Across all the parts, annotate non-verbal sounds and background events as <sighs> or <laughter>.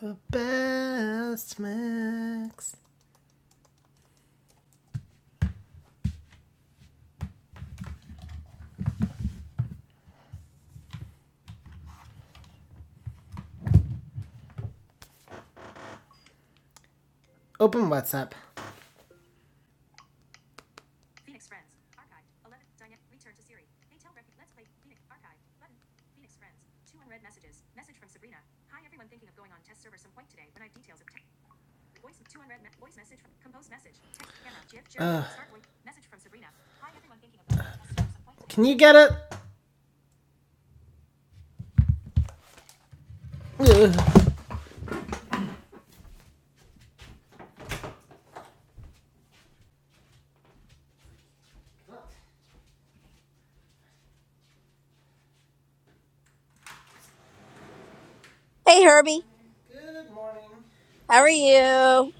Her best mix. Open WhatsApp. Ugh. Can you get it? Ugh. Hey Herbie, Good morning. how are you?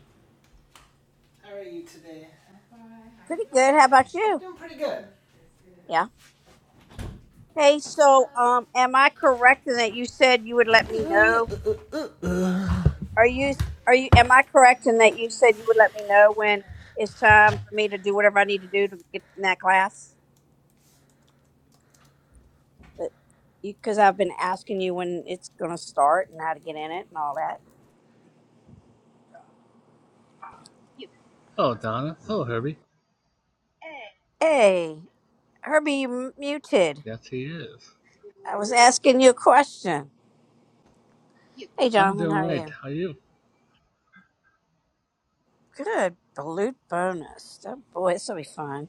How are you today? Pretty good. How about I'm you? doing pretty good. Yeah. Hey, so um, am I correct in that you said you would let me Uh, know? uh, uh, Are you are you? Am I correct in that you said you would let me know when it's time for me to do whatever I need to do to get in that class? But because I've been asking you when it's gonna start and how to get in it and all that. Yep. Hello, Donna. Hello, Herbie. Hey, Herbie, you m- muted. Yes, he is. I was asking you a question. Yep. Hey, I'm Jonathan, doing how are right. you? How are you? Good. Balut bonus. Oh boy, this will be fun.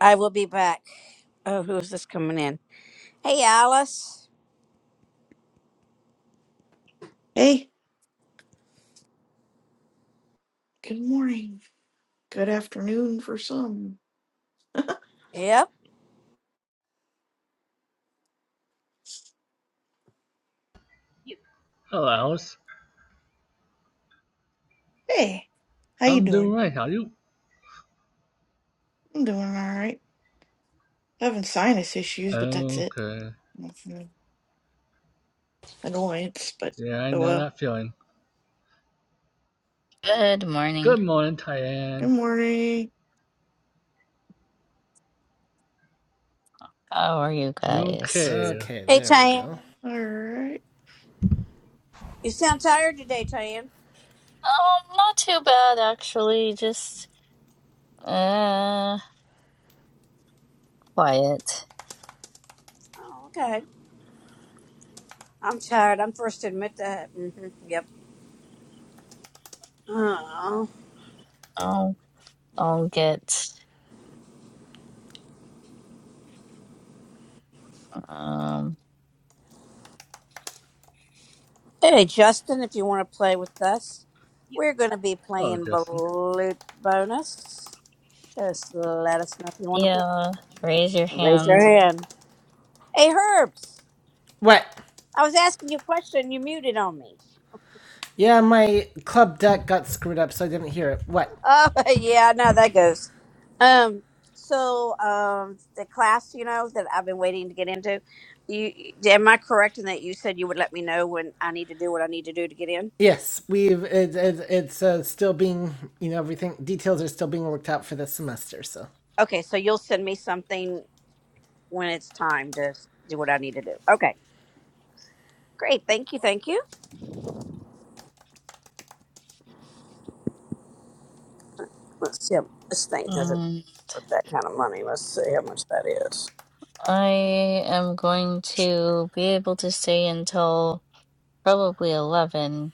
I will be back. Oh, who is this coming in? Hey, Alice. Hey, good morning. Good afternoon for some. Yep. Yep. Hello, Alice. Hey, how you I'm doing doing? right. How are you? I'm doing all right. Having sinus issues, but that's it. Okay. Nothing of annoyance, but Yeah, I oh know well. that feeling. Good morning. Good morning, Tyann. Good morning. How are you uh. guys? Okay. Okay, Hey, there we Tan. go. All right. You sound tired today, Tan. Um, not too bad actually. Just uh quiet. Oh, okay. I'm tired. I'm first to admit that. hmm Yep. Oh. I'll I'll get um Hey, Justin, if you want to play with us, Yep. we're going to be Hello, playing Justin. Balut Bonus. Just let us know if you want to play. yeah, raise your Raise your hand. hand. Hey, Herbs. What? I was asking you a question. You muted on me. Yeah, my club deck got screwed up, so I didn't hear it. What? Oh <laughs> yeah, I know how that goes. Um, so um, the class, you know, that I've been waiting to get into. You am I correct in that you said you would let me know when I need to do what I need to do to get in? Yes, we've it, it, it's uh, still being you know everything details are still being worked out for this semester. So, Okay, so you'll send me something when it's time to s- do what I need to do. Okay, great. Thank you. Thank you. Let's see. If this thing doesn't Mm, worth that kind of money. Let's see how much that is. I am going to be able to stay until probably 11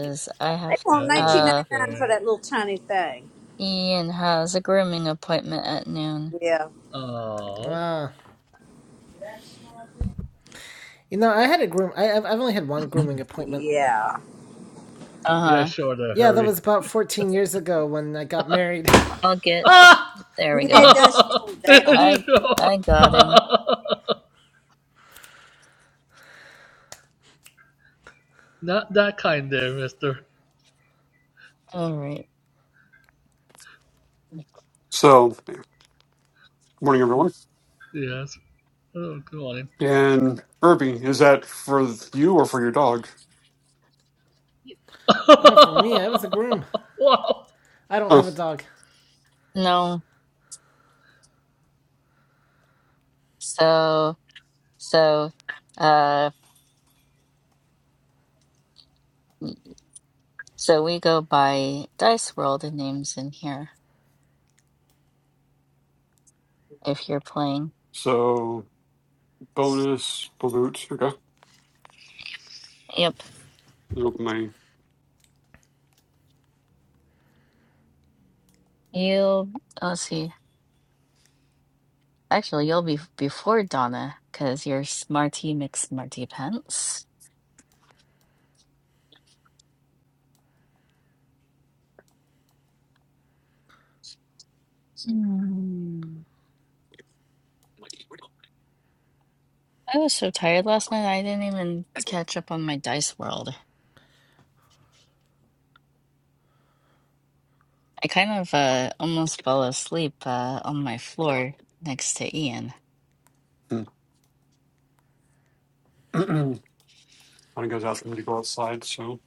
Yep. I They have want nineteen ninety uh nine for Okay. that little tiny thing. Ian has a grooming appointment at noon. Yeah. Oh. uh, you know, I had a groom. I, I've I've only had one grooming appointment. Yeah. Yeah, Uh-huh. sure, there, Yeah, that Herbie. was about fourteen years ago when I got married. <laughs> I'll get ah, I there we mean, it go. does cool down. I <laughs> sure. I got him. <laughs> Not that kind there, mister. All right. So, good morning, everyone. Yes. Oh, good morning. And Irby, is that for you or for your dog? Yep. <laughs> Uh, for me, I was a groom. wow. I don't have Oh, a dog. No. So, so, uh, so we go by Dice World names in here if you're playing. so bonus balut. Okay, Let Yep. me open You, let's see. Actually, you'll be before Donna because you're Smarty McSmarty Pants. Hmm. I was so tired last night, I didn't even catch up on my Dice World. I kind of uh almost fell asleep uh on my floor next to Ian. my. Hmm. <clears throat> When it goes out for me to go outside, so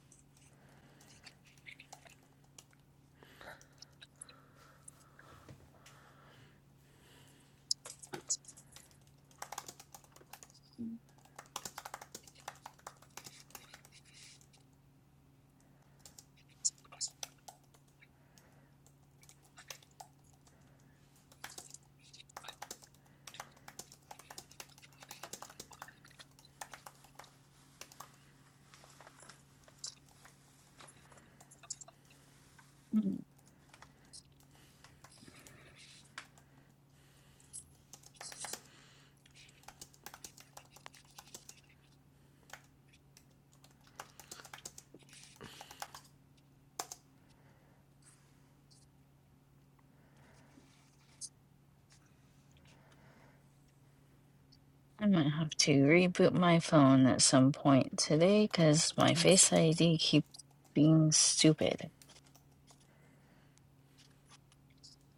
I might have to reboot my phone at some point today because my Face ID keeps being stupid.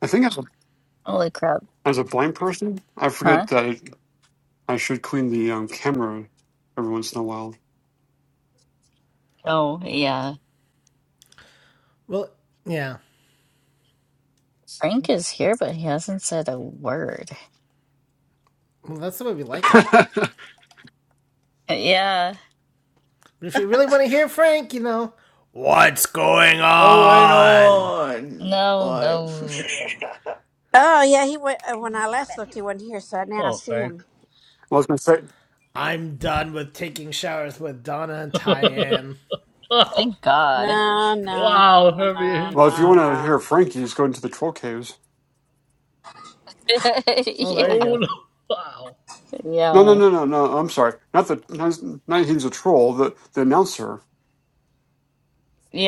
I think as a Holy crap. as a blind person, I forget Huh? that I, I should clean the um, camera every once in a while. Oh, yeah. Well, yeah, Frank is here, but he hasn't said a word. well that's the way we like <laughs> it. well, I Yeah. But if you really want to hear Frank, you know, what's going Going on? on. No, Why? <laughs> no. Oh yeah, he went uh, when I last looked. He wasn't here, so now I Oh, see thank. him. was gonna say. I'm done with taking showers with Donna and <laughs> Tyann. wow. Thank God. No, no, Wow. no, Heavy no, Well, if you no, entrance. want to no. hear Frankie's go into the troll caves. <laughs> Oh, there Yeah. you Oh, go. no. Wow. No, no, Yeah. no, no, no. I'm sorry. Not the not, not he's a troll. The the announcer.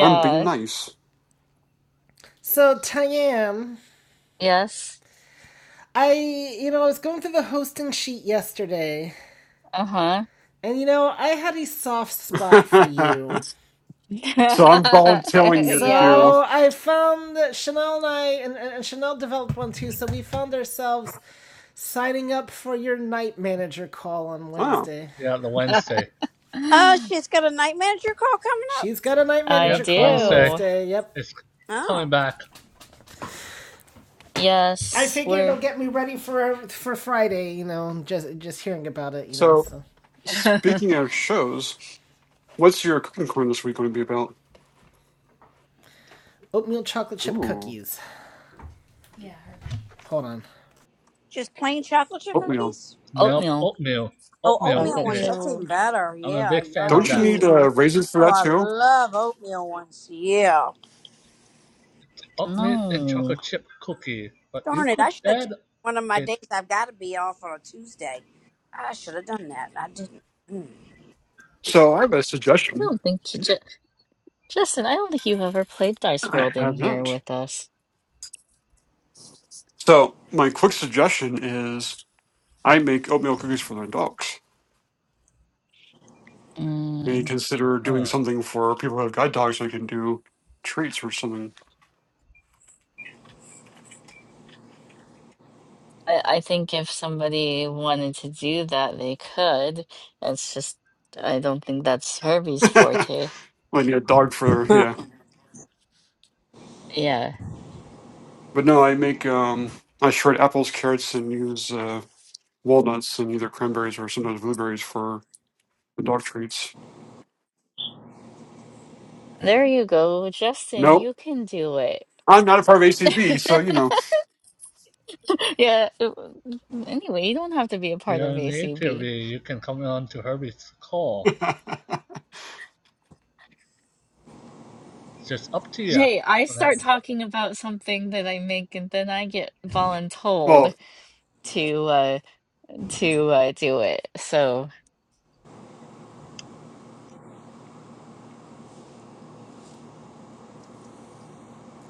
I'm being nice. So, Tayam, Yes. I, you know, I was going through the hosting sheet yesterday, Uh-huh. and you know, I had a soft spot for <laughs> you. <laughs> So I'm volunteering you to Yeah. do. So I found that Chanel and I, and, and and Chanel developed one too, so we found ourselves signing up for your night manager call on Wow. Wednesday. Yeah, the <laughs> Wednesday. Oh, she's got a night manager call coming up. She's got a night I Yeah, manager call on Wednesday. do. Wednesday, yep. It's Oh, coming back. I Yes, figured it'll we're get me ready for for Friday, you know, just just hearing about it, you know, So so. <laughs> speaking of shows, what's your cooking corner this week going to be about? Oatmeal chocolate chip Ooh, cookies. Hold on. just plain chocolate chip oatmeal. cookies. Nope. oatmeal Oatmeal. Oh, Oatmeal oatmeal chocolate in ones. chip. it. That's even Oatmeal. better. I'm a Yeah, big fan of Don't yum. you that. need uh, Ooh, raisins for Oh, that I too? love oatmeal ones. Yeah. Oatmeal and No, chocolate chip cookie. But you Darn it! could I should have add taken one of my days. it, I've got to be off on a Tuesday. I should have done that. I didn't. Mm. So I have a I suggestion. don't think J J- Justin, I don't think you've ever played Dice I World in have here not. with us. So my quick suggestion is I make oatmeal cookies for my dogs. Maybe Mm. consider doing huh? something for people who have guide dogs. I can do treats or something. I, I think if somebody wanted to do that, they could. It's just, I don't think that's Herbie's <laughs> like forte. a dog for Huh. yeah. Yeah. But no, I make um I shred apples, carrots, and use uh, walnuts and either cranberries or sometimes blueberries for the dog treats. There you go, Justin. Nope, You can do it. I'm not a part of ACB, so <laughs> you know. Yeah. Anyway, you don't have to be a part of You're in the ACB. interview, you can come on to Herbie's call. <laughs> It's just up to you. Hey, I Well, that start co- talking about something that I make, and then I get voluntold well, to. to uh, do it. So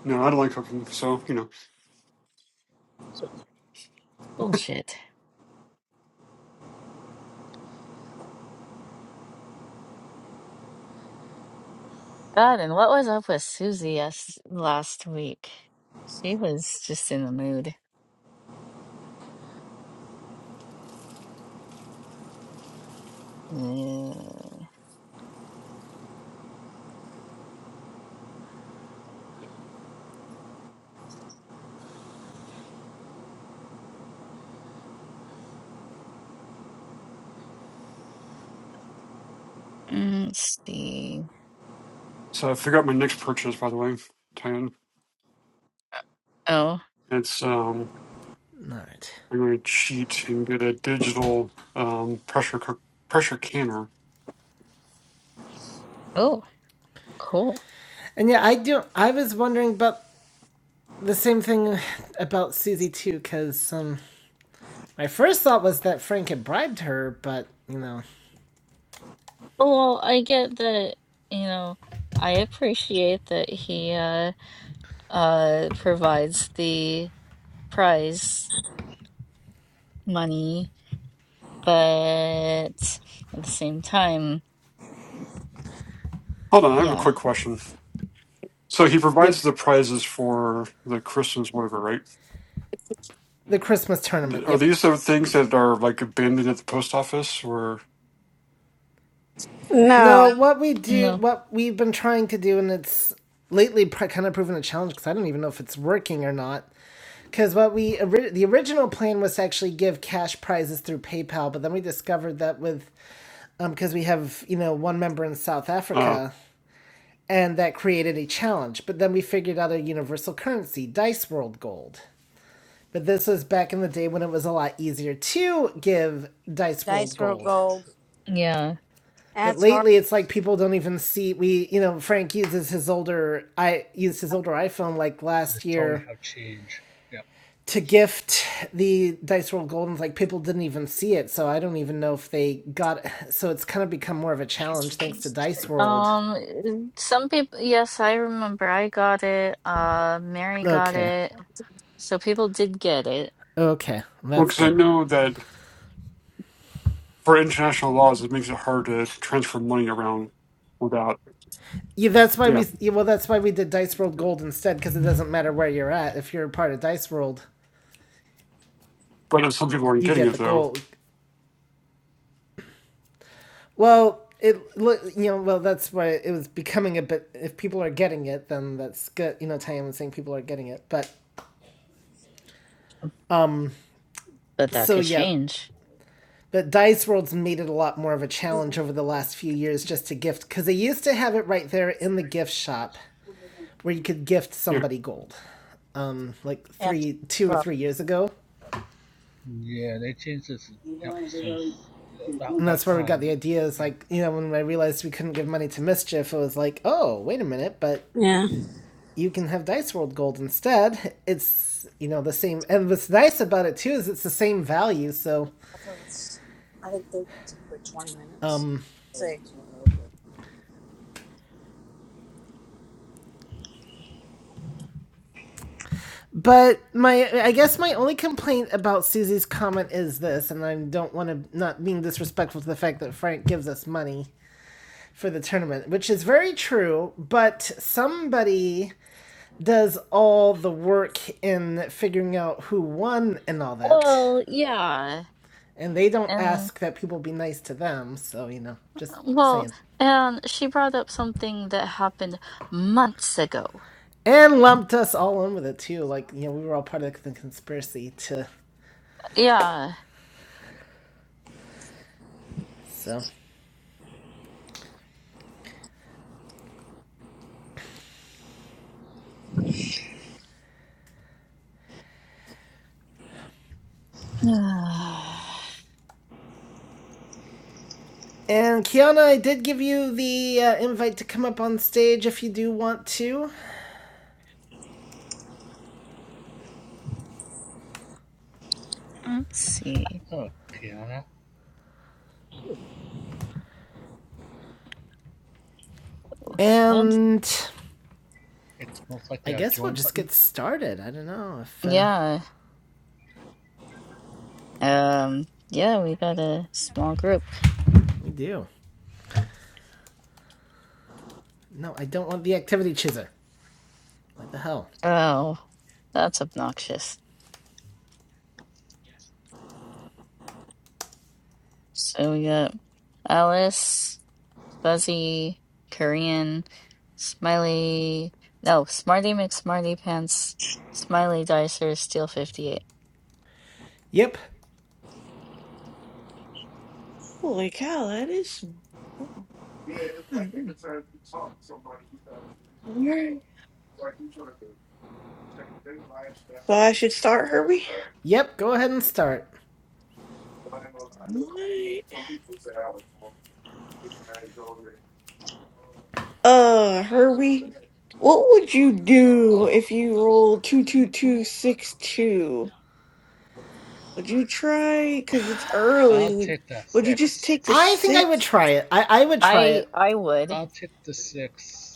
no, I don't like cooking, so you know. bullshit. God, and what was up with Susie yes, last week? She was just in the mood. Uh, let's see. So I figured out my next purchase, by the way, Tan. Oh, It's um, Alright. I'm going to cheat and get a digital um pressure cook pressure canner. oh, cool. And yeah, I do. I was wondering about the same thing about Susie too, because um, my first thought was that Frank had bribed her, but you know, Well, I get that, you know, I appreciate that he uh uh provides the prize money, but at the same time, Hold on, I have a yeah. quick question. So he provides yep, the prizes for the Christmas, whatever, right? the Christmas Th- tournament, Are yep. these the things that are like abandoned at the post office, or No, No. what we do, No. what we've been trying to do, and it's lately kind of proven a challenge because I don't even know if it's working or not. Because what we the original plan was to actually give cash prizes through PayPal, but then we discovered that with um because we have you know one member in South uh, Africa, and that created a challenge. But then we figured out a universal currency, Dice World Gold. But this was back in the day when it was a lot easier to give Dice World. Dice roll gold. Yeah. But That's hard. lately, it's like people don't even see. We, you know, Frank uses his older, I used his older iPhone like last totally year have change. Yeah. to gift the Dice World Gold, and like people didn't even see it. So I don't even know if they got. it. So it's kind of become more of a challenge thanks to well, Dice World. Um, some people, yes, I remember I got it. Uh, Mary got Okay, it. So people did get it, okay, that's because I good. know that for international laws, it makes it hard to transfer money around without. Yeah, that's why Yeah, we. Yeah, well, that's why we did Dice World Gold instead, because it doesn't matter where you're at. If you're part of Dice World, but some people aren't you getting get the it though. gold. Well, it look, you know, well, that's why it was becoming a bit. If people are getting it, then that's good. You know, Tanya was saying people are getting it, but but that so could yeah, change. but Dice World's made it a lot more of a <laughs> challenge over the last few years just to gift, because they used to have it right there in the gift shop where you could gift Yeah, somebody gold, um, like After. three, two or three years ago Yeah, they changed this. Yep, since about and that's that where we got time. the idea is Yeah. like you know when i realized we couldn't give money to mischief it was like oh wait a minute but Yeah. you can have dice world gold instead it's you know the same and what's nice about it too is it's the same value so Although it's, I think they took like 20 minutes. Say, but my i guess my only complaint about susie's comment is this and i don't want to not being disrespectful to the fact that frank gives us money for the tournament which is very true but somebody does all the work in figuring out who won and all that Well, yeah. And they don't And, ask that people be nice to them, so you know, just well, saying. and she brought up something that happened months ago. And lumped us all in with it too, like you know, we were all part of the conspiracy too. Yeah. so. <sighs> Let's And Kiana, I did give you the uh, invite to come up on stage if you do want to. see. Okay, Anna. That's, And It's most likely I a guess we'll join just get button. started. I don't know if uh, yeah. Um, yeah, we got a small group. we do. No, I don't want the activity chooser. What the hell? Oh, that's obnoxious. So we got Alice. Fuzzy, Korean, Smiley, no, Smarty McSmarty Pants, Smiley Dicer, Steel 58. Yep. holy cow! That is some. Wow. Yeah, it's like every time you talk to somebody, you gotta bring- All right. So I should start, Herbie. Yep, go ahead and start. Uh, Herbie, what would you do if you rolled two two two six two? Would you try? Cause it's I'll early. Would take the Would you just take the six. I think I would six? try it. I, I would try I it. I would. I'll take the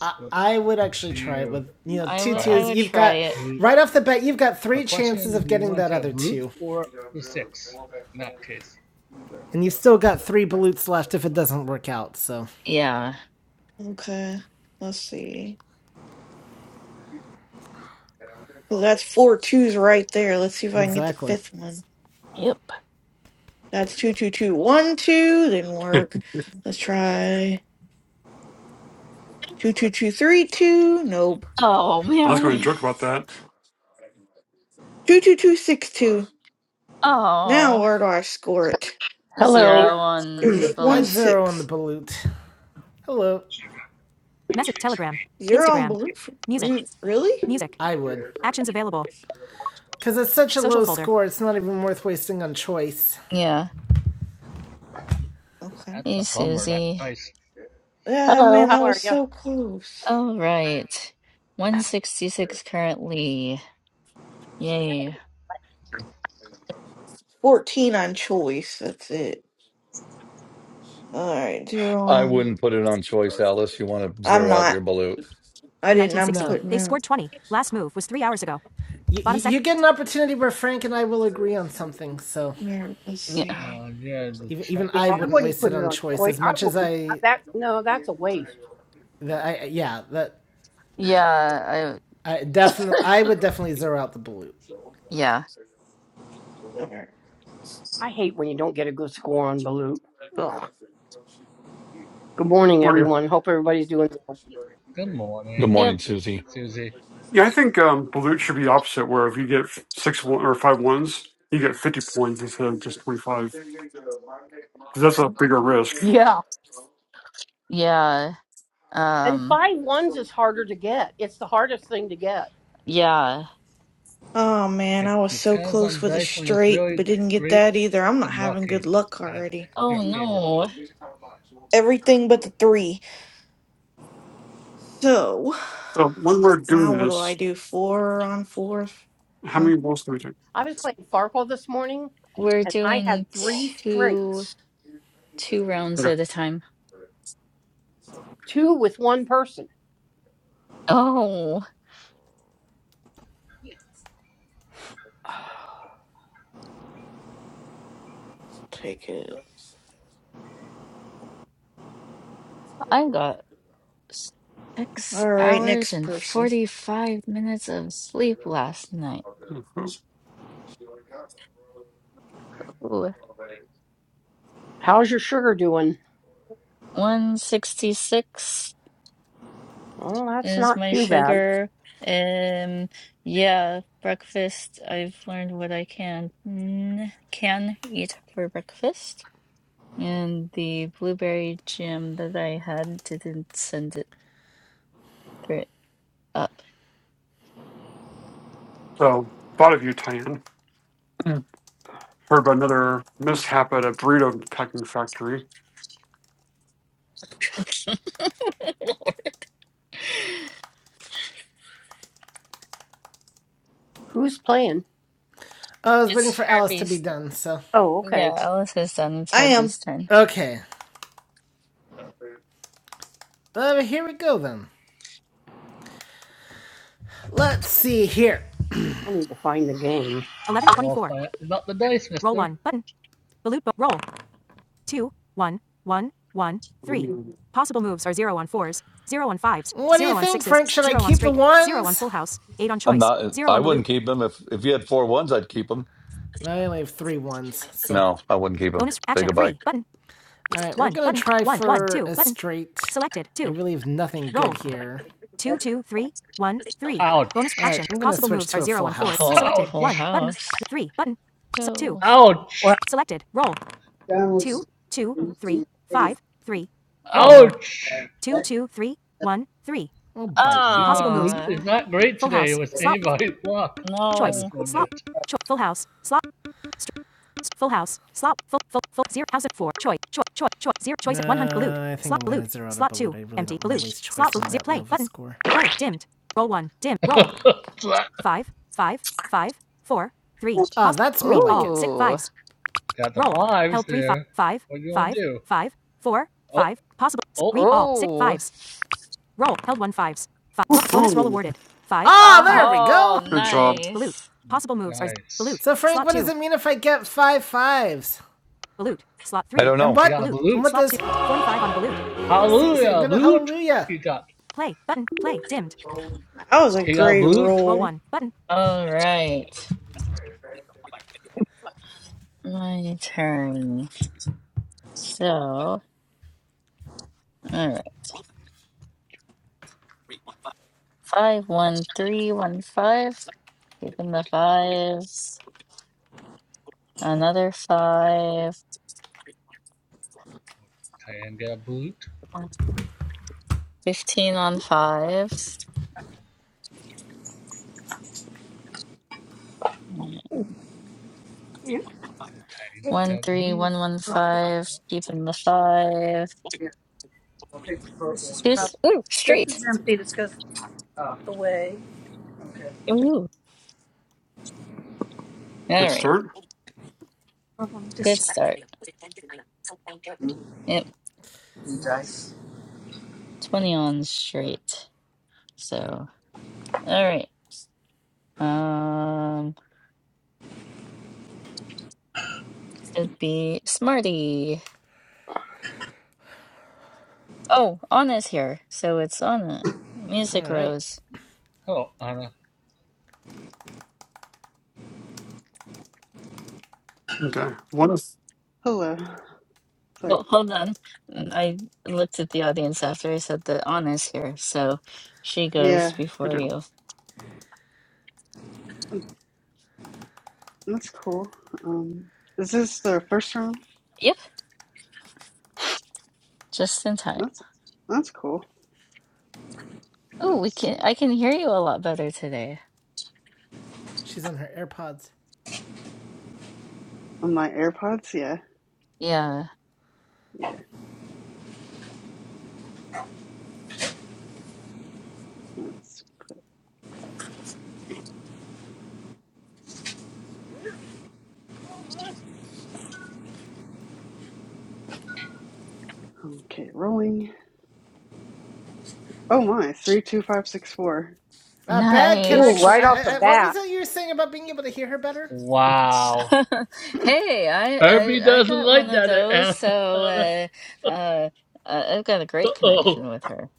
I, But I would up actually to try it you. with you know I two would Try a, I twos. would You've try a got it. brute. right off the bat, you've got The three chances question: of Do you getting want that to take a other brute two, or the six? In that case, and you've still got three balutes left if it doesn't work out. So Yeah. Okay, let's see. Cause that's four twos right there. Let's see if I can get the exactly, fifth one. Yep. That's two two two one two. Didn't <laughs> I work. Let's try two two two three two. Nope. Oh was man. going to joke about that. Two two two six two. Now Oh, where do I score it? Hello. zero There's on just one I'd Balut. zero on the six. balut. Hello, Zero on blue. for- re- Really? I would because it's such a low score. It's not even worth wasting on choice. Yeah. Okay. that's a Hey bummer. That Susie. dice. Yeah, Hello. man, How that are was so close. All right. 166 currently. Yay. Fourteen on choice. That's it. All right, zero I on. wouldn't put it on choice, Alice. You want to I'm zero out your not. balut. I didn't. I'm No. putting out. You, you- you get an opportunity where Frank and I will agree on something. So Here, let's Yeah. see. Uh, yeah. The even even ch- you? I I wouldn't chance. wouldn't waste put yeah, it it on on choice choice. as I much as wouldn't. I. That no, that's a waste. That I yeah that Yeah, I I definitely, I would definitely zero out the blue. yeah. All right. I hate when you don't get a good score on Balut. Ugh. Good morning, Or, yeah, everyone. Hope everybody's doing well. Good Good morning, Yep. morning, Susie. Susie. Yeah, I think um, Balut should be opposite, where if you get six one or five ones, you get fifty points instead of just twenty five, because that's a bigger risk. Yeah. Yeah. And Um five ones is harder to get. It's the hardest thing to get. yeah. Oh man, It I was so depends on close the with a dice when it's straight, really but didn't get great that either. I'm not and having good lucky luck at already. your Oh favor. no, Everything but the three. So So when we're now doing what do I this, do? Four on fourth? how Huh? many rolls do we take? I was playing Farkle this morning, we're and I had doing three two straights, two rounds Okay, at a time. two with one person. Oh, <sighs> Take it. I got six All right, hours next and person. 45 minutes of sleep last night. Ooh, How's your sugar doing? 166 Well, that's is not my too bad. sugar. Um, yeah, breakfast. I've learned what I can mm, can eat for breakfast. And the blueberry jam that I had didn't send it through. uh, so thought of you, Tan. Heard about another mishap at a burrito packing factory. <laughs> Lord. Who's playing? I was waiting It's for Alice to be Herbie's. done, so Oh, Yeah, okay. Alice is done. It's I am. Herbie's turn. okay. Uh, here we go then. Let's see here. I need to find the game. We'll find out about the dice, mister. Woohoo! What do you think, Frank? Should I keep the I'm not. I wouldn't keep him if if you had four ones. I'd keep him. I only have three ones, so No, I wouldn't keep him. Say goodbye. All right, gonna straight. It really is nothing here. All Ouch. a Full full Ouch. house. Oh. Well, Ouch. Oh. Ouch. Oh, bite me. Seems like Blue is Ah. not great today with anybody's <laughs> luck at no. this moment Nah, I i want on low score. yet. Five. Ah, Ooh. <laughs> got the fives there. What do you want to do? Oh, oh, Ooh. Ah, oh, there five. we Oh, go. Good job. nice. nice. So Frank, what does it mean if I get five fives? I don't And know. He what? got a And what blute. does? balut. See, see, I'm Hallelujah, gonna blute. hallelujah. He got, That was a he got a great blute. roll. All right. My turn. So, all right. Five, one, three, one, five. Keeping the fives. Another five. Diane got a blute. 15 on fives. yeah. take One, three, one, one, five. Keeping the five. Just, ooh, this straight. is empty. This goes away. Ooh. All Good right. start. Um, Good This start. Yep. 20 on straight. So, all right. Um, should be Smarty. Oh, Anna's here. So it's Anna. All Music right, Rose. Oh, Anna. Okay. One. of Hello. Sorry. Well, hold on. I looked at the audience after I said that Anna's here. So she goes Yeah, Good before deal. you. um, that's cool. Um, is this the first room? Yep. Just in time. That's that's cool. Oh, we Let's can see. I can hear you a lot better today. she's on her AirPods. on my AirPods. Yeah, Yeah. yeah. Let's put okay. Rolling. Oh my, three two five six four. Uh, bad Ooh, connection. Nice. right I, off I, the I, what bat. was that you were saying about being able to hear her better? Wow. <laughs> <clears throat> Hey, I, Herbie I I doesn't got one like of that, those, Anna. so Anna. uh uh uh, I've got a great connection Uh-oh. with her.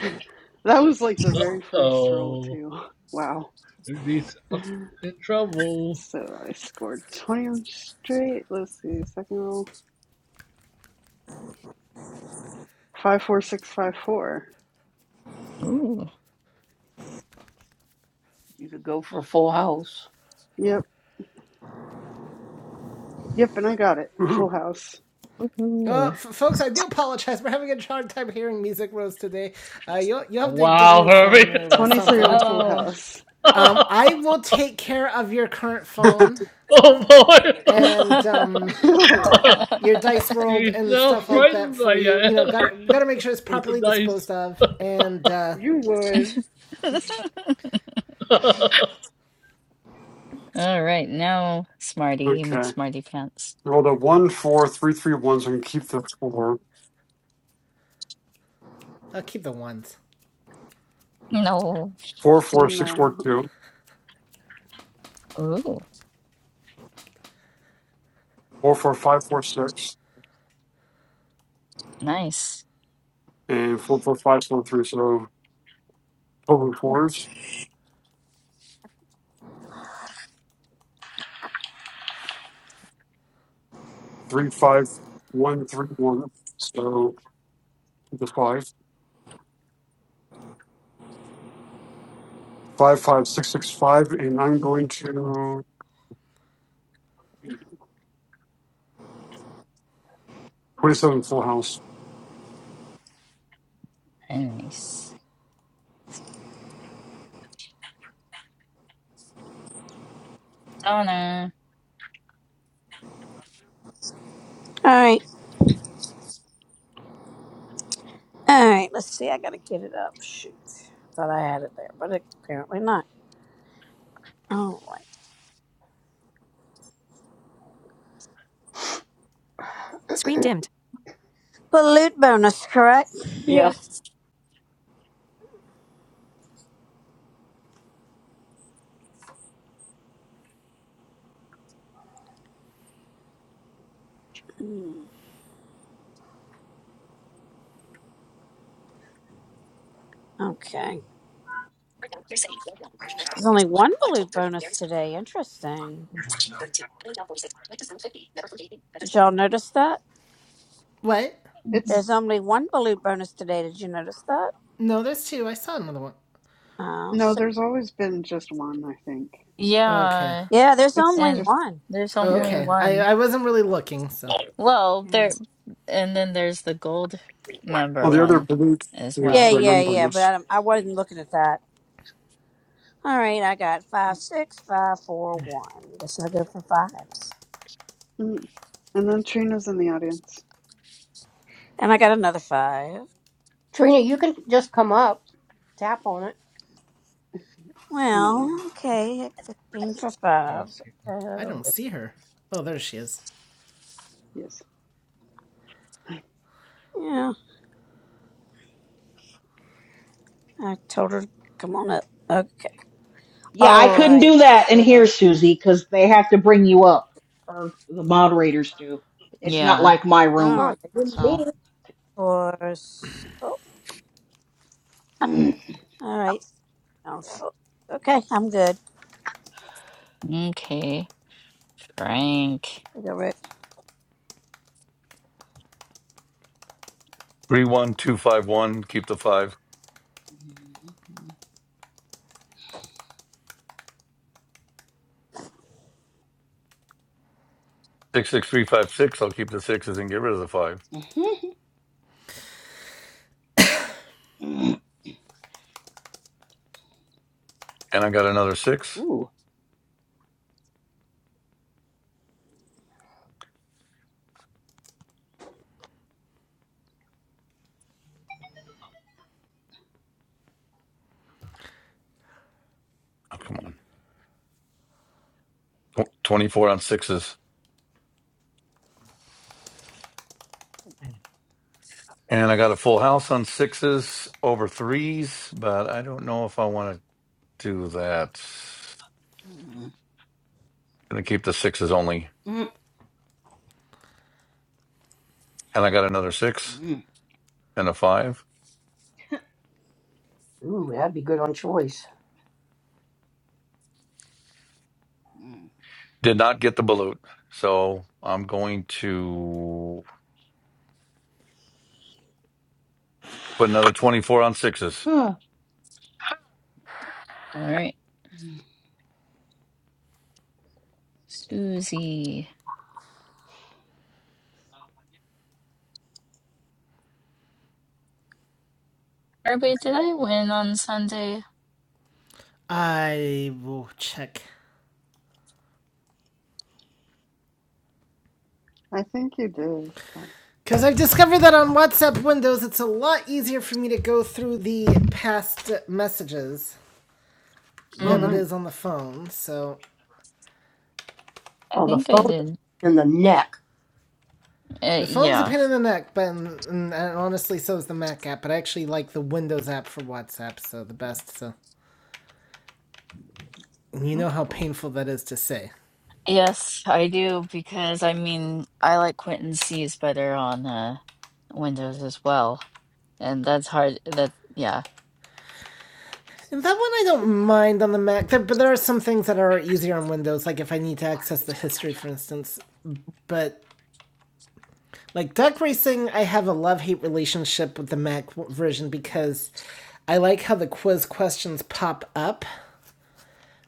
<laughs> That was like the very first roll Oh. too. Wow. Herbie's <laughs> up in trouble. So I scored twenty on straight. Let's see. Second roll. Five four six five four. Ooh. You could go for a full house. Yep. Yep. And I got it. Full Woohoo. house. Uh, Woohoo. f- folks, I do apologize. <laughs> We're having a hard time hearing Music Rose today. Uh, you'll you'll have to get a Wow, new phone Herbie. or uh, Twenty three on something. full Oh. house. <laughs> Um, oh, I will take care of your current <laughs> phone. boy. <laughs> and um, <laughs> oh <laughs> wow. your dice rolled He's and now stuff <laughs> like that frightened for by you. You know, Diane gotta gotta make sure it's <laughs> with the properly dice. disposed of, and uh, You would. <laughs> <laughs> okay. All right, now Smarty okay. McSmarty pants. Roll a one four three three ones. So I can keep the four. I'll keep the ones. No. Four, four, six, four, No. two. Ooh, Four, four, five, four, six. nice. And four, four, five, four, three. So total fours. Three, five, one, three, one. So the five. Five, five, six, six, five. And I'm going to 27 full house. Nice. Donna. All right. All right. Let's see. I got to get it up. Shoot. Thought I had it there, but apparently not. All right. <clears throat> Balut bonus, correct? yeah. Yes. Hmm. Okay. There's only one balut bonus today. Interesting. Here's what's known. Did y'all notice that? What? It's There's only one balut bonus today. Did you notice that? No, there's two. I saw another one. Oh, no, see. there's always been just one, I think. Okay, Yeah. Yeah, there's It's only and just one. there's only yeah. okay. I one. I wasn't really looking, so Well, there, and then there's the gold member Well, the other one blue as is Yeah, well. the yeah, non yeah. But I, bonus. don't- I wasn't looking at that. All right, I got five, six, five, four, one. Guess I'll go for fives. Mm, And then Trina's in the audience. And I got another five. Trina, you can just come up, tap on it. I think. No. Well, okay, fifteen for five. Uh, I that'll don't do. see her. Oh, there she is. Yes. Yeah, I told her, come on up. Okay. Yeah, All I couldn't right. do that in So, here, Susie, because they have to bring you up, or the moderators do. It's not Yeah. like my all room, right. Huh? they didn't mean so. it. <laughs> Four. s- Oh, all right. um, four. Okay, I'm good. Okay. Frank. You go, Rick. Three one two five one. Keep the five. Six six three five six. I'll keep the sixes and get rid of the five. Mm. Mhm. And I got another six. Ooh. Oh, come on. Tw- Twenty four on sixes. And I got a full house on sixes over threes, but I don't know if I want to do that. Mm. I'm gonna keep the sixes only. Mm. and I got another six Mm. and a five. Ooh, that'd be good on choice. Mm. Did not get the balut, so I'm going to put another 24 on sixes. Huh. All right. Susie. Or wait, did I win on Sunday? I will check. I think you did, but Because I've discovered that on WhatsApp windows, it's a lot easier for me to go through the past messages oh than it Hmm. is nice. on the phone. So I Oh, the think I phone did. in the neck. Uh, The phone's a yeah. pain in the neck, but and, and honestly, so is the Mac app. But I actually like the Windows app for WhatsApp, so the best. So you know That's how cool. painful that is to say. Yes, I do because I mean I like Quentin C's better on uh, Windows as well, and that's hard. That yeah. And that one I don't mind on the Mac, there, but there are some things that are easier on Windows, like if I need to access the history, for instance. But like Duck Racing, I have a love hate relationship with the Mac version because I like how the quiz questions pop up,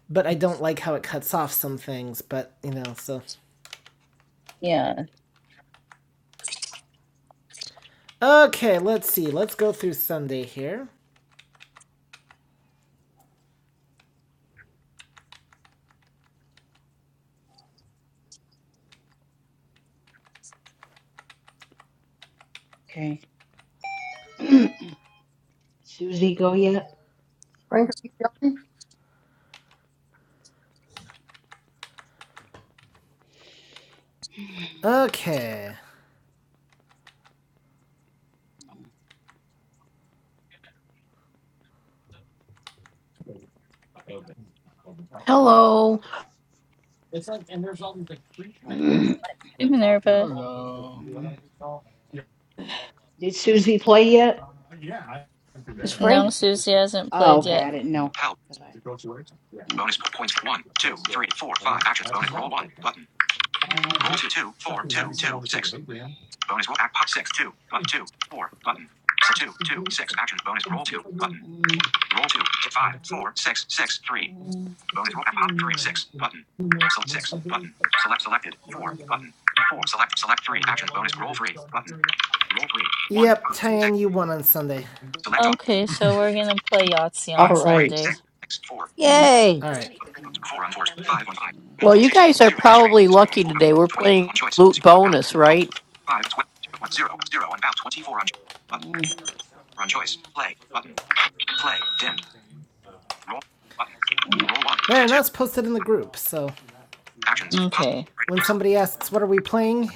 but I don't like how it cuts off some things. But you know, so Yeah. Okay, let's see. Let's go through Sunday here. Okay. <clears throat> Susie go yet? Frank, are you done? Okay. Hello. Hey, Minerva. Hello. Did Susie play yet? Is No, Frank? Susie hasn't Oh, played okay. yet. I didn't know. Help. 'Cause Bonus points. One, two, three, four, five. Action. Bonus roll one. Button. Roll two, two, four, two, two, six. Bonus roll. Act. Six, two, but two, four. Button. So two, two, six. Action. Bonus roll two. Button. Roll two. Five, four, six, six, three. Bonus roll. Pop three six button. Select six button. Select selected four button. Four select select three actions. Bonus roll three button. Roll three one Yep, six. Tyan, you won on Sunday. Select all Okay, so we're gonna play Yahtzee on All five three right. Sunday. six six four. Yay! All right. Four on fours. Five on five. Well, Twelve on you sixes. guys are Zero on straight. probably Zero on lucky full house. today. We're Twenty playing on choice. loot Zero on out. bonus, Oh, right? Five twelve zero on zero zero on out. Twenty four on choice. Button I- on choice. Play button. Play dimmed. Roll button. Mm, Roll one. There, Dim and two that's posted in the group. So actions. Possible. Okay. when Select. somebody asks, what are we playing?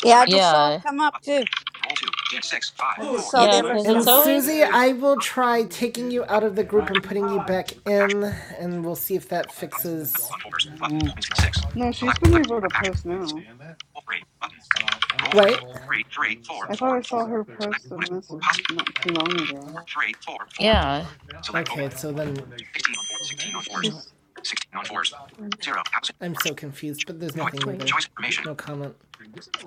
Yeah, I Select just all. saw it Yeah. come up too. Roll two. Dim six five I just four. saw the yeah, alert because it's And come up. always. Susie, I will Select, try taking you out button, of the group and putting you back Action. in, and we'll see if that fixes. On fours. Button. mm, Points. Six. No, she's Select. been Select. able to Action. post now. Roll three. Button. Roll three. Wait. Three. Three. Four. I thought Four. I Four. saw her Select. post a Bonus. message Pause. not too long ago. Four. Three. Four. Four. Yeah. Select. Open. Okay, so then Sixteen on fours. Sixteen on fours. She's Sixteen on fours. Zero. Housing. I'm Four. so confused, but there's Choice. nothing new there. Choice information. No comment.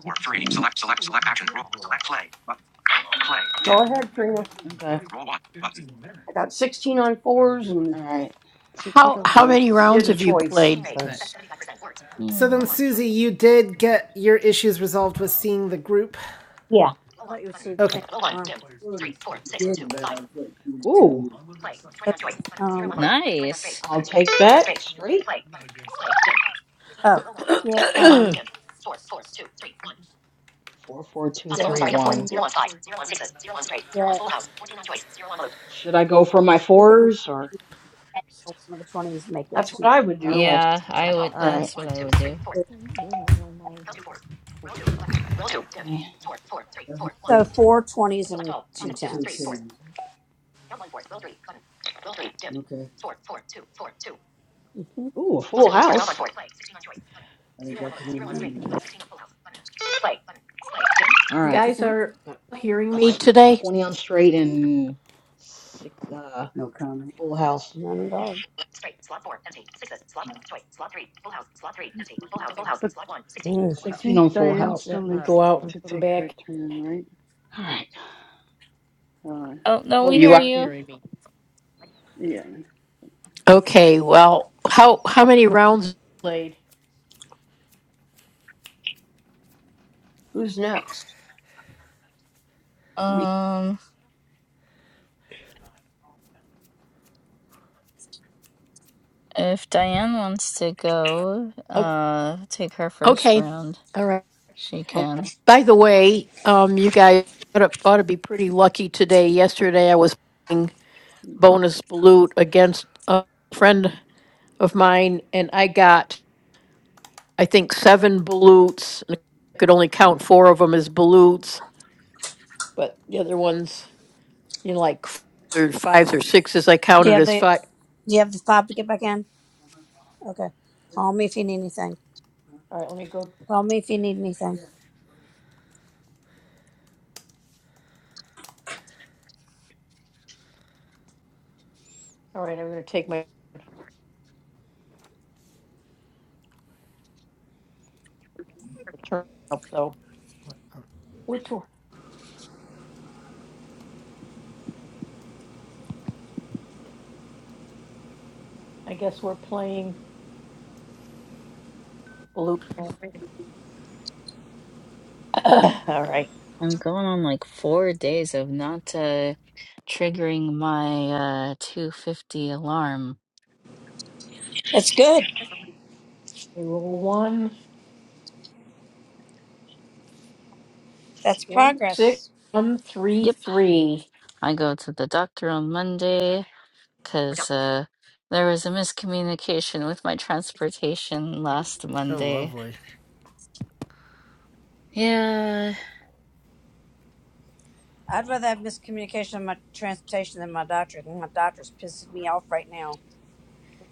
Four. Three. Select. Select. Select. Action. Roll. Select. Play. Button. Play. Go ahead, Trina. okay. Roll one. Button. I got sixteen on fours and. All right. she put How a how voice many did a message in. choice All right. because So then, Mm. Susie, you did get your issues resolved with seeing the group. Yeah. I thought you would see it. Okay. Wait. Ooh. Twenty on So, Um, Nice. Straight. oh, get, um, <clears throat> Four, four, two, get a hundred, yeah, Should I go for my everything fours or? in <laughs> one of the twenties make it that's what two. I would do. Okay. Yeah, I would. That's what I would do. So four twenties and two tens. Mm-hmm. Ooh, a All Thank right. you, guys thank are Got hearing a me s- today? 20 on straight you. and six, uh, full house. None at all. there. Mm. But I 16 think on Full Diane Well, House. still let me All right. needs go out and to take her check. turn, right? All right. Oh. Oh, no, Oh, we you hear are you. hearing me. Yeah. Okay. Well, how how many rounds played? Who's next? We Um, if Diane wants to go, Oh, uh, take her first okay. round, All right. she Okay. can. By the way, um, you guys ought to, ought to be pretty lucky today. Yesterday, I was playing bonus loot against a friend of mine, and I got, I think, seven balutes. and I could only count four of them as balutes, but the other ones, you know, like f- or fives or sixes, I Do you counted have as the, five. do you have the fob to get back in? Okay. Call me if you need anything. All right, let me go. Call me if you need anything. All right, I'm going to take my turn up though. Which one? I guess we're playing balut. <coughs> All right. I'm going on like four days of not, uh, triggering my, uh, 250 alarm. That's good. Okay, roll one, That's one, six, progress. one, three, Yep. three. I go to the doctor on Monday because uh, there was a miscommunication with my transportation last Oh, Monday. lovely. Yeah. I'd rather have miscommunication on my transportation than my doctor. My doctor's pissing me off right now.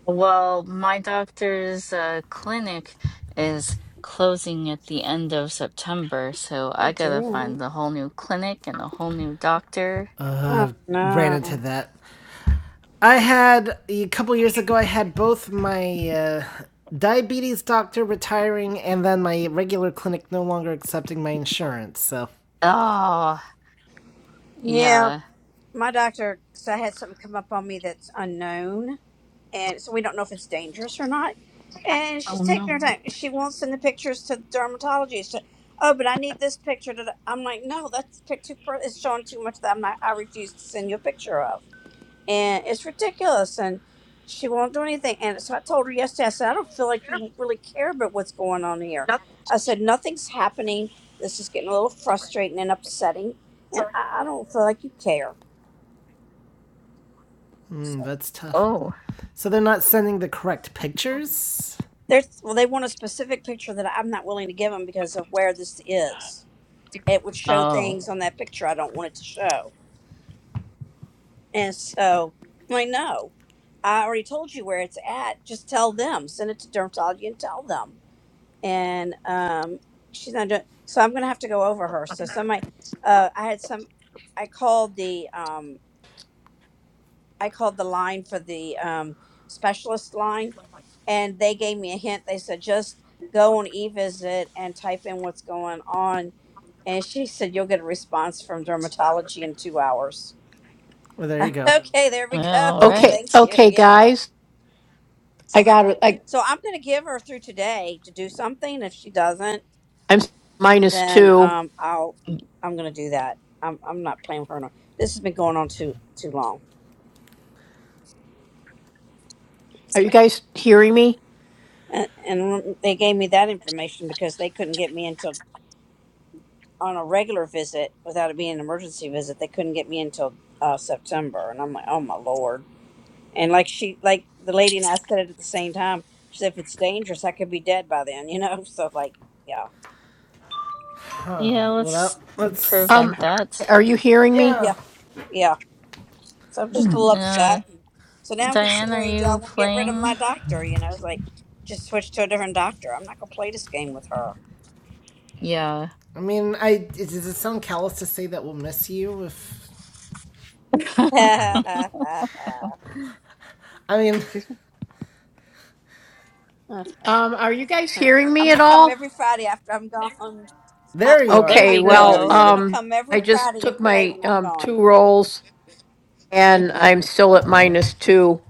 Well, my doctor's uh, clinic is closing at the end of September, so Oh I gotta dear. find a whole new clinic and a whole new doctor. Oh uh, ran no. into that. I had a couple years ago. I had both my uh, diabetes doctor retiring and then my regular clinic no longer accepting my insurance. So Oh, Yeah, yeah. my doctor. So I had something come up on me that's unknown, and so we don't know if it's dangerous or not. And she's Oh, taking no. her time. She won't send the pictures to the dermatologist. Oh, but I need this picture. To the-" I'm like, no, that's pic- too. per- It's showing too much that I'm not. I refuse to send you a picture of and it's ridiculous and she won't do anything and so i told her yesterday i said i don't feel like you really care about what's going on here i said nothing's happening this is getting a little frustrating and upsetting and i, I don't feel like you care mm, so that's tough. Oh. So they're not sending the correct pictures. there's well they want a specific picture that i'm not willing to give them because of where this is it would show Oh. things on that picture i don't want it to show and so i'm like no i already told you where it's at just tell them send it to dermatology and tell them and um, she's not doing. So I'm gonna have to go over her. So somebody, uh, I had some. I called the um, I called the line for the um, specialist line, and they gave me a hint. They said just go on e-visit and type in what's going on. And she said you'll get a response from dermatology in two hours. Well, there you <laughs> go. okay, there we Well, All go. <laughs> Okay, Thank right. you. okay, Yeah. guys. I got it. I So I'm gonna give her through today to do something. If she doesn't. I'm s- minus then two. um, I'll Mm, I'm gonna do that. I'm I'm not playing with her. No. This has been going on too too long, Are you guys hearing me? and and they gave me that information because they couldn't get me until on a regular visit without it being an emergency visit. They couldn't get me until uh, September, and I'm like, oh my lord! And like she like the lady and I said it at the same time. She said, if it's dangerous, I could be dead by then, you know. <laughs> So like, yeah, Uh, Yeah, Well, that, let's let's. prevent Um, that. are you hearing me? Yeah. yeah, yeah. So I'm just a little Uh, upset. So now I'm Diane, are considering do I you want to get rid of my playing? doctor? You know, it's like just switch to a different doctor. I'm not gonna play this game with her. Yeah. I mean, I does it sound callous to say that we'll miss you? If <laughs> <laughs> I'm I mean, Excuse me? Um, are you guys hearing me at gonna come all? every Friday after I'm gone. I, there you I, There are. my Okay, we There you go. ghost well, go. is Yeah. gonna um, come every I just Friday and took play my when I'm um gone. two rolls and I'm still Uh at oh. minus two.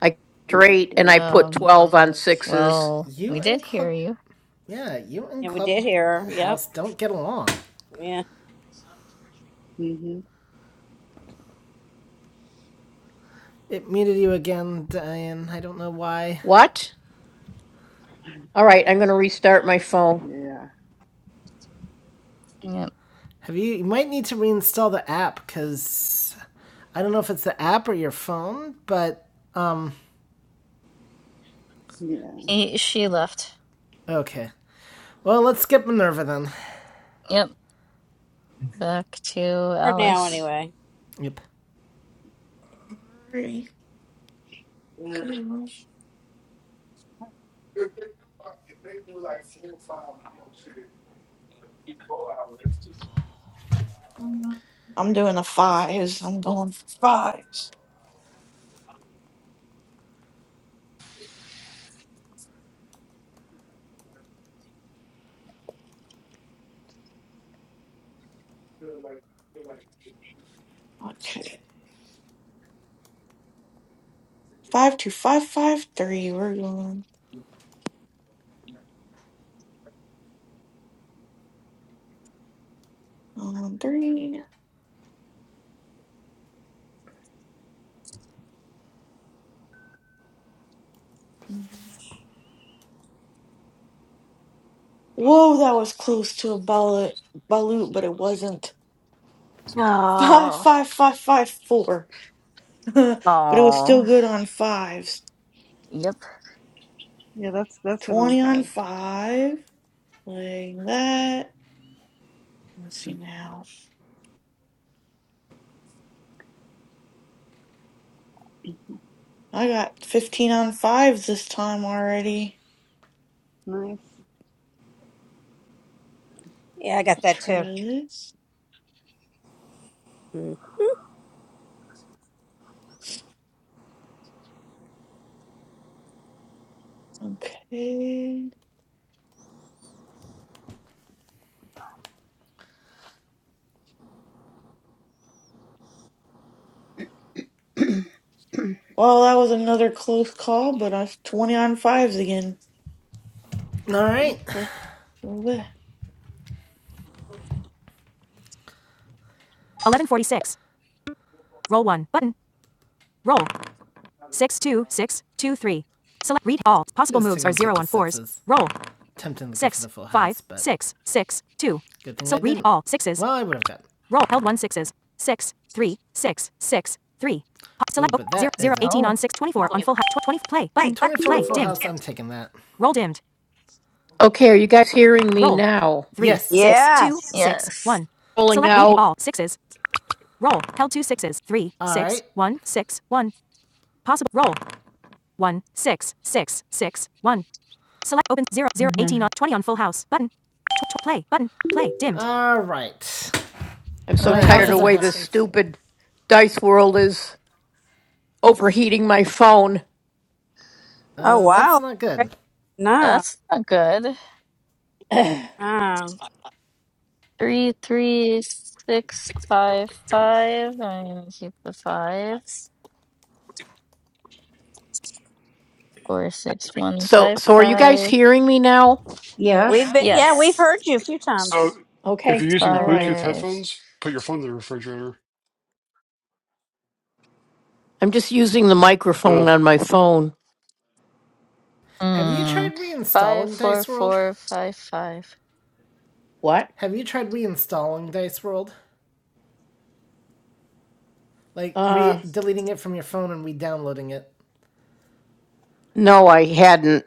I Oh, that's straight and I weird. put Um, twelve on sixes. well, we You did and hear Club, you. yeah, you and And we club did hear her. Yep. don't get along. Yeah. hmm It muted you again, Diane. I don't know why. What? All right, I'm gonna restart my phone. Yeah. Yep. Have you? You might need to reinstall the app because I don't know if it's the app or your phone. But um, Yeah. He, she left. okay. Well, let's skip Minerva then. Yep. Back to For now, Alice. anyway. Yep. Alright, Mm. I'm doing the fives. I'm going for fives. Okay. Five two five five three. We're going. Um, three. mm, Whoa, that was close to a ballot, balut, but it wasn't. Five, Oh, five, five, five, four. <laughs> but it was still Oh. good on fives. Yep. Yeah, that's that's good on Twenty on fives. five. Playing that. Let's see now. I got fifteen on fives this time already. Nice. Yeah, I got I'll that try too. this. Mm. Okay. Well, that was another close call, but I was twenty on fives again. All right. That's good. Bleh. Tempting to Good I would have done. Ooh, Oh, 24 I'm taking that. Okay, are you guys hearing me now? yeah. Yes. yes. Rolling out. zero eighteen Mhm. All right. I'm so All My tired of houses the are way this right. halfway full. stupid dice world is overheating my phone. Oh That's wow. not Great. good. No. That's not good. No. Three, three, six, five, five. I'm gonna keep the fives. Four, six, one, So, five, so are you guys five. hearing me now? We've yes. been. Yeah, we've Yes. heard you a few times. So if Okay, you're using all right. Bluetooth Five. headphones, put your phone in the refrigerator. I'm just using the microphone on my phone. Have you Hmm. tried Five, reinstalling four, Dice World? four, five, five. What? Have you tried reinstalling Dice World? Like re Uh, deleting it from your phone and re-downloading it? No, I hadn't.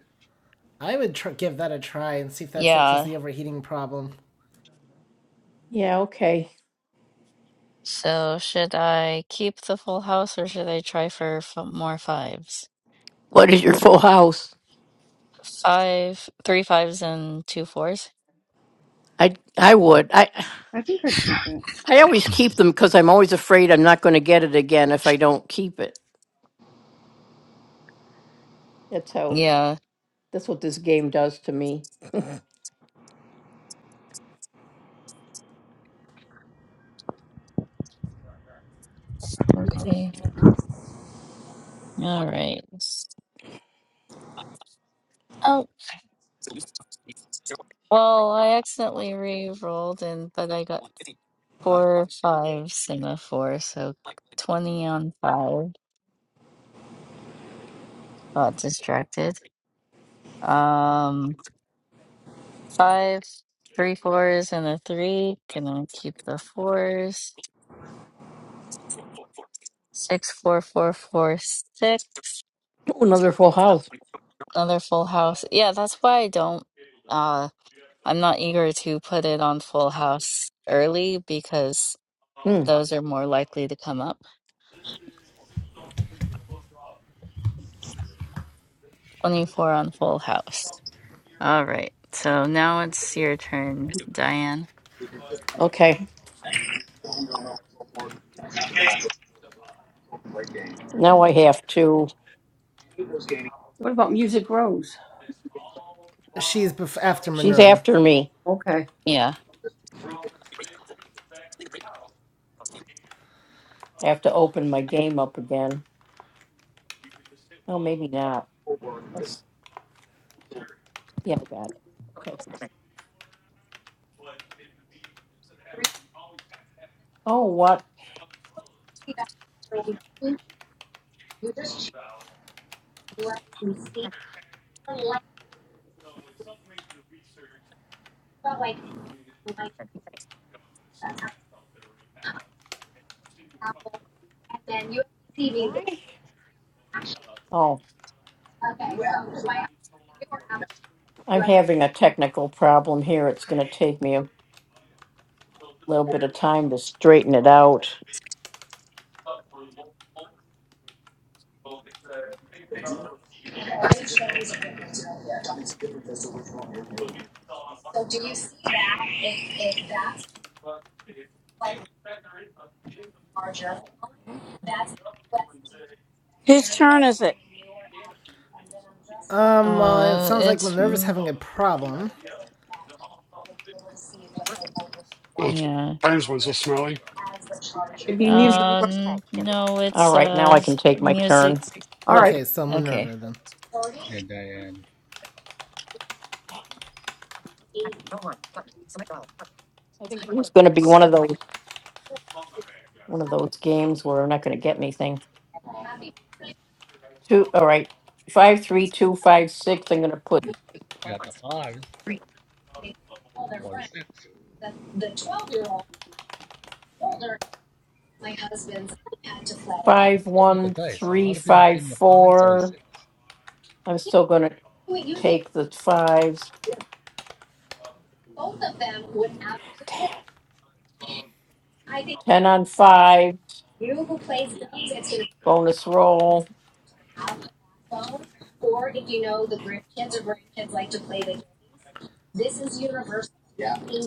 I would tr- give that a try and see if that fixes Yeah. the overheating problem. yeah, okay. So should I keep the full house or should I try for f more fives? What is your full house? Five, three fives and two fours. I I would. I I think I'd keep it. I always keep them because I'm always afraid I'm not going to get it again if I don't keep it. That's how, Yeah. that's what this game does to me. Okay. All right. Oh, well, I accidentally re-rolled and but I got four fives and a four, so 20 on five. Got distracted. Um, five, three fours and a 3 Can I keep the fours. Six, four, four, four, six. Oh, another full house. Another full house. Yeah, that's why I don't. Uh, I'm not eager to put it on full house early because Hmm. those are more likely to come up. 24 on full house. All right. So now it's your turn, Diane. Okay, now I have to. What about Music Rose? She's bef- after She's Minerva. after me. Okay, Yeah. have to open my game up again. Um, Why? Oh, I'm having a technical problem here. It's going to take me a little bit of time to straighten it out. Whose turn is it? Um, well, it Uh, sounds like it's. Minerva's having a problem. Well, it's, Yeah. times one so smelly. it'd be music. Um, no, All it's right, now uh I s- can take my music. turn. All Oh, right, Okay, so okay. Minerva then. Yeah, Diane. I think going to be one of those one of those games where I'm not going to get anything. Two. All right, five, three, two, five, six. I'm going to put We got the fives or the six. What's five, up with the one, dice? A three, lot of people five, getting the fives or the four. six. I'm still going to take the fives. Ten on five. Bonus roll.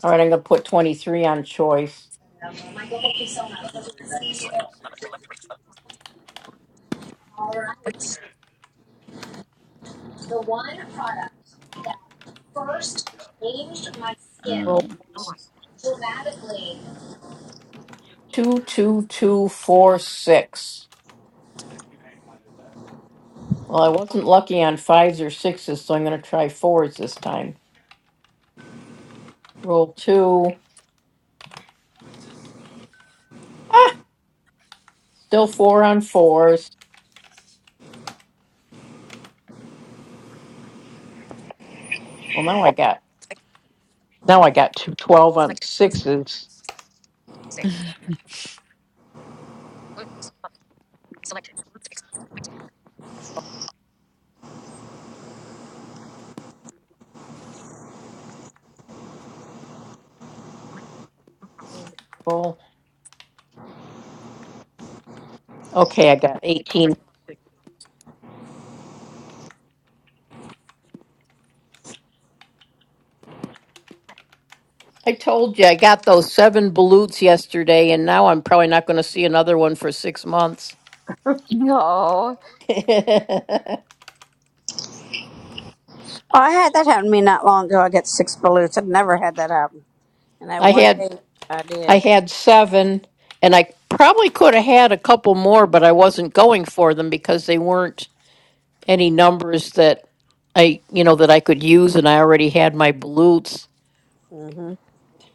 All right, I'm going to put twenty three on choice. Roll Um, two, two, two, four, six. Well, I wasn't lucky on fives or sixes, so I'm going to try fours this time. Roll two. Ah, still four on fours. Well, now I got now I got two twelve on sixes. <laughs> Roll. Okay, I got eight. I told you I got those seven balutes yesterday, and now I'm probably not going to see another one for six months. <laughs> no. <laughs> I Oh, I had that happen to me not long ago. I got six balloons. I've never had that happen. And that one day had I I did. had seven, and I probably could have had a couple more, but I wasn't going for them because they weren't any numbers that I, you know, that I could use, and I already had my balutes. <laughs> hmm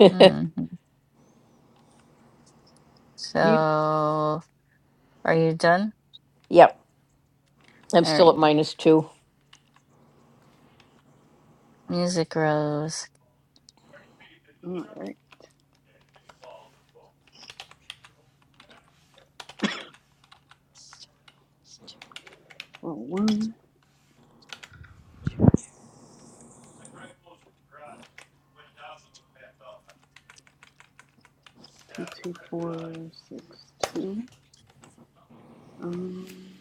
Mm. So, music. are you done? Yep, I'm All still right. at minus two. Music Rose. <laughs> All right. Roll one, two, two, four, six, two. Um,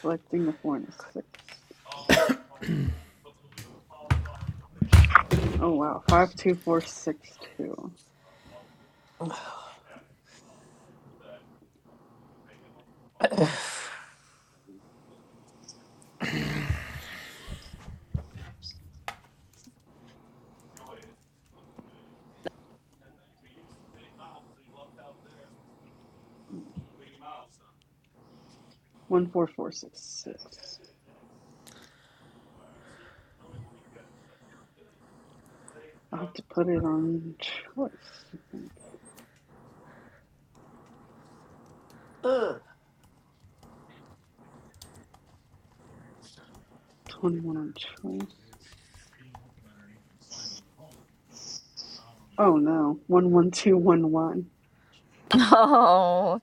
selecting the four and the six. Oh wow, five, two, four, six, two. <sighs> <coughs> One, four, four, six, six. I'll have to put it on choice, I think. Twenty-one on choice. Oh no, one one two one one. Oh,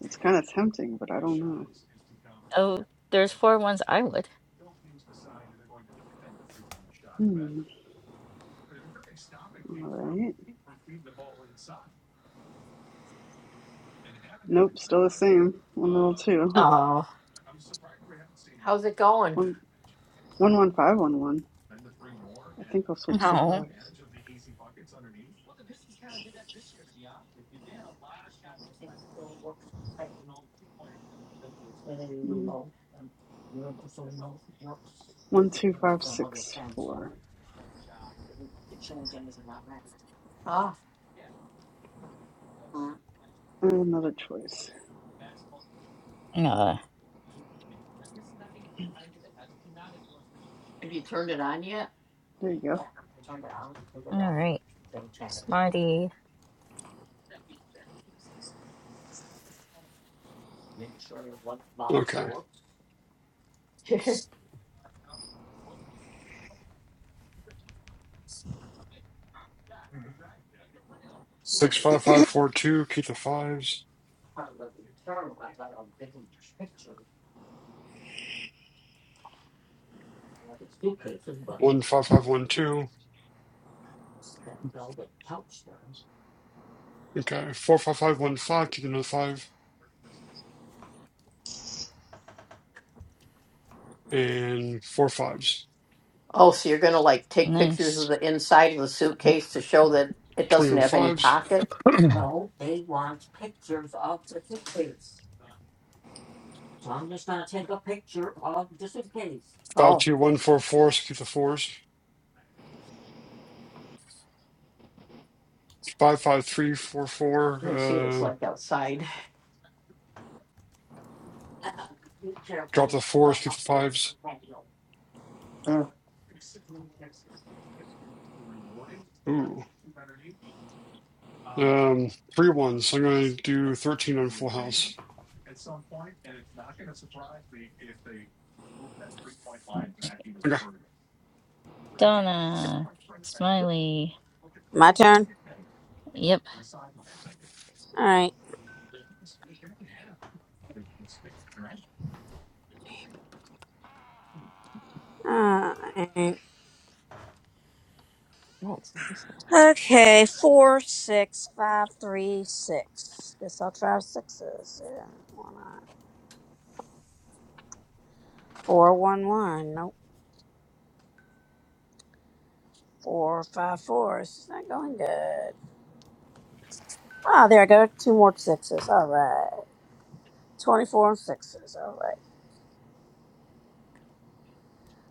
It's kind of tempting, but I don't know. oh, there's four ones I would. Hmm. All right. Nope. Still the same. One roll two. <laughs> Oh, Go. One one one five one one. I think I'll switch the no. fives. Mm. One two five six four. And another choice. No. There you go. All right. Smarty. Okay. Six five five four two. Keep the fives. One five five one two. Okay. Four five five one five. Keep another five and four fives. Oh, so you're gonna like take pictures of Nice. the inside of the suitcase to show that it Twenty doesn't one have any fives. pockets? <clears throat> one, Five Oh, two one four four. So keep the fours. Five five three four four. Uh, drop the fours. Keep the fives. Ooh. Um, three ones. So I'm gonna do thirteen on full house. Okay. Donna. Smiley. My turn? Yep. All right. Uh, All right. Okay, four, six, five, three, six. Guess I'll try sixes. Yeah, why not? Four, one, one. Nope. Four, five, four. It's just not going good. Ah, there I go. Two more sixes. All right. 24 and sixes. All right.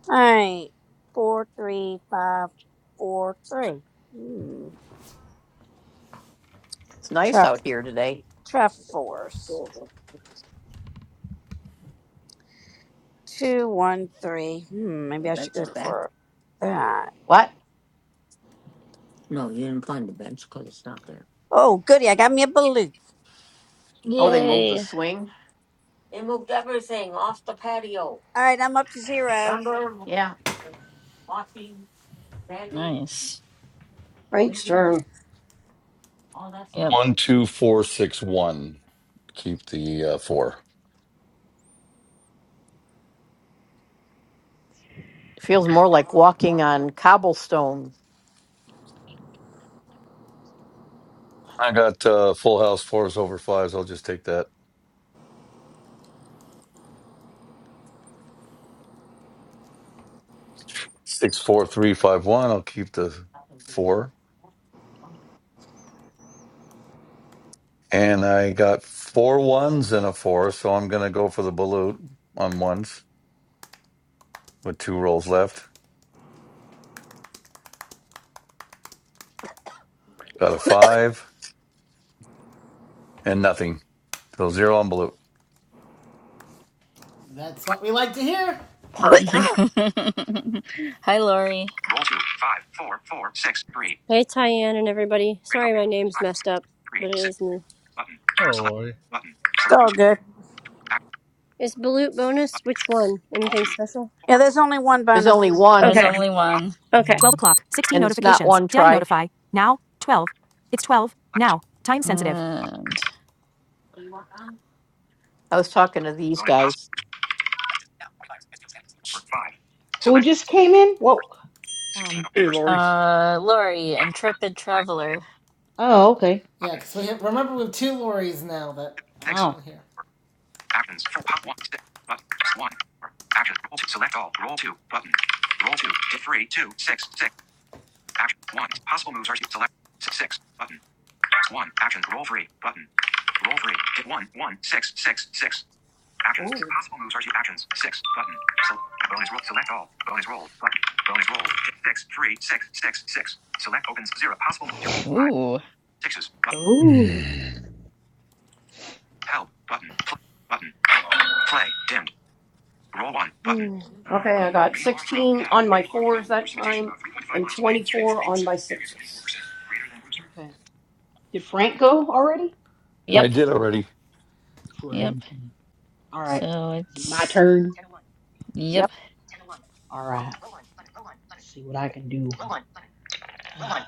All right, four, three, five, four, three. Hmm. it's nice Traf- out here today. traffic force. Two, one, three. Hmm. Maybe I should go for that. What? Oh, goody! I got me a balloon. Oh, they Yay. moving? All right, I'm up to zero. Yeah. Nice. Frank's turn. Yep. two, four, six, one. Keep the uh, four. It feels more like walking on cobblestone. I got uh, full house fours over fives. I'll just take that six, four, three, five, one. I'll keep the four, and I got four ones and a four, so I'm gonna go for the balut on ones with two rolls left. Got a five and nothing, so zero on balut. That's what we like to hear. Yeah. <laughs> Hi, Lori. Four, Roll two, five, four, four, six, three. Hey, Tyann and everybody. Radar. Sorry my name's messed up, but it is new. Button. Hello, Select. Lori. Button. It's Select all YouTube. good. Act. Is Balut bonus? Button. Which one? Roll Anything two. special? Yeah, Four. there's only one There's bonus. only There's one, Okay. only Pop. one. Okay. and it's not one try. Select two. Button. And I was talking to these Bonus possible. guys. Or five. Who Select. just came in? Whoa. First. Sixteen. Hey, First. Lori. uh Lori, intrepid Five. traveler. Oh, okay. Yeah, Button. because we have, remember we have two lorries now that Two. can Six. come Oh, in here. Actions. Full pop one. Six. Button. One. Four. Action. Roll two. Select all. Roll two. Button. Roll two. Hit three. Two. Six. Six. Action. One. Possible moves are select. Six. Six. Button. One. Action. Roll three. Button. Roll three. Hit one. One. Six. Six. Six. Actions. Possible moves are actions. Six. Button. So bonus roll. Select all. Bonus roll. Button. Bonus roll. Hit six. Three. Six. Six. Six. Select opens zero. Possible zero. Five. Ooh. Sixes. Button. ooh. Help. Button. Play. Button. Play. Dimmed. Roll one button. Hmm. Okay, I got 16 on my fours that time and 24 on my sixes. okay. Did Frank go already? I Yep, Yep, did already. yep. Frankie. All right. So Is it my it's turn? yep. yep. All right. Let's see what I can do. Uh,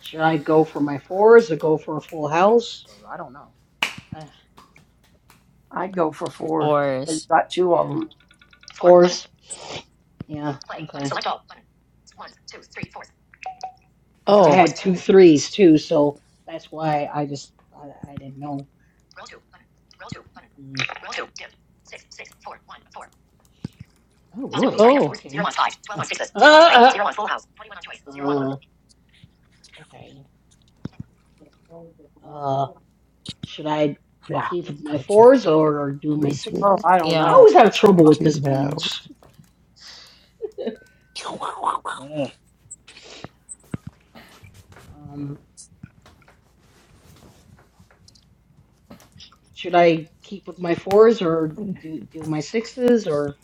Should I go for my fours or go for a full house? Or I don't know. Uh, I'd go for fours. You Fours. got two of yeah. them. Fours. Yeah. Okay. because I Oh, had two threes too, so that's why I just I, I didn't know. Mm. Oh really? oh, Okay. <laughs> Uh, uh, okay. Uh, should I keep my fours or do my Oh, sixes? I don't I Yeah. know. always That have trouble uh, with this game. Ugh. Um, should I keep with my fours or do do my sixes or?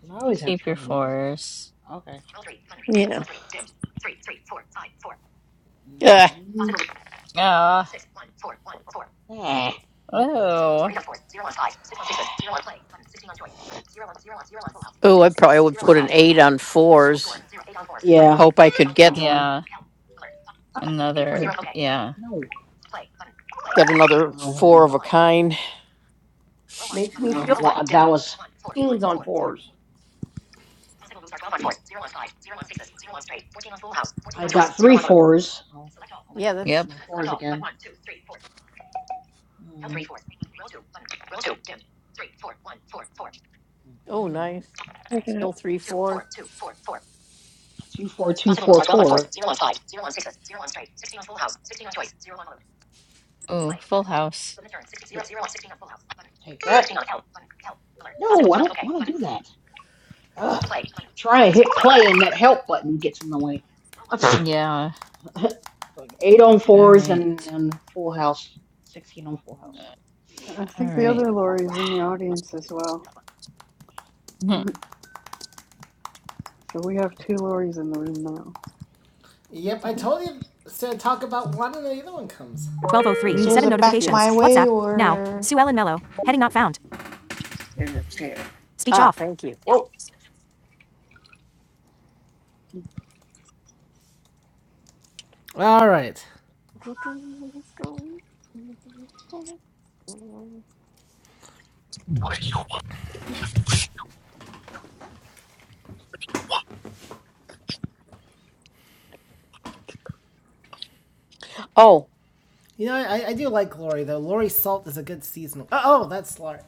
Because I always have Keep your trouble with this. fours. Okay. yeah. <laughs> Mm. Yeah. Ah, okay. Oh. Oh, I probably would put an eight on fours. Yeah. Hope I could get Yeah. Uh, Another yeah. no. No. get another Well, uh, four of a kind. makes me feel bad. Teens on fours. fours. I'll, Yeah, take that's Yep. my Mm, Okay. oh No. nice. Pick it up. Still three fours. Two four two four four. Oh, full house. Take that. No, I don't want to do that. Ugh. Trying to hit play and that help button gets in the way. <laughs> Yeah. like eight on All fours and, right. and full house. Sixteen on full house. Uh, I think All the right. other All Lori's in right. the audience as well. So we have two Lori's in the room Yep, I now. told you to talk about one and the other one comes. <laughs> The So Mm, is it back my yes. way or? All right. Oh, You know, I, I do like Lori though. Lori Salt is a good seasonal. Oh, oh that's Lori.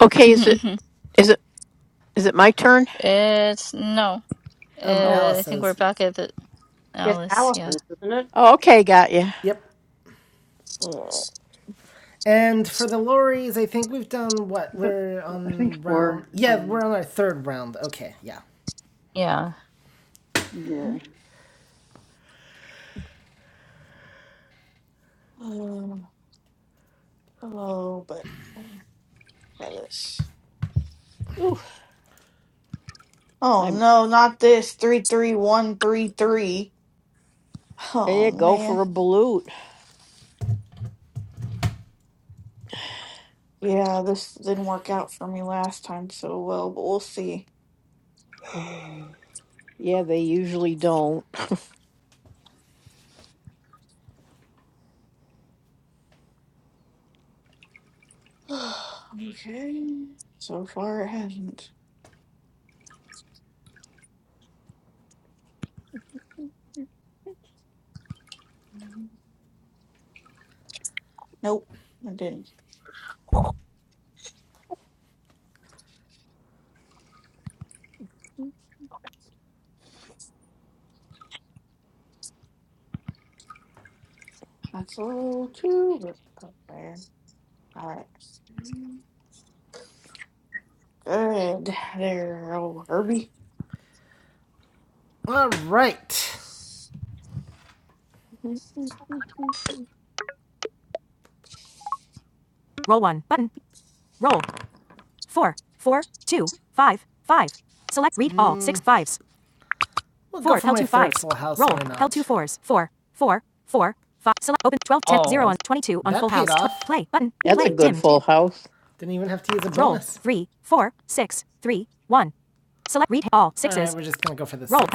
okay. Is it <laughs> is it is it my turn? it's no. Um, Oh, Uh, I think we're Alice's. back at the It's Alice. Yeah. Allison's, isn't it? oh okay, got you. Yep. And for the lorries, I think we've done what? Is it? We're I think on round. four. Yeah, we're Um. on our third round. Okay, yeah. Yeah. Yeah. Um, hello, but um, try this. Ooh, Oh I'm. no, not this. Three three one three three. Oh Yeah, go for man. a balut. Yeah, this didn't work out for me last time so well, but we'll see. Yeah, they usually don't. <sighs> okay. So far it hasn't. Mhm. Nope, it didn't. That's a little too rough up there. Alright. Good. There, oh Herbie. All right. We'll for why twelve ten zero Oh. That off. That's a good full house. Didn't even have to use a bonus. Roll All right, we're just gonna go for the sixes.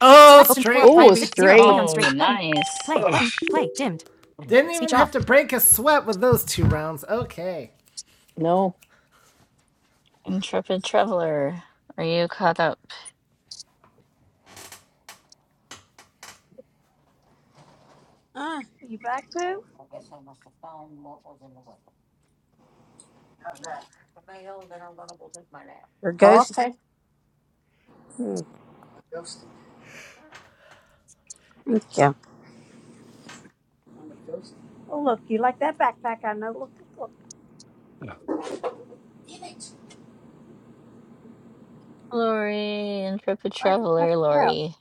Oh, straight, open, four, Oh, a baby. twenty straight. Oh, nice. Ugh. Didn't even have to break a sweat with those two rounds. Okay. No. Intrepid traveler. Are you caught up? Ah, you back too? Your ghost. Hmm, thank you. Oh, look, you like that backpack? I know. Look, look, look. Lori, intrepid I just test traveler, it out, Lori.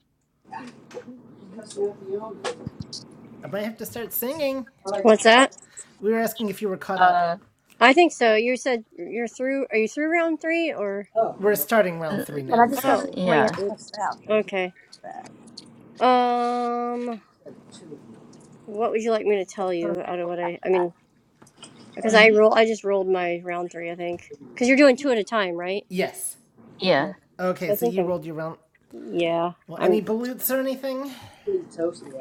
I might have to start singing. What's that? We were asking if you were caught up. Uh, I think so. You said you're through. Are you through round three or? We're starting round uh, three but now. I just don't Oh. understand why you have yeah. to test Oops. it out. There was no Okay. reason for that. Um. What would you like me to It's a tell you first out of world what I? I backpack. mean, because I Mm, roll. I just rolled my round three. I think. Because you're doing two at a time, right? Yes. Okay. Yeah. So Okay, I so think you I'm. rolled your round. Yeah. Well, any balutes or anything?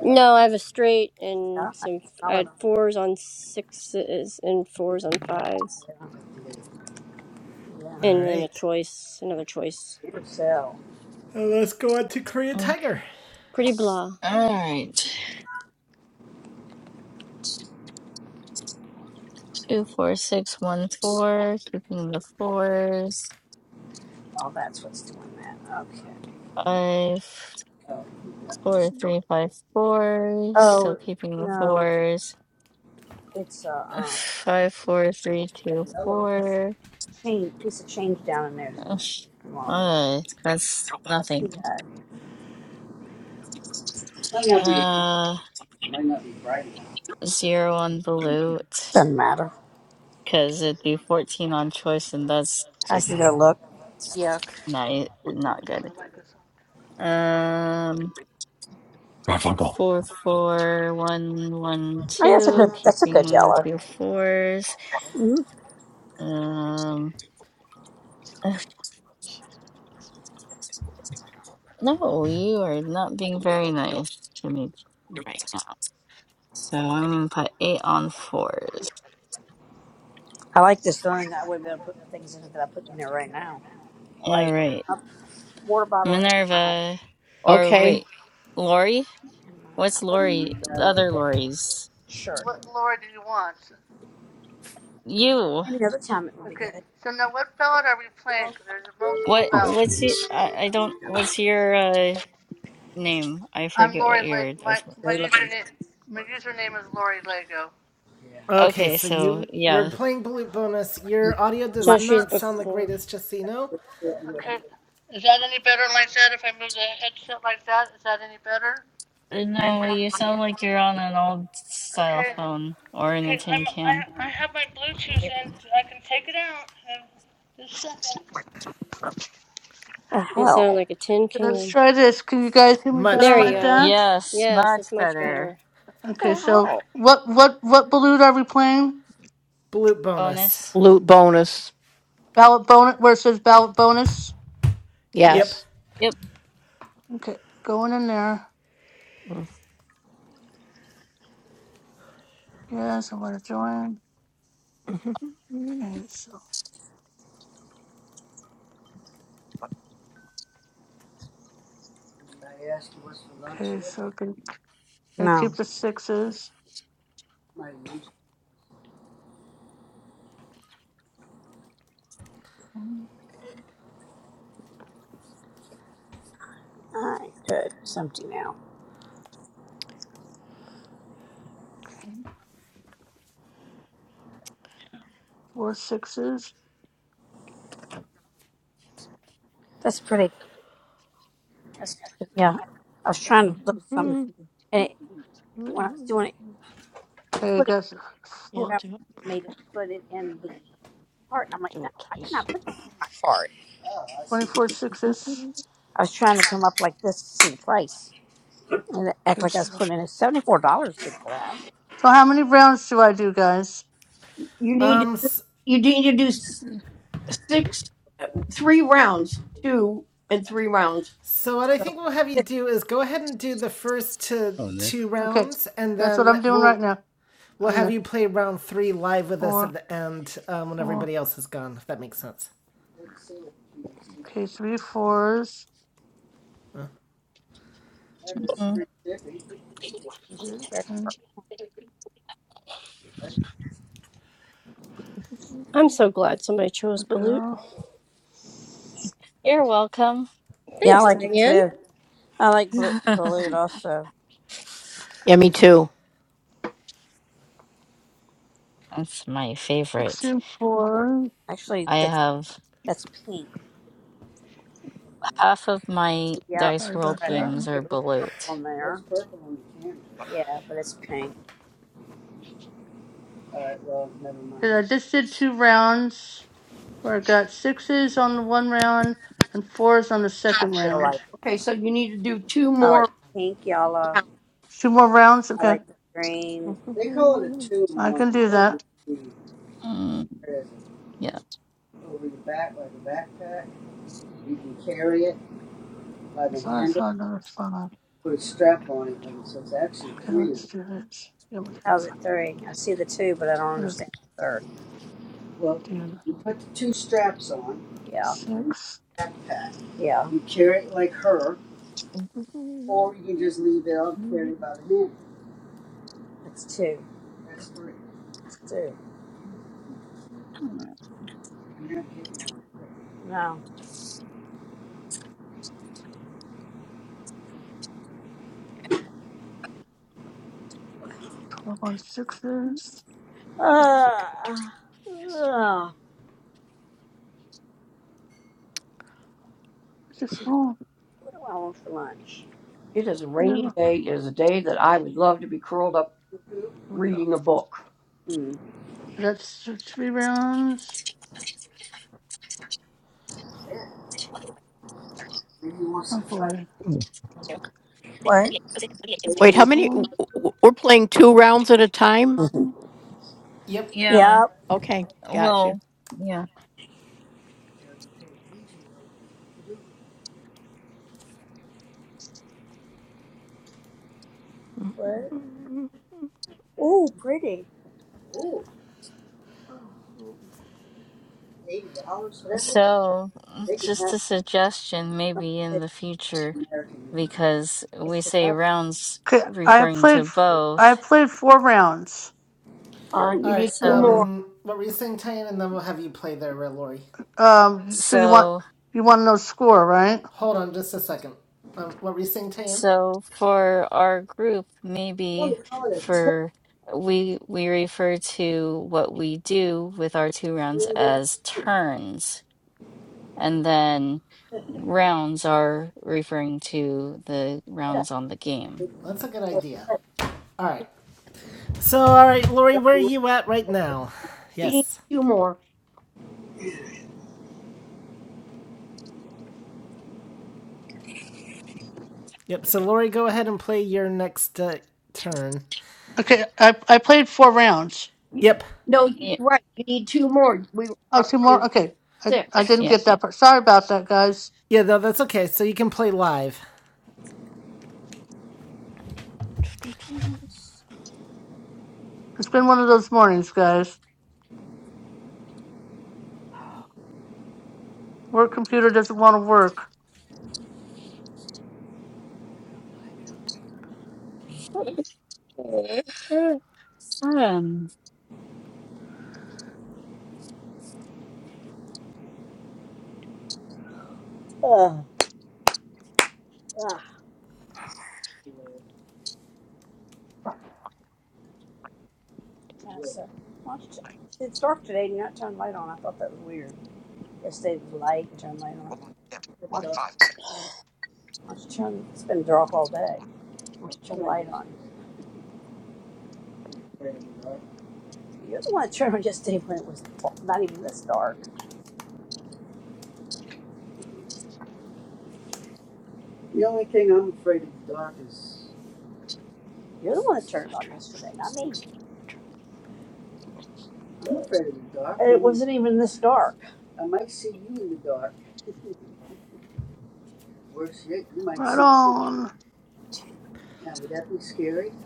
No, I have a straight and Yeah, I some. can I smell it. had on fours on sixes and fours on fives, Yeah, All and then a right. choice, another choice. Peter Sell. Uh, let's go on to Korea Okay. Tiger. Pretty blah. All right. Two, four, six, one, four. Keeping the fours. Oh, that's what's doing that. Okay. Five, four, three, five, four. Still Oh keeping the no, it's fours. it's a Five, four, three, two, um, it's four. change piece of change down in there. Ugh, Come on, Uh, that's That's nothing. Do that. Uh, zero on balut, Doesn't matter. because it'd be 14 on choice, and that's I can just go look. not, e, not good. Um, Oh, four, four, one, one, Oh, yeah, that's a good. two, That's a good keeping the yellow. two fours. hmm Um, <sighs> ugh, no, you are not being very nice to me right now. So I'm gonna put eight on fours. I like this thing. I wouldn't be able to put things in it that I put in there right now, All like right. a water bottle in my Minerva, or Okay. wait, Lori? in my What's What, Lori? um, The other Lori's. shirt. what Laura do you want? You. Any other time it would be Okay, good. so now what ballad are we playing? Because there's multiple What? What's ballads. y I, I don't. What's your uh, name? I I'm forget Lori what your Le- my, advice. was. my username, my username is Lori Lego. Okay, Okay, so so you we're yeah. playing balut bonus. Your audio does My, So she's not sound the before. greatest, just so you know. Okay, is that any better like that if I move the headset like that? Is that any better? Uh, No, you sound like you're on an old style Okay, phone or in a okay, I'm, tin I, can. I have my Bluetooth in, I can take it out in just a second. the It sounded hell? like a tin Let's can. try this, can you guys hear me Much better There you like better. go. that? Yes, Yes, much that's much Okay, better. better. okay, so what, what, what balut are we playing? Balut bonus. Bonus. Loot bonus. Ballot bonus, where it says ballot bonus. Yeah. Yep. Yes. Yep. Okay, going in there. Mm. Yes, I'm gonna join. Okay, so, okay, so gonna, gonna No. keep the sixes. Okay, All right, good. It's empty now. four sixes. That's pretty. That's pretty. Yeah. I was trying to look at something, and it, when I was doing it, it Okay, I put it, got it four out, it made it put it in the cart, and I'm like, no, I did not put that in my. twenty-four sixes. I was trying to come up like this to see the price, and it act Okay, like I was so, putting in it. Seventy four dollars, good for that. so how many rounds do I do, guys? You need to, Um. you need to do s- S- six, three rounds, two and three rounds. So what I So, think we'll have you do is go ahead and do the first to Hello, Nick. two Okay, rounds, and that's what then I'm doing right we'll now. we'll I'm have the you play round three live with us at four, the end um, when four. everybody else is gone. If that makes sense. Okay, three fours. mm, Mhm. Okay, I'm so glad somebody we chose Balut. go. You're welcome. Yeah, I Thanks, like it Diane. too. I <laughs> like blue That's blue also. Yeah, me too. my favorite. 16 fours. Actually, I that's have. that's pink. half of my Yep, Dice Sorry about World I read it. that. games It are looks purple balut. in there. It's purple on the can. Yeah, but it's pink. Cause I just did two rounds. where I got sixes on the one round and fours on the I second feel like round. okay, it. so you need to do two I like more the pink, yellow. rounds. Two more rounds? I Okay. like the green. I can do that. Mm, yeah. I thought I saw another funnel. Okay, let's do this. Yeah, we'll do How's it the three? I see the two, but I don't funnel. understand the third. We'll Do Yeah, six, yeah. It's two. It's two. No. 12 on sixes. Uh, I forgot to report last. uh, I just rolled. what do I want for lunch? It is a I gotta go. rainy day. It is a day that I would love to be curled up Here we go. reading a book. That's th- three rounds. Oh boy. What? It's a Wait, how many? w- four. w- We're playing two rounds at a time? Yep. Yeah. Yep. Okay, gotcha. Well, yeah. What? Ugh, Ooh, pretty. So, just a suggestion maybe in the future, because we say rounds Okay, I referring to played, I both. played four rounds. All right, you All right. need two So, more. Um, what were you saying, Tan? And then we'll have you play there, Lori. Um, so you want, so, you want to know score, right? Hold on, just a second. Um, what were you saying, Tan? so for our group, maybe for we we refer to what we do with our two rounds as turns. And then rounds are referring to the rounds on the game. That's a good idea. All right. So, all right, Lori, where are you at right now? She needs Yes. two more. Yep. So, Lori, go ahead and play your next uh, turn. Okay, I, I played four rounds. You, Yep. no, you- Yeah. right, you need two more. We were Oh, up two more. to Okay, I I six. didn't Yeah. get that part. Sorry about that, guys. Yeah. No, that's okay. So you can play live. It's been one of those mornings, guys. Work computer doesn't want to work. <laughs> Um, Ah, Tessa. Why don't you- t- See, it's dark today and you're not turning light on. I thought that was weird. Yesterday it was light and turned light on. Why don't you, why don't you turn, it's been dark all day. Why don't you turn the light on? You're the one that turned on yesterday when it was not even this dark. You're the one that turned it on yesterday, not me. And it wasn't even this dark. Right on.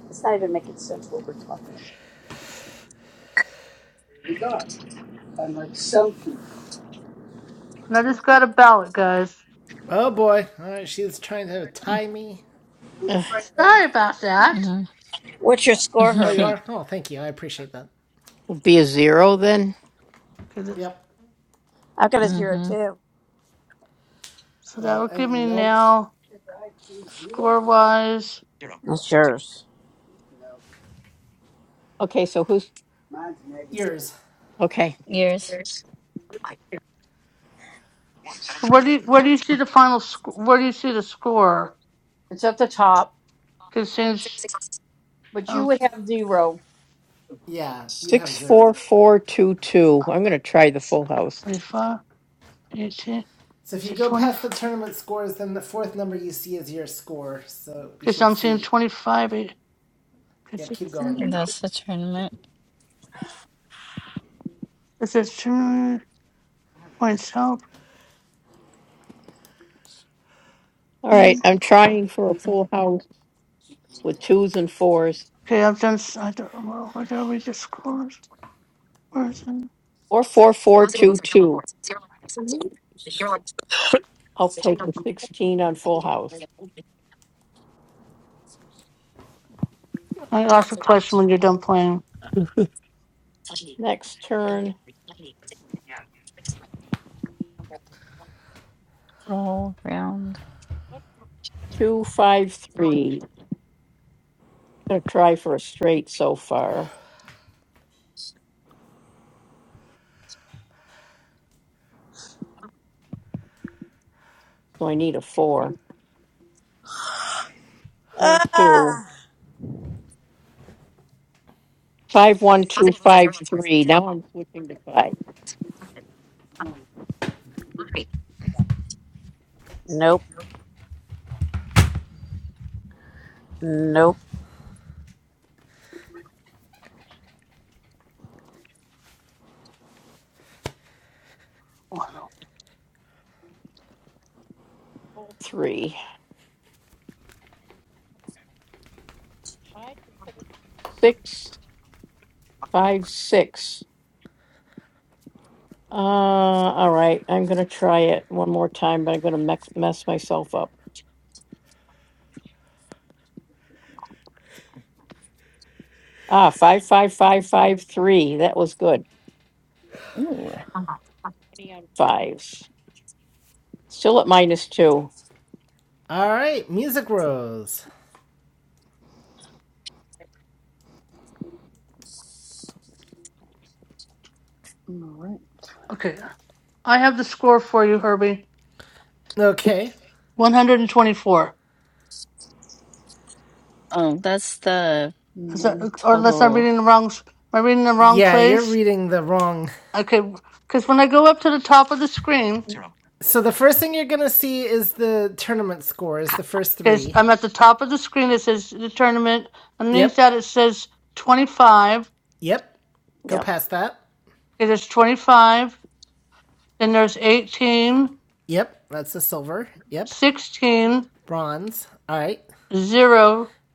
It's not even making sense what we're talking about. And I just got a ballot, guys. Oh boy. All right. She's trying to tie me. Sorry about that. hmm What's your score, Oh, you Herbie? are. Oh, thank you. I appreciate that. Be a zero then? Okay, this, Yep. I've got a zero too. so that Well, will give and me no now score wise. That's yours. Okay, so who's, ears. okay. Years. Where do you, where do you see the final score? Where do you see the score? It's at the top, Because since but you um would have zero. Yeah, you'd have Six, zero. four, four, two, two. I'm gonna try the full house. 25, 18, So if is you it go 20? past the tournament scores, then the fourth number you see is your score. So you Because should I'm seeing see. 25, eight, Yep, keep going. <laughs> sixteen. That's the 16. tournament Is it two points help? All right, I'm trying for a full house with twos and fours. Okay, I've done. s- I don't know what are we discourse. Where is it? Or four, four, I'll take sixteen on full house. I ask a question when you're done playing. Next turn, Yeah. roll round. two, five, three. I'm Gonna try for a straight so far, so I need a four. Roll two. Ah. Five, one. Switching to five, Nope. Nope. Oh, no. three, six, five, six. Uh, all right. I'm gonna try it one more time, but I'm gonna mess mess myself up. Ah, five, five, five, five, three. That was good. Ooh. Fives. Still at minus two. All right, Music Rose. All right. Okay, I have the score for you, Herbie. Okay. One hundred and twenty-four. Oh, that's the Is that, No. or unless I'm total. reading the wrong, s- am I reading the wrong Yeah, you're place? reading the wrong. Okay, because when I go up to the top of the screen, So the first thing you're gonna see is the tournament scores, the first because three. I'm at the top of the screen, it says the tournament. Underneath Yep. that, it says twenty-five. Okay, Yep. Go Yep. past that. there's twenty-five. Then there's eighteen, Yep. That's the silver. Yep. sixteen, Bronze. All right. zero.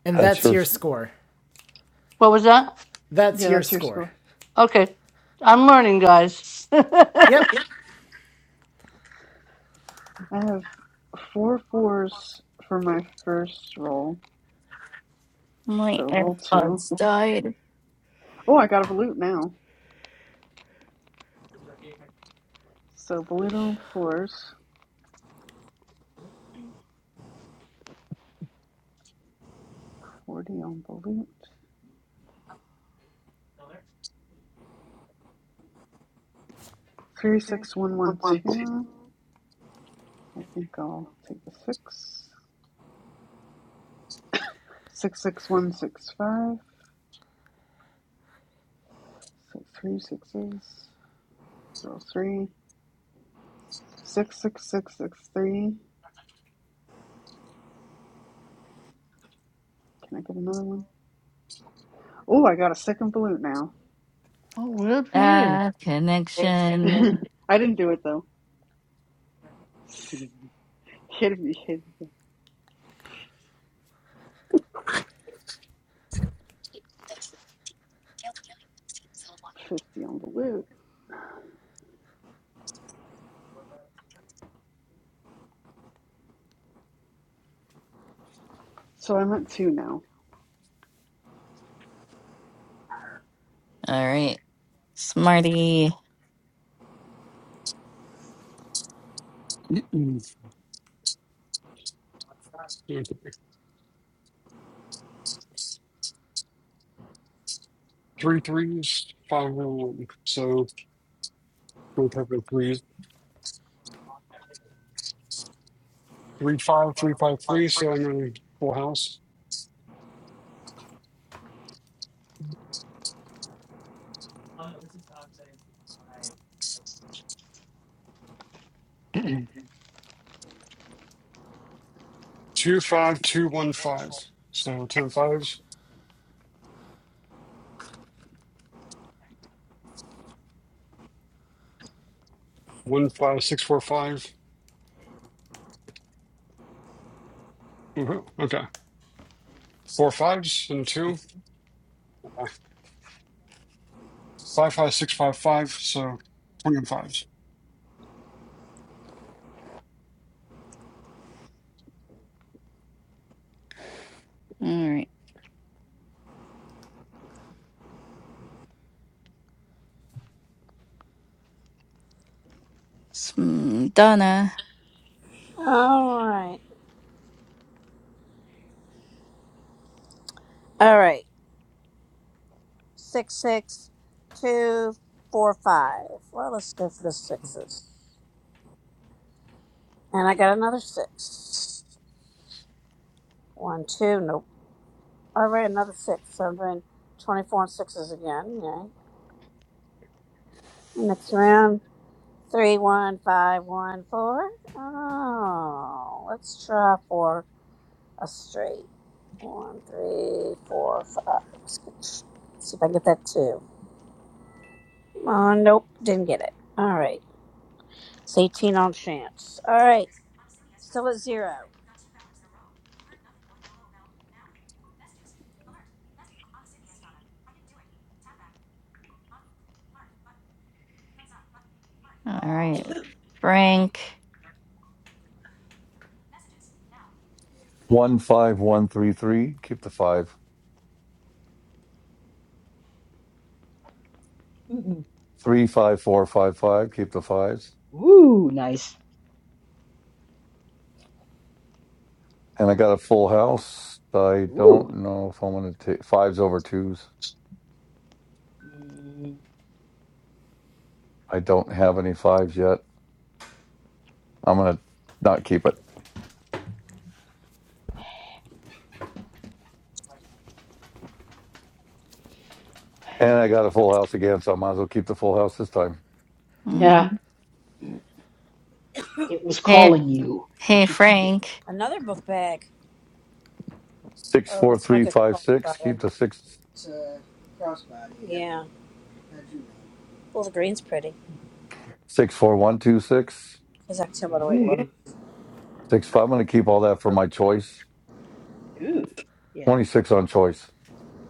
And at that's your church score. What was that? That's Yeah, your that's your score. score. Okay. I'm learning, guys. <laughs> oh, Yep. I have four fours for my first roll. My So roll two. AirPods died. Oh, I got a balut now. So balut on fours. 40 on balut. 36112. I think I'll take the six. 66165. So three sixes. Roll three. 66663. Can I get another one? Oh, I got a second balut now. well, good for you. Ah, connection. <laughs> I didn't do it though. <laughs> hit, me, hit me. 50 on balut. So I'm at two now. All right. Smarty. Mm-mm. Okay. Three threes, five one one. So. Don't have the threes. Three five three five three. So I'm going full house. <clears throat> two five two one five. So ten fives. One five six four five. Woohoo. Okay. Four fives and a two. Uh, Five five six five five. So twenty and fives. All right. Sm- Donna. All right. All right. Six, six, two, four, five. Well, let's go for the sixes. And I got another six. One, two. Nope. I read another six, so I'm doing 24 and sixes again. Yay. Next round, three, one, five, one, four. Oh, let's try for a straight. One, three, four, five. Let's get, see if I can get that two. Oh, nope, didn't get it. All right, it's 18 on chance. All right, still at zero. All right. Frank. one five one three three. Keep the five. mm, Three five four five five. Keep the fives. mm. Ooh, nice. And I got a full house. I Ooh. don't know if I'm gonna take fives over twos. Mm, I don't have any fives yet. I'm gonna not keep it. And I got a full house again, so I might as well keep the full house this time. Nah, hmm it was Hey, calling you. You hey, should keep it. Frank. Another book bag. Six Oh, four looks like three it's five six. crossbody. Keep the six. Crossbody. Yeah. Well, the green's pretty. Six four one two six. Because I can tell by the way it looks. Ooh. Six five. I'm gonna keep all that for my choice. Ooh. Yeah. Twenty six on choice.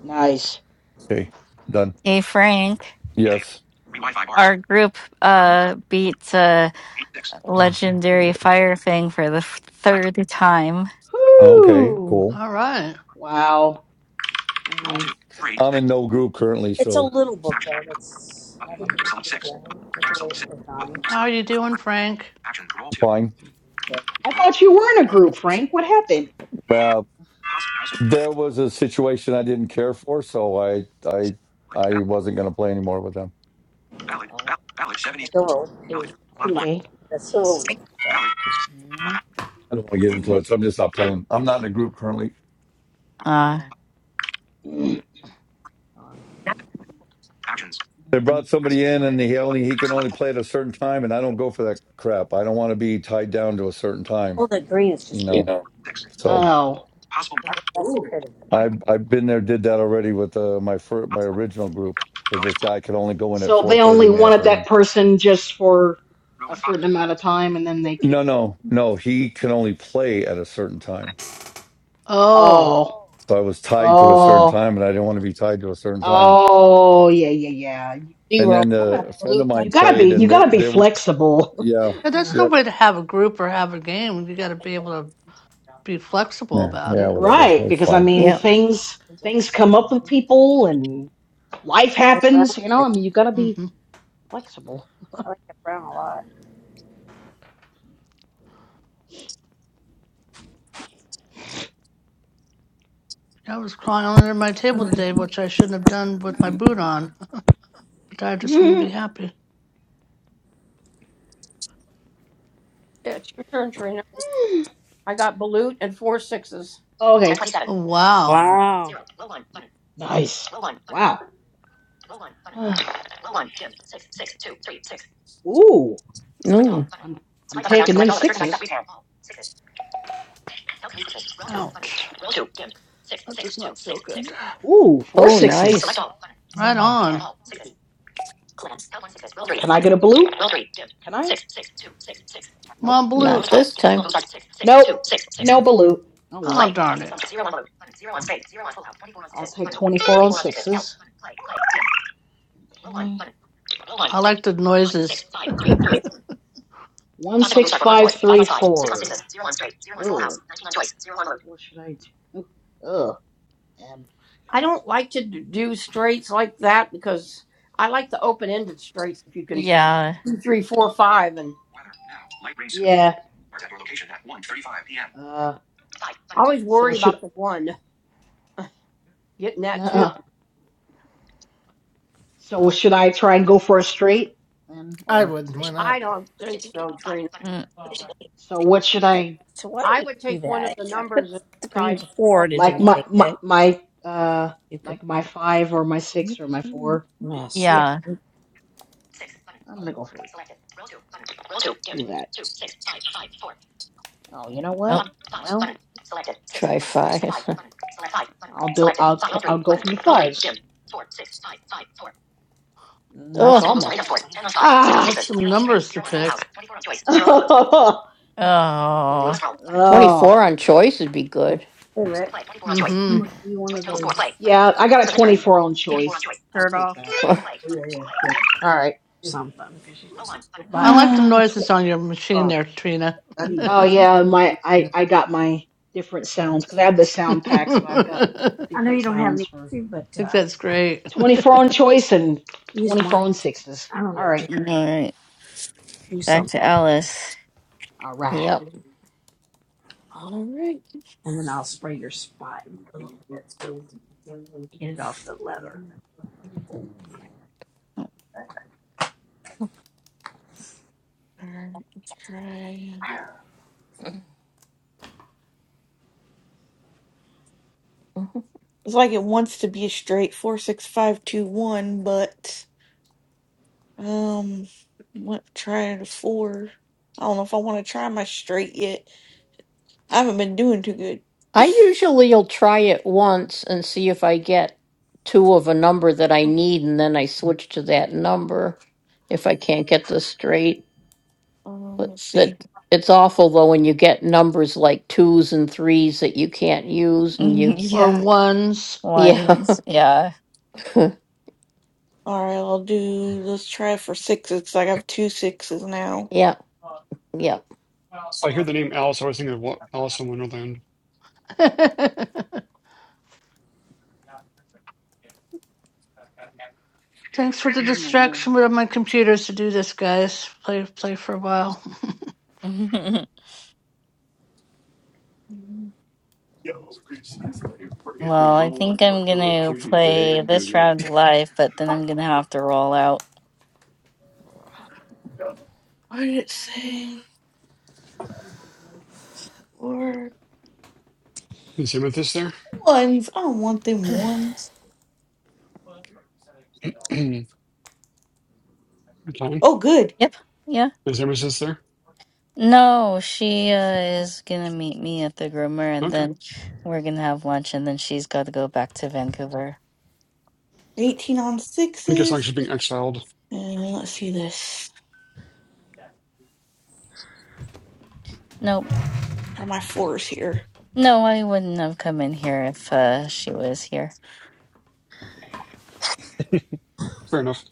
Nice. Okay, done. Hey, Frank. Three Yes. Wi-Fi bars. Our group Zero. uh beat uh Eight six. Mhm. legendary Cares. fire thing for the f- Select third time. Okay, Whoo! cool. All right. one. Wow. Roll two. Mm. Three I'm six. in no group currently, It's a so little book Action. though. It's not Button. a big Select book, six. right? Button. It's a Select little six. Button. designed. How are Select. you doing, Select. Frank? Action. Roll two. fine. I Roll. thought you were in a group, Frank. What happened? four. Uh, Pause. House and there was a situation I didn't care for, so I I ballot. I wasn't going to play anymore with them. Ballot. Oh, Ballot. Ballot. Seventy. Still too Ballot. too Lot much. one. okay. That's so but Ballot. Mm. Lot. I don't want to get into Mm. it, so I'm just not playing. I'm not in a group currently. Uh, Oh. Mm. Oh. Actions. They brought Mm. somebody in, and he only he can Select only four. play at a certain time, and I don't go for that crap. I don't want to be tied down to a certain time, oh the green is you just Yeah. know. Six. So Oh. Possible. wow, that's Ooh. pretty. I One. I've been there, did that already with uh, my fir- my original group because Bonus this roll. guy could only go in at So they 4:30 only in the wanted that afternoon. person just for Zero a and five. certain amount of time and then they No, kicked. no, no. He can only play at a certain time. Oh, Oh. So I was tied to a certain Oh. time, and I didn't want to be tied to a certain time. Oh, yeah, yeah, yeah. Play. And Zero. then You I uh, got gotta a friend Balut. of you mine That's gotta be played, you and they gotta be they were flexible. <laughs> yeah, yeah, that's no yep, way to have a group or have a game. You got to be able to be flexible yeah, about yeah, it. whatever. Right, It's because I fine. mean things things come up with people and life Oh, brown happens, you know? I pretty. mean you gotta be hmm flexible. I like that brown a lot. I was crawling under my table today, which I shouldn't have done with my <laughs> boot on, but I just wouldn't Mhm. be happy. Yeah, It's your turn, Trina. I got Balut and four sixes. okay. All Oh, wow. right. Wow. Nice. Wow. <sighs> Ooh. Mm. I'm, I'm taking them sixes. Ouch. That does not feel good. Ooh, four Oh, sixes. nice. Right on. Can I get a blue? Can I? Six, six, two, six, six. Come Nope. on, Blue. Not Nope. this time. No balut. Oh well. Oh, Play. darn twenty-six on it. six, zero on Balut. zero on straight. zero on full house. twenty-four on I'll six. take 24 on sixes. Okay. I like the noises. One, six, five, three, four. Ugh. What should I do? Ugh. Um, I um, don't like to d- do straights like that because I like the open ended straights. If you can yeah, two, three, four, five, and Weather now. Light rain soon. yeah. Starts at your location at 1:35 p.m. Uh, I always so worry should about the one getting that two. uh, so should I try and go for a straight then, I or would. Why I not? don't think so, Trina. Mm, so what should I? So why I did it would do take one of that? the I put numbers and the green decide before one. and it like didn't my take my, it. my uh Stupid like my five or my six or my four. mess. Yeah. yeah. I'm gonna go for it. Do that. Oh, you know what? Well, Oh, I'll Try five. <laughs> do. I'll i I'll go for the fives. Mm, That's almost. twenty Ah! What's some numbers to pick? oh. <laughs> okay. All Oh. four on choice would be good. Hey, Rick, Mm-hmm. I'm gonna give you one of those Yeah, I got a 24 on take choice. I'll your shirt take off that. <laughs> All or something because you, your I body. No, like the right. <sighs> noises on your machine there, Trina. <laughs> Oh could, yeah, my I Yeah. I got my different sounds because I have the sound pack, so I've got I I know you different don't have sounds any with for you, but think uh, that's great. 24 on choice and use 24 mine. on sixes. I don't All know, right, just right. do Back something, to Alice. all right. Alright. and then I'll spray your spot a little bit so get it off the leather. Alright, try. It's like it wants to be a straight four six five two one, but um, what trying a four? I don't know if I want to try my straight yet. I haven't been doing too good. I usually will try it once and see if I get two of a number that I Uh, need, and then I switch to that number if I can't get this straight. Um, But let's that see. it's awful though when you get numbers like twos and threes that you can't <laughs> use, and you Or yeah. ones. yeah Once. Yeah. <laughs> All right, I'll do. Let's try for sixes. 'cause I have two sixes now. yeah yeah. I hear the name Alice. I was thinking of what Alice in Wonderland. <laughs> Thanks for the Oh man, distraction of my computers to do this, guys. Play play for a while. <laughs> well, Mm, I think I'm gonna play this round live, but then I'm gonna have to roll out. What did it say? Or Is Amethyst there? ones? I don't want them ones. <clears throat> Good time. Oh, good. Yep. Yeah. Is Amethyst there? No, she uh, is gonna meet me at the groomer, and Okay. I then we're gonna have lunch, and then she's got to go back to Vancouver. Eighteen on think it's like sixes. she's being exiled. And let's see this. Nope. Try my fours here. no, I wouldn't have come in here if uh, she was here. Fair enough.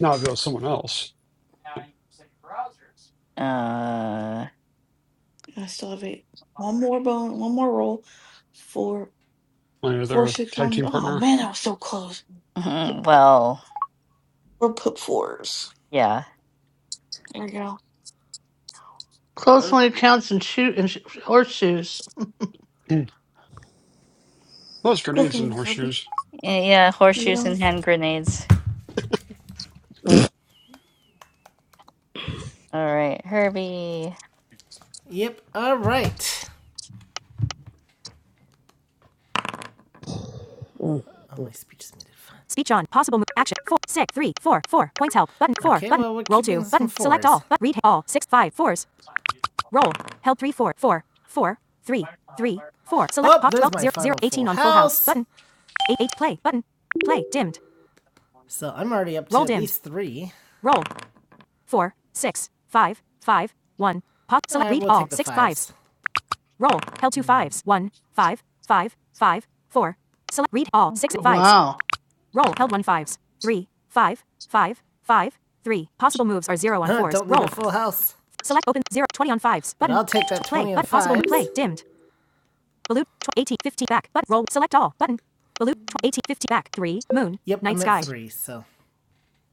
Now I've got someone else. Uh, I still have eight. One more bone, one more roll. Four, My four, other six, tag one. team Oh partner. man, that was so close. <laughs> well, We're put fours. yeah, There we go. Close Her one accounts and shoot and sh- horseshoes. Hmm. Those Go grenades and ahead, Herbie. horseshoes. Eh, yeah, You horseshoes don't. and hand grenades. All right, Herbie. Yep. All right. Mm. Oh, my speech is muted. Fine. there's my final full So I'm already up three. Alright, we'll Wow, 4s full house. 20 fives. 18 50 18 50 Yep, I'm at three, so.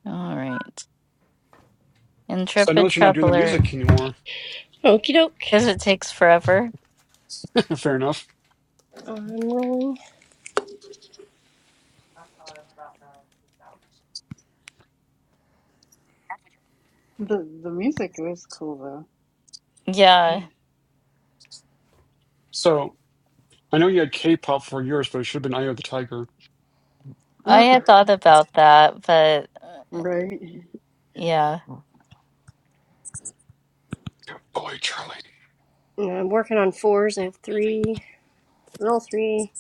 All right, So I know intrepid that you're not doing the traveler, music anymore. Okie doke. because it takes forever. <laughs> Fair enough. I'm rolling. the the music is cool though. Yeah, <laughs> So I know you had K-pop for yours, but it should have been Eye of the Tiger. I had thought about that, but uh, right? yeah. Boy, Charlie. And I'm working on fours. I have three. Roll three.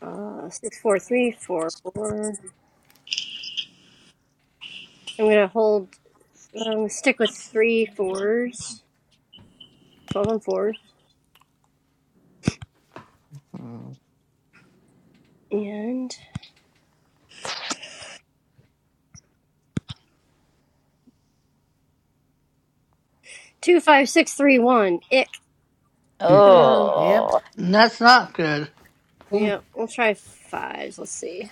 Uh, six, four, three, four, four. I'm gonna hold. Um, stick with three fours. 12 and 4s. And 25631. Ick. Hmm. Um, Yep. Oh. that's not good. yeah, we'll try 5s. Let's see.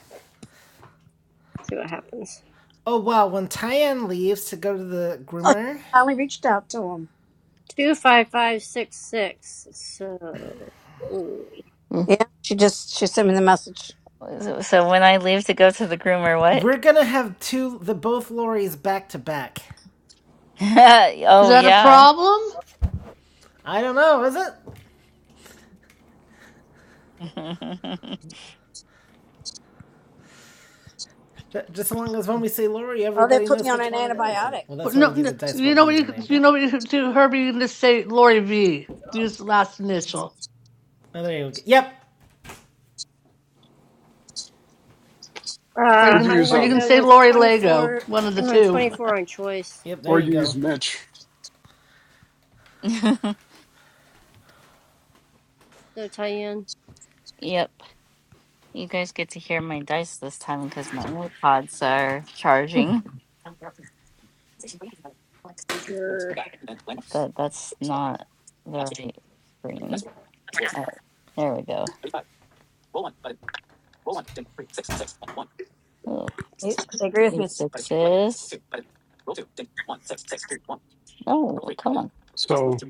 See what happens. Oh, wow. When Tyann leaves to go to the Oh, she groomer, finally reached out to him. 25566. So. ooh. Yeah, she just she sent me the message. So so when I leave to go to the groomer, what? we're going to have two, the both Lorries back to back. <laughs> Is Oh, that a yeah. problem? I don't know, is it? <laughs> J- Just so long as when we say Lori, Oh, they everybody put knows. me on an antibiotic. Well, But that's why we No, do no, the dice you roll to know what use you the name, could- you but. know what you could do, Herbie. You can just say Lori V. Use the last initial, Oh, there you go. Yep. Uh, or you Or you can I'm use or you gonna can um, go say with Lori Lego. 24, One of the <clears throat> two. 24 on choice. Yep, there or you you go. use Mitch. So Tyen. Yep. You guys get to hear my dice this time because my AirPods are charging. Grr. That that's not the right screen. Oh, there we go. Oh, They, they agree with me. these Sixes. No, come on. So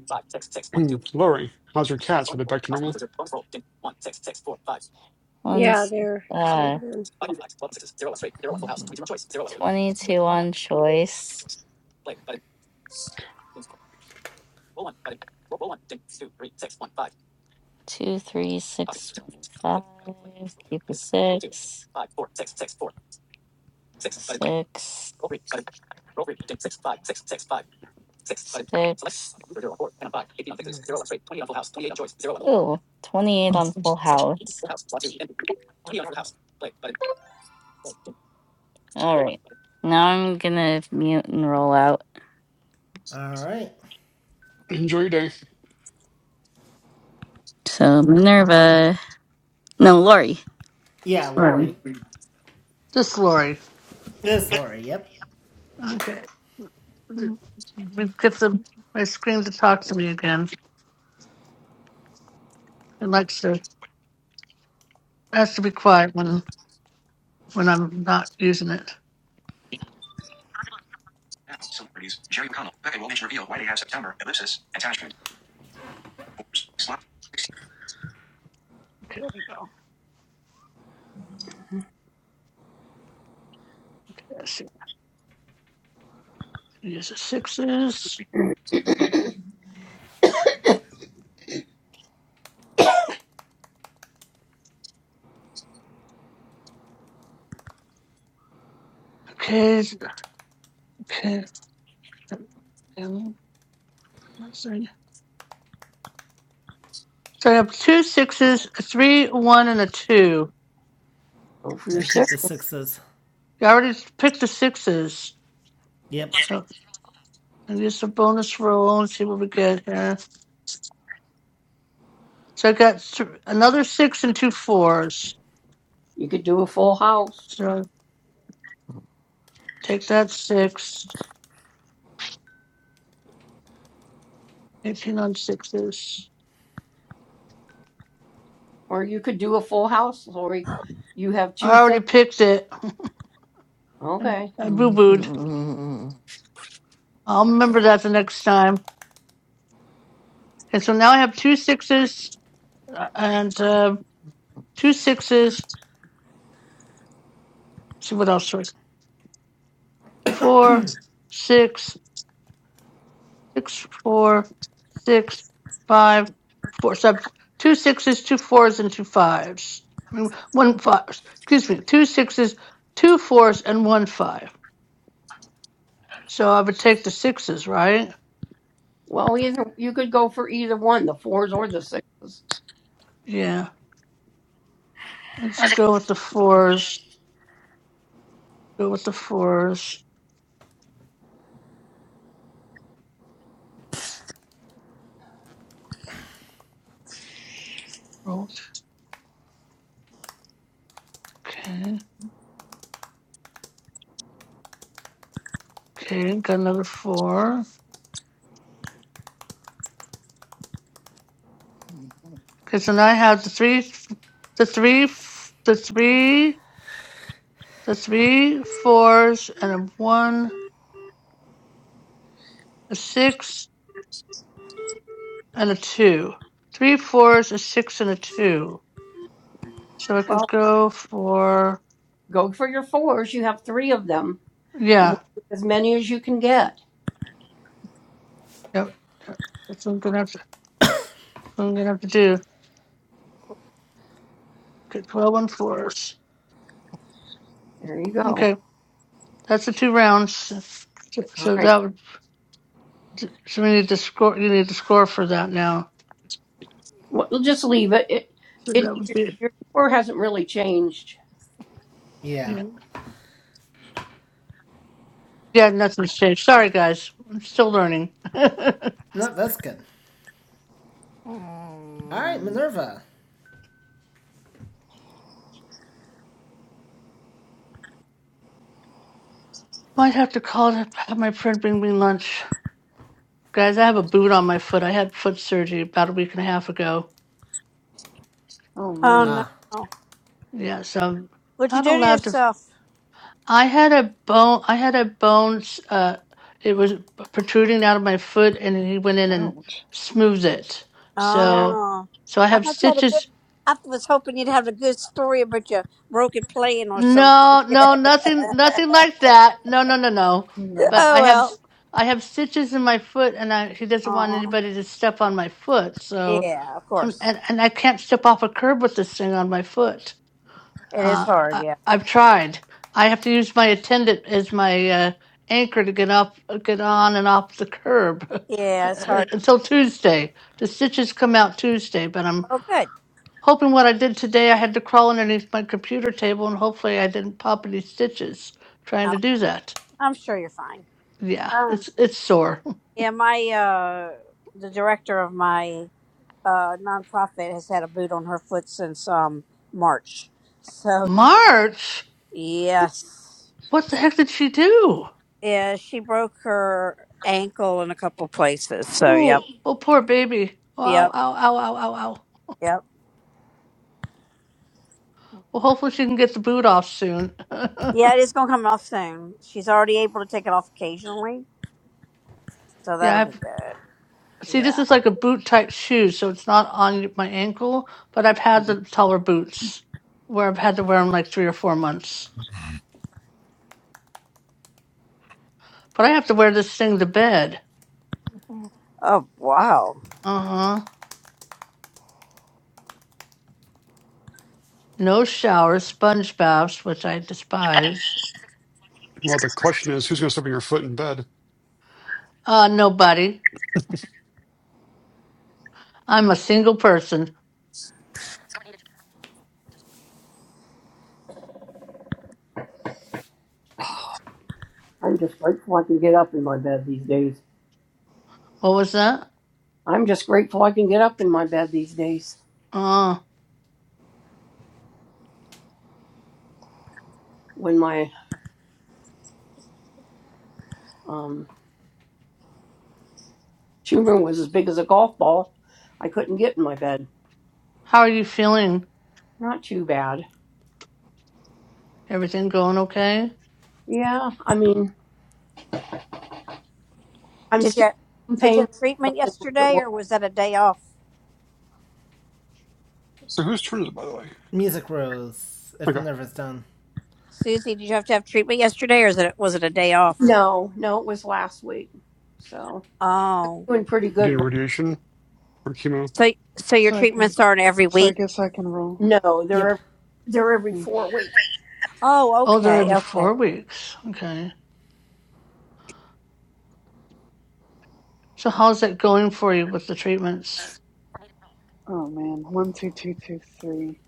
<clears throat> Lori, how's your cats? Are they back to normal? Yeah, One's there. So uh then. 22 on choice. Two, three, six, five. Keep a six. Six. Six. Ooh, 28 on full house. All right. Now I'm gonna mute and roll out. All right. <clears throat> Enjoy your day. So Minerva. No, Lori. Yeah, Lori. Lori. Just Lori. This Lori, yep. Okay. We get the my screen to talk to me again. It likes to it has to be quiet when when I'm not using it. Now, celebrities, Jerry McConnell, Becca Williams reveal why they have September, ellipsis, attachment, fours, slot, Okay, there we go. Okay, let's see. Use the sixes. 16. <coughs> Okay, okay. Um, let's see. So I have two sixes, a three, a one, and a two. <clears throat> go for your I keep six. the sixes. I already picked the sixes. Yep. So I use the bonus roll and see what we get here. So I got th- another six and two fours. You could do a full house, So take that six. Eighteen on sixes. or you could do a full house, Lori. You have two I already full. picked it. <laughs> I Okay. I boo booed. I'll remember that the next time. Okay, so now I have two sixes uh, and uh, two sixes. see what else was four, six, six, four, six, five, four. So I have two sixes, two fours, and two fives. I mean, one five. Excuse me, two sixes, two fours, and one five. So I would take the sixes, right? Well, either you could go for either one, the fours or the sixes. Yeah. Let's go with the fours. Go with the fours. Roll. Okay. Okay. Got another four. Okay. So now I have the three, the three, f- the three, the three fours, and a one, a six, and a two. Three fours, a six, and a two. So I could Well, go for go for your fours. You have three of them. You yeah. want as many as you can get. Yep. yep. That's what I'm gonna have to. What I'm gonna have to do. Okay. Twelve on fours. There you go. Okay. That's the two rounds. So All so right. that would So so we need to score. You need to score for that now. Well, just leave it. It, So it that would your, be your score hasn't really changed. Yeah. yeah. Yeah, nothing's changed. Sorry, guys. I'm still learning. <laughs> Might No, that's good. All right, Minerva. have to call to have my friend bring me lunch, guys. I have a boot on my foot. I had foot surgery about a week and a half ago. Oh Oh man, Ah, no, Yeah, so I'm what'd you not do to allowed to. yourself? I had a bone. I had a bone. Uh, it was protruding out of my foot, and he went in and ouch. smoothed it. Mm, So, Oh, so I I have thought you had a good. stitches I was hoping you'd have a good story about your broken plane or something. No, <laughs> no, nothing, nothing like that. No, no, no, no. No. But oh I have, well. s- I have stitches in my foot, and I, he doesn't want Oh anybody to step on my foot. So, yeah, of um, course and and I can't step off a curb with this thing on my foot. it is Uh, hard. I, Yeah, I've tried. I have to use my attendant as my uh, anchor to get up, uh, get on and off the curb <laughs> yeah, it's hard. until Tuesday. The stitches come out Tuesday, but I'm Oh good. Hoping what I did today, I had to crawl underneath my computer table and hopefully I didn't pop any stitches trying I'm to do that. I'm sure you're fine. Yeah, Um, it's it's sore. yeah, my uh, the director of my uh, nonprofit has had a boot on her foot since um, March. <laughs> So yeah. March? yes, What the heck did she do? yeah, she broke her ankle in a couple places. So yep, Oh, oh poor baby. Oh, ow, yep, ow, ow, ow, ow, ow. yep. Well hopefully she can get the boot off soon. <laughs> Yeah, it is gonna come off soon. She's already able to take it off occasionally, so that'll yeah, be I've good. see this Yeah. is like a boot type shoe, so it's not on my ankle, but I've had the taller boots where I've had to wear them like three or four months. But I have to wear this thing to bed. Oh wow. Uh huh. No showers, sponge baths, which I despise. Well, the question is, who's going to step on your foot in bed? Uh, nobody. I'm a single person. I'm just grateful I can get up in my bed these days. What was that? I'm just grateful I can get up in my bed these days. Uh, When my um Two room was as big as a golf ball. I couldn't get in my bed. how are you feeling? Not too bad. Everything going okay? Yeah, I mean, I'm Did still you in did you pain. have treatment Nothing like it yesterday, was. or was that a day off? So whose turn is it, by the way? music rose. If Okay, Minerva's done. Susie, did you have to have treatment yesterday, or is it was it a day off? No, no, it was last week. So Oh, doing pretty doing good. right- radiation or chemo. so so your So I can, treatments aren't every so I week. guess I can roll. No, they're Yep. every, they're every Mm, four weeks. Oh, Oh, they're okay, every okay. four weeks. Okay. So how's that going for you with the treatments? Oh man, one two two two three.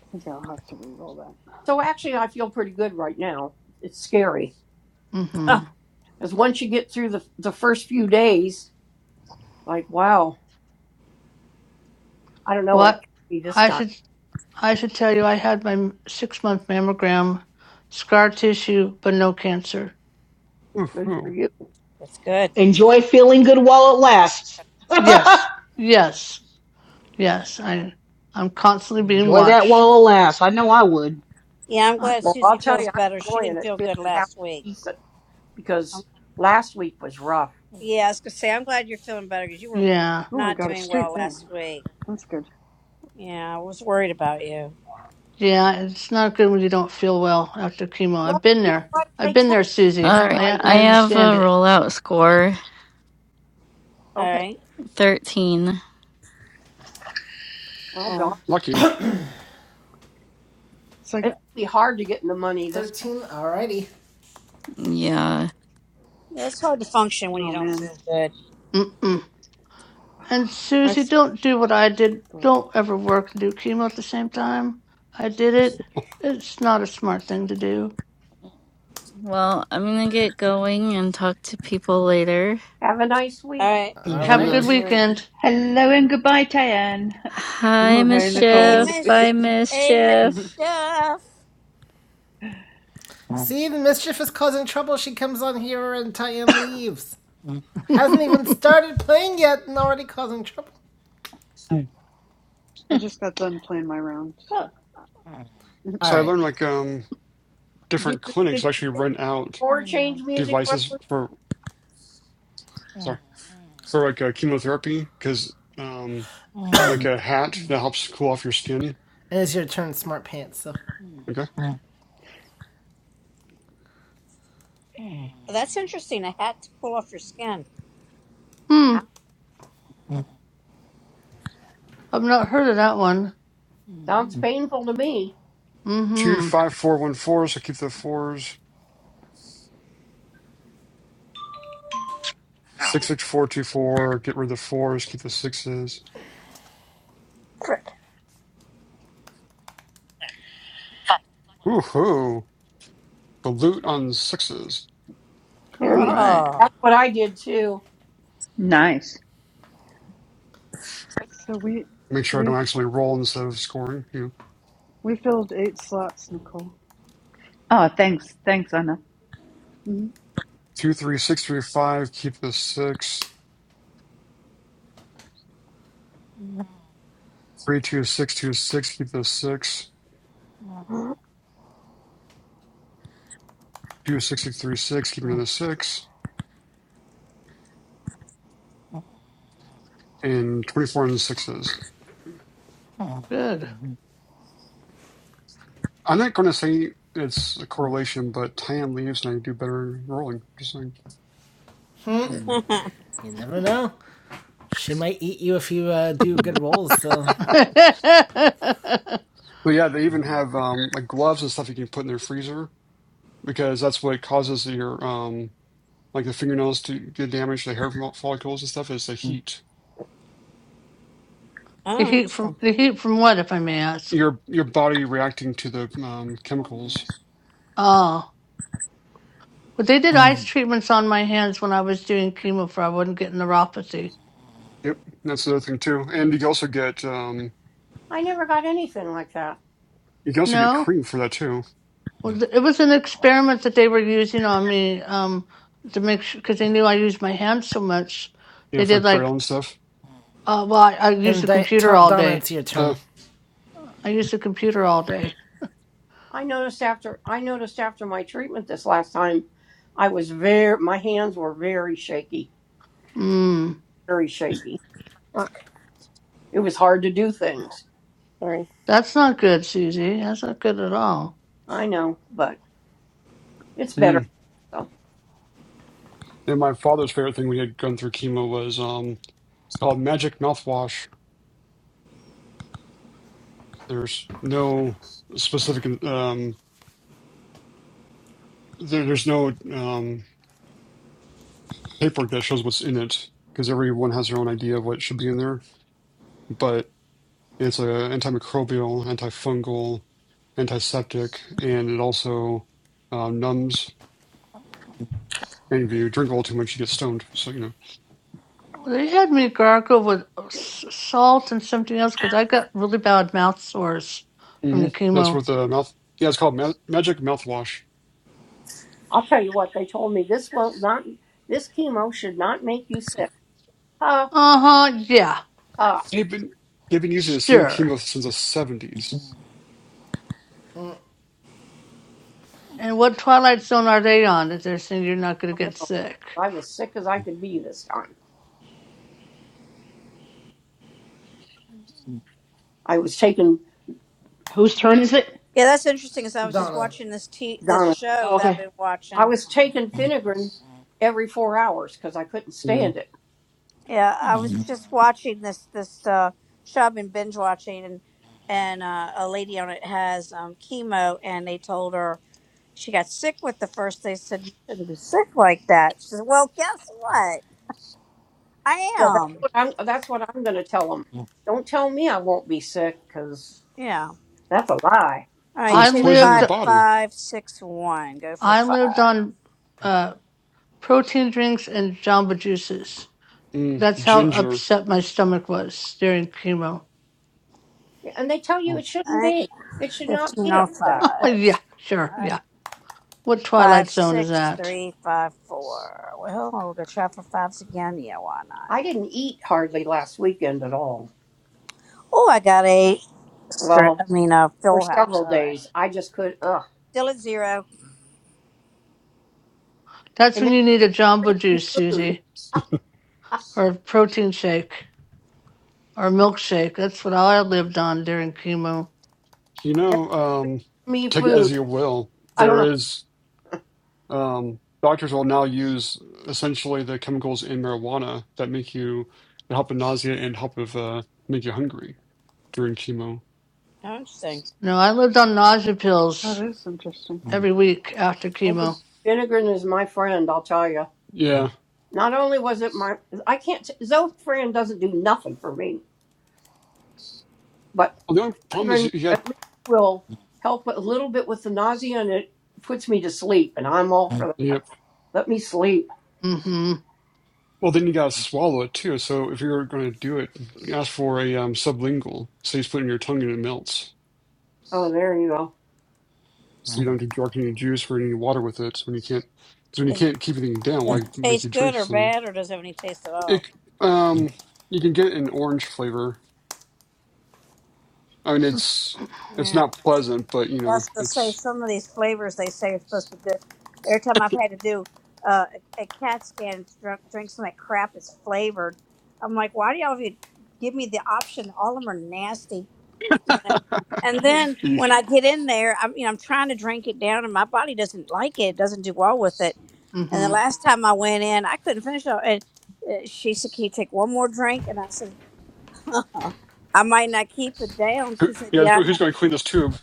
I think I'll have to re-roll that. So actually, I feel pretty good right now. It's scary <laughs> Mm-hmm. because once you get through the the first few days, like wow, I don't know what it What? could be this I time. should, I should tell you I had my six-month mammogram, scar tissue, but no cancer. Ooh, Good for ooh. you. That's good. Enjoy feeling good while it lasts. <laughs> Yes, yes, yes. I, I'm constantly being Enjoy that watched. while it lasts. I know I would. Yeah, I'm I, glad Well, I'll Susie tell feels you, I'm better. She enjoying didn't it. feel Feeling good half last week. decent. because last week was rough. Yeah, I was gonna say I'm glad you're feeling better because you were yeah. Oh, I not got a doing straight well there. last week. That's good. Yeah, I was worried about you. Yeah, it's not good when you don't feel well after chemo. I've Well, been you know there. what? I've They been tell there, Susie. All you, right. I like, I I have understand a it. rollout score All okay, right. 13. well, darn, Oh, Lucky. so I it's got. gonna be hard to get in the money this. week. Thirteen. Alrighty. Yeah. Yeah, it's hard to function when you Oh don't man, feel good. Mm-mm. And I Susie, don't do what I did. scored. Don't ever work and do chemo at the same time. I did it. It's not a smart thing to do. Well, I'm gonna get going and talk to people later. Have a nice All week. right. All Enjoy Have your a day. good All right. right. <laughs> weekend. Hello and goodbye, Tayan. Hi, Oh hey Nicole. Mischief. Amos, Bye, Amos <laughs> Mischief. I Duff. See, the mischief is causing trouble. She comes on here and Tyan leaves. <laughs> hmm. Hasn't even started playing yet and already causing trouble. Mm. just got done playing my round. <laughs> Well, So. <laughs> All So I right. learned like um Did different your, did clinics actually your rent out four change music devices road? for sorry for like uh, chemotherapy because um like a hat that helps cool off your skin. And it's your turn, Smart Pants. So Okay, That's interesting. A hat to pull off your skin. Ow, I've not heard of that one. Sounds painful to me. two Mm-hmm. five four one four. So keep the fours. Ow. Six six four two four. Get rid of the fours. Keep the sixes. Woohoo! The loot on sixes. Oh There All you. nice. right. Oh. That's what I did too. Nice. So we, Make sure I don't we actually roll instead of scoring. You know. We filled eight slots, Nicole. Oh, thanks. Thanks, Anna. hmm Two three six three five. Keep the six. Three two six two six. Keep the six. Two sixty three six, keeping it a six, and twenty four the sixes. Mm. Good. I'm not going to say it's a correlation, but Tan leaves and I do better in rolling. Just saying. <laughs> oh, you never know. She might eat you if you uh, do good rolls. <laughs> So <laughs> but the yeah, they even have um, like gloves and stuff you can put in their freezer because that's what causes your um, like the fingernails to get damaged, the hair follicles and stuff is the heat. heat interesting. from the heat from what, if I may ask? Your your body reacting to the um, chemicals. Ah. Well, they did ice treatments on my hands when I was doing chemo for I wouldn't get neuropathy. Yep, that's another thing too. And you can also get um, I never got anything like that. you can also get No, cream for that too. well, th- it was an experiment that they were using on me um, to make sure because they knew I used my hands so much. You They know, for did like like, braille and s- stuff. uh, well, I, I used and the Di- computer Ta- all Donna, day. it's your Uh, turn. I used the computer all day. I noticed after I noticed after my treatment this last time, I was very my hands were very shaky, Mm, very shaky. Fuck. It was hard to do things. Sorry. that's not good, Susie. That's not good at all. I know, but it's mm. better. So And my father's favorite thing we had gone through chemo was um, it's called Magic Mouthwash. There's no specific um, there, there's no um, paperwork that shows what's in it because everyone has their own idea of what should be in there. But it's a antimicrobial, antifungal, antiseptic, and it also uh, numbs. And if you drink a little too much, you get stoned. So you know Well, They had me gargle with uh, s- salt and something else because I got really bad mouth sores from hmm the that's chemo. what the mouth. Yeah, it's called ma- Magic Mouthwash. I'll tell you what they told me. This won't not this chemo should not make you sick. Ha Uh huh. Yeah. ha! They've been they've been using the same Sure. chemo since the 70s And what twilight zone are they on that they're saying you're not going Oh, to get no, sick? I was sick as I could be this time. I was taking Whose turn is it? Yeah, that's interesting because I was just Donna. watching this t- this Donna. show Oh, that okay. I've been watching. I was okay. taking Finagrin every four hours because I couldn't Mm. stand it. Yeah, I was just watching this this uh show I've been binge watching and and uh, a lady on it has um chemo and they told her she got sick with the first they said you shouldn't be sick like that. She said, Well guess what? I Yeah, that's am. what I'm. That's what I'm going to tell them. Don't tell me I won't be sick, because Yeah. that's a lie. All Well, right, I it's two poisoning your lived five body. five six one. Go for I five. lived on uh, protein drinks and Jamba juices. Mm, That's how ginger. upset my stomach was during chemo. Yeah, And they tell you it All shouldn't right. be. It should not Fifteen be on upset. <laughs> Well, fives. yeah, sure, All yeah. right. What Five twilight zone is six that? three five four. Well, we'll go try for fives again. Yeah, why not? I didn't eat hardly last weekend at all. Oh, I got a stri- Well, I mean a for fill house. several All right. days, I just could. Ugh, Still at zero. That's and when never you need a Jamba bring me juice, food. Susie, <laughs> or a protein shake or a milkshake. That's what I lived on during chemo. You Never know, um, bring me take it as food. you will. I don't There know. is, um, doctors will now use essentially the chemicals in marijuana that make you that help with nausea and help with uh, make you hungry during chemo. Oh, interesting. No, I lived on nausea That pills is interesting. every week after I could. chemo. Vinegar is my friend. I'll tell you. Yeah. Not only was it my, I can't. Zofran doesn't do nothing for me. but. Well, the only problem is even you got, at least will help a little bit with the nausea and it puts me to sleep and i'm all for that yep. let me sleep Mm-hmm. <laughs> Well, then you gotta swallow it too. So if you're gonna do it, ask for a um, sublingual. So you put it in your tongue and it melts. oh there you go So you don't have to drink any juice or any water with it. So When you can't, because when you Does it, can't keep anything down, does why it make you taste drink good or something? bad or does it have any taste at all? It um, you can get an orange flavor. I mean, it's it's Yeah. not pleasant, but you know, That's to say it's some of these flavors they say are supposed to be good. Every time I've had to do uh, a, a CAT scan, drink, drink some of that crap that's flavored. I'm like, why do y'all even give me the option? All of them are nasty. You know? And then <laughs> you, when I get in there, I'm you know I'm trying to drink it down, and my body doesn't like it. It doesn't do well with it And the Mm-hmm. last time I went in, I couldn't finish it. And uh, she said, "Can you take one more drink?" And I said, <laughs> "I might not keep it down." who, She said, yeah. "Yeah, I Who's know." gonna clean this tube?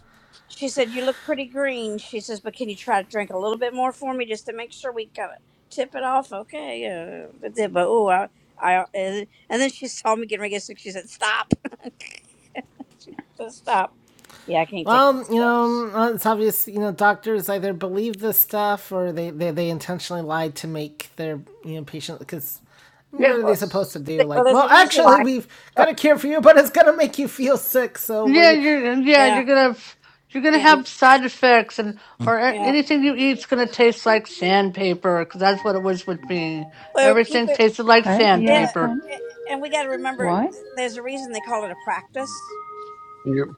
She said, "You look pretty green." She says, "But can you try to drink a little bit more for me, just to make sure we kind of tip it off, okay?" Uh, but then, but oh, I, I, uh, and then she saw me getting ready to get sick. She said, "Stop." <laughs> she said, "Stop." Yeah, I can't take Well, that you stuff. know, uh, it's obvious, you know, doctors either believe this stuff or they, they, they intentionally lie to make their, you know, patient, because what yeah are they Well, supposed to do? they- well, Like, there's well, a <laughs> reason. actually, we've got a cure for you, but it's going to make you feel sick. So, well, Yeah, you're, you're yeah, you're Yeah, gonna you're gonna yeah, you're have side effects, and or a- yeah. anything you eat's gonna taste like sandpaper, because that's what it was with me. Well, keep Everything it. tasted like Hey, yeah, It, I sandpaper. can. it- and we got to remember Why? there's a reason they call it a practice. Yep.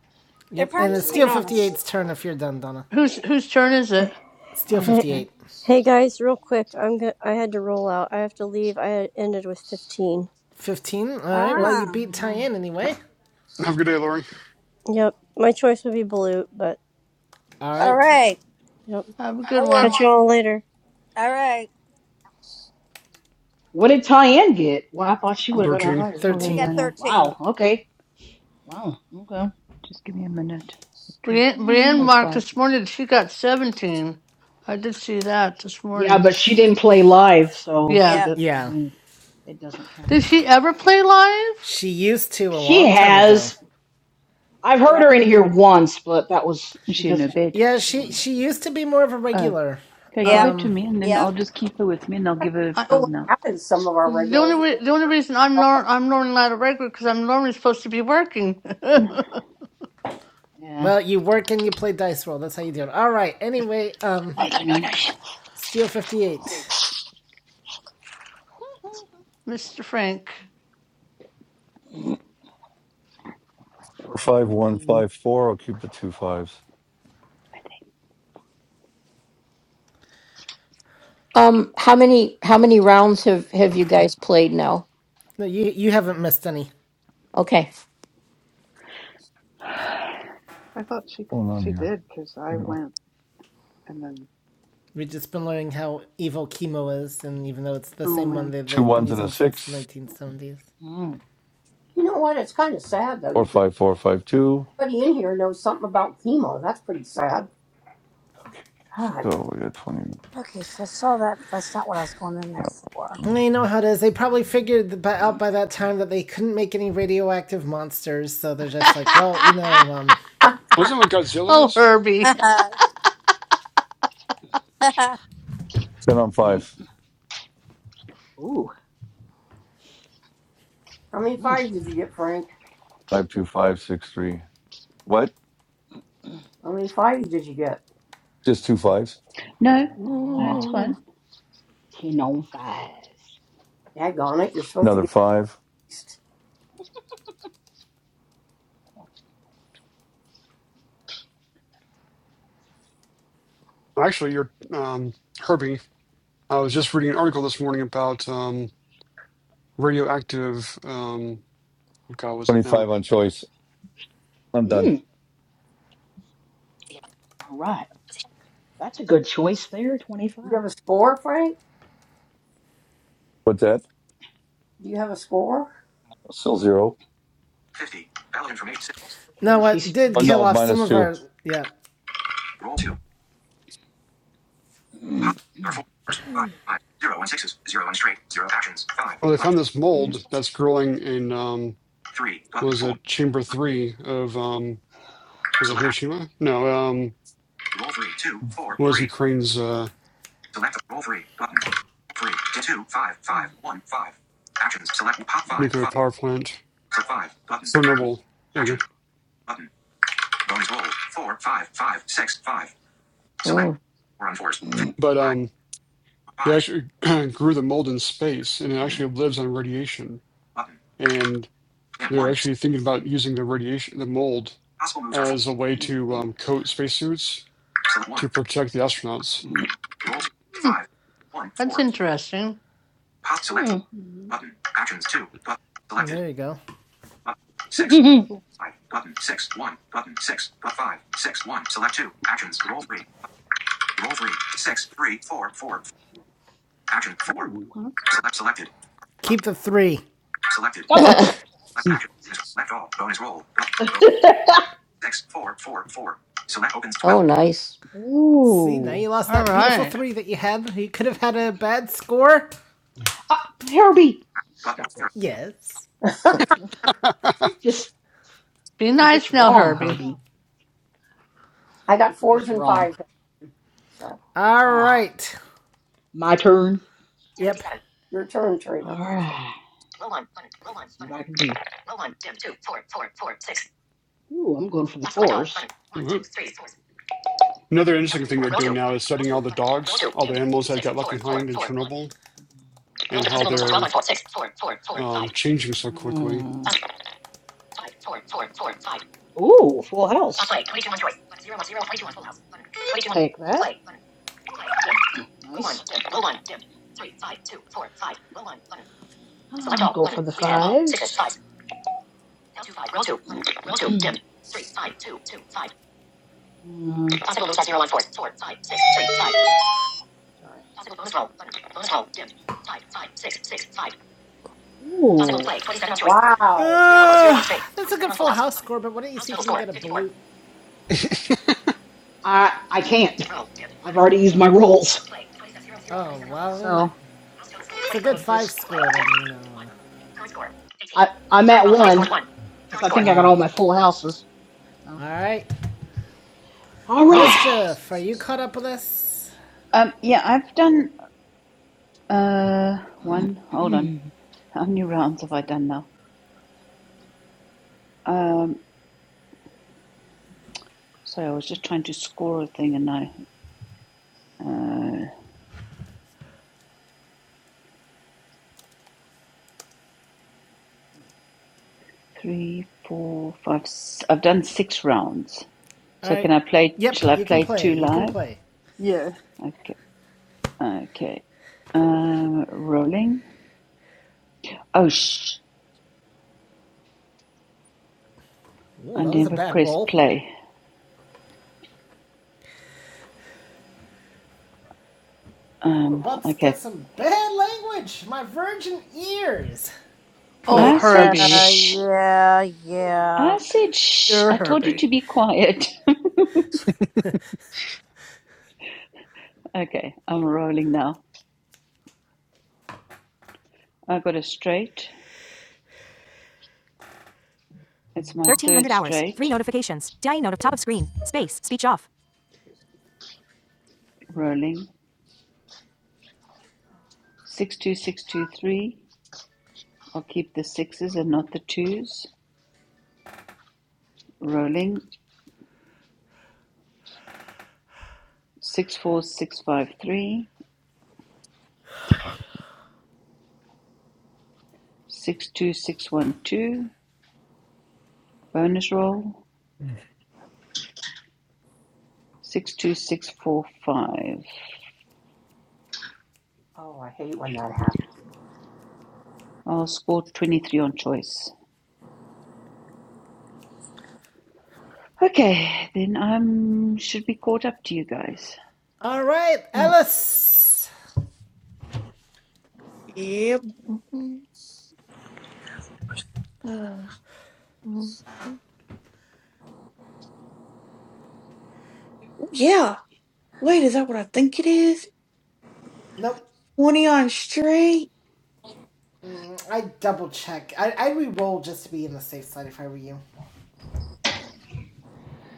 They're yep. And it's practicing Steel on us. eight's turn if you're done, Donna. Whose whose turn is it? Steel Hey, Okay. 58. hey guys, real quick. I'm go- I had to roll out. I have to leave. I had ended with 15. 15. All right. Yep. Well, Ah, you beat Tyann anyway. Have a good day, Lori. Yep, my choice would be blue, but All all right. right. yep. Have a good That Catch one. worked. you all later. All right. What did Tyann get? Well, I thought she would I'll have got a get it Thirteen. higher for She her score. now. got 13. now. 13. Wow. Okay. Wow. Okay. Just give me a minute or two Brienne, Brienne <sighs> or marked five. this morning. that She got seventeen. I did see that this Yeah, morning. but she didn't play live, so she Yeah. Yep. did. I Yeah. mean, it doesn't count. Did she ever play live? She used to a She long time ago. has. I've heard Yeah. her in here once, but that was Is she she in her doesn't bed? Yeah, do she it all. she used to be more of a Oh, regular. okay. Give her Yep. to me and then I'll Yep. just keep her with me and I'll give her a I, I I- don't pull know now. what happens to some of our the regulars only re- the only reason I'm nor- I'm normally not a regular because I'm normally supposed to be working. <laughs> Yeah. Well, you work and you play dice roll. That's how you do it. All right. Anyway, um, I don't know. No, Mm-mm. sh- Steel fifty eight. <laughs> Mr. Frank. Mm-mm. Five one Frankie. five four. I'll keep the two fives. Um, how many how many rounds have have you guys played now? No, you you haven't missed any. Okay. I thought she What's Going on she here. did because You I know, went and then We've just been learning how evil chemo is, and even though it's the oh same one man, they two they've been ones and a using since the six, nineteen seventies. Mm. you know what it's kind of sad though or you think five four five two. everybody in here knows something about chemo that's pretty sad Okay, god <laughs> so we got twenty. And you know mm-hmm. how it is. They probably figured out Mm. by that time that they couldn't make any radioactive monsters, so they're <laughs> just like, well, you know, um, Huh. Wasn't that what Godzilla oh, is? <laughs> Herbie. Ten on five. Ooh. how many Mm. fives did you get frank Five two five six three. What? how many fives did you get Just two fives. No, no, it's Oh, fine. 10 on fives. daggone it you're supposed to Another get five. at least- Actually, you're um Herbie. I was just reading an article this morning about um, radioactive. Um, what God was it Twenty five now? on choice. I'm done. Mm. All right. That's a good choice there, 25. do you have a score frank What's that? do you have a score Still zero. 50. Ballot information. Yeah, now what she's did Oh, he's kill no, off still at some minus of zero. two. our yeah. Roll 2. <clears throat> Pop. There are four five, five, zero and sixes, zero and straight, zero actions, five, Oh, they button, found this mold that's growing in um, three, button, was four. it Chamber Three of um, was it Select act, Hiroshima? No, um, roll three, two, four, was three. Ukraine's uh, Select roll three, button, three, two, five, five, one, five. Actions, select pop five, nuclear five, power plant select five, button, Chernobyl? There we actions, go. button, bonus roll, four, five, five, six, five. Select, four on fours, fi- But five, um, they fives, actually <clears throat> grew the mold in space, and it actually lives on radiation. button, And and they're one. actually thinking about using the radiation, the mold, Possible moves are four, as a way to um, coat spacesuits select one, to protect the astronauts. roll two, Hmm, five, one, that's four. interesting. Pop, select, Hmm. hmm button, actions two, button, selected. There you go. But <laughs> six that's cool. five button six one button six but five six one select two actions roll three roll three six three four four four. action four Ooh. Well, that's good. select selected but Keep the three. selected Come four up. select action select all bonus roll but, <laughs> six four four four select opens twelve See, now you Ooh. lost All that beautiful right. three that you had. You could have had a bad score. Uh, Herbie, button stop zero. it. Yes. You're just Be you're just nice now, wrong, Herbie. Herbie. I got You're fours just and wrong. fives so All Ah, right. my turn. Yep. your turn All Trina right. See what I can do. Ooh, I'm going for the fours. Mhm. Another interesting thing they're doing now is studying all the dogs, all the animals that got left behind in Chernobyl, and how they're um, changing so quickly. Mm. Ooh, full house. Take that. Nice. I'm going go for the fives. Mm, Sorry. Ooh. Play. twenty-seven on choice. wow Uh, that's a good full house score, but why don't you see if you can get a blue? I I can't. <laughs> Roll. Dim. I've already used my rolls. Play. twenty-seven, zero, zero, Oh, twenty-seven on full health. well, So it's a good I'll five just score, then, you know. I I'm at Roll twice, one scored one. because I Score. think I got all my full houses. Oh. uh, all right. All right. Mischief, are you caught up with us? Um, yeah, I've done uh one. Hold on. <clears throat> How many rounds have I done now? Um, sorry, I was just trying to score a thing and I uh, three, four, s- I've done six rounds. All So can right. I play? Yep, Shall I you can play play. two You can live? play. Yeah. Okay. Okay. Um, rolling. Oh shh! Ooh, I that was a never bad pressed roll. play. You were Um. about to get Okay. some bad language. My virgin ears. Oh, yeah. I said Herbie. shh. Yeah. Yeah. I said shh. Dear I told you to Herbie. be quiet. <laughs> okay. I'm rolling now. I got a straight. It's my third straight. Rolling. Six two six two three. I'll keep the sixes and not the twos. Rolling. six four six five three, six two six one two. Bonus roll six two six four five. oh I hate when that happens. I'll score twenty three on choice. Okay, then I am should be caught up to you guys. All right, Ellis. Yep. Uh, ooh, yeah. Wait, is that what I think it is? Nope. Twenty on straight. Mm, I double check. I I re-roll just to be on the safe side if I were you.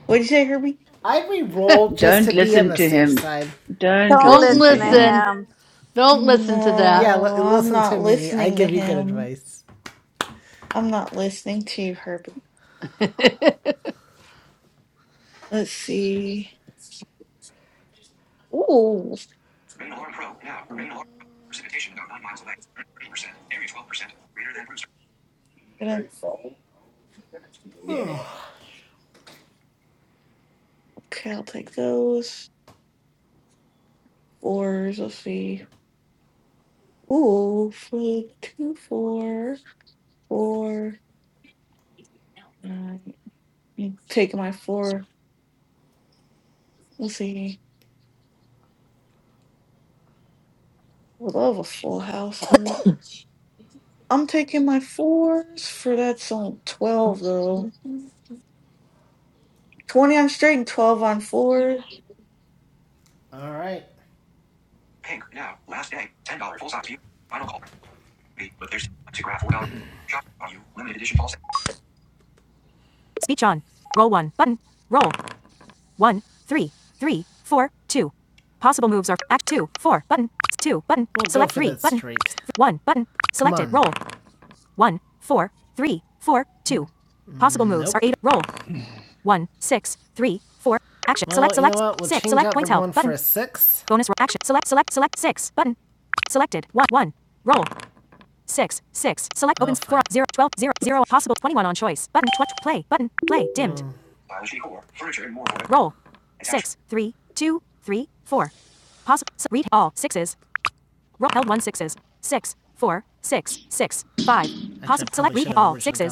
What'd you say, Herbie? I re-rolled just Don't to be on listen the to safe him. side. Don't Don't Don't listen to listen to him. listen. him. Don't listen to Yeah, that. l- No, I'm listen to not me. I listening to give you good him. advice. I'm not listening to you, Herbie. <laughs> Let's see. Ooh. Rain alarm pro now rain alarm precipitation about nine miles away thirty percent area twelve percent greater than Gonna- Okay, I'll take those. Fours. Let's see. Ooh, for two, four, four, nine. You Taking my four. Let's see. I would love a full house, but I'm taking my fours for that's on twelve though. Twenty on straight and twelve on four. All right. Pink. Now. Last day. $10 full size view. Final call. B. But there's still time to grab $4. Shop. Are you? Limited edition fall set. straight. six. Stylish decor. Furniture and more for it. Attached.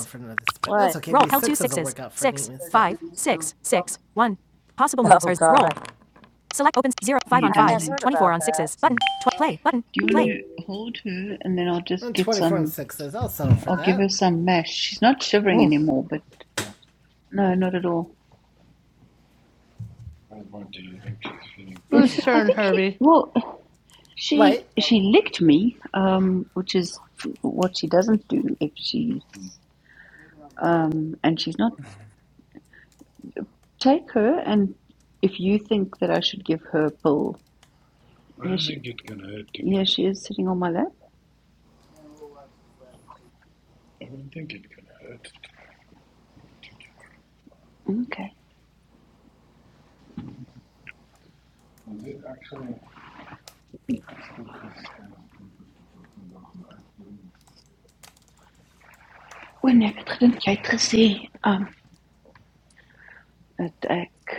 for that's What? okay. sixes will me Oh, God. Are you I done had there? heard about that. Do you want to hold her and then I'll just And get 24 and some? sixes. I'll settle yeah. for I'll give her that. some mash. She's not shivering anymore, but no, not at all. I won't do you think she's feeling <laughs> better? Who's Whose I turn, think she. Herbie? Well, She Wait. she licked me, um, which is what she doesn't do if she um, and she's not take her. And if you think that I should give her a pill, yeah, yeah she is sitting on my lap. Okay. When ek gedink jy het gekyk gesê, um dat ek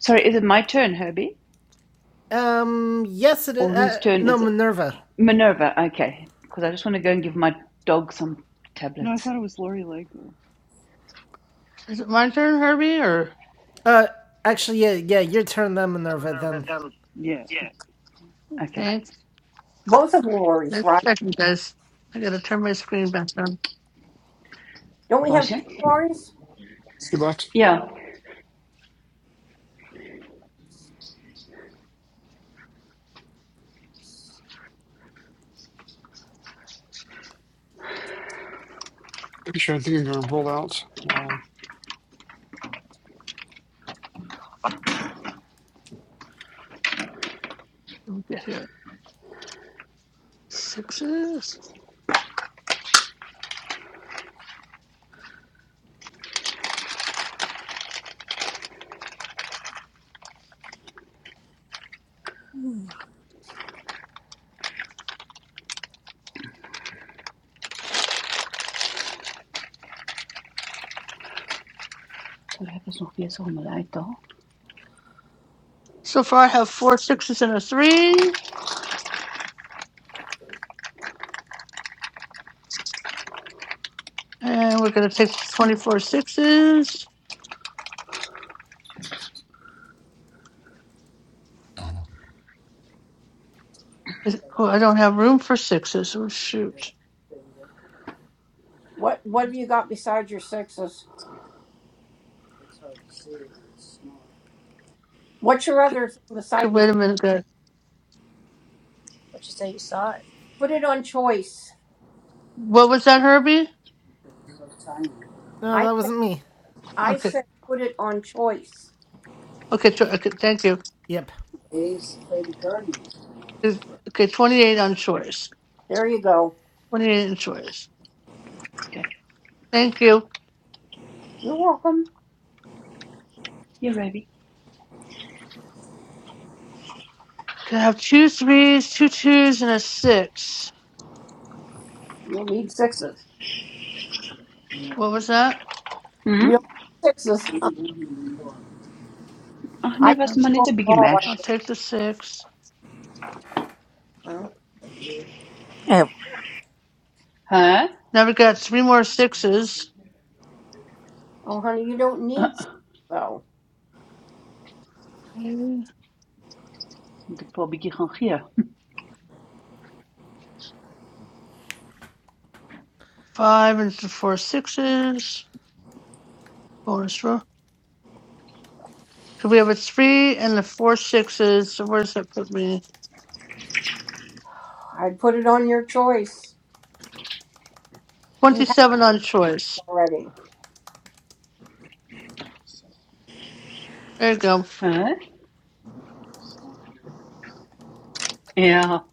Sorry, is it my turn, Herbie? Um, yes, it is. Or whose Uh, turn no, is it? Minerva. Minerva, okay. Because I just want to go and give my dog some No, I tablets. thought it was Lori Lego. Is it my turn, Herbie, or Uh, actually, yeah, yeah, your turn then, Minerva, then. Yeah. Okay. thanks? both of Lori's, Let's right? check you guys. I gotta turn my screen back on. Don't we Was have jy? two Lori's? Good luck. Ja. Actually, I think I'm going to roll out. Wow. Let me Get here. Sixes. Sal ek ons nog weer so om hulle So far, I have four sixes and a three, and we're gonna take twenty-four sixes. Is- Oh, I don't have room for sixes. Oh shoot. What What have you got besides your sixes? What's your Could, other thing beside could your? wait a minute, guys. Put it on choice. What was that, Herbie? No, I that said. wasn't me. I Okay. said put it on choice. Okay. tw- Y- okay thank you. yep. Is- Okay. Twenty-eight on choice. There you go. Twenty-eight on choice. Okay. Thank you. You're welcome. Ja, baby. Can I have two threes, two twos, and a six? You'll need sixes. What was that? You don't Mhm. need sixes. <laughs> Ach nee, I was I'll, maar t- net 'n bietjie control mash. them I'll take the six. all. Yeah. Hæ? Now we got three more sixes. Oh, honey, you don't Huh? need s- though. Okay, Moet ek vir 'n bietjie gaan gee? Five and th- four sixes. Bonus roll. So we have a three and the four sixes. So where does that put me? I'd put it on your choice. You have Twenty-seven on choice. already. There you go. Hæ? Huh? Ja,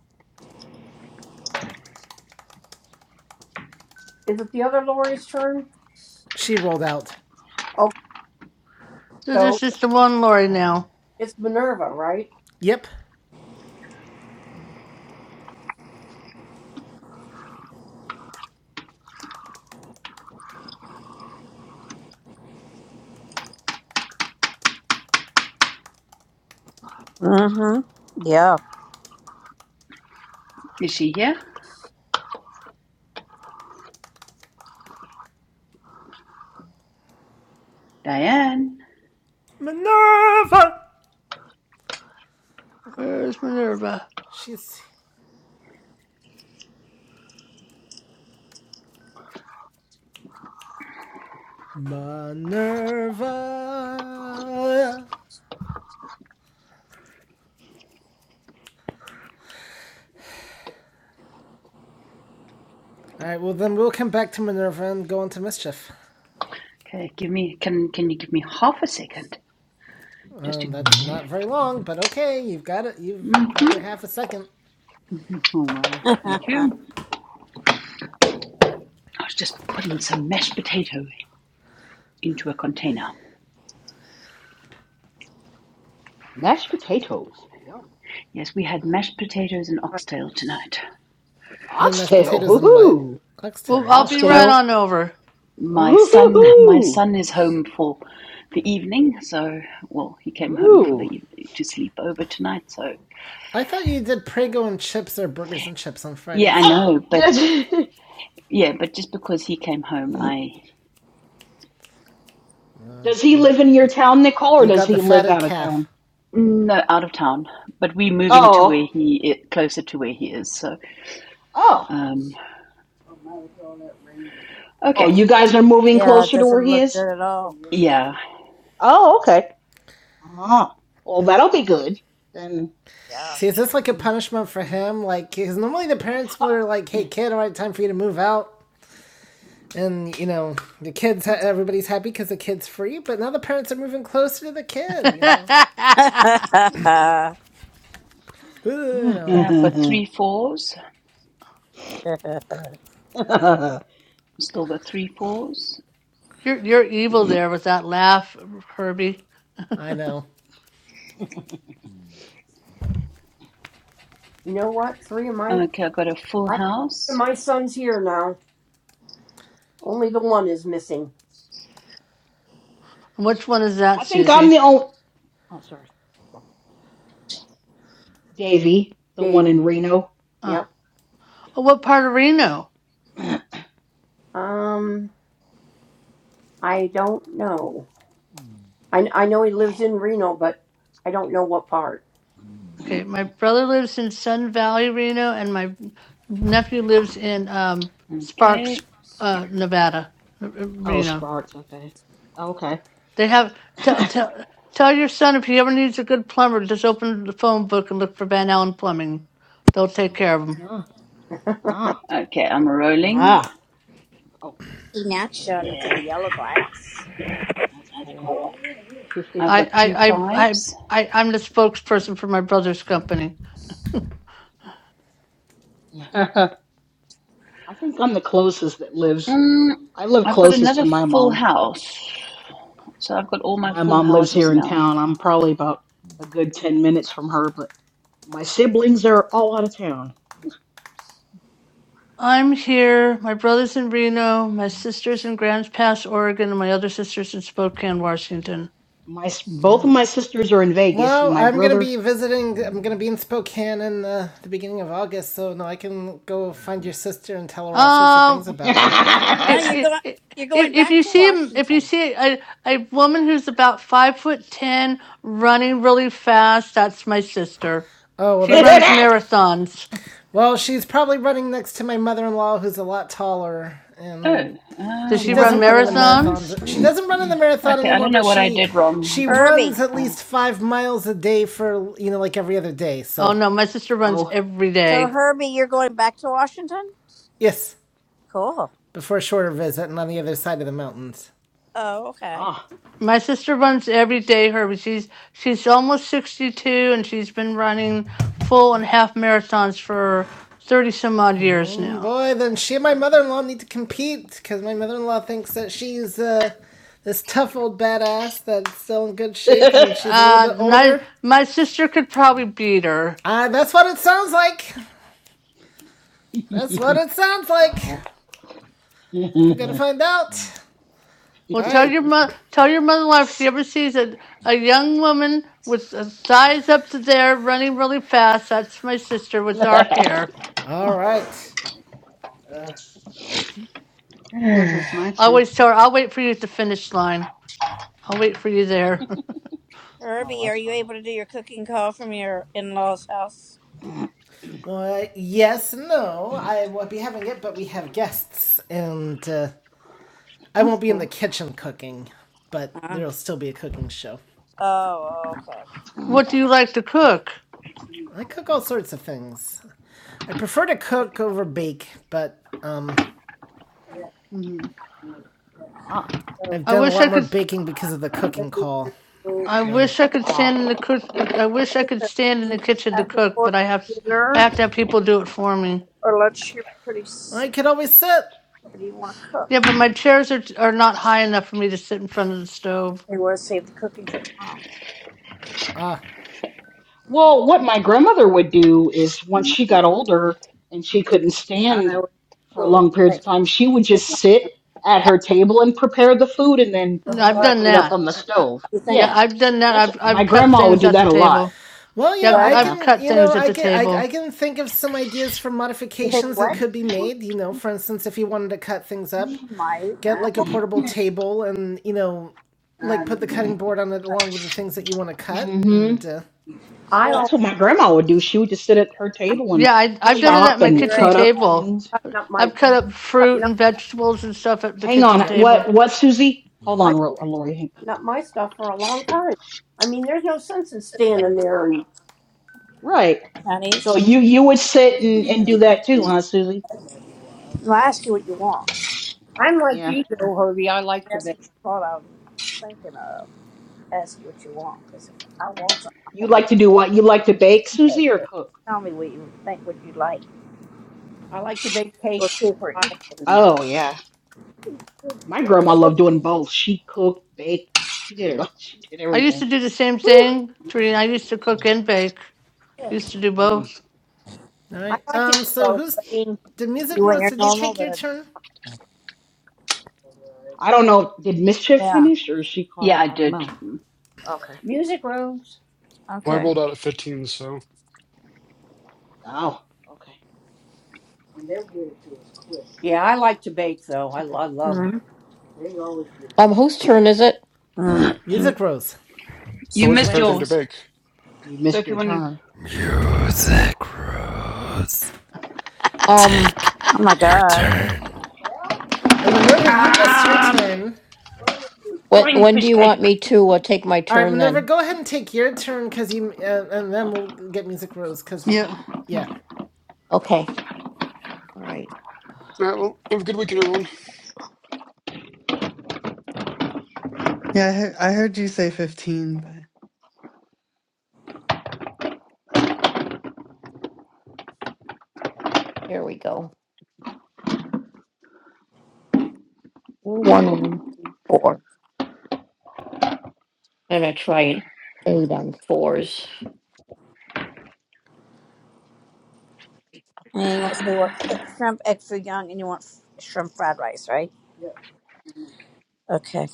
Is it the other Lori's turn? She rolled out. Okay, So so this is the one Lori now. it's Minerva, right? Yep. Mm hmm. is she here? Diane, Minerva! Where is Minerva? She's Minerva. All right, well then we'll come back to Minerva and go on to mischief. can you give me can can you give me half a second just to Um, that's not very long, but okay, you've got it. You've got your Mhm. half a second. <laughs> oh my. Yeah. Thank <laughs> you. I was just putting some mashed potato into a container. Mashed potatoes. Yum. Yes, we had mashed potatoes and I- oxtail tonight. You had mashed Oxtail. potatoes and what? Woohoo. Oxtail. Well, I'll Wow. be Because my right Oxtail. on over. my son Hmm. my Woohoo. son is home for the evening, so well he came home for the Ooh. evening to sleep over tonight, so I thought you did Prego and chips or burgers and chips on Yeah, I Fridays Oh, though. know, but does, <laughs> yeah, but just because he came home, I does he You live in your you, town, Nicole, or you does got the he live fatted out of calf. town? no out of town, but we're moving to where Oh he i closer to where he is. So, Oh. um, Oh, okay, you guys are moving Yeah, it closer to where doesn't he look is? good at all. <laughs> yeah, Oh, okay. Oh, well, that'll be good. Then, See, is this like a then. punishment for him? Like, because normally the parents were like, "Hey, <laughs> kid, all right, time for you to move out." and you know the kids everybody's happy because the kid's free but now the parents are moving closer to the <laughs> kid you know she Ooh, you okay, know I've got I three fours, still got three fours. you're you're evil there with that laugh, Herbie. i know You know what? Three of my Okay, I've got a full I three of house. my sons here now. Only the one is missing, And which one is that, think I'm the Susie? only. Oh, sorry. Davy, the one Davy. in Reno. Uh, Yep. oh, what part of Reno? <coughs> Um, I don't know. I I know he lives in Reno, but I don't know what part. Okay, my brother lives in Sun Valley, Reno, and my nephew lives in um, Sparks, Okay, uh, Nevada, uh, Oh, Reno. Sparks. Okay. Okay. They have <coughs> tell tell tell your son if he ever needs a good plumber, just open the phone book and look for Van Allen Plumbing. They'll take care of him. Ah, ah, okay, I'm rolling. ah. Oh, now showed yeah. it to the yellow glass. That's cool. Oh, <laughs> I've I I got I two I I, fives. I I'm the spokesperson for my brother's company. think I'm the closest that lives. Mm, I live I've got closest to another my full mom. house, so I've got all my My full mom lives houses here in now. town. I'm probably about a good 10 minutes from her, but my siblings are all out of town. I'm here. My brother's in Reno. My sister's in Grants Pass, Oregon, and my other sister's in Spokane, Washington. My s- both of my sisters are in Vegas and well my i'm gonna brother be visiting i'm gonna be in spokane in uh, the beginning of august so no i can go find your sister and tell her all sorts of things Um, <laughs> about you if you're if going. if You're going if back you to see him, if you Washington, see a a woman who's about five foot ten running really fast, that's my sister. oh well She that, runs marathons. Well, she's probably running next to my mother in law, who's a lot taller, and Oh, <laughs> uh, Does she she why run doesn't run did in the I? marathons? marathons. She doesn't run in the marathon Okay, I anymore, don't know but what I she did wrong, she but Herbie. runs at uh, least five miles a day for you know like every other day. So Oh no, my sister runs Oh, every So day. Herbie, you're going back to Washington. yes, Cool. before a shorter visit and on the other side of the mountains. Oh, okay. ah. My sister runs every day, Herbie. She's she's almost sixty two, and she's been running full and half marathons for thirty some odd years now. Boy, then she and my mother in law need to compete because my mother in law thinks that she's uh, this tough old badass that's still in good shape and <laughs> she's a little Uh, bit my older. my sister could probably beat her. Uh, that's what it sounds like. That's what it sounds like. wow. <laughs> We're gonna Lord. find out. All Well, tell right. your mother, tell your mother-in-law if she ever sees a, a young woman with uh, thighs up to there running really fast. That's my sister with dark hair. All you're right. funny. Uh, Guess <sighs> it's my I turn. always tell her, I'll wait for you at the finish line. I'll wait for you there. oh, Herbie, are that's you funny. able to do your cooking call from your in-laws' house? Well, yes, no, I won't be having it, but we have guests, and uh, I That's won't be in the cool. kitchen cooking, but Uh, there'll still be a cooking show. oh, okay. <laughs> <clears throat> what Okay. do you like to cook? I cook all sorts of things. I prefer to cook over bake, but um, hmm ah. I've I done a wish lot I more could. baking because of the cooking call. I Then wish I could stand in the cook. I wish I Two could stand in the thirteen. kitchen I to can cook, but order I have I have dinner, to have people do it for me. or lunch here pretty I soon. could always sit. What do you want to Yeah, cook? but my chairs are are not high enough for me to sit in front of the stove. We want to save the cooking for tomorrow. Ah, uh, Well, what my grandmother would do is once she got older and she couldn't I don't know. stand for What would long you periods like? of time, she would just sit at her table and prepare the food and then What No, would you I've go like? done put it up that. on the I, I, stove. You think yeah, you Yeah. I've done that. That's I've my I've cut grandma would things do at the that a lot. table. Well, you Yeah, know, I've, what? I Yeah. I've can, cut you know, things at I the can, I, I table. can think of some ideas for You think you modifications that what? could be made. You know, for instance, if you wanted to cut things up, Mm, Might. get I don't like a hmm portable table, and you know, like put the cutting board on it know. along with the things that you want to cut. And uh, I Sure. That's al- what my grandma would do. She would just sit at her I, table I and Yeah, I, I've doing done that it at chop my and You're kitchen right. cut I up had enough table. things. cutting up my I've cut Yeah. up cutting fruit and vegetables and stuff at the Hang on. kitchen yep. table. What what Susie? Hold up. on, Ro- uh, Lori. Hang- up my stuff for a long time. I mean, there's no sense in standing there. And Right. Chinese. So you you would sit and, and do that too, huh, Susie? Well, I ask you what you want. I'm like Yeah. you, though, Herbie. I like I to ask you bake. what you thought I was thinking of. Ask you what you want because if I want something, I'm You gonna get like to do what? You like to bake, it. Susie, or But cook? tell me what you think. What you like? I like to bake We'll cakes see if and we're pies, equal. and Oh, yeah. My grandma loved doing both. She cooked, baked. She did it all. <laughs> She did I used everything. to do the same Whew. thing, Serena. I used to cook and bake. Used to do Mm. both. All I right. like to do Um. So both. who's I mean, did music You Rose want your normal, your then turn? I don't know. Did Mischief yeah. finish or is she caught yeah, up? I I don't did. know. Okay. music rose. Well, I Okay. rolled out at 15, so Oh, Yeah, I like to bake though. I, lo- I love to. Mm-hmm. Um, whose turn is it? okay. Mm-hmm. Music Rose. so You I what's your might missed have favorite thing to. to yours. bake? <clears throat> you So missed if you your want to. turn. Um, Oh my God. And Oh, wh- God. Minerva, you missed your Ah, turn. when fine when do fish you want cake. me to uh, take my All right, turn Minerva, then? go ahead and take your turn because you, uh, and then we'll get Music Rose because we, Yeah. yeah. Okay. All right. All right, well, have a good weekend, everyone. Yeah. I heard, I heard you say fifteen, but is And you want so you want shrimp egg foo young, and you want shrimp fried rice, right? Okay.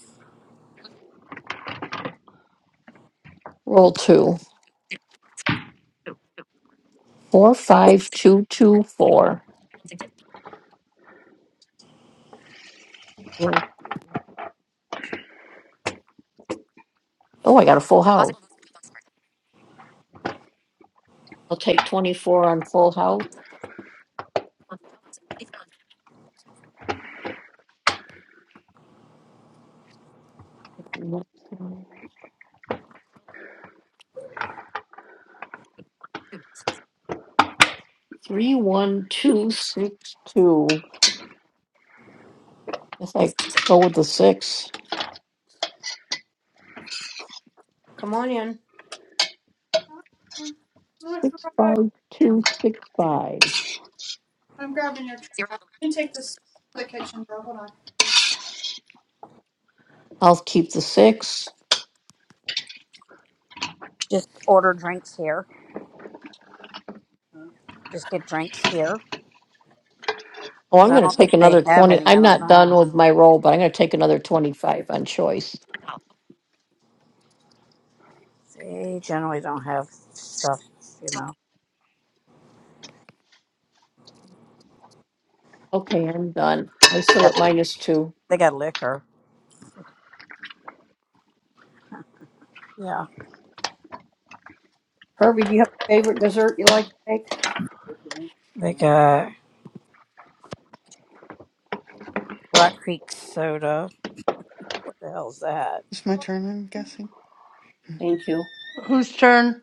roll two, four, five, two, two, four. Oh, I got a full house. I'll take twenty-four on full house. Come on in, I'm grabbing your trash. You can take this to the kitchen, door. Hold on. I'll keep the six. Just order drinks here. Just get drinks here Oh, because I'm I gonna don't take think they another have twenty. any. I I'm don't not done know. with my roll, but I'm gonna take another twenty-five on choice. They generally don't have stuff, you know. Okay, I'm done. I'm still Yeah, at minus two. they got liquor. Yeah, Herbie. Do you have a favorite dessert you like to bake? they got Rock Creek soda. What the hell's that? it's my turn. I'm guessing. Thank you. Whose turn?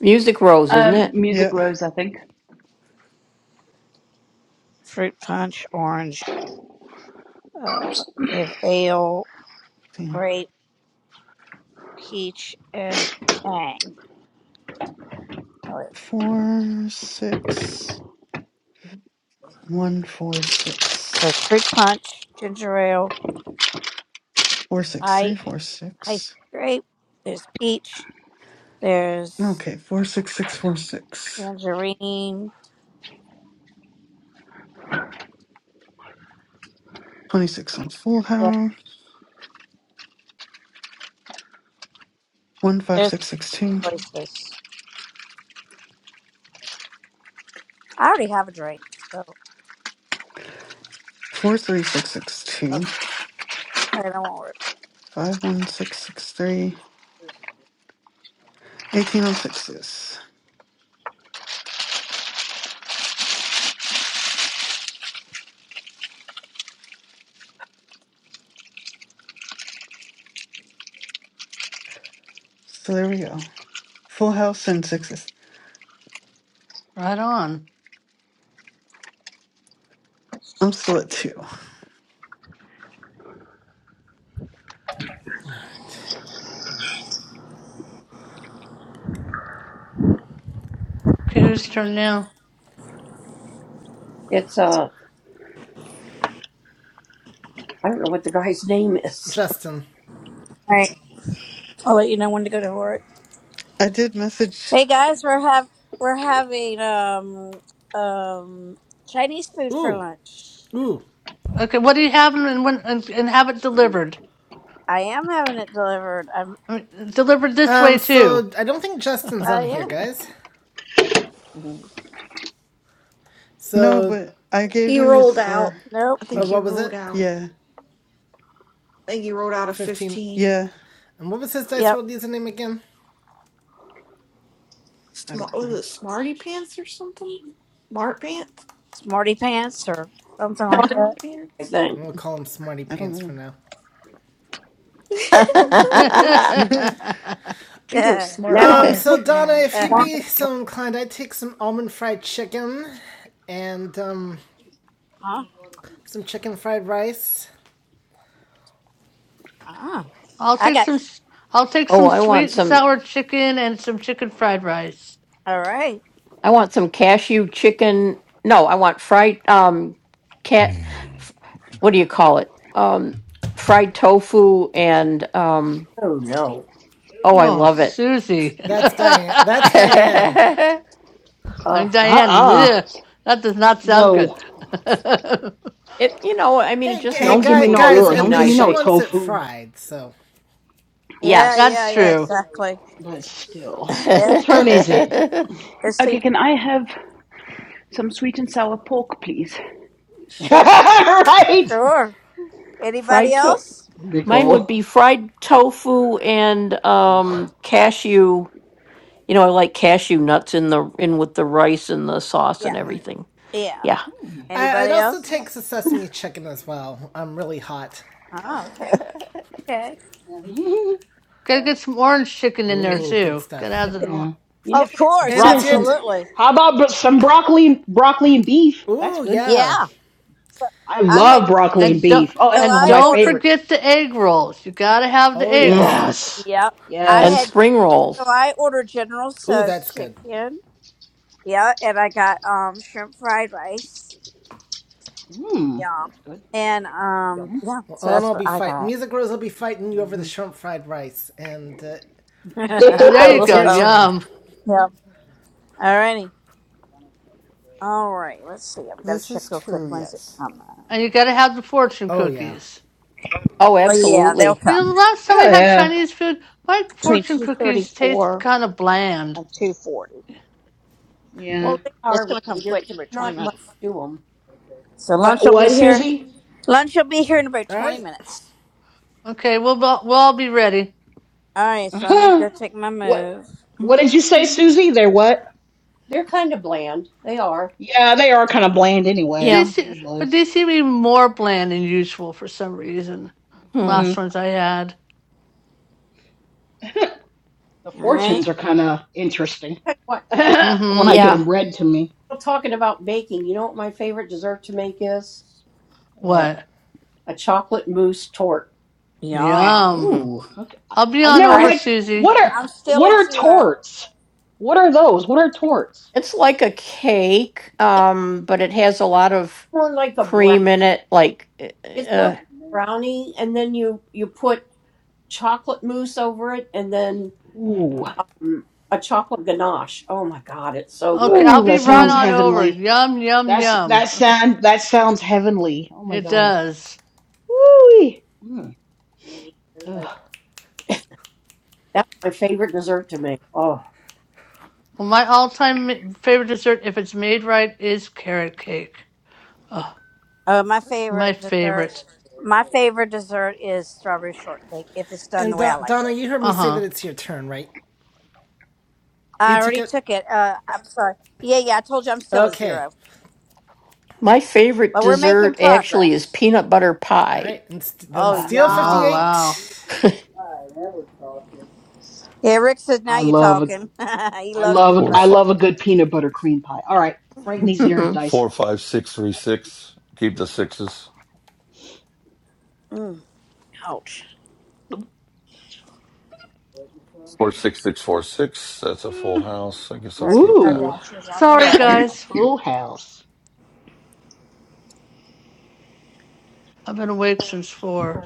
Music Rose, isn't Um, it? music Yeah. Let's rose, I think. Fruit punch, orange. Uh, they have ale, see. grape, peach, and tang. Oh, wait. Four six one four So six it's fruit punch, ginger ale, four six I three four ice six. grape. There's peach. There's Okay, 46646. tangerine. 26 on Full Yeah, House. there's 15662. choices. I already have a drink, so okay, 43662. I don't want 51663. 18 on sixes. So there we go. Full House and sixes. Right on. it. I'm still at two. All right, Okay, whose turn now? It's uh, I don't know what the guy's name is. Justin. All right, I'll let you know when to go to work. I did message. Hey guys, we're have we're having um um Chinese food for Ooh, lunch. ooh. Okay, what do you have and when and, and have it delivered? I am having it delivered. I'm I mean, delivered this way Um, too. so I don't think Justin's oh on here, yeah. guys. Mhm. No, So, but I gave He you his rolled score. out. Nope. I He. think uh, he what was rolled it? out. Yeah. I think he rolled out a 15. fifteen. Yeah. And what was his Dice Yep. World username again? I Smart don't was know. it Smarty Pants or something? Smart Pants? Smarty pants or something like funny, Smart I Pants? think. We'll call him Smarty I Pants for don't now. <laughs> I <laughs> know. <laughs> think it was that. Smart Now Um, Pants so when I Donna, <laughs> was if it's you'd fun. huh? be so inclined, I'd take some almond fried chicken and, um, some chicken fried rice. Ah. I'll I take got some. s- I'll take oh, some I want sweet and some. sour chicken and some chicken fried rice. all right. I want some cashew chicken. No, I want fried um cat f- what do you call it? Um fried tofu and um Oh no. oh, I Oh, love it. Susie. <laughs> That's Diane. <laughs> That's Diane. it I'm Uh, Diane. Uh-uh. Yeah, that does not sound good. No. <laughs> you know, I mean it Hey, just hey, Don't give mixes guy, me with no, guys, ugh, at everything don't give least me nice. she no I wants it tofu. fried, so. Yeah, yes. That's yeah, yeah, true. exactly. But still. Yeah. Whose turn is it? <laughs> Let's see. Okay, can I have some sweet and sour pork, please? <laughs> Sure. right? Sure. Anybody fried to else? mine would Nicole. be fried tofu and Ugh. um cashew. You know, I like cashew nuts in the in with the rice and the sauce Yeah. and Alright. everything. Yeah. Yeah. Hmm, I, I'd Anybody also I take else? the like sesame chicken as well. I'm really hot. Oh, okay. <laughs> Okay. <laughs> Gotta get some orange chicken in there Ooh, good too. stuff. Gotta have the or- Yeah. you know, Of Some course, And bro- Yeah, it's here. some. T- absolutely. How about bro- some broccoli and broccoli and beef? That's Ooh, good. yeah. Yeah. So I I had love broccoli and and don't beef. Oh, so that's and one of I my don't ordered favorites. forget the egg rolls. You gotta have the Oh, egg yes. rolls. Yes. Yep. I And had Yes. spring so rolls. I ordered General Ooh, Tso's that's good. chicken. Yeah, and I got um shrimp fried rice. Mmm, Yum. that's good. And um Yum. yeah, Well, so Anna that's will what be I fight. got. Music Rose will be fighting you over the Mhm. shrimp fried rice, and uh, <laughs> <laughs> Oh, I there you oh it's go. your love turn. Yum. yeah. Alrighty. All right. Let's see. <laughs> I'm gonna this check is real quick. true, When's it yes. come out? And you gotta have the fortune Oh yeah. cookies. Oh, Well yeah, they'll absolutely. You know, the come. last time I had yeah. Chinese food, my Between fortune two thirty cookies taste four kind of bland. and 2:40. Yeah. well they are It's really. going to come There's, quick in there's about 20 not much minutes. to them. So lunch What will be what, here. Susie? Lunch will be here in about All 20 right. minutes. Okay, we'll we'll all be ready. All <laughs> right, so let me what go take my what move. did you say, Susie? They're what? They're kind of bland. They are. Yeah, they are kind of bland anyway, Yeah. These se usually. but these seem even more bland than usual for some reason. Hmm. Hmm. Last ones I had. <laughs> The All right. fortunes are kind of interesting Hey, What? <laughs> when I Mm-hmm. get Yeah. them read to me. Well, talking about baking, you know what my favorite dessert to make is? What? What? A chocolate mousse tort. Yum. Yum. Mm. Ooh, okay. I- I'll be have on All never over, right, had. Susie. What <laughs> are I'm still what at are zero. torts? What are those? What are torts? It's like a cake, It's um, but it has a lot of more like a brown. cream in it. Like, It's more like uh, a brownie, and then you you put chocolate mousse over it, and then Ooh, um, a chocolate ganache. Oh my god, it's so Okay, good. I'll ooh, be that right sounds on over. heavenly. Yum, yum, That's that yum. sound that sounds heavenly. Oh my It God. does. Ooh. Mm. Ugh. That's my favorite dessert to make. Oh, Well, my all-time ma- favorite dessert, if it's made right, is carrot cake. Oh, Oh, my it's my favorite dessert. favorite. My favorite dessert is strawberry shortcake if it's done And the way I Do- like Donna, it. you heard me say Uh-huh. that it's your turn, right? I already took it. Uh, I'm sorry. Yeah, yeah, I told you I'm still at Okay. zero, my favorite but we're making dessert actually is progress. peanut butter All pie. right. And st- then Oh, Uh, Steel Fifty Oh, yum. wow. Eight. Yeah, Rick says now I you're love a talking. <laughs> he I loves love peanut Four, a, I butter. fi- love a good peanut butter cream pie. All right, Frank needs <laughs> ears dice. four, five, six, three, six. Keep the sixes. Mm, ouch. Four, six, six, four, six. That's a full Hmm. house. I guess I'll Our, keep our that. Ooh, dasher's on the Sorry, way. a guys. full house. I've been awake since four.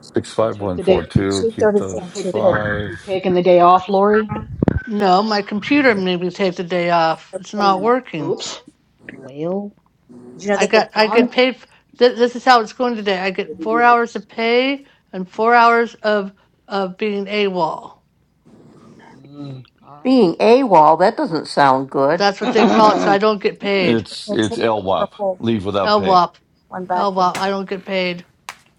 Six, <laughs> you five, took one, the four, day. two. Two Keep the You thirty-four and two take the. thirty. You're five. taking the day off, Lori. No, my computer made me take the day It's off. like It's ten not minutes. working. Oops. Well, Did you know I they get? got, I get darn. paid. f- Th- this is how it's going today. I get four hours of pay and four hours of of being AWOL. Mm, all right being then. AWOL, that doesn't sound good. <laughs> That's what they call it. So I <laughs> don't get paid. It's They it's take my LWAP. purple Leave without pay. LWOP, one back and LWOP. I you don't get paid.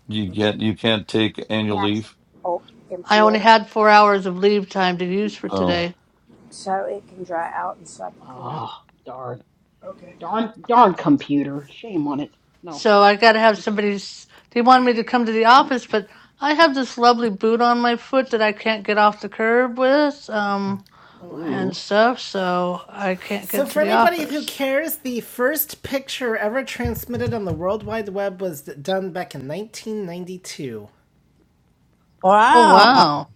You get you can't take can annual actually leave. bulk I empty only it had four hours of leave time to use for Oh, today. so it can dry out and so I can clean it. oh, darn, darn, darn computer. Shame on it. No. So I got to have somebody's. They wanted me to come to the office, but I have this lovely boot on my foot that I can't get off the curb with, um, Oh wow. and Ooh. stuff. So I can't So get to for the anybody who office. cares, the first picture ever transmitted on the World Wide Web was done back in 1992. Oh Wow. Mm, wow!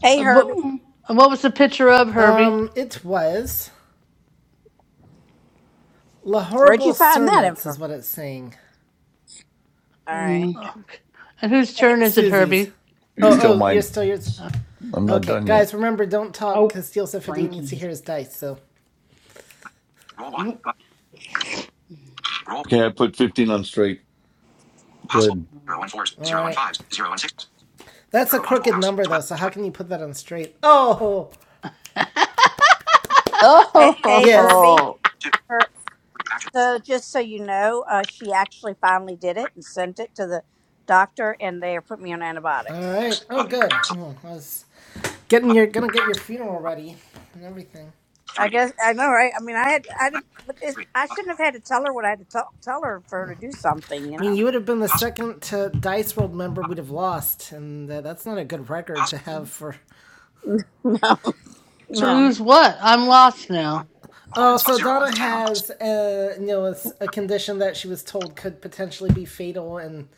Hey Uh, What Herbie, mm, uh, what was the picture of Herbie? Um, it was La where'd Horrible you find that Cernuts is info? what it's saying. All right. mm. Uh, And whose Hey, turn is it, Susie's. Herbie? Oh, still oh, you're mine. still yours. Uh, I'm not Okay, done uh, yet. guys, remember, don't talk, Oh, because Steel said 58 needs to Frankie's. hear his dice, so. Roll one. Mm. But Mm, roll Okay, I put fifteen on straight. possible. Good. Zero mm. and fours. Zero and Alright. fives. Zero and sixes. That's a Zero on full crooked house. number, though, Twelve. so how Joy. can you put that on straight? Oh! Three. hey, hey Yes. Herbie. Oh, Two. Her, Three. Action. so Roll. just so you know, uh, she actually finally did Three. it and three, sent it to the doctor, and they put me on antibiotics. Alright. Six. Oh, Button. good. So. Hmm, I was getting Button. your, gonna get your funeral button, ready and everything. I Three. guess I know, right? I mean, I had, I, did, Left. but it, Three. I Button. shouldn't have had to tell her what I had to tell, tell her for her to do I something, you mean, know? you would have been the Possible. second to Dice World member Five. we'd have lost, and uh, that's not a good record to Possible. have for <laughs> To Zero. No, no, lose what? I'm lost now. Open Oh, spot. so Zero and Donna ten on. has, Roll. uh, you know, a condition that she was told could potentially be fatal and,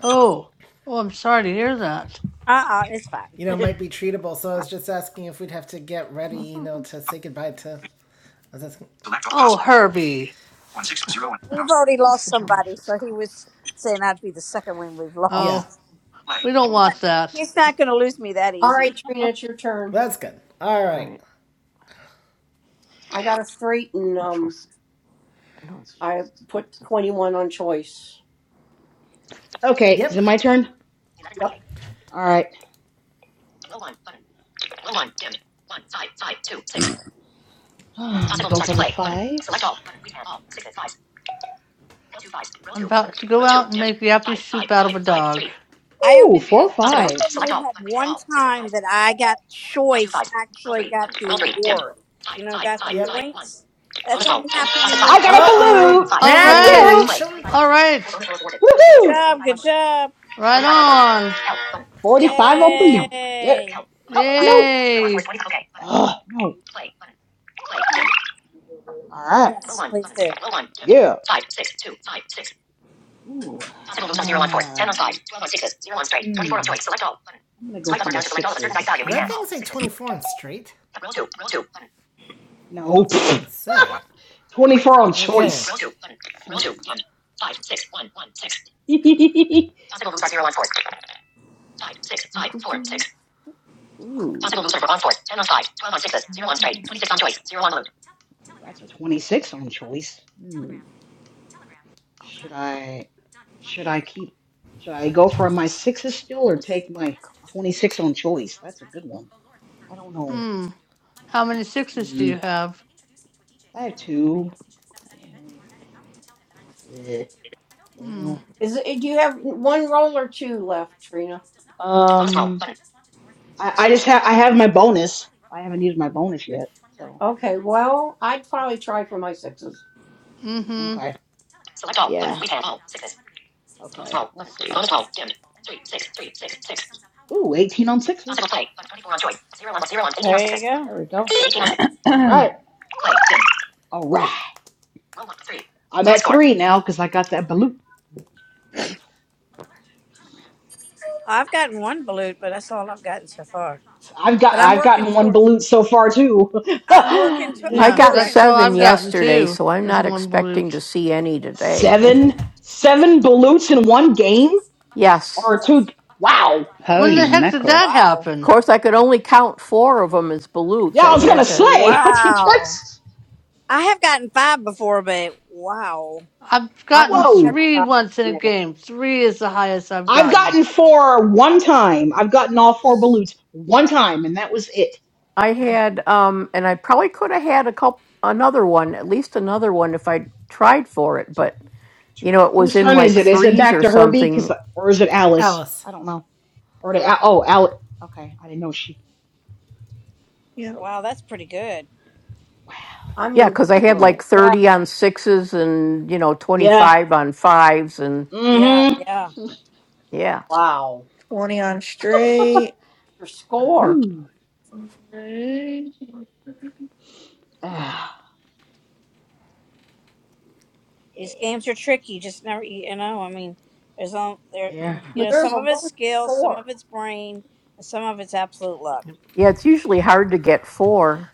Oh, oh, I'm sorry to hear that. uh, uh it's fine. you <laughs> know, might be treatable. So I was just asking if we'd have to get ready, you know, to Five. say goodbye to. three, I was asking- Select all Oh, possible. Herbie. One six zero and we've house. already lost somebody, so he was saying I'd be the second one we've Yeah, Oh, lost. Play. we don't He's not, want that. he's not going to lose me that all right, easy. Trina, it's your turn. that's good. All right. I gotta straighten. Um. I put 21 on choice. Okay, is Yep. it my turn? Yep. All right. <sighs> Possible Go for the five. I'm about to go out and make the happy soup out of a dog. I Ooh, only four had, five. I've only had one time that I got choice, actually got the award, you know, got the Yep. points. That's only happened to I me got a one Uh balloon. time. oh, All bad One right. Yeah. time. connection. Did All right. Good Woohoo! job. Good job. Right on. 45 open? No. Yeah. Yay! Yay. no. Huh? All Yes, please do. Yeah. Ooh. Zero on on on Ten I'm going that thing the say 24 and straight? No. <laughs> I was gonna One say. green 24 on Okay, choice. Roll last. two. <laughs> Ooh. on on on on Ten Zero That's a 26 on choice. Hmm. Should I should I keep should I go for my sixes still or take my 26 on choice? That's a good one. I don't know. Hmm. How many sixes do Mm, you have? I have two. Mm, eh, Hmm. well, Is it, do you have one roll or two left, Trina? um, <laughs> I, I just have I have my bonus. I haven't used my bonus yet, so Okay, well, I'd probably try for my sixes. Mm-hmm. okay. Yeah. Okay. Let's see. Ooh, 18 on sixes. There There you go. we go. All right. All right. I'm at three now because I got that balut. I've gotten one balut, but that's all I've gotten so far. I've got But I'm I've working gotten one toward. balut so far too. I'm working <laughs> to. Me I I'm Yeah, too. got back. working that's all seven towards I've gotten yesterday, others. too, so I'm is not one expecting to balut. see any today. <laughs> seven seven balutes in one game yes. or two. Wow. When <laughs> Holy the heck did mackerel. that Wow! Of happen? course, I could only count four of them as balutes. Yeah, I I was gonna had to. say. Wow! I have gotten five before, but wow! I've <laughs> I've gotten never Whoa. three got once in a many. game. Three is the highest I've I've gotten. gotten four one time. I've gotten all four balutes one time, and that was it. I <sighs> had, um, and I probably could have had a couple, another one, at least another one if I tried for it, but Two you note. know, it was Whose in turn is like it? Is it threes back or to Herbie? Cause something. or is it Alice? Alice. I don't know. Or to, oh, Alice. Okay, I didn't know she. Yeah. Wow, that's pretty good. Wow. I Yeah, mean, because I really, had like Whoa. yeah, 30 on sixes and, you know, Yeah. 25 on fives. And Yeah, Mm-hmm. yeah. yeah, wow. 20 on straight. Your score. Ooh. 12 Ah. These games are tricky. You Just never. You know. I mean, there's all there. Yeah. You know, some Minerva, of it's what was skill, your some of score? it's brain, and some of it's absolute luck. yeah, it's usually hard to get four.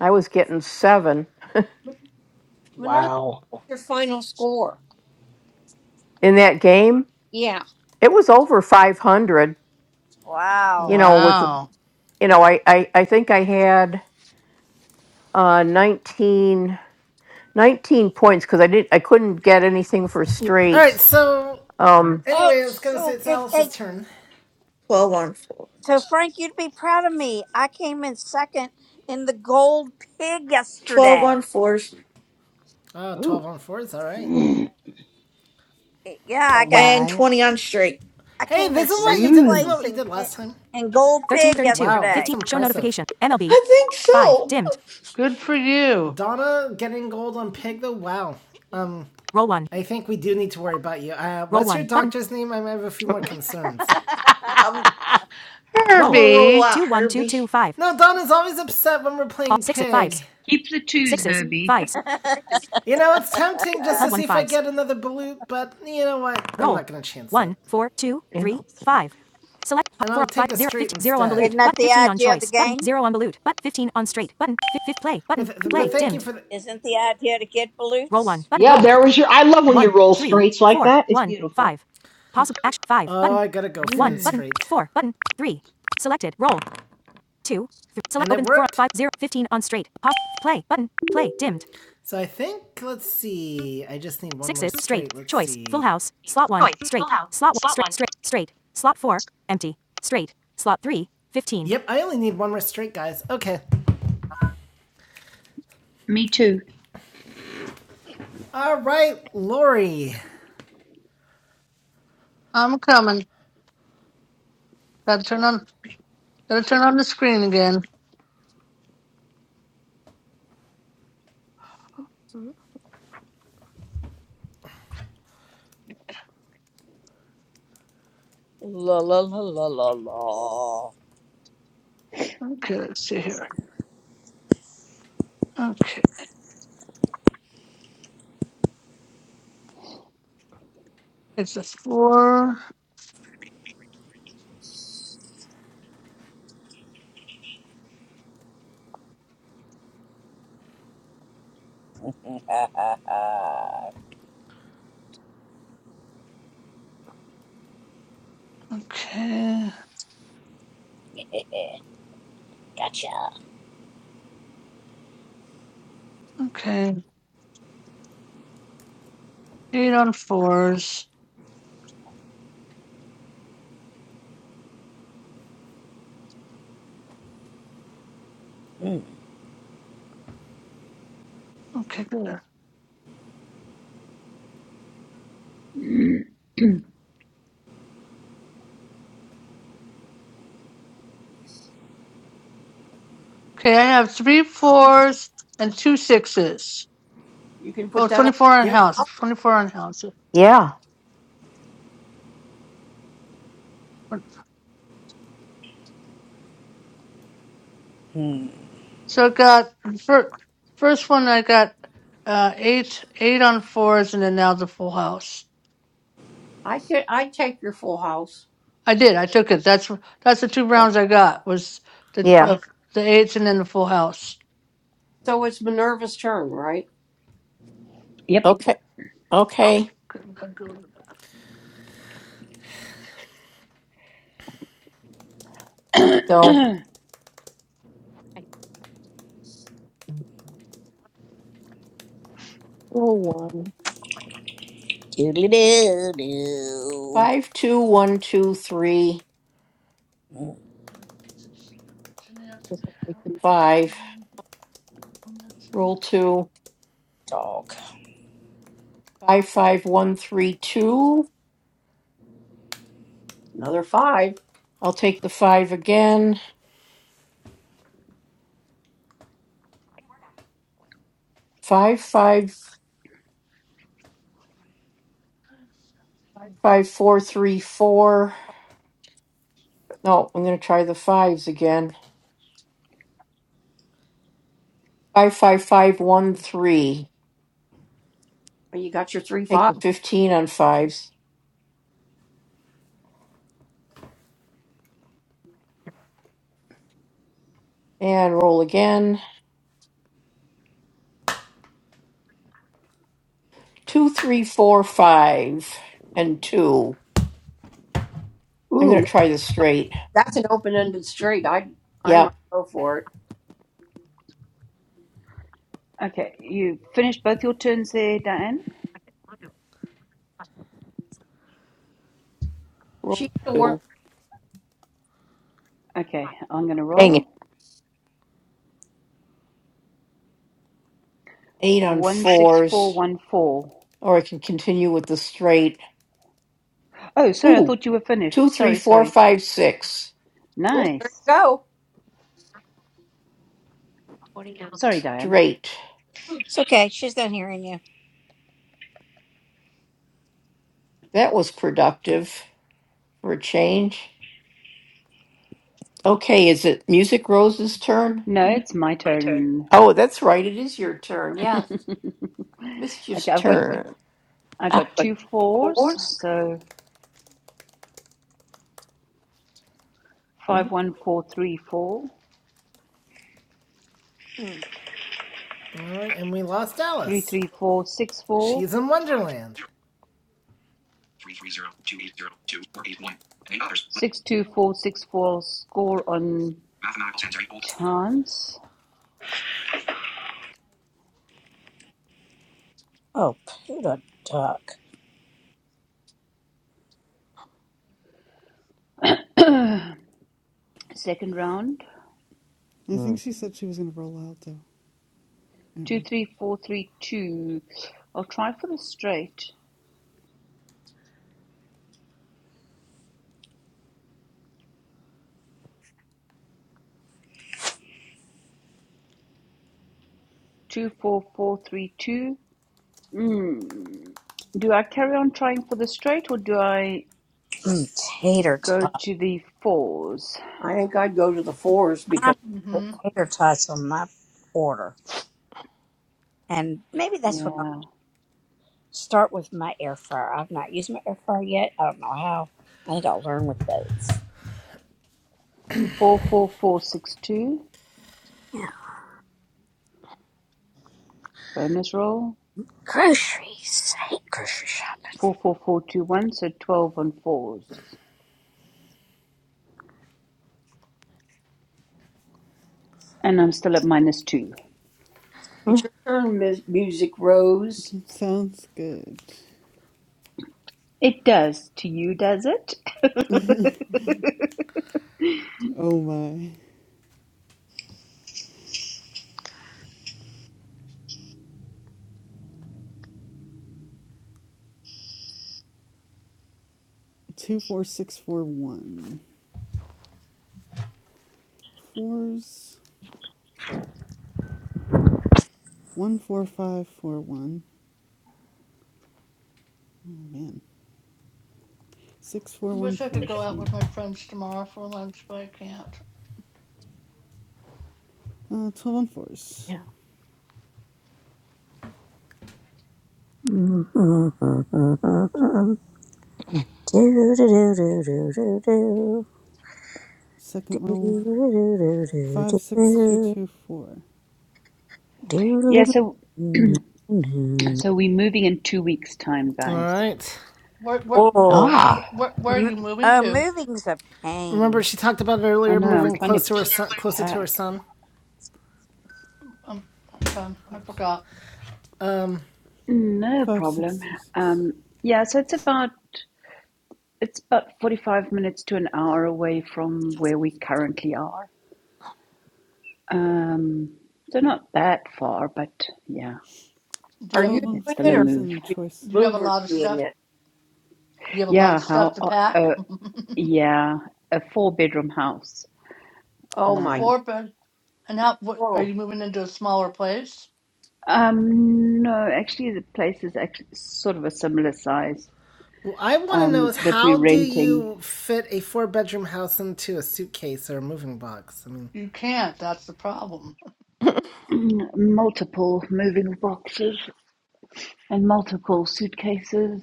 I was getting seven Minerva, Wow. your final score. in that game. Yeah. It was over 500, Wow! you know, with, Wow. you know, I, I, I think I had uh, 19. 19 points because I did I couldn't get anything for Yep. All right, straight. so Um, Oh, anyway, I was gonna say so it's good. Hey, Alice's turn. on four. so Frank, you'd be proud of me. I came in second in the gold pig 12 yesterday. on fours Oh, twelve Ooh. on fours, all right. Mm. Yeah, I All got. and right. 20 on straight. I Hey, came this in is what you second did. Isn't that Ooh. place what you in did last time? in gold pig Wow, that's yesterday. impressive. Show I think so. Good for you. Donna getting gold on pig though. Wow. Um, I think we do need to worry about you. Uh, Roll what's Roll your doctor's Button. name? I might have a few more <laughs> concerns. <laughs> I'm I'm gonna roll Herbie. out Herbie. No, Donna's always upset when we're playing pig. Keep the twos, Herbie. You know, it's tempting just to see if I get another balut, but you know what? I'm not gonna chance it. it. And i fifteen, Isn't that the idea of the game? Th- th- thank Thank you for the, Isn't the idea to get balutes? Yeah, there was your. I love when you roll straights like that. It's beautiful. gotta go Mm. Street. So I think let's see. I just need one Yep, I only need one more straight, guys. Okay. Me too. All right, Lori. I'm coming. Gotta turn on gotta turn on the screen again. Okay, let's see here. Okay. It's a four. Okay. Okay. Eight on fours. Okay, good. Okay, I have three fours and two sixes. You can put Oh, that twenty-four on Yep. house. on. 24 on house. yeah, So I got first, first one I got uh eight eight on fours and then now the full house. I could, I'd take your full house. I did. I took it. That's that's the two Okay. rounds I got was the yeah. uh, the eights and then the full house. So it's Minerva's turn, right? Yep. <coughs> Okay. Okay. Here we <clears throat> go. Five, two, one, two, three. Guess I'll take the Five. Roll two. Five, five, one, three, two. Another five. I'll take the five again. Five, five, five, five, four, three, four. No, I'm going to try the fives again. Five, five, five, one, three. Well, You got your three Take five. the 15 on fives and roll again. Two, three, four, five, and two. I'm Ooh, going to that- try the straight. that's an open ended straight. I I might Yep. go for it. okay, you finished both your turns there, Diane. She's Roll still two. working. Okay, I'm going to Hang it. roll. Eight on fours, 16414. or I can continue with the straight. Oh, sorry, I Ooh, thought you were finished. two, three, Sorry, four, sorry. five, six. Ooh, there you Nice. go. Sorry, Diane. Straight. It's okay. She's not hearing you. That was productive for a change. Okay, is it Music Rose's turn? No, it's my turn. Oh, that's right. It is your turn. Yeah. Okay, Mr. I've got Turner. I got two fours, so five one four three four, Mm. All right, and we lost Plus three Alice. three four six four, She's in eight five zero. Wonderland. three three zero two eight zero two four eight one and eight others. six two four six four. Score on Mathematical sensory hold. chance. Oh, poodle duck. <clears throat> Second round. I think she said she was going to roll out, though. I Two don't three four three two. I'll try for the straight. Two four four three two. Mm. Do I carry on trying for the straight or do I Mm, tater go tot. to the fours? I think I'd go to the fours because I'm gonna Mm-hmm. put tater tots on my order, and maybe that's what. Yeah. start with my air fryer. I've not used my air fryer yet. I don't know how. I think I'll learn with those. 44462, Yeah. bonus roll. Groceries. I hate grocery shopping. 44421, so 12 on fours. And I'm still at minus two. it's your turn, Ms. Music Rose. know. <laughs> Sounds good. It does to you, does it? Mhm. Oh my. two four six four one fours one four five four one. Oh man, six four one Wish I could four go out three. with my friends tomorrow for lunch, but I can't. Uh, twelve on fours. Do-do-do-do-do-do-do. Do-do-do-do-do-do. do do Second roll do do do do do five six two two four. do do <laughs> yeah, do do do so do. so we're moving in two weeks' time, All guys. right. Where where Oh, Ah, wh- where, where are m- you moving oh, to? moving's a Remember, pain. she talked about it I earlier, know, I'm moving trying to close to her son, closer to her pack. son. Um, okay, I Oops, forgot. Um, No five six problem. two six. Um, yeah, so it's about it's about 45 minutes to an hour away from where we currently are. Um, so not that far, but yeah. Do Are you you Twelve on It's doing still it a or fours move. and the is choice. do you have a Mover lot of doing stuff? it? Do you have a lot Yeah, of stuff how? to Uh, pack? uh, <laughs> yeah, a four-bedroom house. Oh a my! Uh, four bed and how? What are Oh, you moving into a smaller place? um, no, actually, the place is actually sort of a similar size what I want to know um, is that how we're do renting. you fit a four bedroom house into a suitcase or a moving box? I mean, You can't. That's the problem. <clears throat> multiple moving boxes and multiple suitcases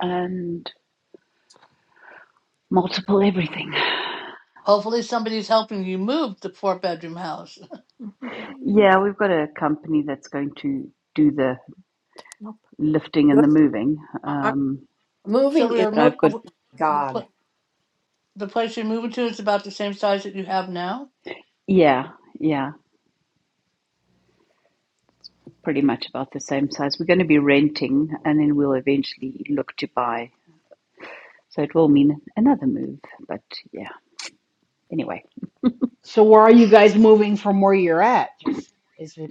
and multiple everything. Hopefully, somebody's helping you move the four bedroom house. <laughs> Yeah, we've got a company that's going to do the lifting and good. the moving. I- Um, I'm So moving we is are but mo- I've got w- the God pl- the place you're moving to is about the same size that you have now. yeah, yeah. pretty much about the same size. We're going to be renting and then we'll eventually look to buy. So it will mean another move. But yeah, anyway, So where are you guys moving from where you're at? Just is it?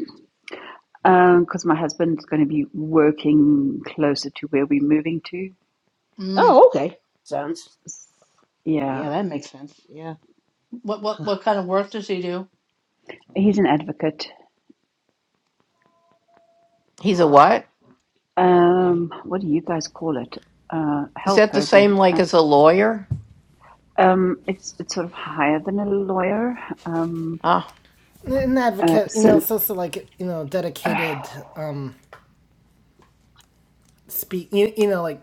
because um, my husband's going to be working closer to where we're moving to. Mm. Oh, okay. sense. S- Yeah, Yeah, that makes sense. Yeah. What what what kind of work does he do? he's an advocate. he's a Ah. what? Advocate. Um, what do you guys call it? Uh, Is help that the Herbie. same like Uh, as a lawyer? um, it's it's sort of higher than a lawyer. Um, Ah, an uh, advocate, you know, so it's also like you know, dedicated um, speak, you, you know, like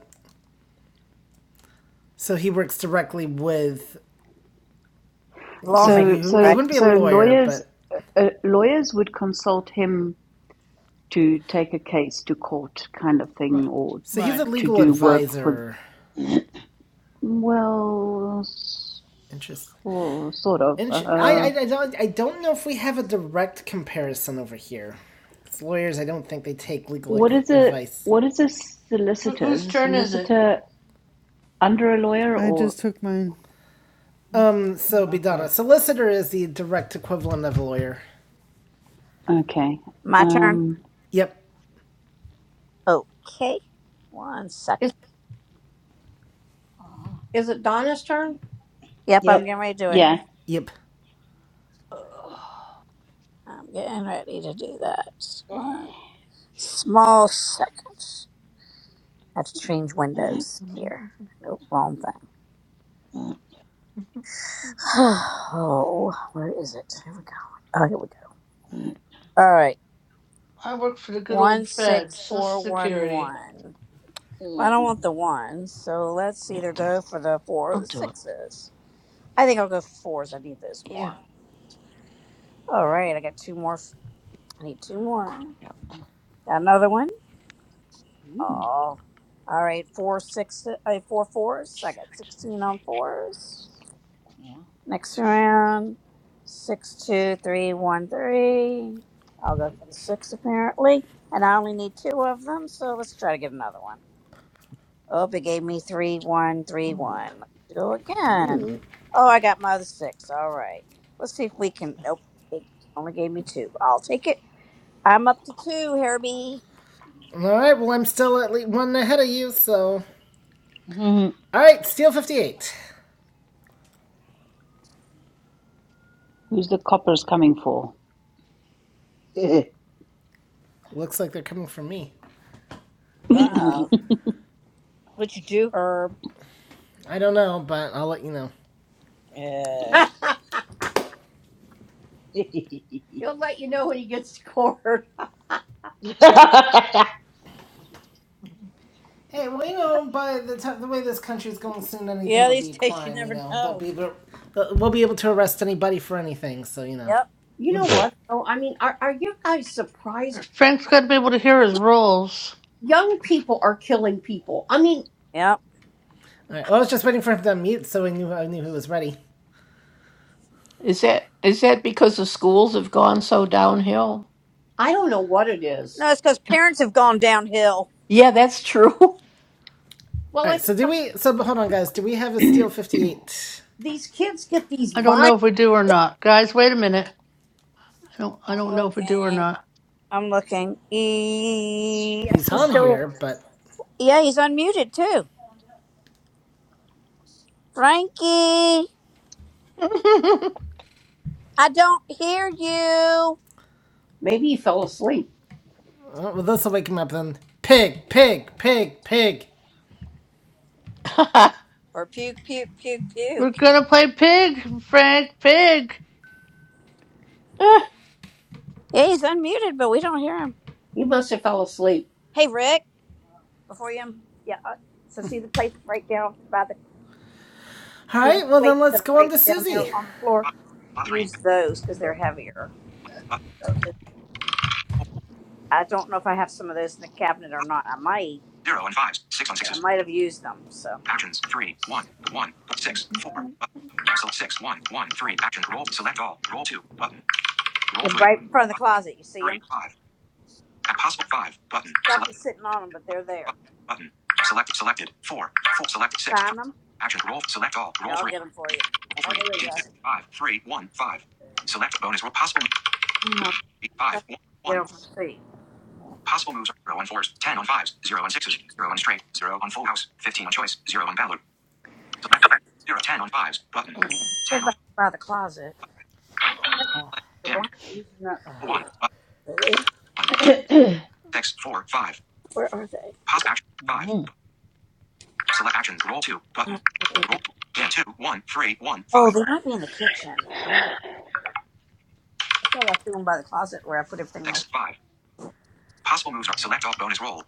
so he works directly with because he, Lawmaker, so he wouldn't be he so right? wouldn't be a so lawyer, lawyers but uh, uh, lawyers would consult him to take a case to court kind of Right. thing or so he's Right. a to legal do work for advisor. <clears throat> well Interesting. or sort of Inch- I, uh, I, I don't I don't know if we have a direct comparison over here. As lawyers, I don't think they take legal what is a advice. what is a Who, solicitor is whose a turn is it? solicitor under a lawyer I or just took mine. I just took Um, so mine. Bidana, Okay. solicitor is the direct equivalent of a lawyer. okay My turn. um Yep, Okay, one second. Is Ah. is it Donna's turn? Yep, I'm Yep. getting ready to do it. yeah yep. Ugh, I'm getting ready to do that. Just One small second. I have to change windows here. Nope, wrong thing. <sighs> Oh, where is it? Here we go. Oh, here we go. All right. I work for the good One old feds, six Social four one Security. one. Well, I Ooh. don't want the ones, so let's either go for the four or the sixes. I think I'll go for fours. I need those more. All right, I got two more. I need two more. Got another one. Oh, all right. Four six, uh, four fours. I got sixteen on fours. Yeah. Next round, six two three one three. I'll go for the six apparently, and I only need two of them. So let's try to get another one. Oh, it gave me three one three one. Let's go again. Oh, I got my other six. All right. Let's see if we can. Nope, it only gave me two. I'll take it. I'm up to two, Herbie. All right, well I'm still at least one ahead of you. So, all right, Steel fifty eight. who's the coppers coming for Looks like they're coming from me. <coughs> Uh oh. What'd you do, Herb? I don't know, but I'll let you know. Yeah. <laughs> He'll let you know when he gets scored. Hey, well you know by the t- the way this country's going, soon anything Yeah, these <laughs> days you crime, you never know they'll know. be able- they we'll be able to arrest anybody for anything. So you know. Yep. You Ew. <laughs> know <laughs> what? though? I mean, are, are you guys surprised? Frank's got to be able to hear his rolls. Young people are killing people. I mean, Yep. All right. Well, I was just waiting for him to unmute, so I knew I knew he was ready. is that is that because the schools have gone so downhill? I don't know what it is. No, it's because parents have gone downhill. Yeah, that's true. <laughs> Well, All right. I So do think we? So hold on, guys. Do we have a steel fifty-eight? these kids get these I don't vile. know if we do or not. Guys, wait a minute. I don't, I I'm don't know if we do or looking. not. I'm looking. E- yes, He's he's on still. here, but Yeah, he's unmuted too. Frankie, I don't hear you. Maybe he fell asleep. oh, well, this will wake him up then. Pig, pig, pig, pig. Or puke, puke, puke, We're puke. going to play Pig, Frank, Pig. Yeah, he's unmuted, but we don't hear him. He must have fell asleep. Hey, Rick. Before you, um, yeah. uh, So see the plates right down by the All see the right. Well, then plates let's that are go on right to down Susie. there on the floor. Five, Plus three. Use those because they're heavier. Plus four, plus I don't know if I have some of those in the cabinet or not. I might. zero and fives. Six on but I sixes. might have used them. So Actions. three, one, one, six, four. One. One. So six. One. Action. Roll. Select all. Roll two. Button. Roll they're three. right in front of the closet. You see Three. them? Five. At possible five. Button. Stuff Select. is sitting on them, but they're there. Button. Selected. Selected. Four. Four. Selected. Six. Three. Find them? Action. Roll. Select all. Here, Roll I'll three. get them for you. Roll three. Dim two. Five. Three. One. Five. Select bonus roll. Possible. move- You know, Three. just Five. One. get One. over and see. Possible moves are zero on fours, ten on fives, zero on sixes, zero on straight, zero on full house, fifteen on choice, zero on ballot. Select zero. Ten on fives. Button. They're Ten by, on by the closet. Right Oh, play. your Dimmed. blanket, ugh. One. Button. Lily. One. Dim. <clears throat> Six. Four. Five. Pause action. Five. Mm, mm. Select action. Roll two. Oh, Button. my Roll. goodness. Two. Dim two. One. Three. One. Oh, Five. they might be in the kitchen. I thought I threw them by the closet where I put everything Six. else. Five. Possible moves are select all bonus roll.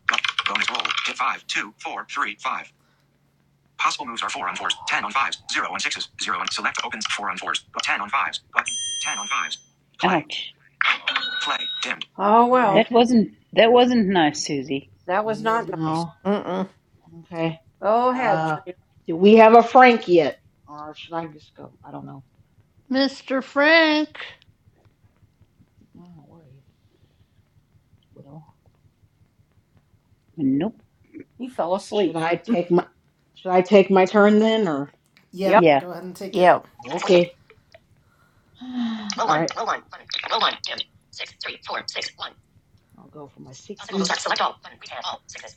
bonus roll. Hit five, two, four, three, five. Possible moves are four on fours, ten on fives, zero on sixes, zero on select opens, four on fours, ten on fives, button, ten on fives. Play, ouch play, dimmed. Oh All that right. well, wasn't that wasn't nice susie that was not Nope. nice. No. Mm-mm. Okay. Go ahead, Uh, Trina. do we have a Frank yet, or should I just go? I don't know. Mr. Frank. I don't know where he is. Widow. nope He fell Should asleep. I take my Should I take my turn then, or Yep. Yep. yeah Go ahead and take it. Yeah. okay? <sighs> Roll one. All right. Roll one. Button. Roll one. Dimmed. I'll go for my six. Select all. Button. Read hand. all sixes.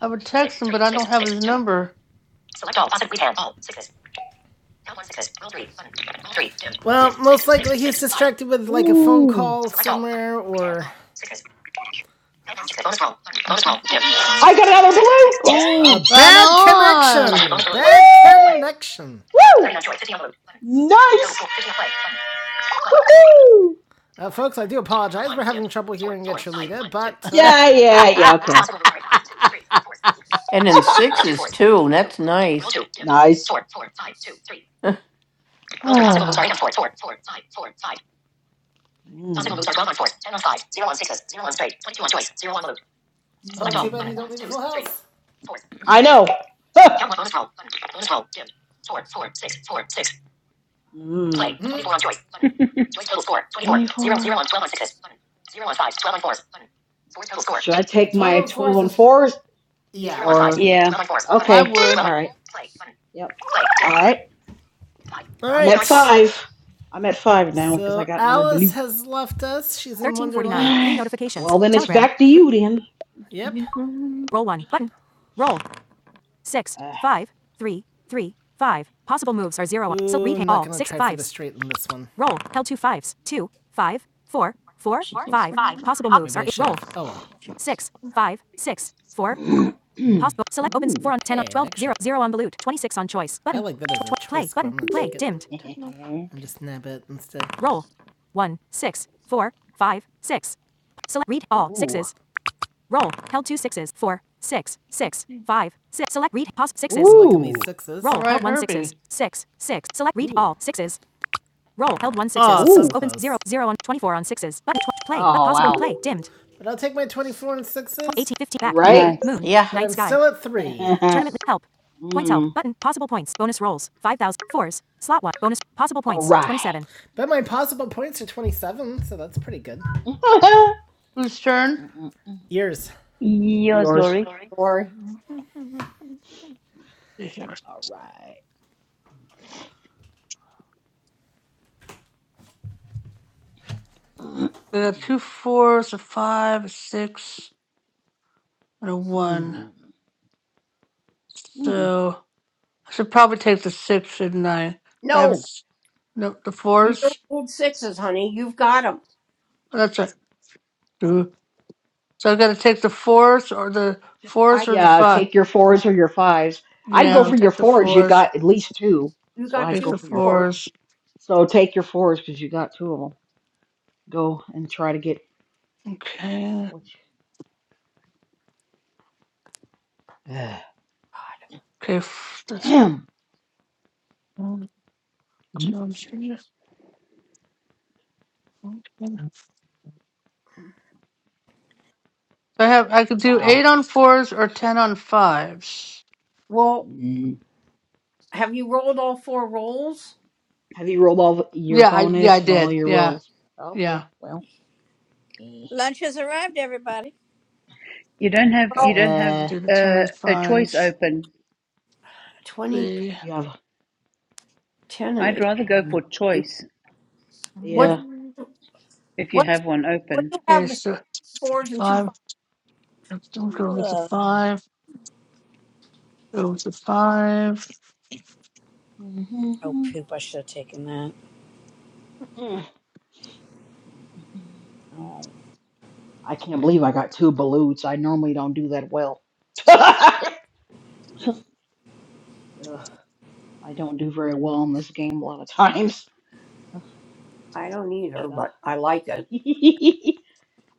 I would text him, but I don't have his number. Well, most likely he's distracted with like a phone Ooh. Roll roll. call somewhere or one six. Bonus roll. Button. Bonus roll. Dimmed. I got another blue. a Ooh, Right bad Possible moves on. are connection. bonus rolls. Bad Woo! connection. Woo! Nice. Woo! Uh, folks, I do apologize. We're having trouble hearing at Trelita, but uh, <laughs> Yeah, yeah, yeah. Okay. <laughs> and then sixes too. and That's nice. Nice. <sighs> Mm. Mm. oh, too bad you don't need a full house. I know. Huh. Mm. I Uh, take my 1204 12 is on fours? Yeah, or I would. yeah I okay, would. all right, yep, all right. All I'm at right. five. I'm at five now because I So got another Alice blue. has left us. She's in All right. Well, then it's back to you, then. Yep. Uh, going try for straight in this one. Oh well. <clears throat> ooh, actually- And <laughs> just nab it instead. ooh, I'm liking these ooh, sixes. All right, Herbie. Ooh. Ah, so ooh. close. but Oh wow! But I'll take my 24 and sixes. Right? nice Yeah. But I'm still at <laughs> three. mm, all right. But my possible points are 27, so that's pretty good. <laughs> Whose turn? Yours. Yours, Yours. laurie Sorry. We All right. got two fours, a five, a six, and a one. Mm. Mm. So I should probably take the six, shouldn't I? I have No, s- no the you don't fours. hold sixes, honey. You've got them. Oh, That's right. Two. So I got to take the fours or the Just I, fours or the yeah, five. take your fours or your fives. I'd go Yeah, I'll for your take the fours. You fours. got at least two, you so got I'd Take two go the for your fours. fours. fours. So take your fours because you got two of them. Go and try to get Okay. what? You, <sighs> Ugh. Okay. f- That's damn! one, Mhm. two, and three. Okay. So I have I could do Wow. eight on fours or ten on fives. Well, Mm. have you rolled all four rolls? Have you rolled all the- your Yeah, I yeah I bonus and all did. your Yeah, rolls? yeah. Okay. Well. eh. Lunch has arrived, everybody. You don't have you Well, don't have I Uh, did a ten uh, on a choice fives. open. 20 The you have 10 and I'd 8. rather go for um. choice What Yeah. if you what have one what open. do you okay, have besides so fours and two five. fives? Let's don't go with the Ugh. five. Go with the five. Oh, Mm-hmm. poop. I should have taken that. I can't believe I got two balutes. I normally don't do that well. <laughs> Ugh. I don't do very well in this game a lot of times. Ugh. I don't either, but I like it. <laughs>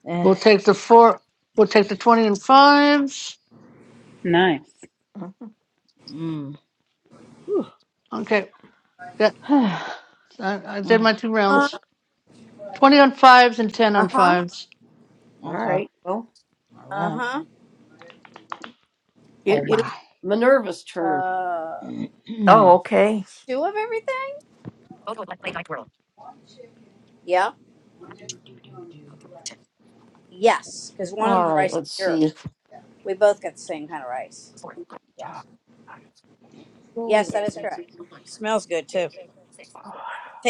Eh, We'll take the four. We'll take the twenty and fives. Nice. Mhm. <laughs> mm. Whew. Okay, that <sighs> I, I did Mm, my two Uh rounds. Twenty on fives and ten on huh. fives. All okay. right. Well, All Uh right. huh. it All is right. Minerva's turn. <clears throat> Uh, do, Oh, do, okay. two of everything? Yeah. do, Yes. Because one of All the right, rice is let's yours. see. We both got the same kind of rice. Yeah. Yes, that is correct. Smells good too. <sighs>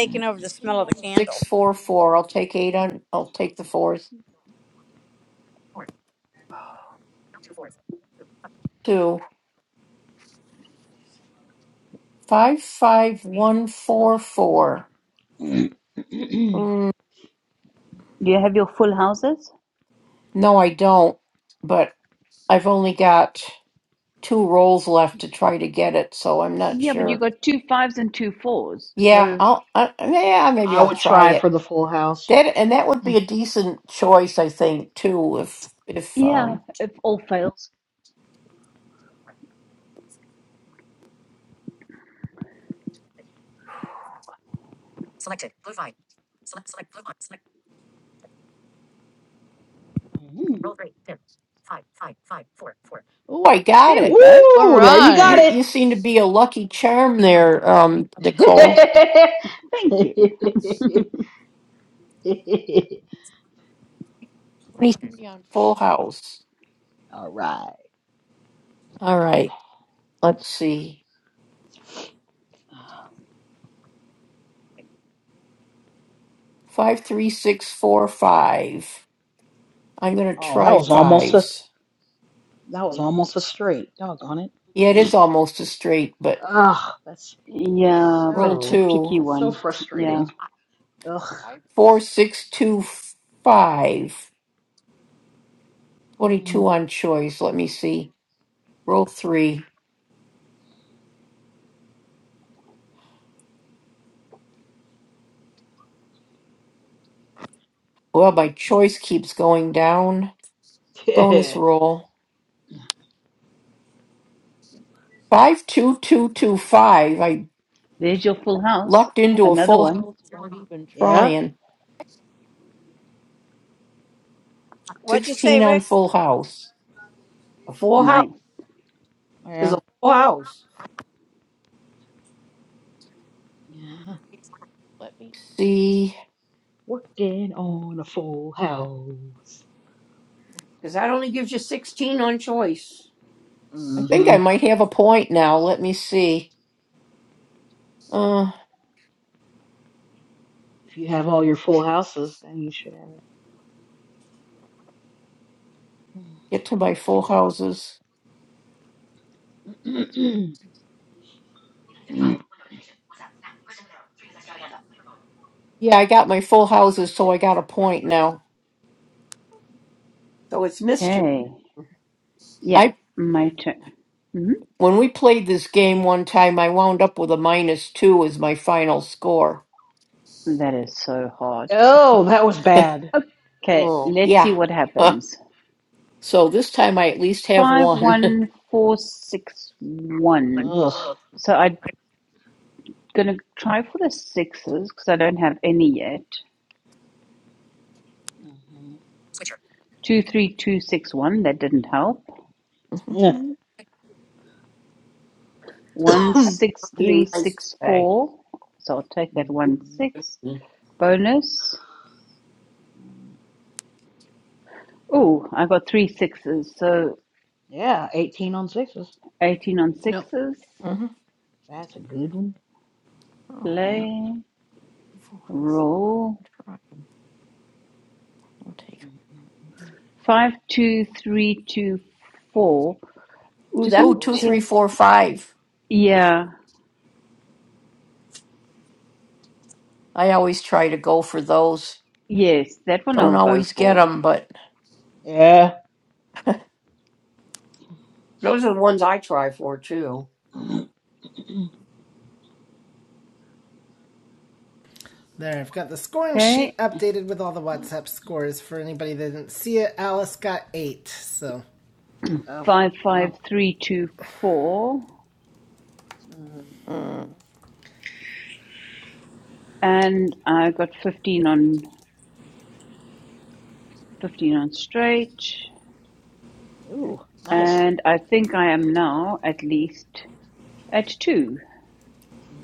do, over the smell of the candle. Six, four, four. I'll take eight on, I'll take the fourth. Two, five, five, one, four, four. do. Mm, Do you have your full houses? no, I don't, but I've only got two rolls left to try to get it, so I'm not Yeah, but you sure. got two fives and two fours. Yeah, So I'll, I, yeah, <clears throat> maybe I I'll would try try it. for the full house. That, and that would be Mm. a decent choice, I think, too, if, if, yeah, um, if all fails, Mhm. oh, I got there we it. go. All Woo! There you got right. You, you seem to be a lucky charm there, um, Nicole. it. Thank <laughs> you. Three on Full House. All right. How All about right. that? Let's see. <sighs> Five, three, six, four, five. I'm going to Oh, that try was almost a fives. that was almost a straight. Doggone Yeah, it it. <laughs> is almost a straight, but Ugh, that's Yeah, but roll it's a so two. tricky that's so one. Yeah. frustrating. Ugh. Four, six, two, five. Mm. 22 on choice. Let me see. Roll three. Well, my choice keeps going down. Bonus <laughs> roll. Five, two, two, two, five. I There's your full house. lucked into a Another full one. house even Yeah. trying. What'd you say, 16 on Rick? full house. A full house Nice. is Yeah. a full house Yeah. Let me see. Working on a full house. because that only gives you 16 on choice. I think hmm I might have a point now. Let me see. Uh, If you have all your full houses, then you should have. get to my full houses. Mm. Yeah, <clears throat> I got my full houses, so I got a point now. So it's mischief. Okay. Yeah, I my turn. Mhm. when we played this game one time, I wound up with a minus two as my final score. That is so hard. oh, that was <laughs> bad. Okay, Oh. let's Yeah. see what <laughs> happens. so this time I at least have Five one. <laughs> one four six one. Ugh. So I'm gonna try for the sixes because I don't have any yet. hmm Two three two six one. That didn't help. Yeah. One <clears throat> I six being three nice six today. four. So I'll take hmm that one six Ooh, bonus. Oh, I got three sixes. So Yeah. Eighteen on sixes. eighteen on <coughs> yep. sixes. uh-huh. That's a good one. Oh, <clears throat> Play full house. roll I'm trying. I'll take it. five two three two four. Just that Ooh, want to two, three, check. Oh. four, five. Yeah, I always try to go for those. Yes, that one Don't I'll go always get for. them, but Yeah. those are the ones I try for too. <clears throat> Mm, There, I've got the scoring Okay, sheet updated with all the mm, WhatsApp scores for anybody that didn't see it. Alice got eight, so. Oh, wow. 55324. Mm, mm, And I got 15 on 15 on straight. Ooh, nice. And I think I am now at least at two.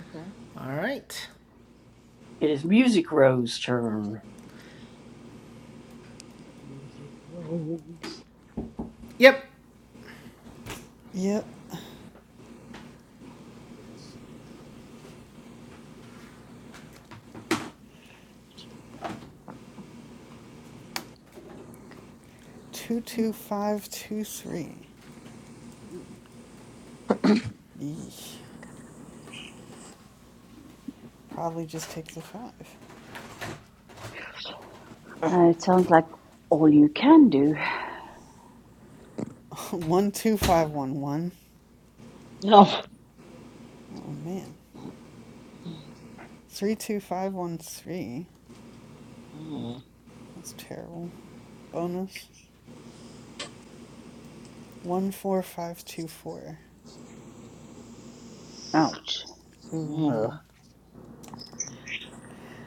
Okay. Alright. It is Music Row's turn. Music rose. Yep. Yep, Ooh, two two five two three. ooh. Eesh. Probably just take the five. Uh, it sounds like all you can do. <laughs> one two five one one. Oh. Oh man, three two five one three. Mm, That's terrible. Bonus 14524. Ouch. Ooh, mm, man.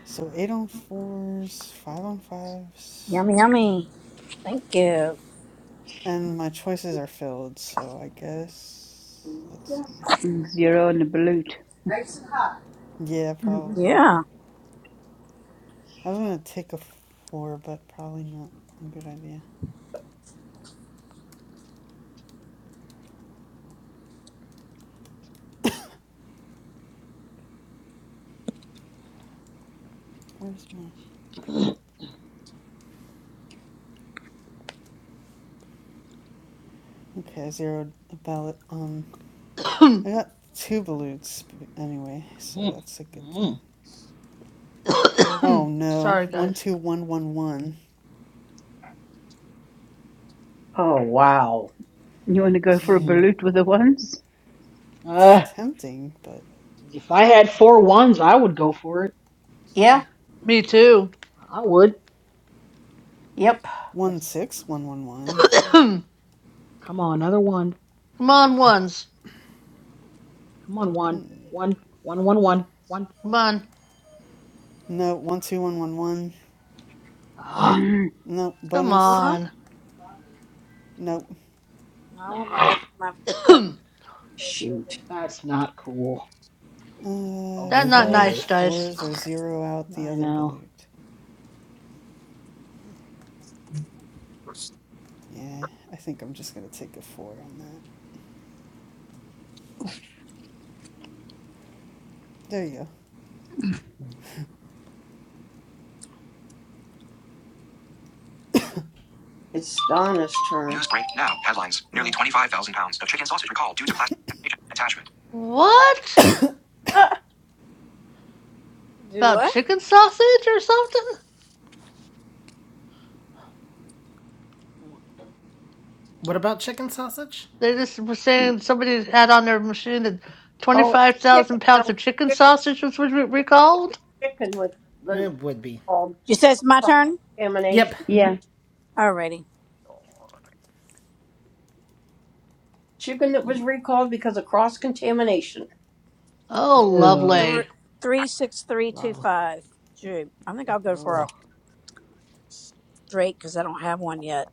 So 8 on 4s, 5 on 5s. Yummy, yummy. Thank you. And my choices are filled, so I guess. Let's see. Mm, Zero and a balut. Yeah, probably. Yeah. I was gonna take a 4, but probably not a good idea. Where's my. mm, Okay, I zeroed a ballot. Um, I got two balutes anyway, so mm, that's a good thing. mm. <coughs> Oh no. Sorry, guys. 12111. Oh, wow. You want to go for a mm. balut with the ones? It's Uh, tempting, but. if I had four ones, I would go for it. yeah, Me too. I would. yep. One That's, six one one one. <clears throat> <coughs> come on, another one. Come on, ones. Come on, one. Hmm. One, one, one, one, one. Come on. No, one two one one one. Ah, No Come bonus. Uh-huh. on. Nope. I want my nah. rest my cut. <clears throat> <coughs> Shoot. That's not cool. Uh, That's Oh, four not on well. nice, dice. fours or zero out the I other know. balut. Yeah, I think I'm just gonna take a four on that. There you go. It's Donna's turn. News break now. Headlines. Nearly Yeah. 25,000 pounds of chicken sausage recalled due to plastic contamination. attachment. What Do about what? chicken sausage or something? What about chicken sausage? They just were saying somebody had on their machine that Oh, chicken. 25,000 No, pounds of chicken chicken. sausage was re- It was recalled. chicken with the It would be. called You said it's my turn. Yep. contamination. Yeah. Alrighty. Chicken that was recalled because of cross contamination. Oh, Ew. Thr- lovely. Three Act- six three two Blow. five. Shoot, I think I'll go for a Oh. Drake because I don't have one yet.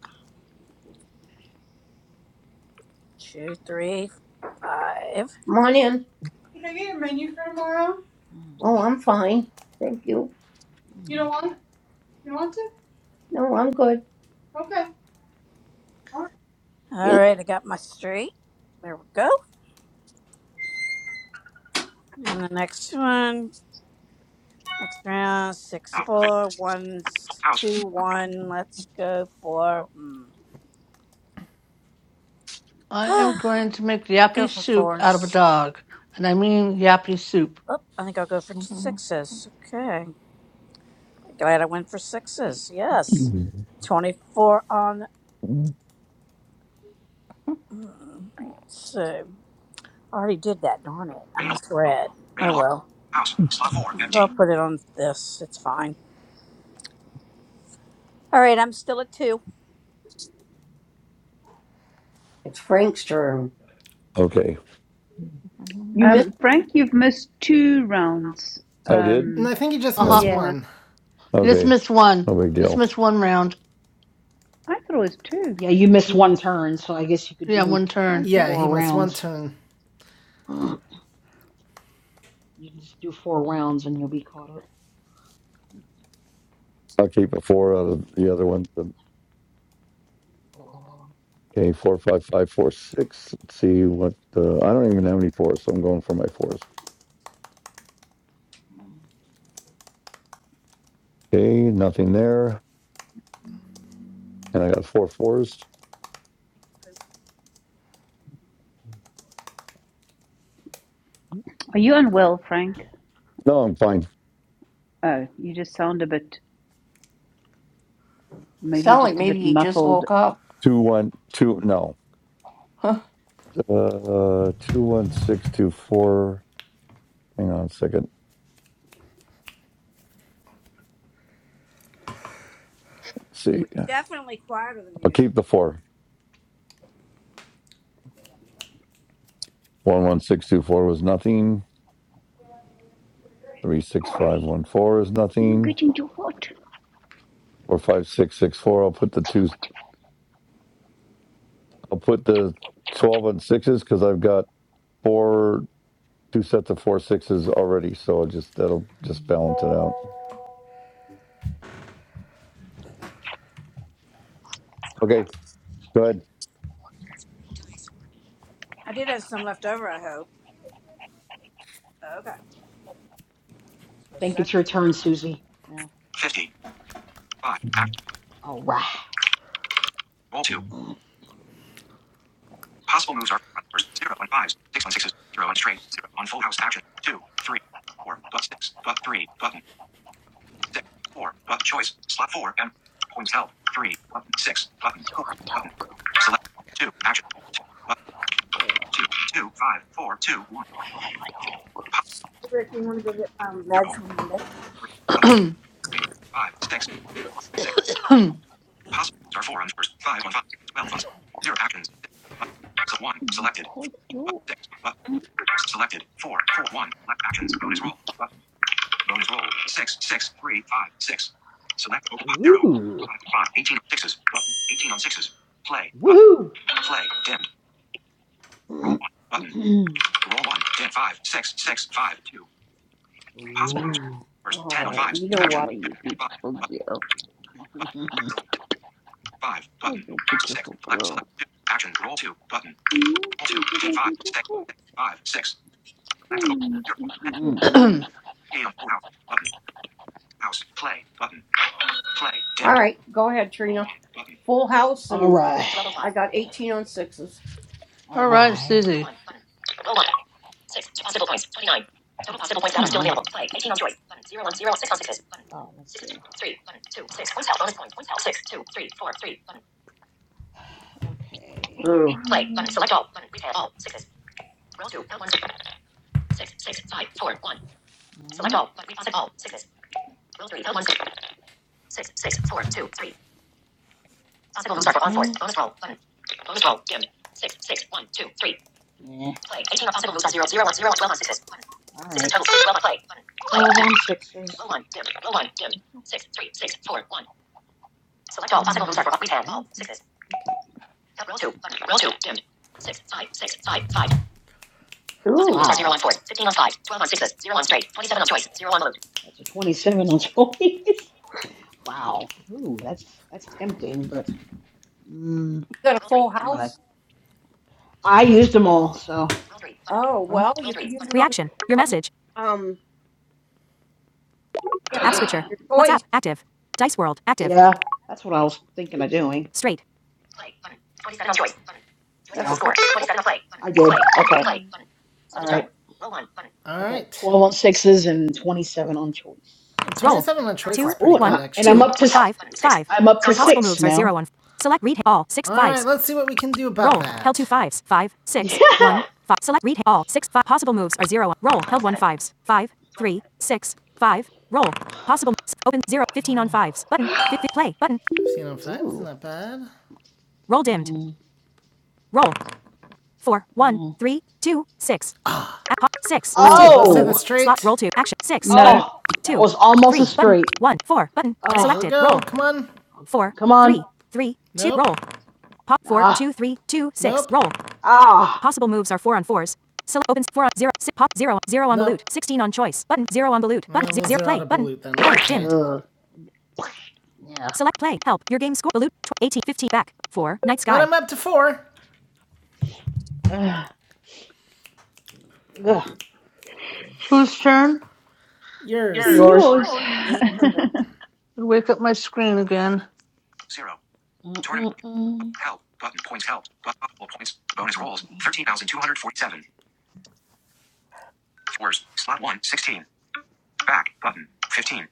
Two three five. Come on in. Can I get a menu for tomorrow? Mm, Oh, I'm fine. Thank you. You mm. don't want? You don't want to? No, I'm good. Okay. All right. All Thank- right, I got my straight. There we go. And the next one. Next round, six, Out. four, one, s- House. two, one. Let's go for hmm. I <sighs> am going to make go yappy for soup out of a fours. dog. And I mean yappy soup. Oh, I think I'll go for t- sixes. Okay, glad I went for sixes. Yes, twenty-four on two. I already did that. Darn it, I Rain alarm. Oh. misread. Rain Oh alarm. well. House. Slot four. So I'll Empty. put it on this. It's fine. All right, I'm still at two. It's Frank's turn. Okay, You missed. Um, Frank, you've missed two rounds. I did. And Um, I think he just Uh huh. missed Okay, yeah. one. You just okay, missed one. no big Just deal. missed one round. I thought it was two. Yeah, you missed N- one turn, so I guess you could Yeah, do one turn. Okay. Yeah, he four missed one rounds. turn. <gasps> You can just do four rounds and you'll be caught up. So I'll keep it four out of the other ones. but- Oh. Okay, four, five, five, four, six. Let's see what. Uh, I don't even have any fours, so I'm going for my fours. Mm. Okay, nothing there, and I got four fours. Are you unwell, Frank? No, I'm fine. Oh, you just sound a bit, maybe you're Sound like just a maybe bit he just muffled. woke up. Two, one, two. No, Huh. uh, two, one, six, two, four. Hang on a 2nd see, We're definitely quieter than I'll usual. keep the four. One, one, six, two, four was nothing. Three, six, five, Hey, one, four is you nothing. getting too hot. Four, five, six, six, four. I'll put the two. I'll put the 12 on sixes because I've got four, two sets of four sixes already. So I'll just, that'll just balance it out. Okay. Go ahead. I did have some left over. I hope. Okay. Think it's your turn, Susie. Now. Fifty. Five. Action. All right. Roll two. Ugh. Possible moves are four on numbers zero and fives, six and sixes, zero and straight, zero on full house action. Two, three, four, but six, but three, button, six, four, but choice, slot four, and points help, three, button, six, button, You're four, hot button. dog. Select two, action, two, button, two, two, five, four, two, one. Hot dog. Pos- Hey, Rick, you want to go get my zero, meds from Monday? three, three, <clears throat> All five, six, one, six. Possible are four on fours, five on five, twelve on six, zero actions. Six, button, so one selected, Hot four, dog. button, six, button, selected, four, four, one. Left actions. Bonus Mm, roll button. Bonus roll six, six, three, five, six. Select open po- zero, Ooh. five, five, eighteen on sixes button, eighteen on sixes. Play button. Woohoo. Play dimmed. <clears throat> Roll one button. Roll one dim five six six five two. Possible moves. Ooh. First oh, ten on Oh, fives. you know Action. what? Oh, Two, you five, beautiful girl. Button. Select Five. Oh, Button. you Six. beautiful Select. Select girl. two. action Roll two. Button. Roll two. Ten. five, six, six, five, six, Select. Oh, Mm. full house. Button. House. Play. Button. Play. ten. All right. Go ahead, Trina. Button. Full house, All and right. I got 18 on sixes. All right, right. Susie. Oh, let's see. Okay. Ooh. um, Mm. no. Mm, Yeah. All right. right. Play. Twelve on sixes. Ooh. Wow. That's a twenty-seven on choice. <laughs> Wow. Ooh, that's that's tempting, but mm, You got a full gonna. house? I used them all, so Oh, Mm. well, you could use it on, on um, yeah, your, your choice. yeah, that's what I was thinking of doing. Yeah. That's Score. 20. twenty-seven on play. I did. Play. Okay. Play. All right. All I got right. 12 on sixes and 27 on choice. 27 on choice Score. Oh, and, I, and I'm up to sixes. I'm up to Score. six now. right, let's see what we can do about <laughs> Yeah. 15 on fives, Ooh. not bad. Mm, mm. to Oh. No, Oh, that was almost a straight. Alright, Oh, Come on. come on. Ah. Ah. balut Ugh. Yeah. But up to four. Ugh. Ugh. Whose turn? Yours. Yours. yours. Your turn. <laughs> Wake up my screen again. Zero. Tournament. Mm-mm-mm. Help. Button. Points. Help. But possible points. Bonus rolls. 13,247. Fours. Slot 1. 16. Back. Button. 15.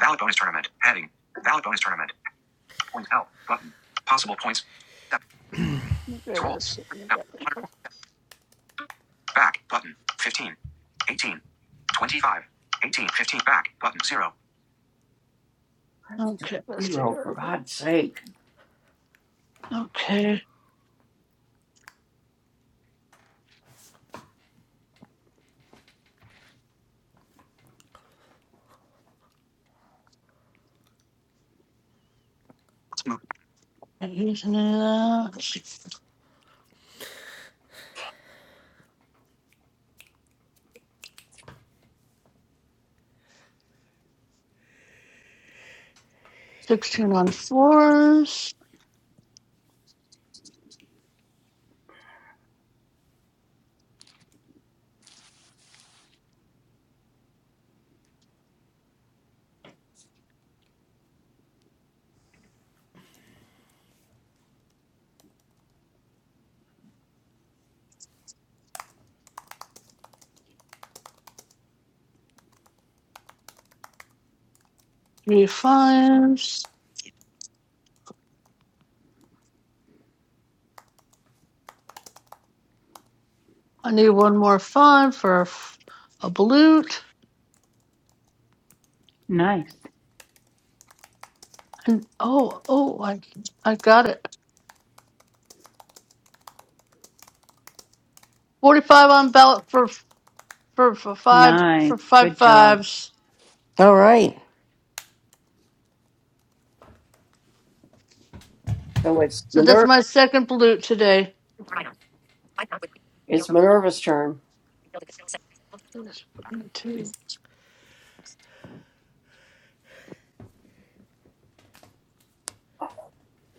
valid bonus tournament. Heading. valid bonus tournament. Points. Help. Button. Possible points. 7. Okay, roll. let's see. what we got 13,200. here. Back. Button. 15. 18. 25. 18. 15. Back. Button. 0. Let's do Okay, a let's see zero here. for God's sake. Okay. Not using any of that. 16 on fours, three fives. I need one more five for a, f- a balut. nice, And oh, oh, I, I got it. 45 on ballot for, for, for five, nice, for five good job, fives. All right. So it's So that's Minerva. my second balut today. It's Minerva's turn. That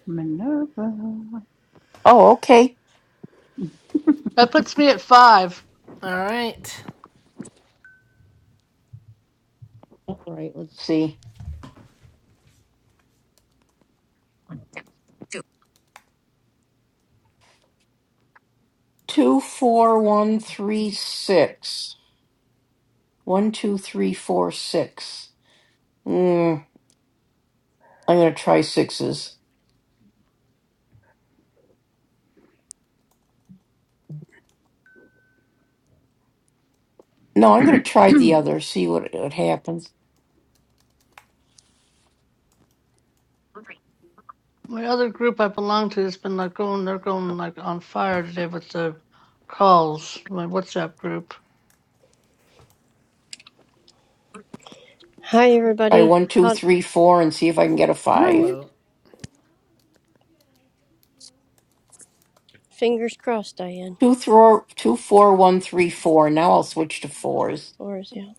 Minerva. Oh, okay. puts me at five. All right. Let's see. Two, four, one, three, six. One, two, three, four, six. Mm, I'm gonna try sixes. No, I'm gonna try the other. See what what happens. My other group I belong to has been like going, they're going like on fire today with the calls, my WhatsApp group. Hi, Try everybody. one, two, Hot three, four, and see if I can get a five. Hi, Hello. fingers crossed, Diane. Two, throw, two, four, one, three, four. Now I'll switch to fours. Or is yeah.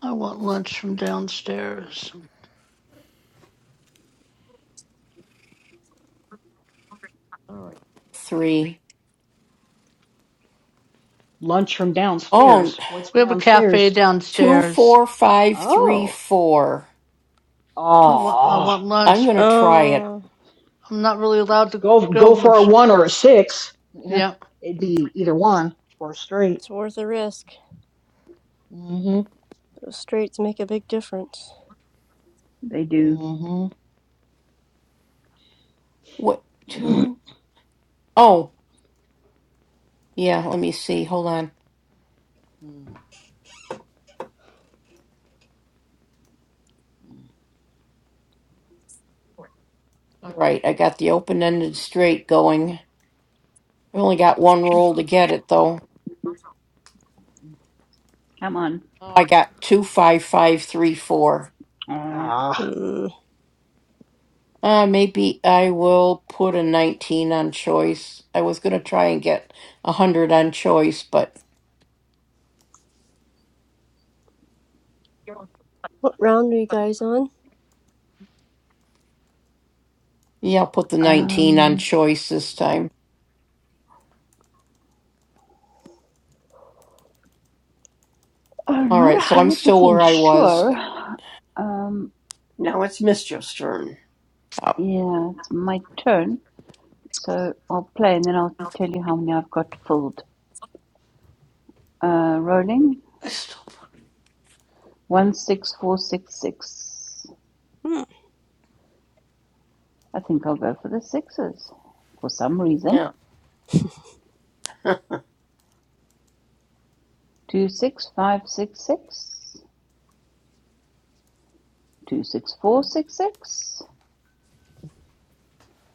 I want lunch from downstairs. Three. Lunch from Oh, downstairs. What's We have a cafe downstairs? two, downstairs. four, five, three, Oh, four. Two. I f- want I oh, want I'm lunch, gonna but try it. Oh, I'm not really allowed to go go go for a much. one or a six. Yeah, Yeah, It'd be either one or straight. it's worth a risk. hmm Those straights make a big difference. they do. hmm What? Two. Oh, yeah. Let me see. Hold on. All right. I got the open-ended straight going. I only got one roll to get it though. Come on. I got two, five, five, three, four. Uh, ah, Hmm. Uh, maybe I will put a 19 on choice. I was gonna try and get a 100 on choice, but. What round are you guys on? Yeah, I'll put the 19 on um, choice this time. I'm All not a right, so I'm hundred still where percent I was. sure. Um, Now it's Mischief's turn. Uh, yeah, it's my turn. So I'll play and then I'll tell you how many I've got filled. Uh, rolling. One, six, four, six, six. Hmm. I think I'll go for the sixes for some yeah. reason. <clears throat> Two, six, five, six, six. Two, six, four, six, six.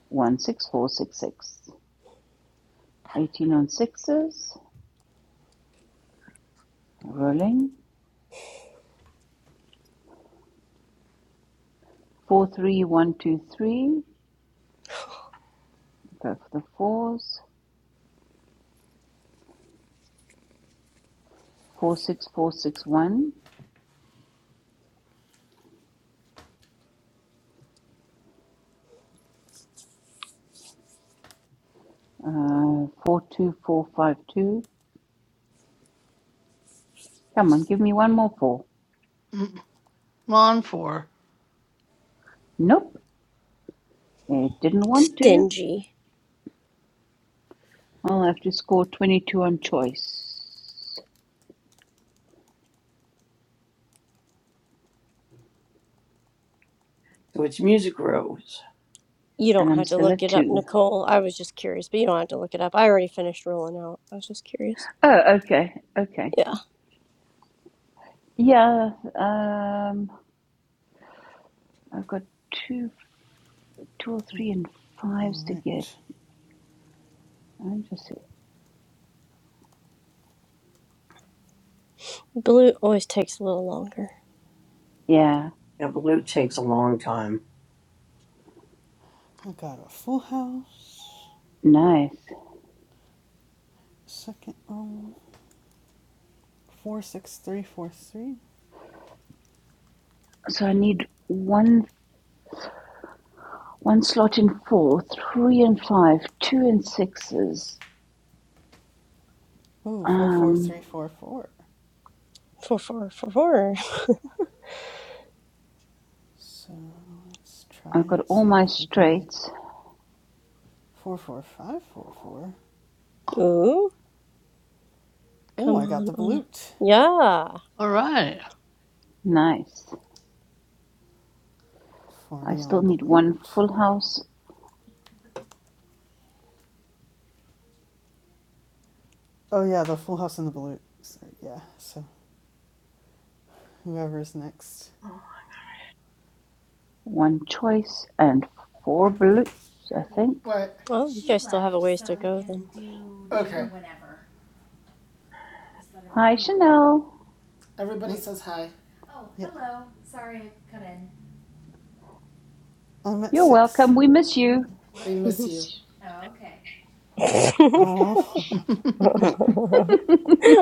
One, six, four, six, six. 18 on sixes. Rolling. Four, three, one, two, three. Go for the fours. Four, six, four, six, one. Uh, four, two, four, five, two. Come on, give me one more four. Mm, I'm on for. Nope, it didn't want to. Stingy. I'll have to score 22 on choice. So it's Music Rose. You And don't I'm have to still look at it up, two. Nicole. I was just curious, but you don't have to look it up. I already finished rolling out. I was just curious. Oh, okay, okay. Yeah. Yeah, um, I've got two, two or three and All fives to get. right. I just, Blue always takes a little longer. yeah, Yeah, blue takes a long time. I got a full house. nice. Second roll. Four six three four three. So I need one, one slot in four, three and five, two and sixes. Ooh, four four Um, three four four. Four, four, four, four. So let's try I've and got all see my if we can get straights. four four five four four. Ooh. Oh, Come I got on, the Anna. balut. Yeah. All right. Nice. I Forty still on need one Balut. full house Oh yeah, the Full House in the Balut. So yeah. So whoever's next. One choice and four blues, I think. What? Well, you guys still have a ways to go then. Okay. Hi, Chanel. Everybody Mm, says hi. yeah, I'm at You're six. welcome. We miss you. They miss you. <laughs> Oh, <laughs> Mm. <laughs>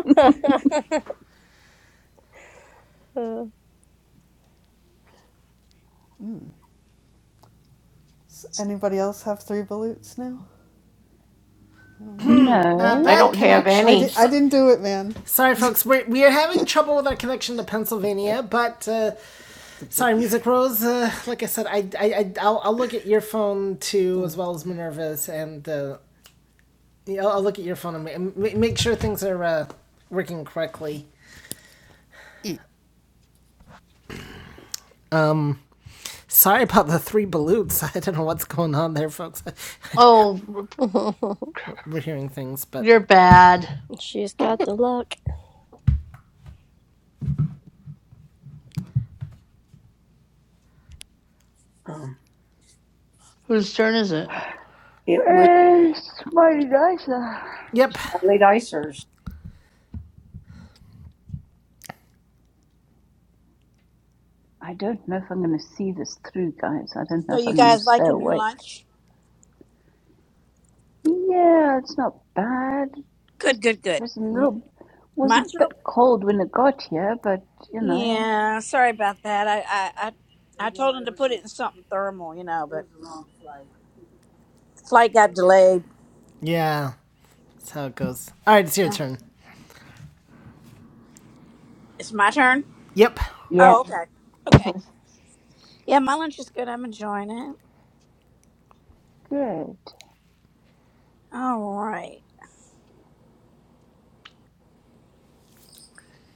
<laughs> does anybody else have three Balutes now? I don't know. Uh, No. I bad don't have I connection. any. di- I So- didn't do it, man. sorry, folks. We're, we are having trouble with our connection to Pennsylvania, but uh, sorry, Music Rose. Uh, like I said, I, I, I, I'll, I'll look at your phone too, as well as Minerva's, and uh, yeah, I'll, I'll look at your phone and make make sure things are uh, working correctly. <laughs> Um, sorry about the three balloons. <laughs> I don't know what's going on there, folks. <laughs> I, I oh, we're hearing things, but you're bad. She's got the luck. Um, Whose turn is it? it was Uh, smiley dice. I yep, Riley Dicer's don't know if I'm going to see this through, guys. I don't know So if you I'm going to guys stay liking your awake. lunch? Yeah, it's not bad. Just Good, good, good. was a M- little, was a Mine's real. bit cold when it got here, but you know. Yeah, sorry about that. I, I, I, I told him to put it in something thermal, you know, but flight got delayed. yeah, that's how it goes. All right, it's your Yeah. turn. It's my turn. Yep, Yeah. Oh, okay, okay. Yeah, my lunch is good. I'm enjoying it. Good. All right,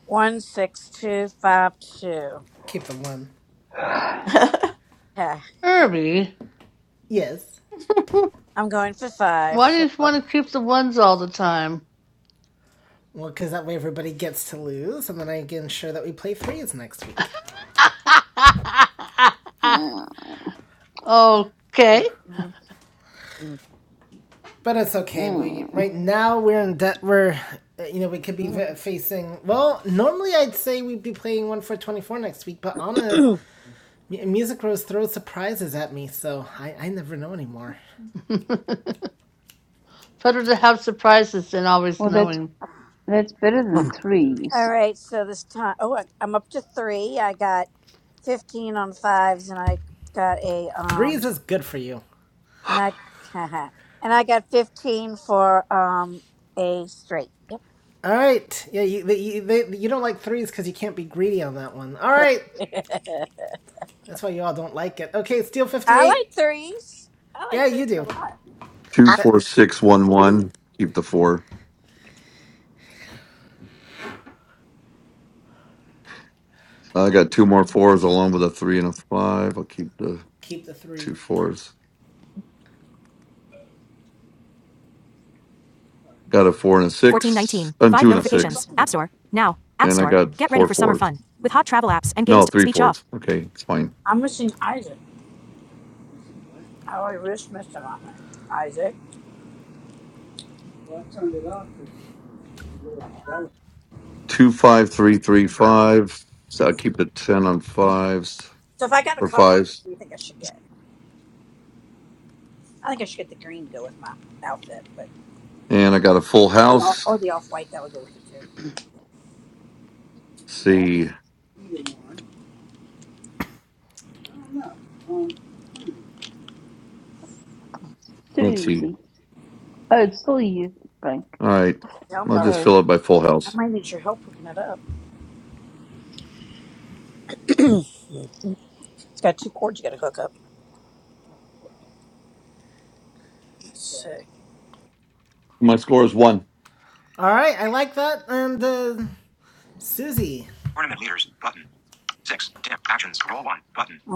one six two five two. keep the one. Okay, Herbie. Yes. I'm going for five. Why do So. you want to keep the ones all the time? Well, because that way everybody gets to lose, and then I can ensure that we play threes next week. <laughs> Mm. mm-hmm, okay. mm-hmm. But it's okay. We mm. right now we're in debt. We're uh, you know we could be facing. Well, normally I'd say we'd be playing one for twenty four next week, but Anna Music Rose throws surprises at me, so I I never know anymore. <laughs> Better to have surprises than always Well, that's knowing. that's better than threes. All right, so this time, oh, I- I'm up to three. I got 15 on fives, and I got a Threes um, is good for you. and I, <laughs> and I got 15 for um a straight. Yep. All right. Yeah, you you, they, you don't like threes because you can't be greedy on that one. All turn. right. That's why you all don't like it. Okay, Steel 58. I like threes. Yeah, you do. Two, That, four, six, one, one. Keep the four. I got two more fours along with a three and a five. I'll keep the Keep the two three. fours. Got a four and a six, and two and a six, and I got four fours. No, three fours. Okay, it's fine. I'm missing Isaac. I already risked missing on it. Isaac. Two five three three five. So I'll keep the ten on fives So if I got a or color, what fives. do you think I should get? I think I should get the green to go with my outfit, but And I got a full the off, house. or the off white that would go with it too. Let's see. Let's see. Susie. Oh, it's still you, Frank. All right. Down I'll bar. just Sorry. fill it by full I house. might need your help hooking it up. It's got two cords you got to hook up. Let's My score is one. all right, I like that. And uh, Susie. Tournament leaders. Button. Six. Dim. Actions. Roll one. Button. see.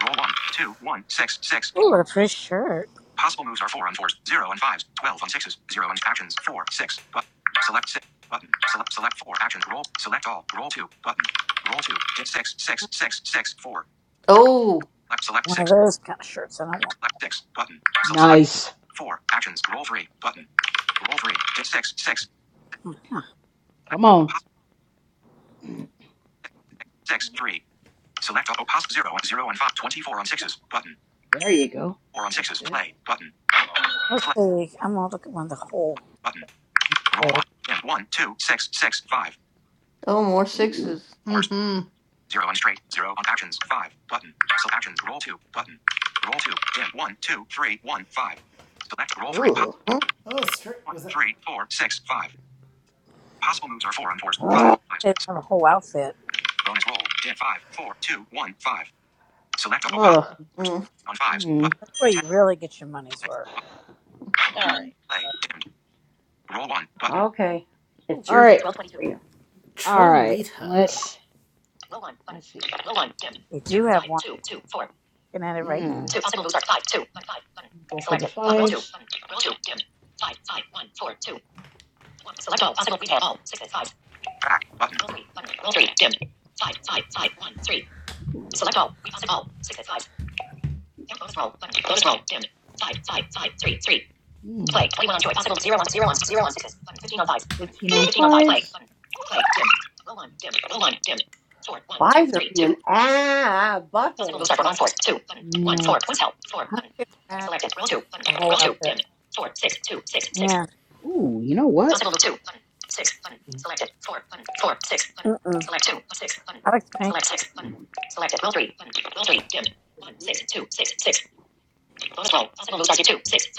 Roll one, two, one, six, six, Ooh, four. a pretty shirt. Possible moves are 4 on 4s, 0 on 5s, 12 on 6s, 0 on actions, 4, 6, but select 6, button, select, select 4, actions, roll, select all, roll 2, button, roll 2, hit 6, six, six, six, four, select, select One of 6, those kind of shirts. I don't want. select 6, button, so select nice. 4, actions, roll 3, button, roll 3, hit 6, six, Mhm. four, select, Come on. possible 6, 3, select all, oh, possible 0 on 0 on 5, 24 on 6s, button, There you go. 4 on That's 6s, good. play, button, Let's play, see. I'm gonna look at one of the whole. button. Roll the- one. Dim one, two, six, six, five. Oh, more Ooh. sixes. Fours. hmm Zero on straight. Zero on actions. Five. Button. Select actions. Roll two. Button. Roll two. Dim one, two, three, one, five. Select roll three. Po- Ooh. Mm, Oh, stri- one, was it three, four, six, five. Possible moves are four on fours. Five. They Fives. have a whole outfit. Bonus roll. Dim five, four, two, one, five. Select a pop. Ugh. On fives. Mm. Button. That's where Ten. you really get your money's Play. worth. All right. Play. Dimmed. Roll one. Button. Okay. It's All your. right. All right. Trolita? Let's. Let's see. They do have one. Looking at it right now. Mm. Go for the fives. Back. Button. Ooh. Mm. joy. fives. Fives are being ah buttholes. Mm. 159 A whole outfit. Yeah. Ooh, you know what? Mm-mm. I like the paint.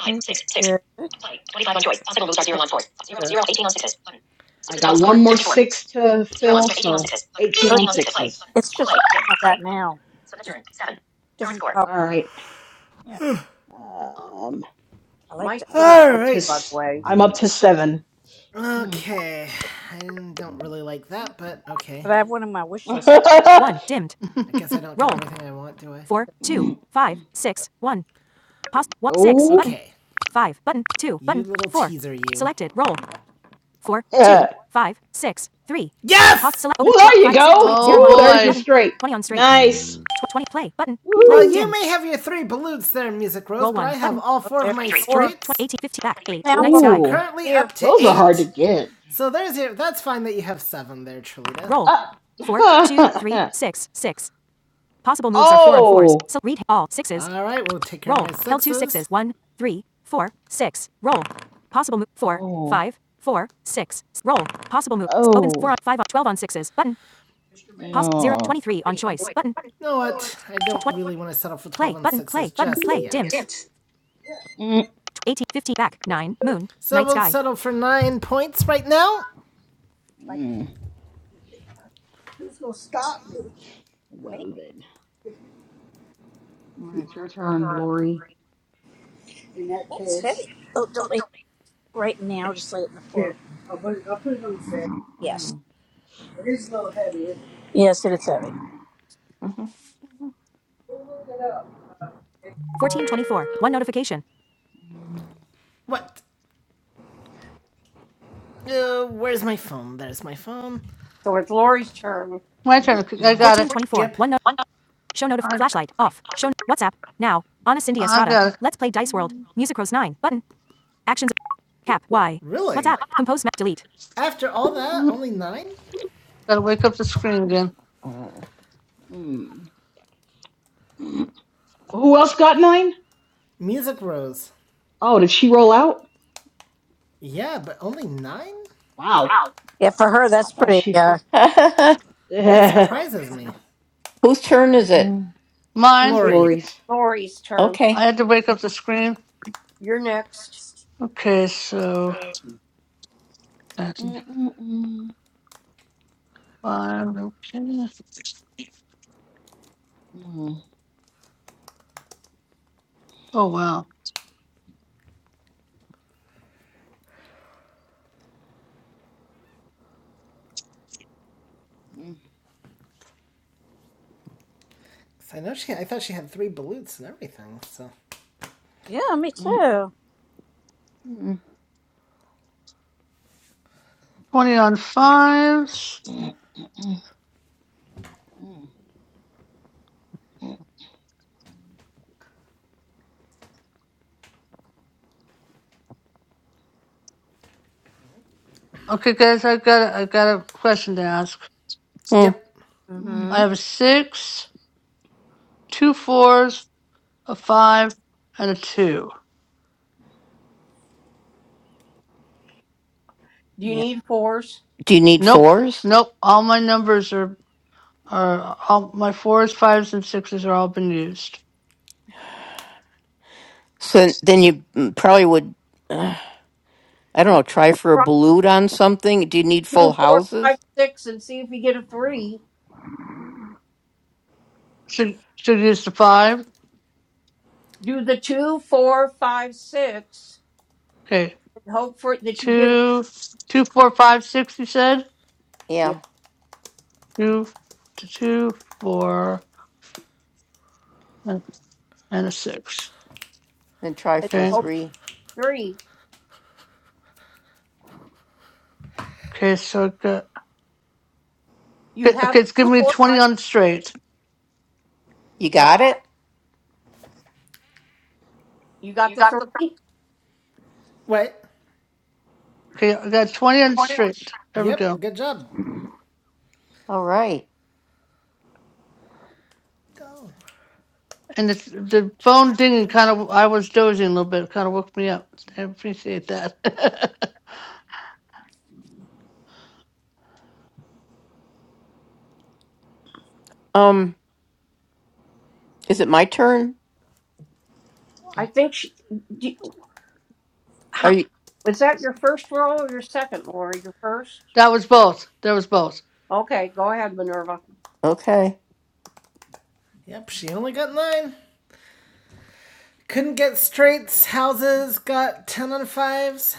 Pink is good. Good, good. I got one more six to fill, so Oh, It's just, it's just like I've got now. Just different color. All right. Yeah, Um, I like My that. score, I'm All up to right. is, by the s- way. I'm up to seven. Mm. Okay. I don't really like that, but okay. But I have one on my wish list <laughs> I guess I don't get everything I want, do I? Mm. Pause. <laughs> oh, Okay. Button. You little teaser, you. yeah. Yes! Well, <laughs> there you go. oh Ooh, there's your boy, straight. Nice. Hmm. Woo. may have your three balloons there, Music Rose, all up four of there. my balut, Door straights. soundbar Ooh. currently here. up to Those are hard to eight. get. So there's your. That's fine that you have seven there, Trulita. Uh, <laughs> oh, All right, we'll take oh, oh, Mr. Mail. no. You know what? I don't really want to settle for twelve and 6s just just yet. Mm, fifteen, So So we'll settle for nine points right now. Like that, mm. Well me. then, all right, it's your turn, Lori. And that It's heavy. Oh, don't leave. right now, just lay it in the floor. Yes. Mm, Yes, it is heavy. mm, What? Uh, where's my phone? There's my phone. So it's Lori's turn. my turn. I got Fourteen twenty four. Yep. it. I I got Really? After all that, mm, only nine? gotta wake up the screen again. mm, mm. Who else got nine? Music Rose. Oh, did she roll out? Yeah, but only nine? Wow, Yeah, for her, I that's thought pretty. she. Uh, mm. <laughs> That I surprises me. thought <laughs> Whose turn is it? mm, Mine, it's It Lori. is Lori's. Lori's turn. I Okay. had to wake up the screen. You're next. Okay, so that's Mm, mm, mm, five. Okay. mm, Oh wow, mm, 'Cause I know she. I thought she had three balutes and everything. So. yeah, me mm, too. mm, mm, twenty on fives. mm, mm, mm. Okay, guys, I got I got a question to ask. Hmm. Yep. mm. I Mm-hmm. have a six, two fours, a five, and a two. Do you need fours? Do you need Nope, fours? nope. All my numbers are are all my fours, fives, and sixes are all been used. So then you mm, probably would, uh, I don't know, try for a Try balut on something. Do you need full two, four, five, houses? six, and see if you get a three. Should should use the five. Do the two, four, five, six. Okay. and hope for that you get a two, two, four, five, six. You said yeah, Yeah, two, t- two, four, and, and a six. then try and for a Okay. hope for three. three. Okay. So I got, You okay, have okay, it's two, giving me four, twenty five. on straight. You Right. got it? You got the three. Wait. Okay, I got twenty on straight. There we Yep. go. Good job. All right. Go. And the the Johnny phone get dinging good. kind of I was dozing a little bit. Kind of woke me up. I appreciate that. Um, is it my turn? I think she, do, Are how, you was that your first roll or your second, Lori? Your first. <laughs> that was both. There was both. Okay, go ahead, Minerva. okay? Yep, she only got nine. Couldn't get straights, houses, got 10 on fives.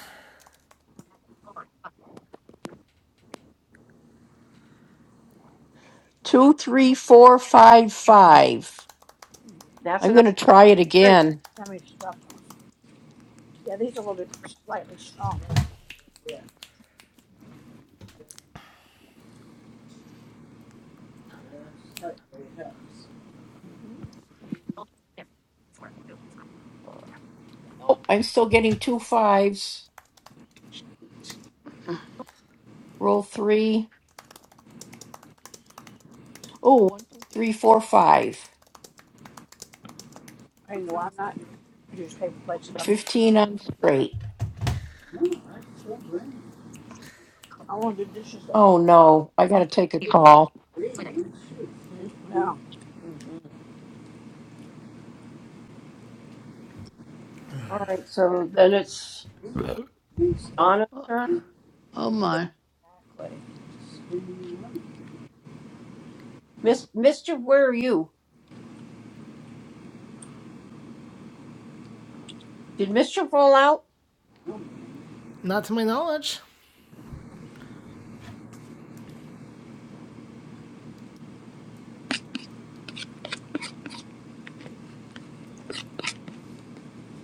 Two, three, four, five, five. That's I'm enough. going to try it Three. again. I mean, stuff. Yeah, these are a little bit slightly stronger. Nope, I'm still getting two fives. Roll three. Oh, one, one, two, three, four, five. I know I'm not use paper plates. but I'm, 15 on straight. I want to do dishes. That's Oh, no. I got to take a call. All right. So then it's Donna's Oh turn. oh my. exactly. Miss Mischief, where are you? Did Mischief roll out? Not to my knowledge.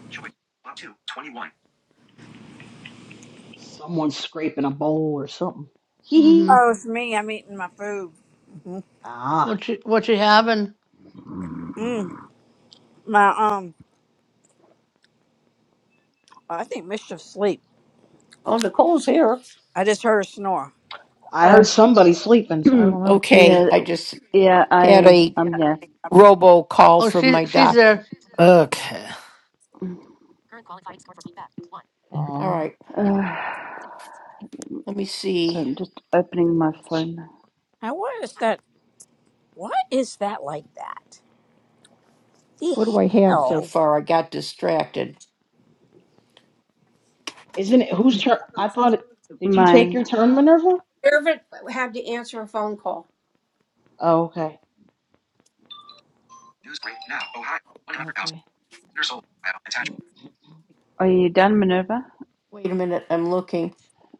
Choice. one, 2, 21. Someone's scraping a bowl or something. Hee mm hee. Mhm. Oh, it's me. I'm eating my food. hmm Ah, What you what you having? Mm, my um, I think mischief sleep. Oh, Nicole's here. I just heard her snore. I Oh, heard somebody sleeping, so I <clears throat> don't know. Yeah. yeah, Okay, I just yeah. had I a um, yeah. robo call Oh, from she my she's doctor. there. Okay. All Oh, right, Uh, let me so see. I'm just opening my phone. Now, what is that? What is that like that? The What do I have so hell? she far? I got distracted. isn't it whose turn? I thought it. Did you take Mine. your turn, Minerva? Irvin had to answer a phone call. Oh, okay, News break now. Ohio. 100,000. okay. Years old. Ohio. Attachment. Are you done, Minerva? Wait a minute, I'm looking.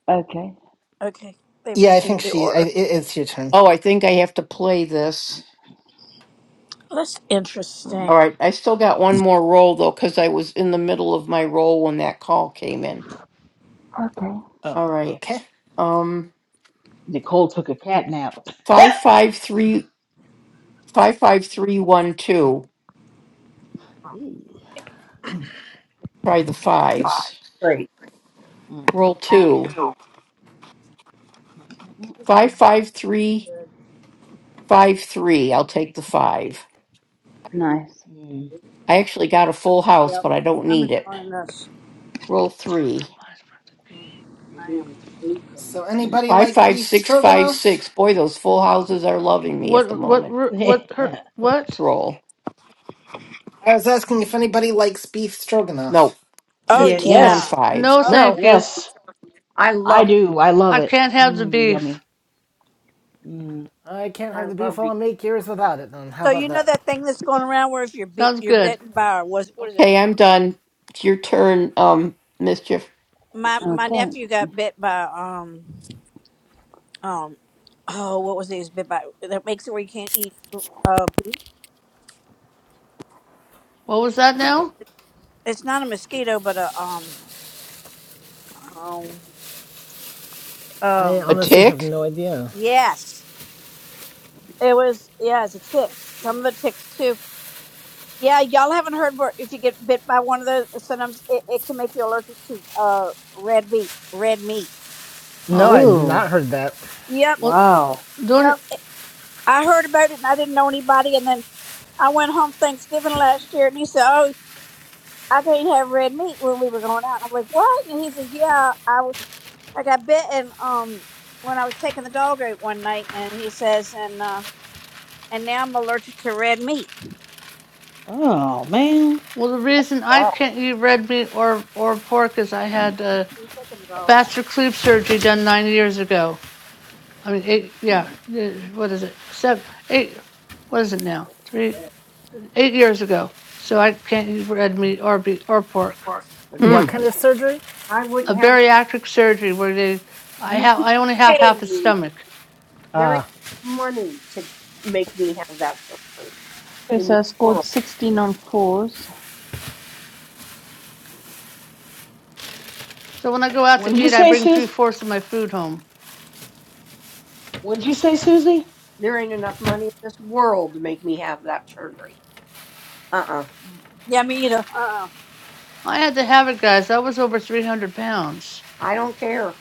Okay. Okay, they've Yeah, I think received the she. I, order. it, it's your turn. Oh, I think I have to play this. That's Mm. interesting. All right, I still got one more roll though, because I was in the middle of my roll when that call came in. Okay. Oh, All right, okay. um, Nicole took a cat nap. five five three five five three one two. <laughs> Ew. Try the fives. Great. Mm. Roll two. Five five three five three. I'll take the five. Nice. Mm. I actually got a full house, Yep. but I don't I'm need it. enjoying this. Roll three. Come on. it's working. So, anybody Five like five beef six five stroganoff? six. Boy, those full houses are loving me at the What? What? moment. ru- What? Her? What? Roll. I was asking if Mm. anybody likes beef stroganoff. Nope. Oh <laughs> Yes. Fifteen on yes, yeah. fives. No, Oh, No, thank you. yes, I I love, do. I love I it. can't have the Mm, beef. yummy. Mm. I can't have I the beef. love you. I'll make yours without it. Then, how so about you know that? that thing that's going around where if you're be Sounds you're good. bitten by a- was what is it? Okay, I'm done. It's your turn, um, mischief. But My you my Okay. nephew got bit by um um oh what was it? He was bit by that makes it where you can't eat uh beef. What was that now? It's not a mosquito, but a um um I um A honestly have tick? no idea. yes, it was yeah, it's a tick. Some of the ticks too. Yeah, y'all haven't heard where if you get bit by one of those, sometimes it, it can make you allergic to uh red meat. Red meat. No, Uh, I'd not Oh, heard that. Yep. what? wow. The, Yep. I heard about it and I didn't know anybody. And then I went home Thanksgiving last year and he said, Oh, I can't have red meat when we were going out. And I'm like, What? And he says, Yeah, I, w- I got bitten um, when I was taking the dog out one night. And he says, And uh, and now I'm allergic to red meat. Oh man. well, the reason I are. can't eat red meat or or pork is I had a He was taking the dog out. bastard cleave surgery done nine years ago. I mean, eight, yeah. uh, What is it? Seven, eight. What is it now? Three, eight years ago. So I can't eat red meat or be or pork. Hmm. What Forget that. kind of surgery? I A wouldn't have bariatric surgery where they, I you have, could I only have pay half a me. stomach. There ain't money to make me have that surgery Okay, in so this I scored world. 16 on fours. So when I go out What to did you eat, I say, bring three Sus? fourths of my food home. What did you say, Susie? There ain't enough money in this world to make me have that surgery. Uh uh Yeah, me either. I had to have it, guys. That was over 300 pounds. I don't care.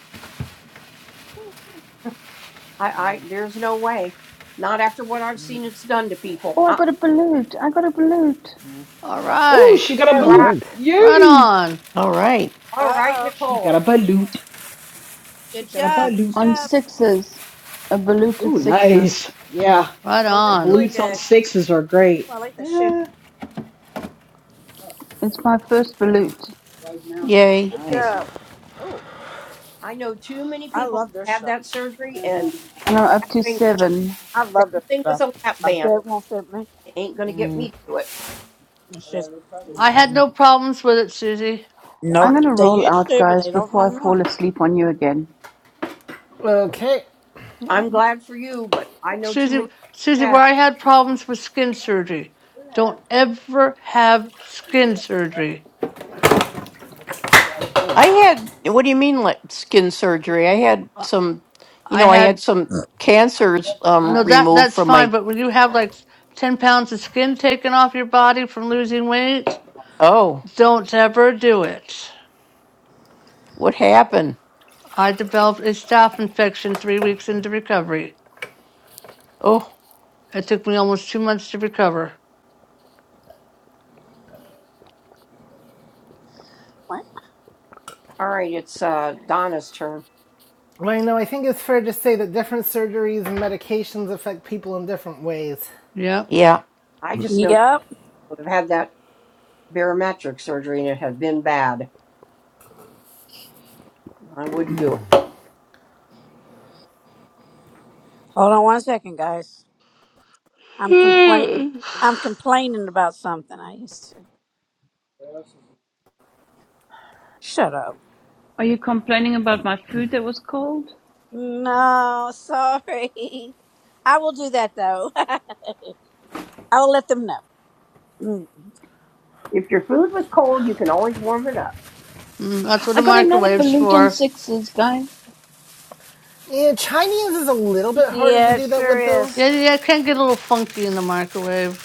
I, I there's no way. Not after what I've seen it's done to people. Oh, I I, got a balut. I got a balut All Oh, right. she got a all All right. balut. right. Right Yay! on. All right. All Uh right, oh. She got a Nicole. balut. She Good got a job. Good balut. on job. sixes. A balut with Oh, sixes. nice. Yeah, Right Oh, the that's on. really balutes on good. sixes are Oh, great. I like the shoe. Yeah. It's my first Oh, balut, Yay. Good nice. job. Oh, I know too many I people love their have stuff. that surgery and and I'm up to seven. I Same love their thing with stuff. a lap I bet band. it won't fit me. It ain't gonna get me Mm, to do it. It's just. mm, I had mm. no problems with it, Susie. Well, I'm Nope. gonna They roll used out, to, but guys, they don't no before I more. fall asleep on you again. Okay. I- I'm glad for you, but I know too Susie, many people Susie, where that I had problems with skin surgery. Don't ever have skin surgery. I I won't. had, what do you mean, like skin surgery? I had I some, you I know, I had had, some cancers um no, that, removed that's from fine. my, But when you have like 10 pounds of skin taken off your body from losing weight, oh, don't ever do it. what happened? I developed a staph infection three weeks into recovery. Oh, It took me almost two months to recover. What? All right, it's uh, Donna's turn. Well, you know, I think it's fair to say that different surgeries and medications affect people in different ways. Yep. yeah. I just know people Yep. that have had that barometric surgery and it had been bad. I wouldn't do it. Hold on one second, guys. I'm complain. Mm, I'm complaining about something I used to. Shut up. Are you complaining about my food that was cold? No, <laughs> sorry. I will do that though. <laughs> I will let them know. Mm. If your food was cold, you can always warm it up. That's what I the got another microwave's balut on for. sixes, guys. Yeah, Chinese is a little bit harder to Yeah, it do that with, sure though. is. Yeah, yeah, yeah, it can get a little funky in the microwave.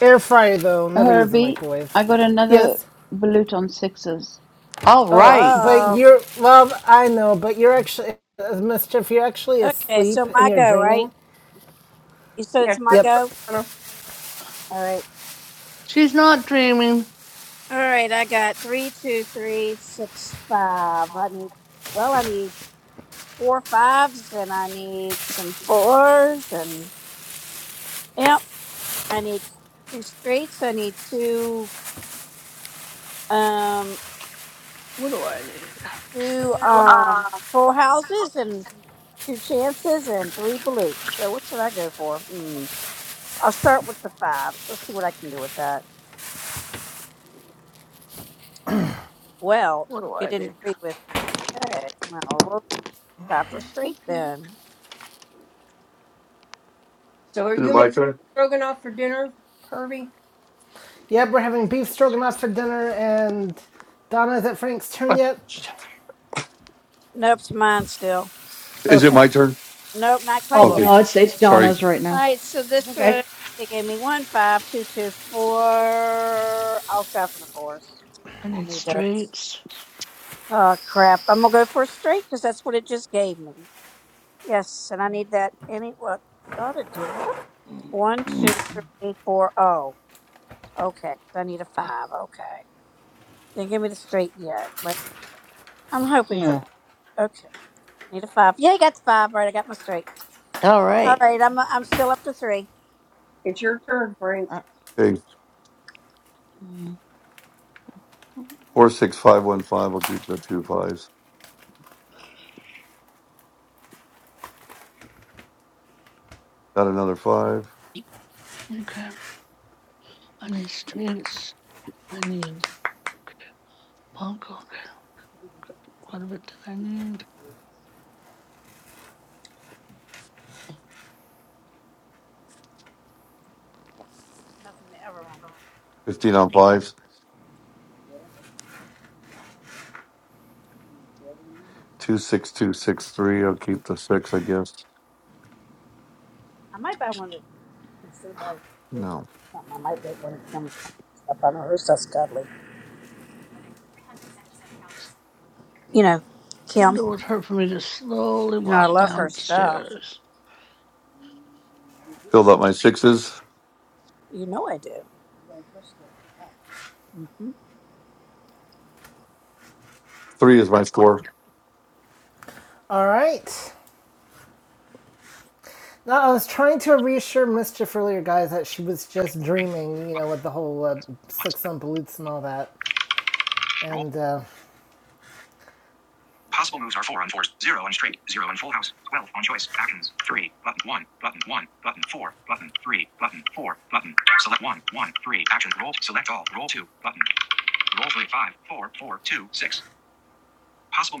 Air fryer though, never use a Herbie, microwave. I got another Yes. balut on sixes. All Wow. Oh, right. but Oh. you're well. I know, but you're actually uh, mischief. You're actually Okay, asleep so and my you're go, right? dreaming. You said it's Yeah, my sure, Yep. girl, go? Donna. All right. She's not dreaming. All right, I got three, two, three, six, five. I need, well, I need four fives and I need some fours and yep, I need two streets, I need two um What do I need? two um full houses and two chances and three blues. So what should I go for? Hmm. I'll start with the fives. Let's see what I can do with that. Well, it didn't agree with okay. Well we'll try for straight then. So are Is it you my making turn? stroganoff for dinner, Herbie? Yep. We're having beef stroganoff for dinner, and Donna, is it Frank's turn yet? Nope, it's mine still. Is it Okay, my turn? Nope, not quite yet. Okay. No, it's almost. it's Sorry. Donna's right All now. right, so It's this okay. one they gave me one five two two four. I'll try for the fours. I I need need those. straights. Oh crap! I'm gonna go for a straight because that's what it just gave me. Yes, and I need that. Any what? Thought it did what? Mm, One mm, two three four oh. Okay, so I need a five. Okay, didn't give me the straight yet, but I'm hoping for. Yeah. that. Okay, need a five. Yeah, I got the five. Right, I got my straight. All All right. right, I'm I'm still up to three. It's your turn, Frank. Uh, Okay. mm. Four six five one five. I'll keep the two fives. Got another five. Okay. I need straights. I need punk. Okay. What of it did I need? Nothing to ever want. Fifteen on fives. Two six two six three. I'll keep the six, I guess. I might buy one of If somebody or if it's No. something, I might get one of Kim's stuff. I know her stuff's godly. You know, Kim. Wonder what hurt for me to slowly You know, I walk love her stuff. downstairs. Filled up my sixes. You know I do. Mm-hmm. Three is my score. All right. Now I was trying to reassure mischief earlier, guys, that she was just dreaming. You know, with the whole uh, six on Balutes and all that, and. Uh, Possible moves are 4 on 4s, 0 on straight, 0 on full house, 12 on choice, actions, 3, button 1, button 1, button 4, button 3, button 4, button, select one one 3 1, action, roll, select all, roll 2, button, roll 3 5 4 4 2 6.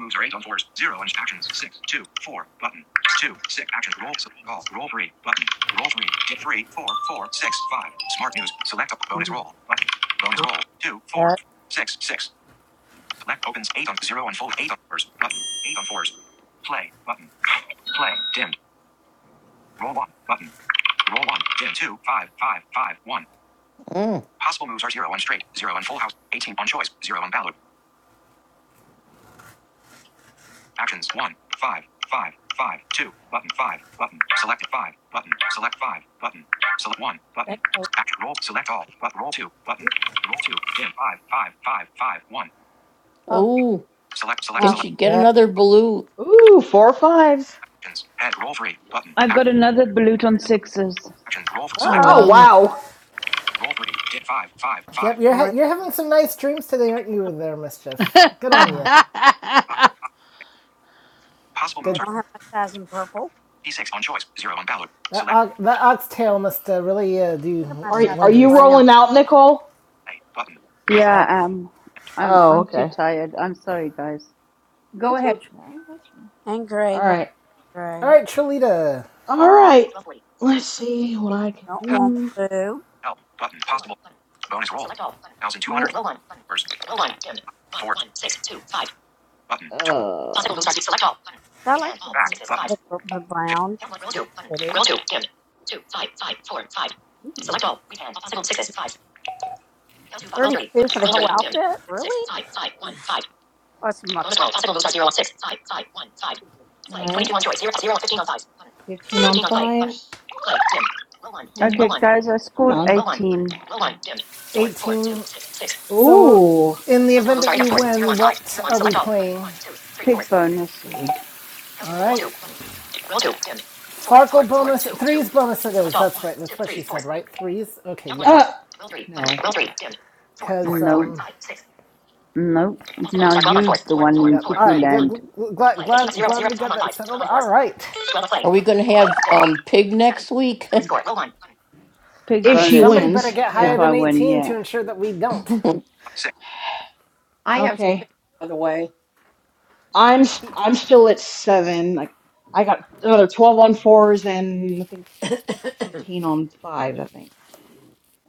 Possible moves are 8 on 4s, 0 on actions, 6 2 4 button, 2, 6, actions roll, select all, roll 3, button, roll 3, get 3, four, four, six, five. Smart news, select a bonus Mm-hmm. roll, button, bonus roll, 2 4 That, 6 6. Select opens eight on zero unfold eight on fours button eight on fours. Play button. Play dimmed. Roll one button. Roll one dim two five five five one. Mm. Possible moves are zero on straight, zero on full house, eighteen on choice, zero on ballot. Actions one five five five two button five button. Select five button. Select five button. Select one that button. color. Action roll. Select all but roll two button. Roll two dim five five five five one oh Oh, Select I select can select she like get that. another balloon? Ooh, four fives. actions. Head roll three button. I Act, got another balut on sixes. actions roll select Oh Oh Uh-oh. wow. wow. Roll three. Did five, five, five. five. Yep, you're Well, ha- they you're having some nice dreams today, aren't you? There, mischief. Good on Ugh. you. <laughs> Possible they moves Good. are don't have my size in purple. D6 on choice. Zero on ballot. That Select og- that oxtail must uh, really uh, They have do my Are size are in you wonders. brown rolling out, Nicole? play button. and Yeah, coffee I am. I'm Oh, I'm too okay. tired. I'm sorry, guys. Go That's okay. ahead. No, that's fine. and gray, All but right. gray. All right, Trilita, All right. Let's see what I can Don't Help, want do. blue. help button. Possible bonus roll. 1,200 Nope. hundred Uh. fours. Four button. ooh. So I like the, back button. the, the 50 brown. It's pretty. 32 for the whole outfit? Really? Oh, it's a muckluck. 15 on fives. Okay. Okay, guys, I Come scored on. 18. eighteen. So, Ooh. in the event that you win, what are we playing? Pig bonus. Pig. All right, Farkle bonus threes bonus it is. That's right. That's what she said, right? Threes. Okay, yeah. Uh, no. Cause No, um, no. Now you, the one in yep. All cuckoo right. Good. land. Glad glad glad we got that settled. All right. Are we going to have um pig next week? Pig back If Well, she bonus if, somebody better wins, get if higher yeah. I than win, eighteen yeah. to ensure that we don't. <laughs> six. I have Okay. six, by the way. I'm i I'm still at seven. Like I got another twelve on fours and I think fifteen on fives. I think.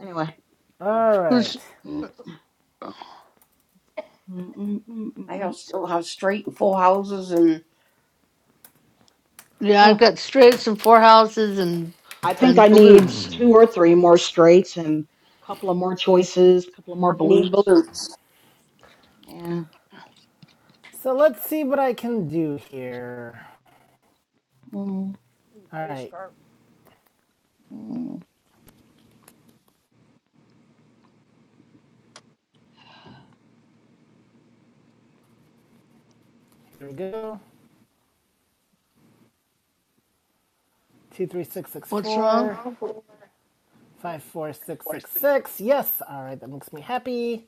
Anyway, All Who's right. Mm, mm, mm, mm, I mm, have mm. still have straight and full houses, and yeah? Huh. I've got straights and four houses and I think I and need blutes. Mm. two or three more straights and a couple of more choices, a couple of I more need blutes. balloons. Yeah. So let's see what I can do here. Mm, All right. mm. Here we go. Two, three, six, six, What's wrong? four, five, four, six, six, six. Yes. All right. That makes me happy.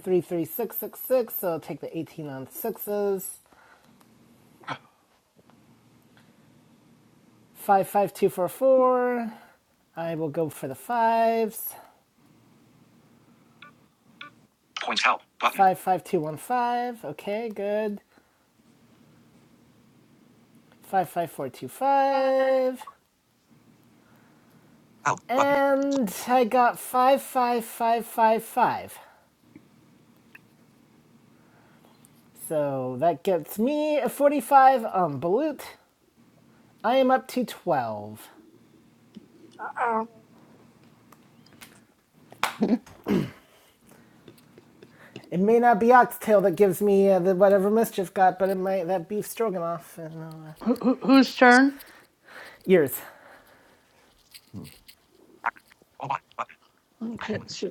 Three, three, six, six, six. So I'll take the 18 on sixes. Five, five, two, four, four. I will go for the fives. Points help button. Five, five, two, one, five. Okay. Good. Five, five, four, two, five. And I got five, five, five, five, five. So that gets me a 45 on Balut. I am up to 12. Oh, It may not be Oxtail that gives me uh, the whatever Mischief got, but it might that beef stroganoff and uh, Who, who, whose turn? ears. Okay, sure.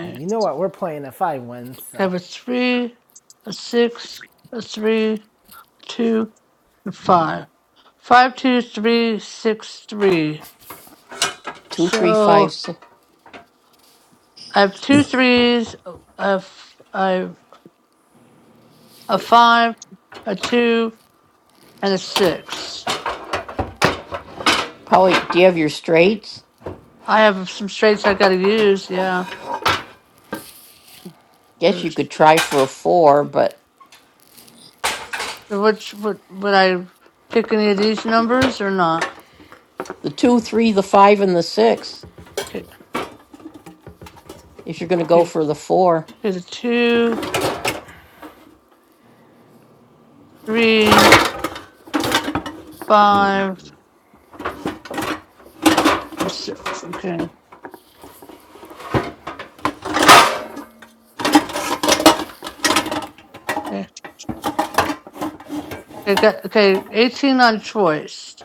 And you know what? We're playing if I win, I so have a three, a six, a three, two, and five. Five, two, three, six, three. Two, three, So five, six. I have two threes, I have, I have a five, a two, and a six. Probably, do you have your straights? I have some straights I got to use. Yeah, Guess you could try for a four, but So which would would I pick any of these numbers or not? the two, three, the five, and the six, Okay, if you're going to go okay, for the four. okay. The two, three, Mm. five, and six. Okay, okay. I got okay. Eighteen on choice.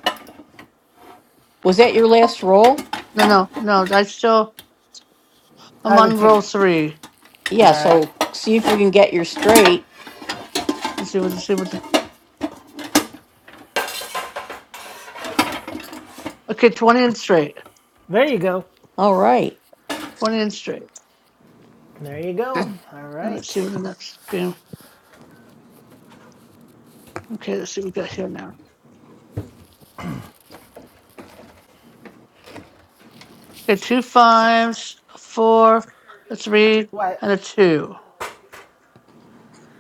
Was that your last roll? No, no, no. I still I'm I would on take. roll All three. Yeah, right, so see if you can get your straight. Let's see what let's see what the okay. Twenty and straight. there you go. All right. Twenty and straight. There you go. All And let's see what right. the next game. Okay, let's see what we got here now. Okay, two fives, a four, a three, What? and a two.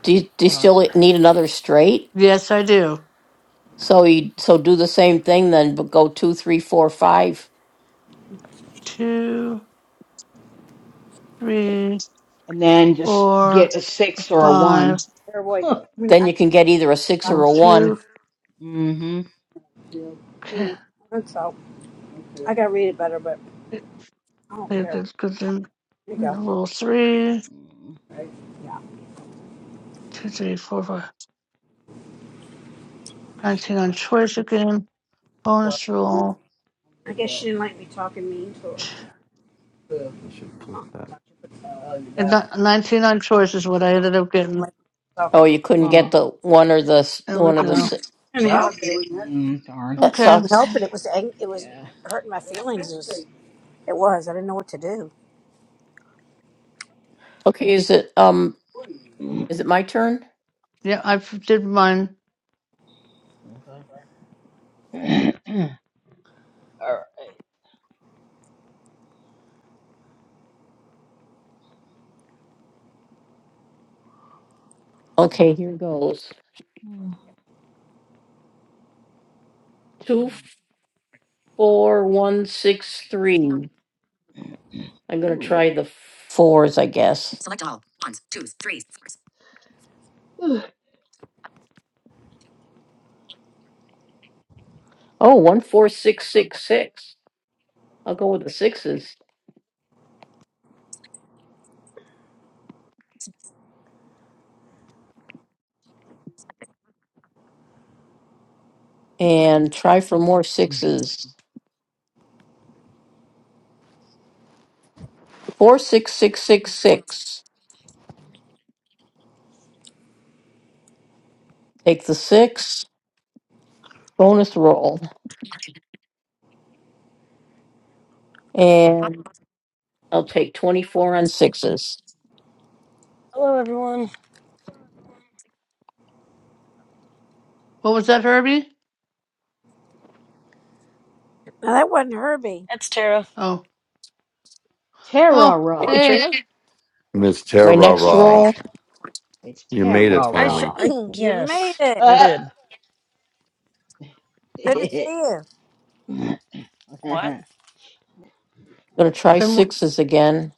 Do you, do you Hold on. still e, need another straight? Yes, I do. So you so do the same thing then, but go two, three, four, five. Two. three, And then just four, get a six or a five, one. they're like, Huh. I mean, Then I, you can get either a six or roll a one. two, Mm-hmm. okay, mm, I think so. I gotta read it better, but okay, I don't care. good, good, then roll three, Mm. two, three, four, five, I should 19 on flip. choice again, bonus roll, I guess she didn't like me talking mean to her. Ch- I should flip that. and that- 19 on choice is what I ended up getting, Like Oh, talking mean. you couldn't get Well, the one or the s- there we one or the go, six. Anyhow, I couldn't help it. mm, darn. That okay, Couldn't sucks. help It It was ang- it was Yeah. hurting my feelings. It was, it was. I didn't know what to do. Okay, is it um Mm, is it my turn? yeah, I f- did mine, Okay. <clears throat> All right. Okay, here goes. Mm. mm. Two. four, one, six, three. I'm gonna Ooh. try the fours, I guess. Ugh. Oh, one, four, six, six, six. I'll go with the sixes and try for more sixes. Four, six, six, six, six. Take the six, bonus roll, and I'll take 24 on sixes. Hello, everyone. what was that, Herbie? Now that wasn't Herbie. It's Tara. Oh, oh, Hey, Terra. hey, Trina. Miss Terra My next Hey, Ra, roll, I'm Frank. It's you made it Terra. I sh- finally. <clears throat> I you made yes, it. I Uh. did. Good to see <laughs> you. What? gonna try been, one- sixes again.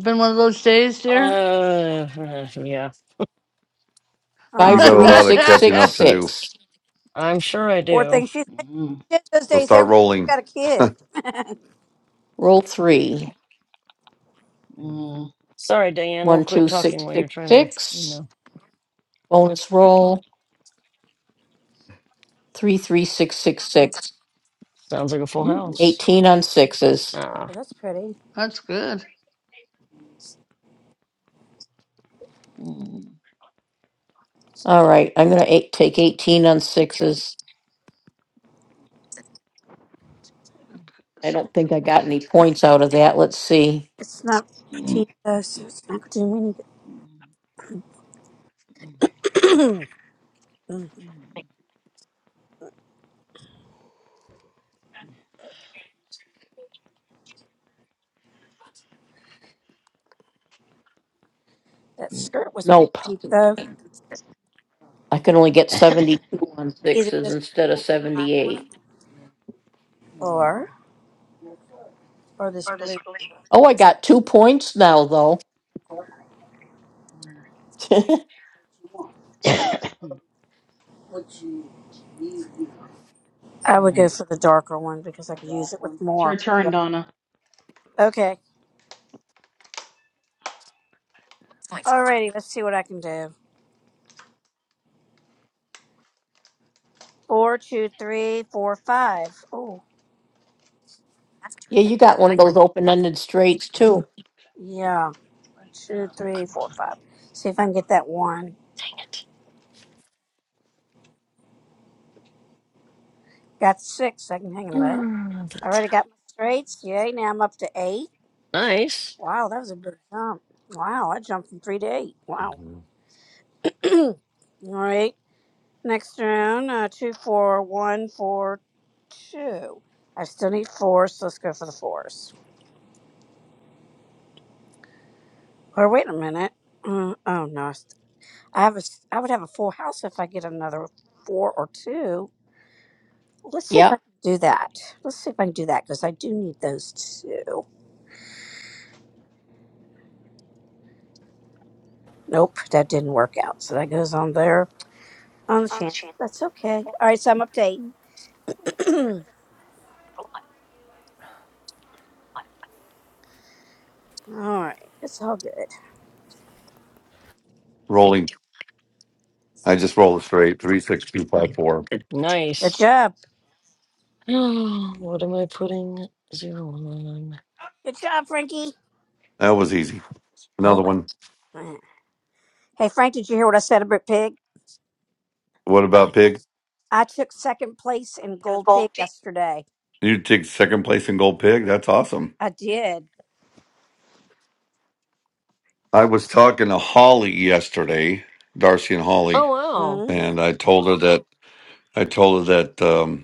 been one of those days, dear? Uh, <laughs> uh, yeah. <laughs> You Five, got a three, Aw, lot of six, catching six, up to do. six. I'm sure I poor do. thing. She said Mm, shit those So days. start Every day rolling. she's got a kid. <laughs> Roll three. mm, Sorry, Diane. We'll One, quit two, six, talking while you're six, trying to. You six. know, Bonus roll three three six six six. sounds like a full ooh. house. Eighteen on sixes. Ah, oh, that's pretty. That's good. Mm, All right, I'm gonna eight, take eighteen on sixes. I don't think I got any points out of that. Let's see. It's not mm, mm, petite though, so it's not gonna do mm, anything. <clears throat> Mm, that skirt was Nope. petite though. I can only get seventy two on Either sixes this instead of black seventy eight. one mm. mm. or. <laughs> or this blue. Oh, I got two points now though. <laughs> yeah, All I would go right. for the darker one because I could use it with It's your more. turn, Yeah. Donna. Okay. Alrighty, let's see what I can do. Four, two, three, four, five. Oh, you got one of those open ended straights too. yeah. Two, oh, three, come four, on. five. See if I can get that one. Dang it. <sighs> Got six. I can hang and let. Mm, I That's already got my straights. Yay. Now I'm up to eight. nice. Wow, that was a big jump. Wow, I jumped from three to eight. Wow. Mhm. All right. Next round, uh, two, four, one, four, two. I still need fours, so let's go for the fours. Or wait a minute. Mm, oh no, I st- I have a. s- I would have a full house if I get another four or two. Let's see if I Yep, can do that. Let's see if I can do that because I do need those two. Nope, that didn't work out. So that goes on there on the chance. That's okay. All right, so I'm up to eight. <clears throat> all right, it's all good. Rolling. I just rolled straight. Three, six, two, five, four. Good Nice. job. <gasps> Oh, what am I putting zero on? Good job, Frankie. <clears throat> That was easy. Another one. Mm. Hey, Frank, did you hear what I said about Pig? What about Pig? I took second place in Gold Pig yesterday. You take second place in Gold Pig. That's awesome. I did. I was talking to Holly yesterday, Darcy and Holly, Oh Mm-hmm. and I told her that I told her that. Um,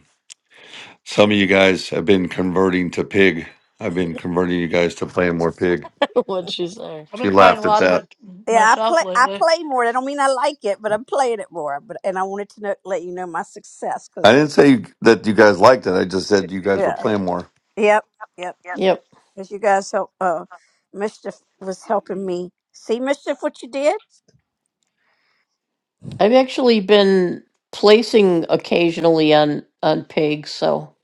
Some of you guys have been converting to pig. I've been converting you guys to playing more pig. wow. <laughs> What'd she say? I've She been playing a laughed at lot of that. it Yeah, I myself play. I lately. play more. I don't mean I like it, but I'm playing it more. But and I wanted to know, let you know my success I because didn't say that you guys liked it. I just said you guys were yeah, playing more. yep, yep. yep. Because you guys help. Uh, mischief was helping me see mischief. What you did? I've actually been placing occasionally on on pigs. So,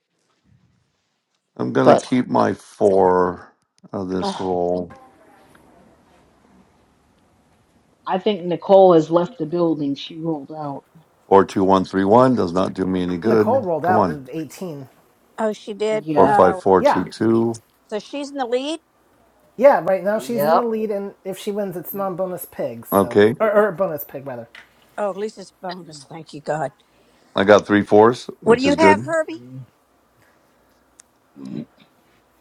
I'm gonna but keep my four of all this roll. I think Nicole has left the building. She rolled out. Four two one three one does not do me any Nicole good. rolled Come out on. with 18. Oh, she did. Four Yeah. five Oh, four Yeah. two two. so she's in the lead. Yeah, right now she's in the Yep. lead, and if she wins, it's non bonus pig, so. Okay. Or, or bonus pig, rather. Oh, at least it's bonus. Thank you, God. I got three fours, What do which you is have, good. Herbie?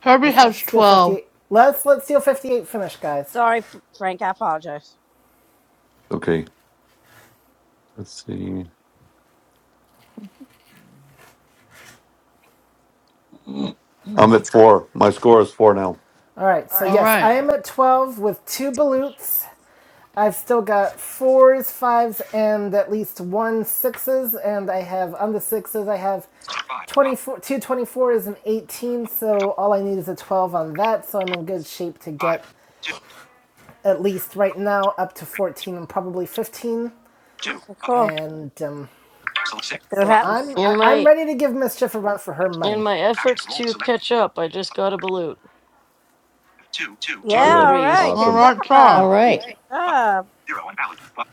Herbie Let's has let's steal 12. 58. Let's let's steal 58 finish, guys. Sorry, F- Frank. I apologize. Okay. Let's see. I'm at four. My score is four now. All right. So All yes, I right. am at 12 with two balutes. I've still got fours, fives, and at least one sixes, and I have on the sixes I have Five, five, 24, two 24s and 18. five, So all I need is a 12 on that. So I'm in good shape to get five, two, at least right now up to three, 14 and probably 15. two Okay, button. cool. And um, Select Let's six, see what so five, happens. I'm I, In I'm my ready to give mischief a run for her six. in money. my Action efforts roll. to Select catch up, I just got a balut. two, two, two. on Yeah, Good. all right. threes. Good All Awesome. right, job. sir. right. Good Button. job. Zero and valid. Button.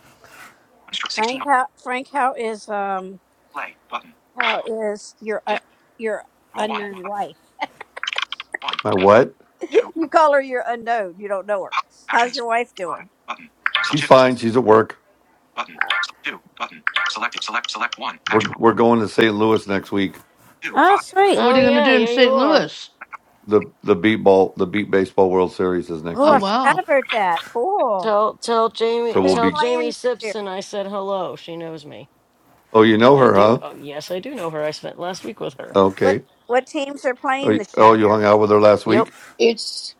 16 Frank how Frank how is um play. Button. how is your uh, Dim. your Roll one. unknown Button. wife? One. My Dim. what? <laughs> Two. you call her your unknown. You don't know her. Pop. How's Actions. your wife Five. doing? Button. So She's two. fine. She's at work. Button. Uh, So two. Button. Selected. Select. Select one. We're Action. we're going to St. Louis next week. Two. oh, Five. sweet. What are Oh you going to yeah, do in yeah you St. are. Louis? The the beat ball the beat baseball World Series is next Oh, Play. Oh, I week. forgot wow. about that. Cool. Tell tell So Jamie Roll we'll Who's one. tell be playing Jamie this year? Simpson I said hello. She knows me. Oh, you know I her, do huh? oh yes, I do know her. I spent last week with her. What Okay. what teams are Oh, playing you, this oh, year? you hung out with her last Yep. week? It's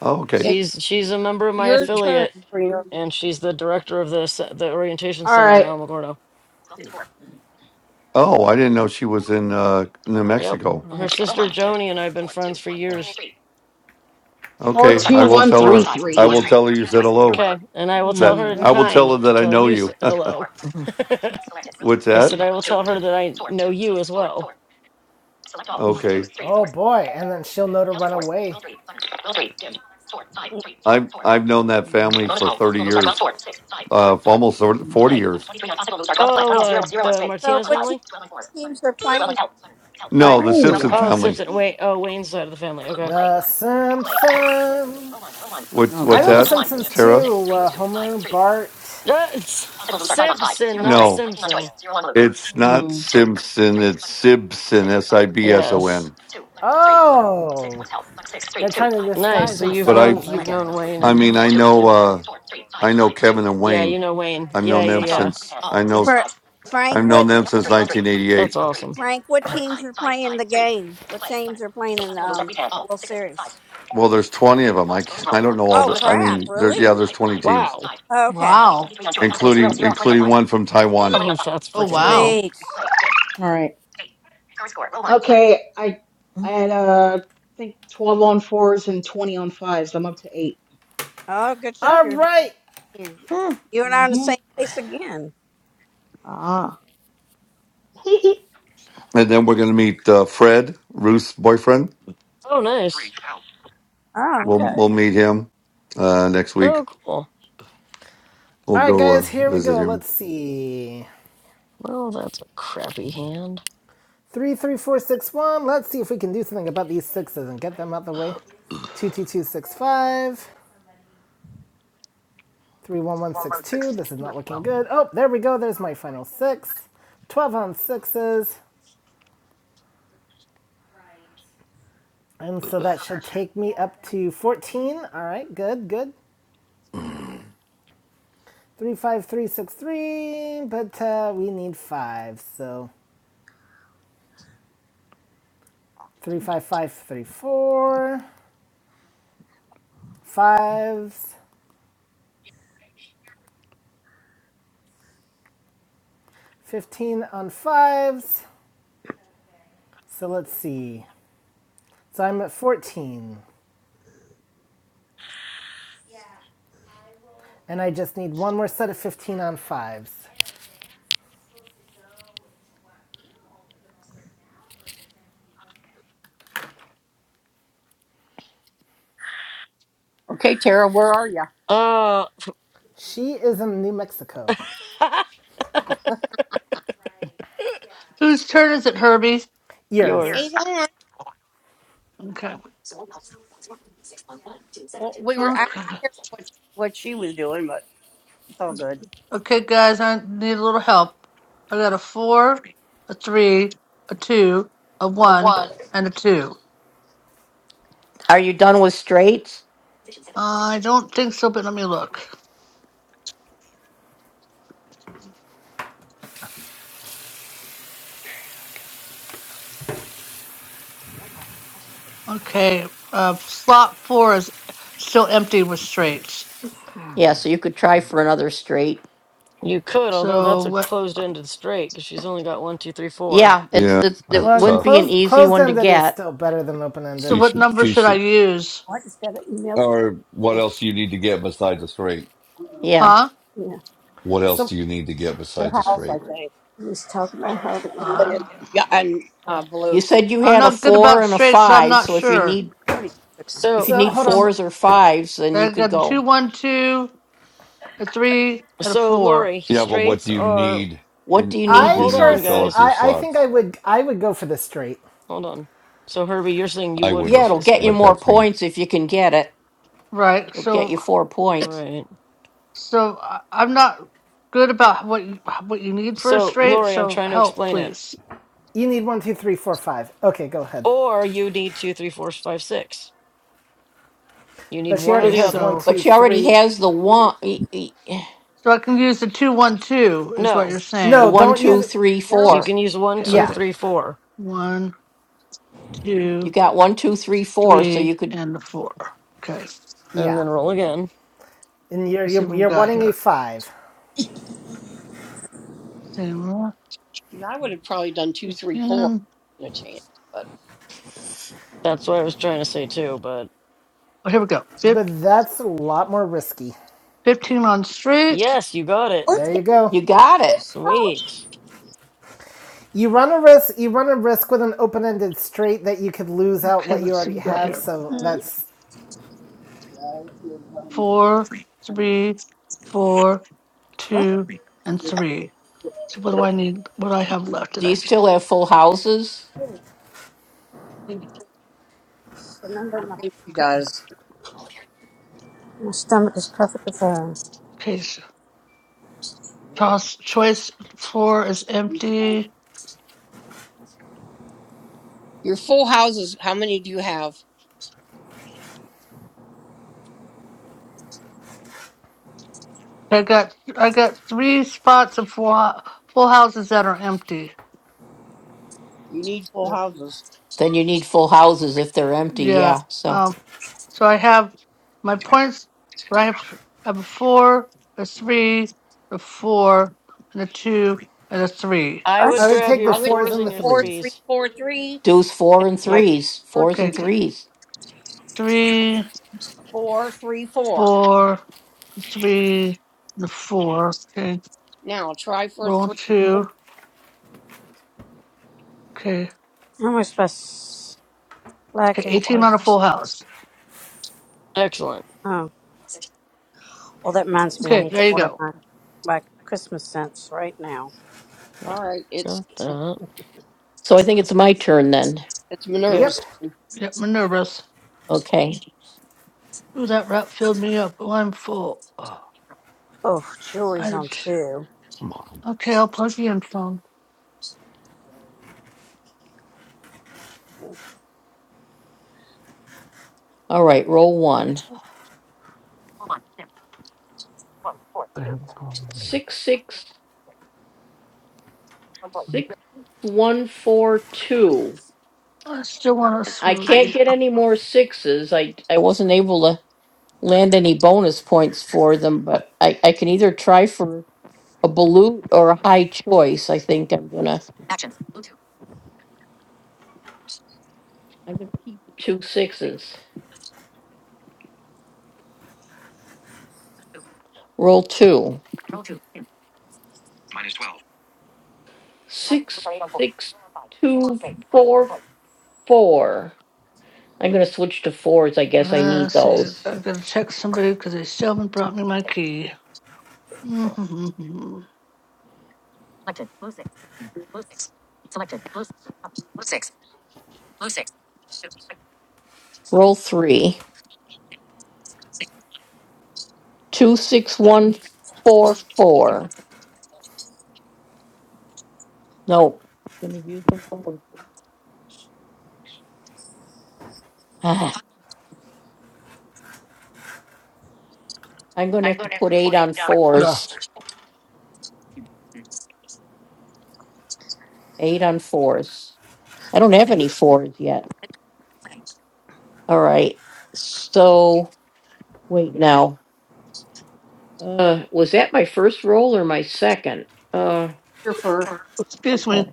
Oh, okay. it's She's she's a member of my your turn affiliate for your and she's the director of the ce- the All orientation center in right. Alamogordo. Oh, I didn't know she was in uh New Yep. All Mexico. Her right. sister Joni and I've been friends for years. Four Okay, I two will one tell three her three. I Hmm. will tell her you said hello. Okay, and I will tell That her in I will tell kind her to that Okay. I tell know you s- you. <laughs> hello. What's I said that? I will tell her that I know you as well. Okay. Oh boy! And then she'll know to run away. Mm, I've I've known that Mm, family for 30 years. Uh almost mm. 40 years. Oh, Wow. uh, the So Martinez what te- family. teams are Oh. playing, No, Frank? the Damn. Simpson Oh, family. Simpson. Wait. Oh, Wayne's side of the family. Okay. The Simpsons. What Oh I what's love god. The that? Hmm. All Simpsons Tara? too. Uh, Homer, Bart. Ah, it's Simpson, not No, Simpson. it's not Simpson. It's Sibson. S I B S O Yes. N. Oh, they're trying to Nice. disguise So you've But I, known themselves. I you've get known it. Wayne, I and mean, I know, uh, I know Kevin and yeah, Wayne. you know Wayne. I've Yeah, known yeah, them yeah. since I know For Frank, I've known what them since That's 1988. awesome. Frank, what teams are playing the game? What teams are playing in um the World Series? Well, there's 20 of them. I can't- I don't know all Oh the. I crap! mean, there Really? yeah, there's 20 teams, Wow. Okay. Wow. including including one from Taiwan. Oh, that's Oh, freaking cool. wow. Sweet. right. Okay. I I had uh I think twelve on fours and twenty on fives. I'm up to eight. Oh, good job. All You're right, winning. <clears throat> you and I are in the Mm-hmm. same place again. Ah. <laughs> All And then we're going to meet uh, Fred Ruth's boyfriend. Oh, three. nice. Help. Oh, Back. We'll okay. we'll meet him uh, next week. Oh, cool. We'll all right, go uh, guys. Here we visit go. Let's him. see. Well, that's a crappy hand. Three, three, four, six, one. Let's see if we can do something about these sixes and get them out of the way. Two, two, two, six, five. Three, one, one, six, two. This is not looking good. Oh, there we go. There's my final six. Twelve on sixes. And so that should take me up to 14. All right, good, good. 35363, but uh, we need 5. So 35534, fives, 15 on 5s. So let's see. So I'm at 14, and I just need one more set of 15 on 5s. Okay, Tara, where are you? Uh, She is in New Mexico. <laughs> Whose turn is it, Herbie? Years. yours. Ethan, Okay. Well, we were asking Okay. her what what she was doing, but it's all good. Okay, guys, I need a little help. I got a four, a three, a two, a one, and a two. Are you done with straights? I don't think so, but let me look. Okay. Uh, slot four is still empty with straights. Yeah, so you could try for another straight. You could, although So that's a what? closed-ended straight because she's only got one, two, three, four. Yeah, it's Yeah, it's That's it Well, wouldn't be tough. an closed easy closed one to ended is get. still better than open So ended. She what number should I should. use? Or what else do you need to get besides a straight? Yeah. Huh? What else So do you need to get Her besides a house, I straight? think. And, Uh, and, yeah, and uh, You Volutes. said you I'm had a not good 4 about and a straight, so I'm 5, not so if you sure. need I already took my heart if you So, rate. so need hold s- on. fours or fives, then you I could got a two, go. one, two, a three, and a so four. Lori, Yeah, but what straights do you are. need What do and you what need do I you be Hold need to on, fill personally, up guys. your I, I think I slots? would, I would go for the straight. Hold on. So Herbie, you're saying you I would go Yeah, for wouldn't, it'll the get you straight. but more that's me. points if you can get it. Right. It'll get you So, 4 points. Right. so I- I'm not good about what you, what you need for a So straight. Lori, I'm So trying to help, explain it. please. You need one, two, three, four, five. Okay, go ahead. Or you need two, three, four, five, six. You need But she one or already Okay. the has other. one, So, But two, she already three. has the one e- e- so I can use the two, one, two is what No. you're the No, saying. one, don't No, two, use. three, no. You four. can use one, Okay. two, Yeah, Okay. three, four, One, You two, got one, two, three, four, so three, you could and the four. Okay. Let's and yeah. then roll again. And you're see you're what we you're got wanting a here. five, Same See, I would have probably done two, three, four one. in a chance, but That's what I was trying to say too, but Oh, here we go. Fif- but that's a lot more risky. 15 on straight. yes, you got it. There you go. you got it. Sweet. You run a risk. You run a risk with an open-ended straight that you could lose out Okay, what you let's see already what we got have. here. So that's. Four, three, four, What? two, and three. So what do I need? What do I have left that Do I you still need? have full houses? I think she Okay. does. My stomach is perfectly fine. Okay. So toss choice four is empty. Your full houses, how many do you have? I got I got three spots of full, hou- full houses that are empty. You need full houses. Then you need full houses if they're empty. Yeah. Yeah. So um, So I have my points. right? I have I have a four, a three, a four, and a two, and a three. I I would What? would grab take the your I would fours take fours and and the the your four, threes. three, threes. four, three, deuce four and and try Yep. threes, for fours Okay, and okay. threes. Three, four, three, four. four, three, and a four. Okay. Now try for Roll three. four. two. Okay. How am I supposed to black Okay, and eighteen cook? on a full house. Excellent. Oh, well, that reminds me. I Okay, need to there you order go. my my Christmas scents right now. Okay, All right, it's Got that. So I think it's my turn then. it's Yep. Yep. Minerva's Yep, I'm nervous. Okay. Ooh, that rap filled me up. Oh, I'm full. Oh, Oh, jewelry's I on too. Come on. okay, I'll plug the in phone. All right. Roll one. Six, six, six, one, four, two. I still want a I smoothie. can't get any more sixes. I, I wasn't able to land any bonus points for them, but I, I can either try for a balut or a high choice. I think I'm going to I'm gonna keep two sixes. Roll two. Minus 12. six six two four four. I'm gonna switch to fours. I guess I I need said, those. I gotta text somebody because they still haven't brought me my key. Roll three. Two six one four four. No. Gonna use the fours. Ah, <sighs> I'm gonna have to put eight on fours. Eight on fours. I don't have any fours yet. All right. So wait now. Uh, was that my first roll or my second? Uh, here for. <laughs> Excuse me,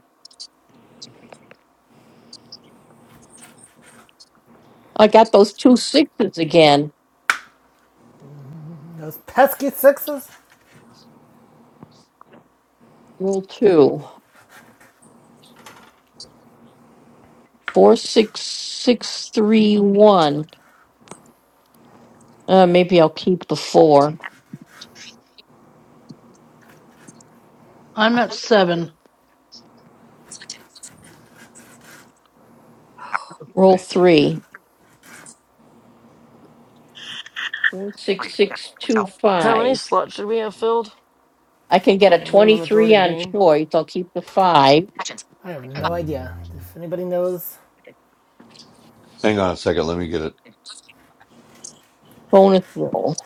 I got those two sixes again. Those pesky sixes. Roll two. Four six six three one. Uh, maybe I'll keep the four. I'm at seven. Roll three. Four six six two How many five. slots should we have filled I can get a other than the majority twenty-three of the on game? choice. I'll keep the five. I have no idea Mm. if anybody knows. Hang on a second, let me get it. Bonus roll.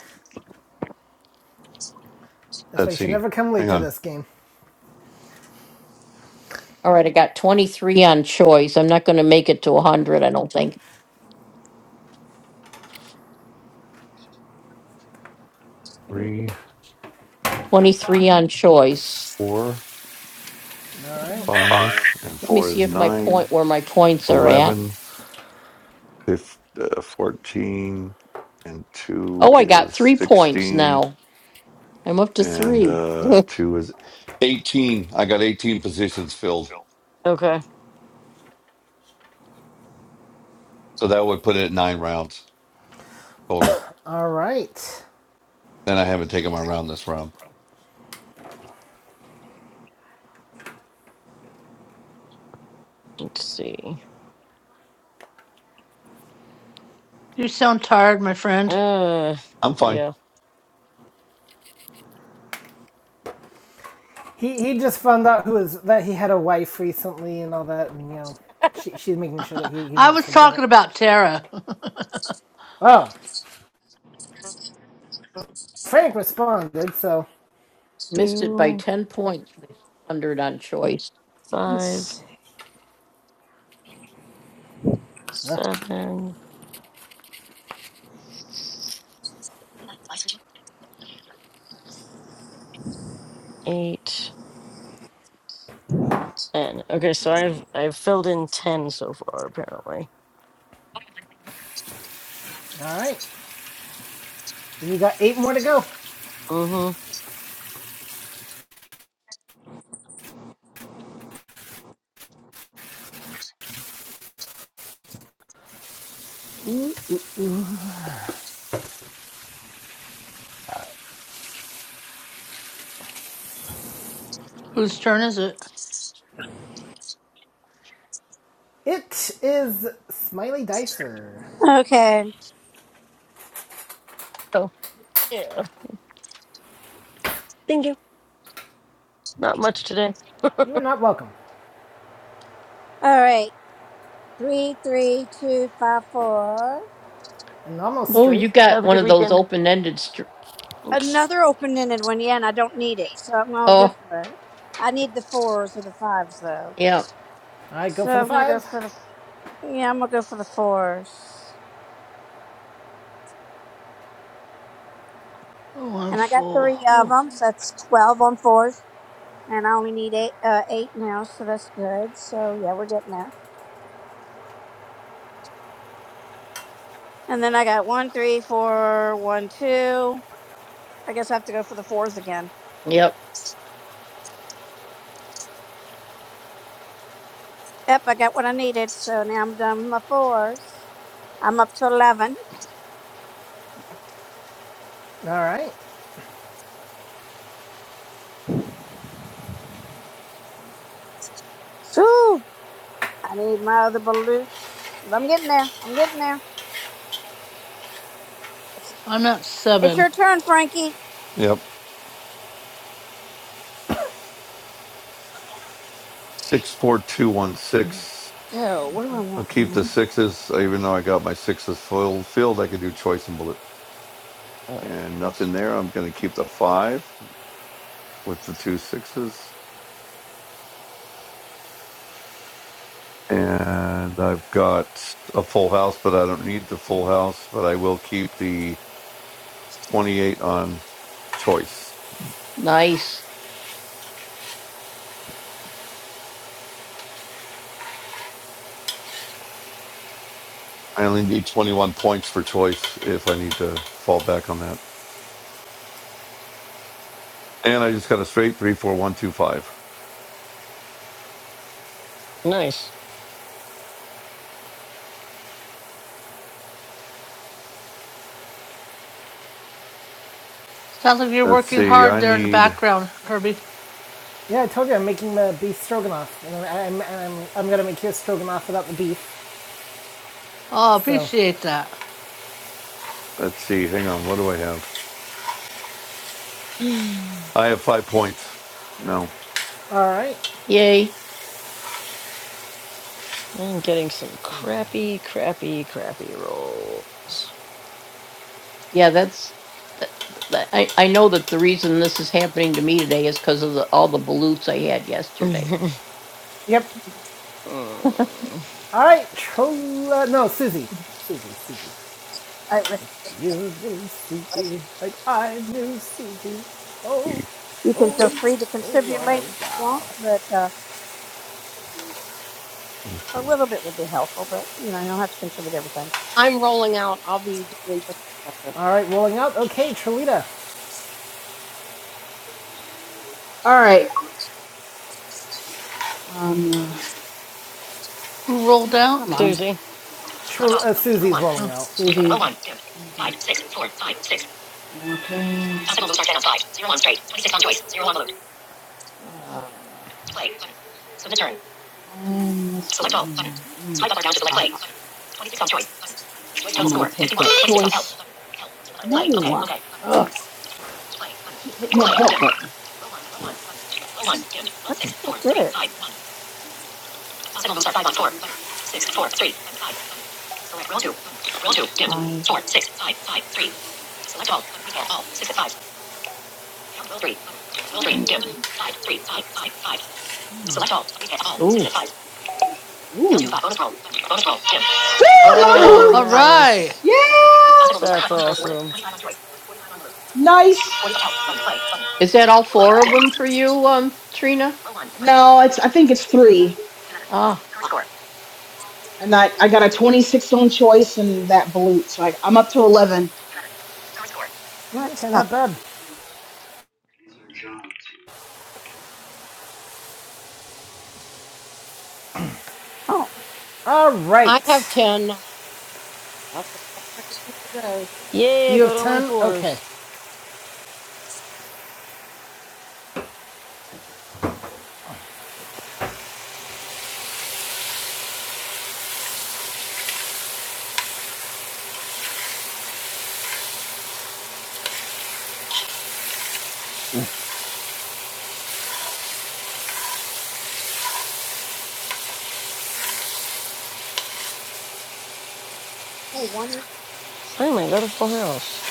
That's why Let's you should see. never come late Hang to on. this game. All right, I got twenty-three on choice. I'm not going to make it to a hundred. I don't think. Three, Twenty-three on choice. four, All right. Five. five, and Let me four see is if my nine, point where my points are at. eleven, fif- uh, fourteen, and two Oh, I got is three points sixteen. now. I'm up to and three. uh two is 18 i got 18 positions filled Okay. so that would put it at nine rounds total All right. and i haven't taken my round this round Let's see. You sound tired, my friend. Uh, i'm fine yeah. He he just found out who is that he had a wife recently and all that, and you know, she she's making sure that he <laughs> he I won't was forget talking it. about Tara. <laughs> Oh, Frank responded. So, <laughs> Missed it by Two, ten points. one Hundred on choice. five, Let's uh, seven, eight, ten. Okay, so I've I've filled in ten so far apparently. all right. You got eight more to go. Mm-hmm. Whose turn is it? It is Smiley Dicer. see. Okay. So yeah. Thank you. Not much today. You are not welcome. All right. Three, three, two, five, four. And almost Oh, straight. you Have got a one good of those weekend. open ended. Str- Thanks. another open ended one. Yeah, and I don't need it, so I'm all good oh, for that. I need the fours or the fives though, yeah, All right, go so for the I'm gonna go five. for the yeah. I'm gonna go for the fours, Oh, I'm and I got full. three of Oof. them, so that's twelve on fours, and I only need eight uh, eight now, so that's good. So yeah, we're getting there. And then I got one, three, four, one, two. I guess I have to go for the fours again. yep, Yep, I got what I needed, so now I'm done with my fours. I'm up to eleven. All right. Whew, I need my other balloons. But I'm getting there. I'm getting there. I'm at It's seven. your turn, Frankie. yep six four two one six So, where am i'll keep the sixes even though i got my sixes full filled i could do choice and blue All and right. nothing there i'm going to keep the five with the two sixes and i've got a full house but i don't need the full house but i will keep the 28 on choice nice, I only need 21 points for choice if I need to fall back on that. And I just got a straight three, four, one, two, five. Nice. Sounds like you're Let's working see. hard I there in the need, background, Herbie. Yeah, I told you I'm making the beef stroganoff, and I'm I'm, I'm, I'm gonna make your stroganoff without the beef. Oh, So. appreciate that. let's see. Hang on. What do I have? <sighs> I have five points. No. All right. yay, I'm getting some crappy, crappy, crappy rolls. yeah. That's that- I. I know that the reason this is happening to me today is because of the, all the balutes I had yesterday. <laughs> Yep. Mm. All right. Chola. No, Susie. Susie, Susie. I? I You knew Susie like I knew Susie. Oh, you can oh, feel free to contribute later if oh, you want, but uh, a Okay. little bit would be helpful, but you know, you don't have to contribute everything. I'm rolling out. I'll be done in just a second. what a... All right, rolling out. Okay, Trelita. right. Um. Who rolled Oh come out? on. Susie. Tr- uh, Susie's rolling Oh. out. Susie. Okay. Uh, I'm Mm. Uh, will Ugh. Keep hitting button. what did it do? Mm. Ooh, Ooh. Woo! Another Oh, <gasps> All balloon. right. nice. Yeah. That's awesome. Nice. is that all four of them for you, um, Trina? No, it's. I think it's three, Ah, and I I got a 26 on choice and that balut, so I, I'm up to 11. What Okay, stuff? not bad. Oh, All right. I have ten. That's a few today. Yeah, I You have got all my 10? Okay. fours. Finally, got a full house.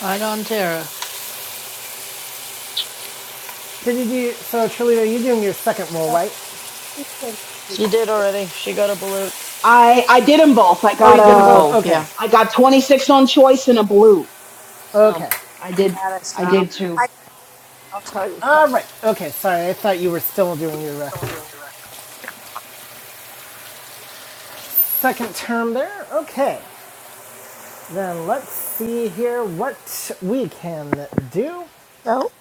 Right on, Tara. Did you do... So, Trelita, you're doing your second roll, right? She did already. She got a balut. I I did them both. I Oh, got she you did did them them a both? both. Okay. Yeah, I got 26 on choice and a blue, so Okay. I did got us, I did um, two. I, I'll tell you. So, All right. Okay, sorry. I thought you were still doing your uh, second term there. Okay. Then let's see here what we can do. So,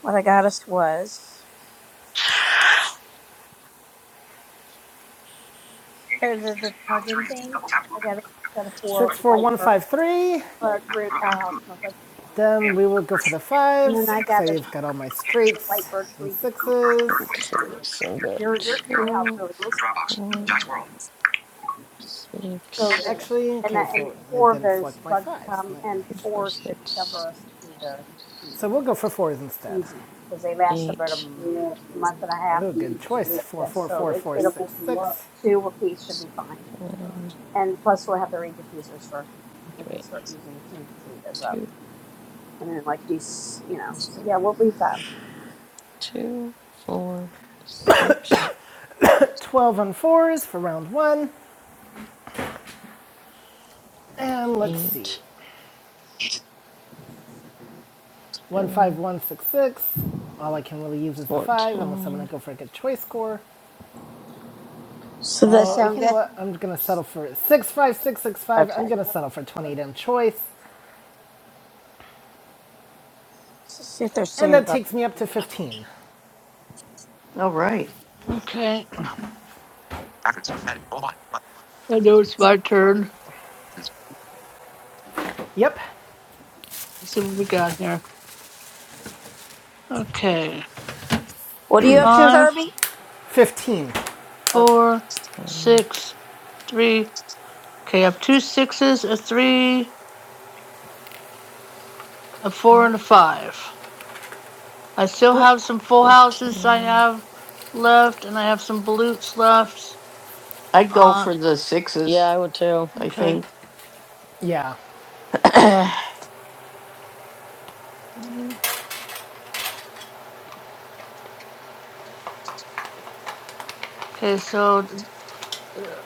what I got us was. Eight, four, six. Top of screen. Double tap. to Open. Six, four, one, five, three. Then we will go for the And then fives I got because I've got all my straights and sixes. Okay, so I've got your house. two, four, So six, the, Actually, and, I, okay, and so I four of didn't those select my plugs fives. come, Not and two, nice. four, four should cover six, us through the So season. we'll go for fours instead. easy because they last about a eight, month and a half. Oh, good choice. Four, Yes, four, so four, it, four, it'll be six, six. two a piece should be fine. ten. And plus, we'll have the reed diffusers for we Okay, can wait. start using as soon as the tree goes up. Two, And then like these, you know. So yeah, we'll be fine. two, four, six, Twelve on fours for round one. And let's see. eight, One, five, ten, one, six, six. All I can really use is the five unless I'm gonna fourteen, go for a good choice score. So that Oh, sound you know good? what? I'm gonna settle for six five six six five. I'm Okay. gonna settle for twenty damn choice, Let's just see if they're and singing that about. takes me up to fifteen. Okay. I know it's my turn. Yep, Let's see what we got here. Okay. What are you up to, Five, Herbie? fifteen. Okay. four, um, six, three. Okay, I have two sixes, a three, a four, three, and a five. I still have some full houses I fifteen. have left, and I have some blutes left. I'd go Uh, for the Yeah, sixes. I would too. I okay. think. Yeah, <clears throat> yeah, Okay, so. th- uh,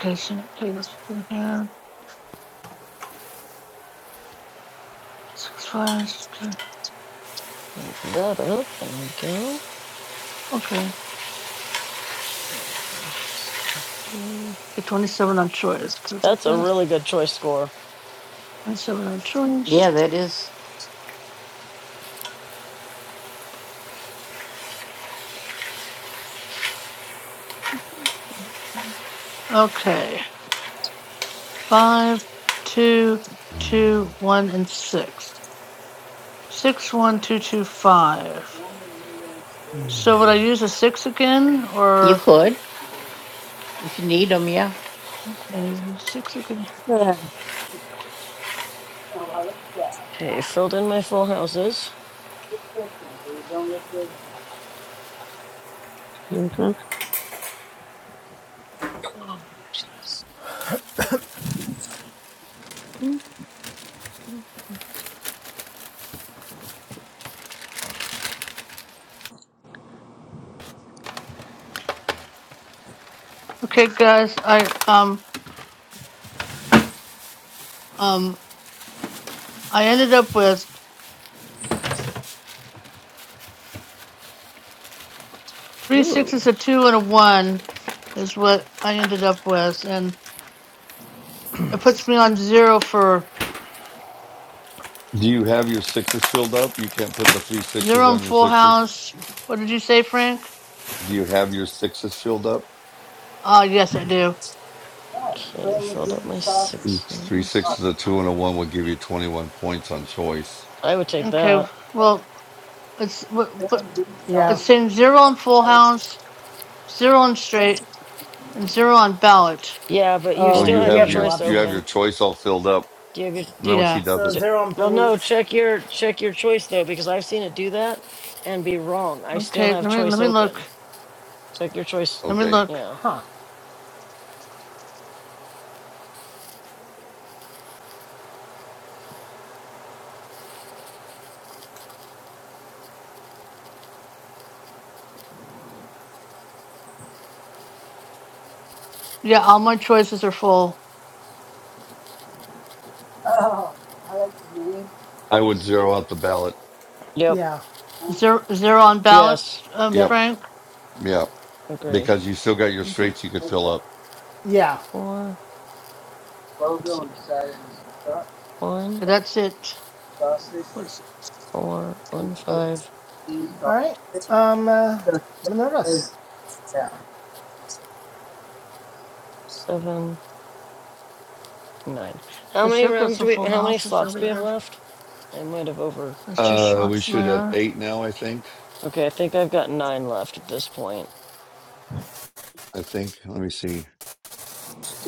Okay, so okay, let's do here. Six, five, six, two. Open that up. There we go. Okay. Um, so Three. Okay, 27 on choice. Can we take That's a that? really good choice score. 27 on choice. that is. Okay. Five, two, two, one, and six. Six one two two five. So would I use a six again You or could. If you need them, yeah. uh, six again? Okay, filled in my full houses. Mm-hmm. <clears throat> Okay, guys. I um um I ended up with three sixes, Ooh. a two, and a one is what I ended up with, and it puts me on zero for Do you have your sixes filled up? You can't put the three sixes zero on and your full sixes. house. What did you say, Frank? Do you have your sixes filled up? Uh yes, I do. Okay, filled up my It's Three sixes. Uh, sixes, a two, and a one would give you 21 points on choice. I would take Okay, that. well it's wh- but yeah. it's saying zero on full house, zero on straight, and zero on ballot. Yeah, but you Oh, Oh, still you have you your have have no your, choice you have options. your open. choice all filled up. Do you have your do, No, she Yeah. So doesn't. ch- zero on Well, balut. no, check your check your choice though because I've seen it do that and be wrong. I still Okay, let have me let choice me look. open. Check your choice. Let me Okay. look. Yeah. Yeah, all my choices are full. I would zero out the ballot. Yep. Yeah. Zero, zero on ballot, Yes. uh, Yep. Yep. Frank. Yeah. Agreed. because you still got your Okay, straights you could fill up. Yeah. Four. Let's see. yeah, One, that's it. What's, four, one, five, All right. Uh, Minerva. seven, nine. How so many still got rounds do some we? full How many houses. slots Let do me we have add- left? I might have over. There's two Uh, we slots should have there. eight now, I think. Okay, I think I've got nine left at this point. I think. Let me see.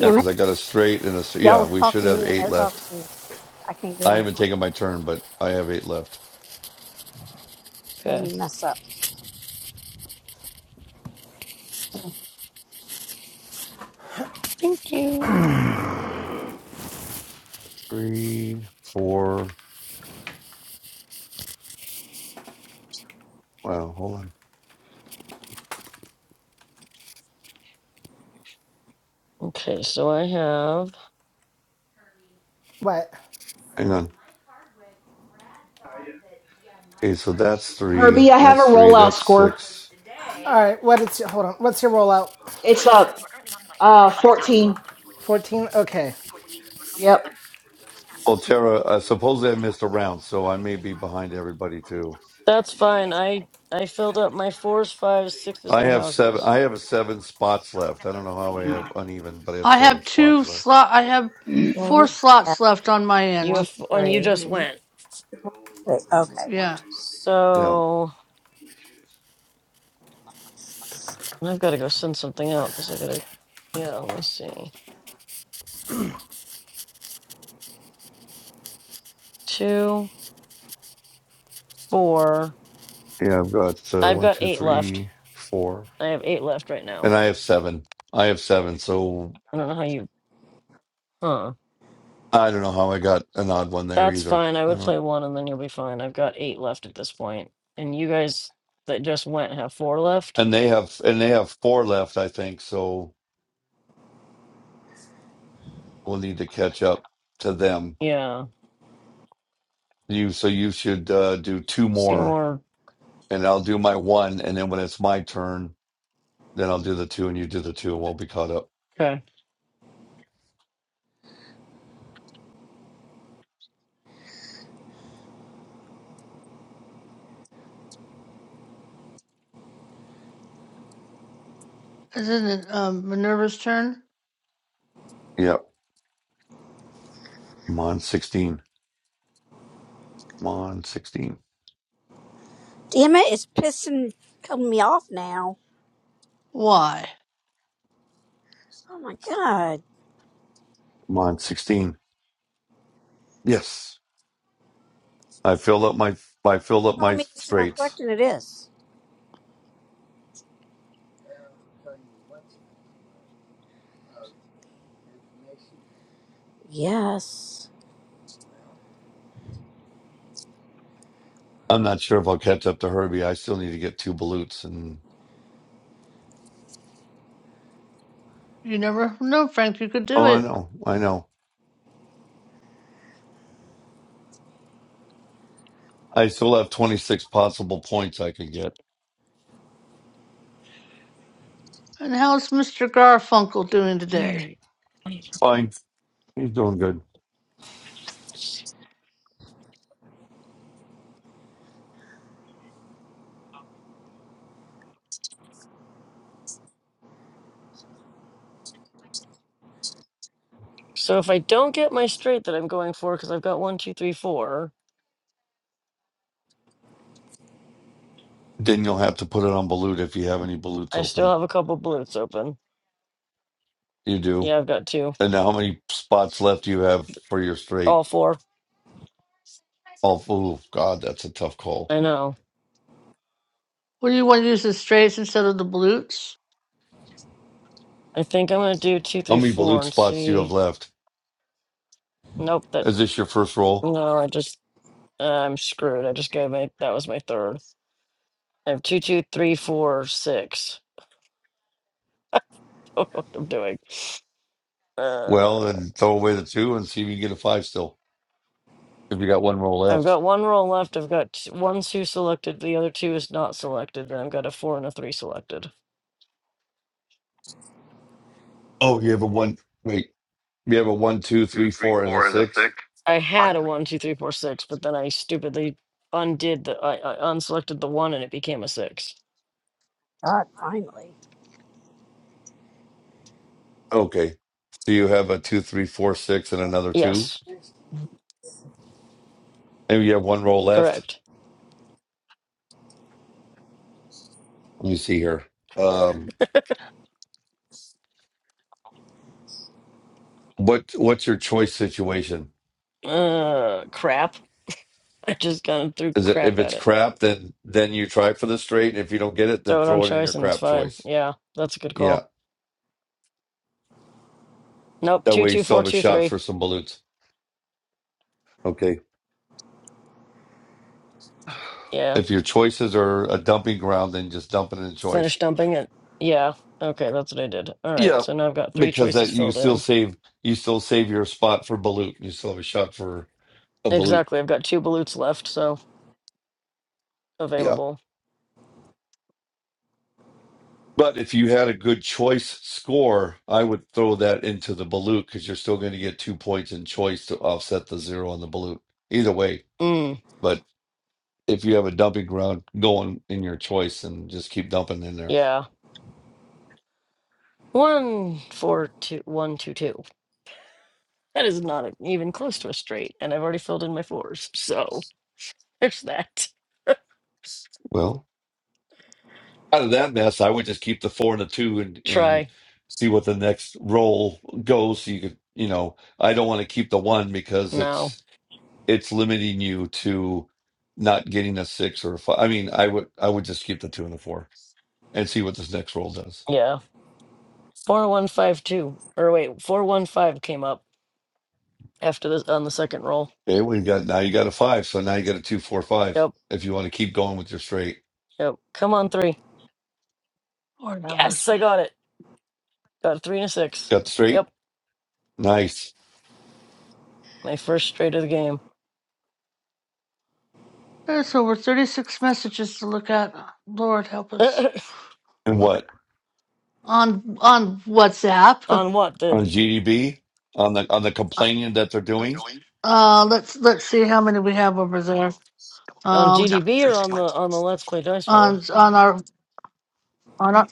Yeah, it! because I got a straight and a st- Y'all yeah. We talk should to have me and eight they're talking left. to me. I can't do what I I'm haven't doing. taken my turn, but I have eight left. Made Okay. me mess up. Thank you. Three, four. Wow, hold on. Okay, so I have. What? Hang on. Okay, so that's three. Herbie, I have That's a three. rollout That's score. six. All right. What is your, hold on? What's your rollout? It's up. Uh, 14. Fourteen. Okay. Yep. Well, Tara, uh, supposedly I missed a round, so I may be behind everybody too. That's fine. I I filled up my fours, fives, sixes, I and have seven. houses. I have seven spots left. I don't know how I have uneven, but I have I seven have spots two left. slot. I have four Okay. slots left on my You end. have, One f- and you three. just and went. Okay. Yeah, Yeah. So I've got to go send something out because I gotta. Yeah, let me see. Two, four. Yeah, I've got uh, I've one, got two, eight left. three, four, I have eight left right now. and I have seven. I have seven, so I don't know how you. Huh. I don't know how I got an odd one there That's either. fine. I I would don't. play one and then you'll be fine. I've got eight left at this point. And you guys that just went have four left? And they have and they have four left, I think. So we'll need to catch up to them. Yeah. You so you should uh, do two more, Seymour. and I'll do my one, and then when it's my turn, then I'll do the two, and you do the two, and we'll be caught up. Okay. isn't it um, Minerva's turn? Yep. I'm on sixteen. I'm on sixteen. Damn it, it's pissing coming me off now. Why? Oh my god. I'm on sixteen. Yes, I filled up my I filled up Telling my me this is not straights. correct and it is. Yes. I'm not sure if I'll catch up to Herbie. I still need to get two balutes and You never know, Frank. You could oh, do I it. know, I know. I still have 26 possible points I can get. And how's Mr. Garfunkel doing All today? right. Fine, he's doing good. So if I don't get my straight that I'm going for, because I've got one, two, three, four, Then you'll have to put it on balut if you have any balutes I still open. have a couple blues open. You do. Yeah, I've got two. And now, how many spots left do you have for your All straight? four. Oh, ooh, God, that's a tough call. I know. What do you want to use the strays instead of the blutes? I think I'm gonna do two, How three, many four balut and spots do you have see. left? Nope, that Is this your first roll? no, I just uh, I'm screwed. I just gave my that was my third. I have two, two, three, four, six. <laughs> I don't know what I'm doing. Uh, Well, then throw away the two and see if you can get a five still. If you got one roll I've left. got one roll left. I've got t- one two selected. The other two is not selected. Then I've got a four and a three selected. Oh, you have a one. Wait, you have a one, two, three, four, and a six. I had a one two three four six, but then I stupidly undid the I, I unselected the one and it became a six. God, finally. Okay, so you have a two, three, four, six, and another two, Yes, and you have one roll left. correct. Let me see here. Um, what what's your choice situation? Uh, crap. <laughs> I just kind of threw Is it crap if it's at it. crap, then then you try for the straight, and if you don't get it, then Throw it on throw it in your choice and it's crap fine. choice. Yeah, that's a good Yeah, call. Nope. that Two way you two still four have a two shot three. for some balloons. Okay. <sighs> Yeah. If your choices are a dumping ground, then just dump it in Finish choice. dumping it. Yeah. Okay, that's what I did. All right. Yeah, So now I've got three because choices that you filled still in. save you still save your spot for Balut. You still have a shot for a Balut. Exactly. I've got two balutes left, so Yeah. available. But if you had a good choice score, I would throw that into the Balut because you're still going to get two points in choice to offset the zero on the Balut. Either way. Mm, But if you have a dumping ground going in your choice and just keep dumping in there. yeah. One, four, two, one, two, two. That is not a- even close to a straight, and I've already filled in my fours, so <laughs> there's that. Well, out of that mess, I would just keep the four and the two and, and Try. see what the next roll goes. So you could, you know, I don't want to keep the one because it's No. it's limiting you to not getting a six or a five. I mean, I would I would just keep the two and the four and see what this next roll does. Yeah. Four, one, five, two. Or wait, four, one, five came up after this on the second roll. Okay, we got now you got a five, so now you got a two, four, five. Yep. If you want to keep going with your straight, Yep. Come on, three. Or numbers? Yes, I got it. Got a three and a six. got the straight, Yep. nice. My first straight of the game. There's over 36 messages to look at. Lord help us. And what On on <laughs> WhatsApp. on what? The on GDB on the on the complaining that they're doing, Uh, let's let's see how many we have over there. on Um, GDB or on the on the Let's Play Dice World? on on our on our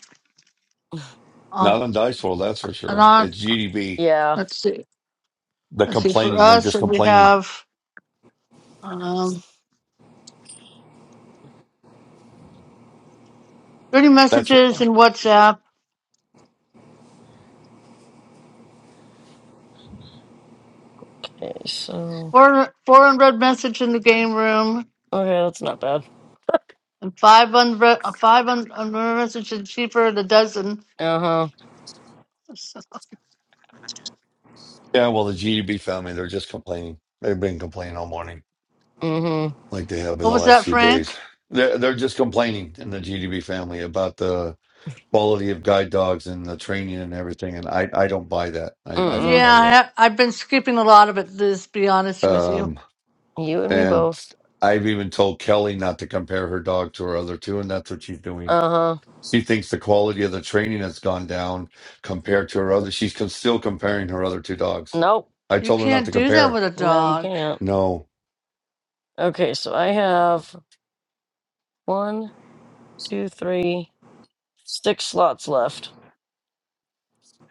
on not on dice roll, that's for and sure. on. It's GDB. Yeah. Let's see. The Let's see. For complaining, they're us, just and we complaining. have um 30 That's what. messages in WhatsApp, Okay, so four four unread message in the game room, okay, that's not bad. and five unread uh, five un, unread messages cheaper than a dozen. Uh huh. Yeah, well, the GDB family, they're just complaining. They've been complaining all morning. Mm like they have in What the was last that, few Frank? days. They're, they're just complaining in the GDB family about the quality of guide dogs and the training and everything. And I, I don't buy that. hmm. I, I don't Mm mm. buy Yeah, I that. have, I've been skipping a lot of it, Liz, to be honest with you. Um, You and me and both. I've even told Kelly not to compare her dog to her other two, and that's what she's doing. Uh huh. She thinks the quality of the training has gone down compared to her other. She's con- still comparing her other two dogs. Nope. I You told her not to can't do that compare. with a No, you dog. can't. No. Okay, so I have one, two, three, six slots left.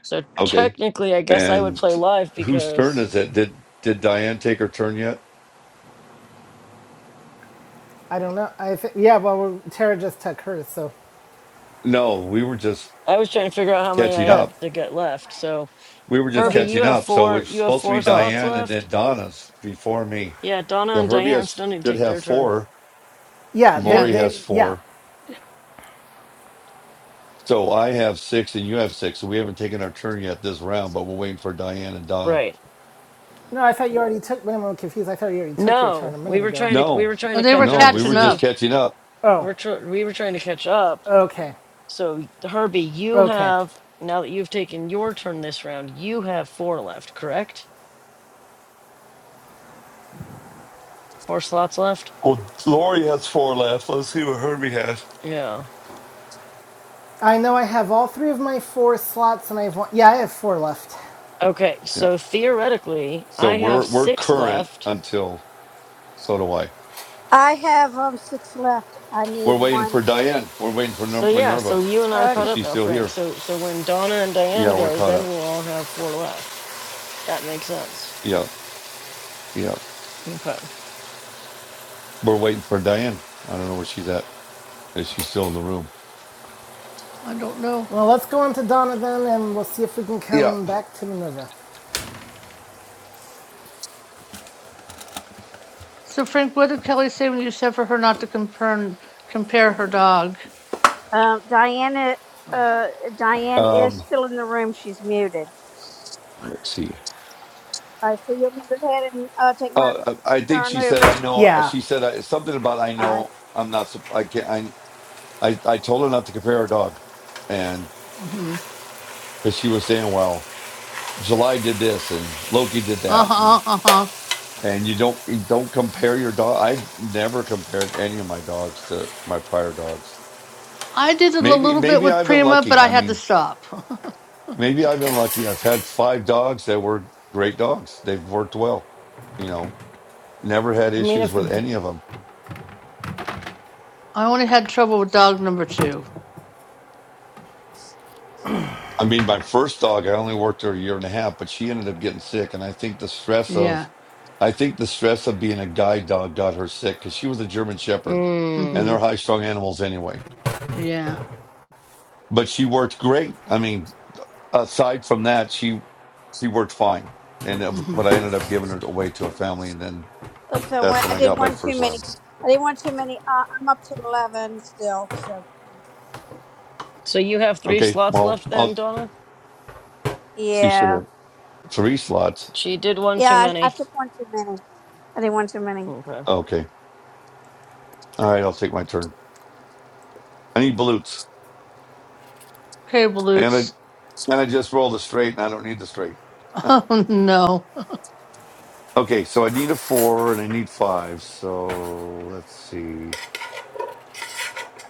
So Okay. technically, I guess I would And play live whose turn because is it? Did did Diane take her turn yet? I don't know. I think yeah. Well, Tara just took hers, so No, we were just I was trying to figure out how many I catching oh, had up. to get left. So We were just Herbie, nothing. you catching have up. So four. it's You have supposed to four be Oh, slots Diane and then left. Donna's before me. Yeah, Donna Yeah, and Herbie Diane has, still need to should take have their turn. four. yeah. They Lori Yeah. they has yeah. four. So I have six and you have six. So we haven't taken our turn yet this round, but we're waiting for Diane and Donna. Right. No, I thought you already took. Wait, I'm confused. I thought you already took your turn a No, we minute were ago. trying to we No, were trying No, to they were catch no, up to we were catching just see up. catching up. Oh, we're tr- we were trying to catch up. okay, So Herbie, you okay. have now that you've taken your turn this round, you have four left, correct? Four slots left. Well, Lori has four left. Let's see what Herbie has. Yeah. I know I have all three of my four slots, and I have one. Yeah, I have four left. Okay. Yeah. So theoretically, So I have we're we're six current left. until so do I. I have um six left. I We're need waiting one. for Diane. We're waiting for So Ner- yeah. So Minerva you and I are if caught Okay. up she's now, still Frank. here. So so when Donna and Diane Yeah, we're go, caught then up. we'll all have four left. That makes sense. Yeah, yeah. Okay. We're waiting for Diane. I don't know where she's at. Is she still in the room? I don't know. Well, let's go on to Donna then, and we'll see if we can Yeah. come back to Minerva. So, Frank, what did Kelly say when you said for her not to compare, compare her dog? Um Diana uh Diane is Um, still in the room. She's muted. let's see. Alright, so you will be go ahead and uh, take my Uh, I I think turn, she said Ruby? I know. uh, Yeah, She said I, something about I Alright. know. I'm not. sup- I can't. I, I I told her not to compare her dog, and hmm but she was saying, well, July did this and Loki did Uh that, and huh, uh huh. and you don't you don't compare your dog. I never compared any of my dogs to my prior dogs. I did it a Maybe little bit maybe with I've been Prima, but lucky. I I had mean. to stop. Maybe I've been lucky. I've had five dogs that were great dogs. They've worked well. You know, never had I mean, issues if the with any of them. <laughs> I only had trouble with dog number two. I mean, my first dog, I only worked her a year and a half, but she ended up getting sick. And I think the stress Yeah. of, I think the stress of being a guide dog got her sick because she was a German Shepherd and Mm. hmm. they're high strung animals anyway. Yeah. But she worked great. I mean, aside from that, she, she worked fine. And, uh, hmm. but I ended up giving her away to a family. And then Oops, I that's went when I I did got my one too first many. lab. I did one too many. Uh, I'm up to eleven still, so you know. So you have three Okay. slots Well, left I'll then, Donna. You should yeah. have three slots. She did one too Yeah, I, I many. took one too many. I did one too many. Okay. Okay. All right, I'll take my turn. I need balutes. Okay, And I Balutes. <laughs> and I just rolled a straight and I don't need the straight. <laughs> Oh, no. Okay, so I need a four and I need five. So let's see.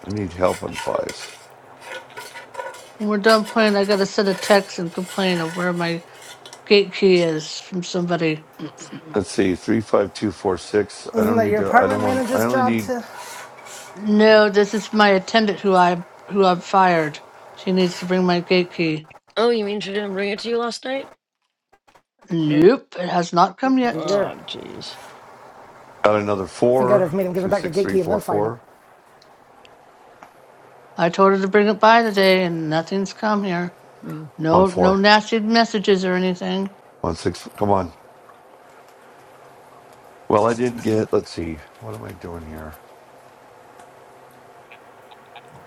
I need help on fives. When we're done playing, I gotta send a text and complain of where my gate key is from somebody. Let's see. Three, five, two, four, six. I isn't don't that need your to I don't apartment want I manager's only job need to? <clears throat> no, this is my attendant who I who I've fired. She needs to bring my gate key. Oh, you mean she didn't bring it to you last night? Nope, it has not come yet. Yeah. Oh, jeez. got another I think I'd four. have made him give him Two, back the six, gate three, key and four, then fired him. four. I told her to bring it by today, and nothing's come here. Mm. on, No, no four. nasty messages or anything. on, six. Come on. Well, I didn't get let's see. What am I doing here?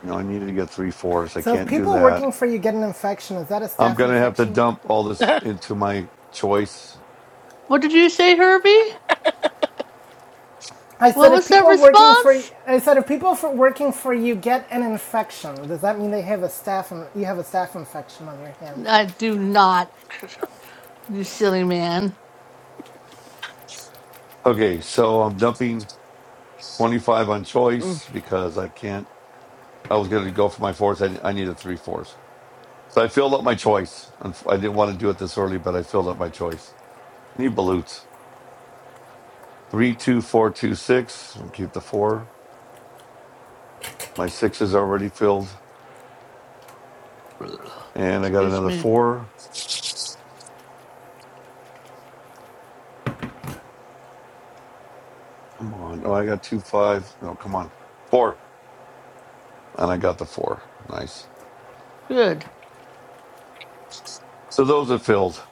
No, I needed to get three fours. I So if can't do people that. working for you get an infection, is that a I'm staph gonna have to infection? dump all this <laughs> into my choice. What did you say, Herbie? I What said if was that people working for you. response? I said if people for working for you get an infection, does that mean they have a staph you have a staph infection on your hands? I do not. <laughs> You silly man. Okay, so I'm dumping 25 on Mm, choice because I can't. I was gonna go for my fours. I, I need a three fours. So I filled up my choice. Unf- I didn't want to do it this early, but I filled up my choice. I need balutes. Three, two, four, two, six. I keep the four. My six is already filled, and I got Excuse another me. four. Come on. Oh, I got two five. No, come on. Four, and I got the four. Nice. Good. So those are filled.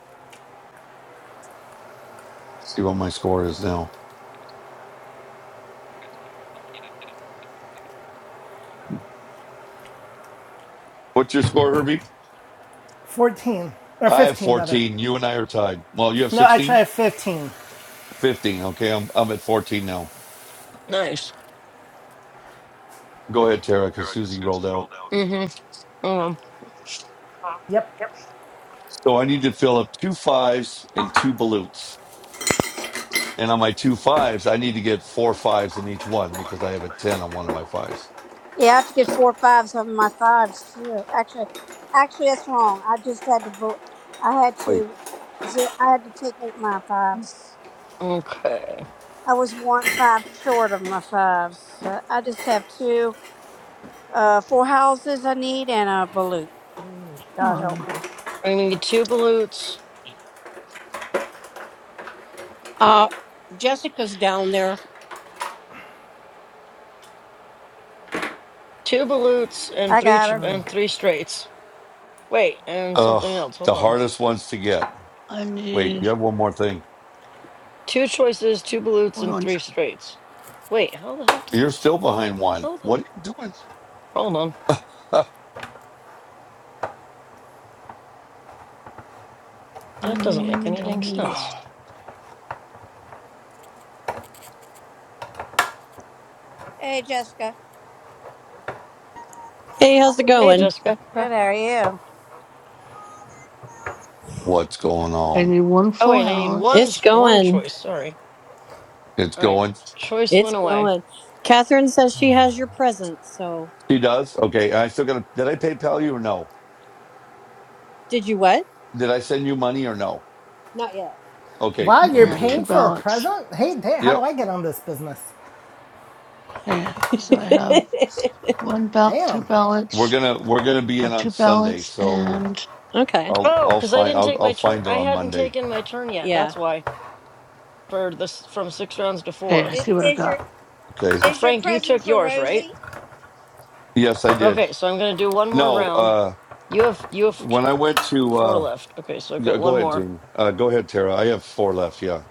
Let's see what my score is now. What's your score, Herbie? 14 or I have 15 rather. 14. You and I are tied. Well, you have No, actually I 16? have 15. 15. Okay, I'm, I'm at 14 now. nice. Go ahead, Tara, because Susie rolled out. Mm-hmm. Um, Yep. So I need to fill up two fives and two balutes. And on my two fives, I need to get four fives in each one because I have a 10 on one of my fives. Yeah, I have to get four or fives of my fives too. Actually, actually, that's wrong. I just had to. bo- I had Wait. to. ze- I had to take out my fives. okay. I was one five short of my fives. I I just have two, uh, four houses I need and a balut. Come God help on. me. I mean, two balutes, Uh, Jessica's down there. two balutes, and I three got ch- her. and three straights. Wait, and something Oh, else. Hold the on. hardest ones to get. I Wait, need. you have one more thing. Two choices, two balutes, Hold and on. three straights. Wait, how the heck does You're still behind one. how the What are you hold on? doing? <sighs> That doesn't make any dang sense. <laughs> Hey, Jessica. Hey, how's it Hey, going? Jessica. Good. Jessica. How are you? What's going I on? need one Oh full wait, I need one It's s- house one going. choice. Sorry. It's All right, going. choice It's went away. going. Catherine says she has your present, so. She does? Okay. I still got to. Did I PayPal you or no? Did you what? Did I send you money or no? Not Okay, Wow, and let you're me uh, do two paying that. for a ballots. present? Hey, da- how do Yep. I get on this business? Yeah, yet. so I have <laughs> one ballot, two Damn. We're ballots, gonna we're gonna be in uh, on two Sunday, ballots, so and okay. I'll Oh, I'll because I find didn't I'll take my I'll turn. find her I on hadn't Monday. taken my turn yet. Yeah. That's why. for this from six rounds to okay, I four. I- see what I Is your got. Okay. So is your Frank, you present took for yours, right? Rosie? Yes, I did. Okay, so I'm gonna do one more No, round. uh You have you have t- when I went to four uh left. Okay, so I've yeah, got one go ahead, more. Jamie. Uh go ahead, Tara. I have four left, yeah.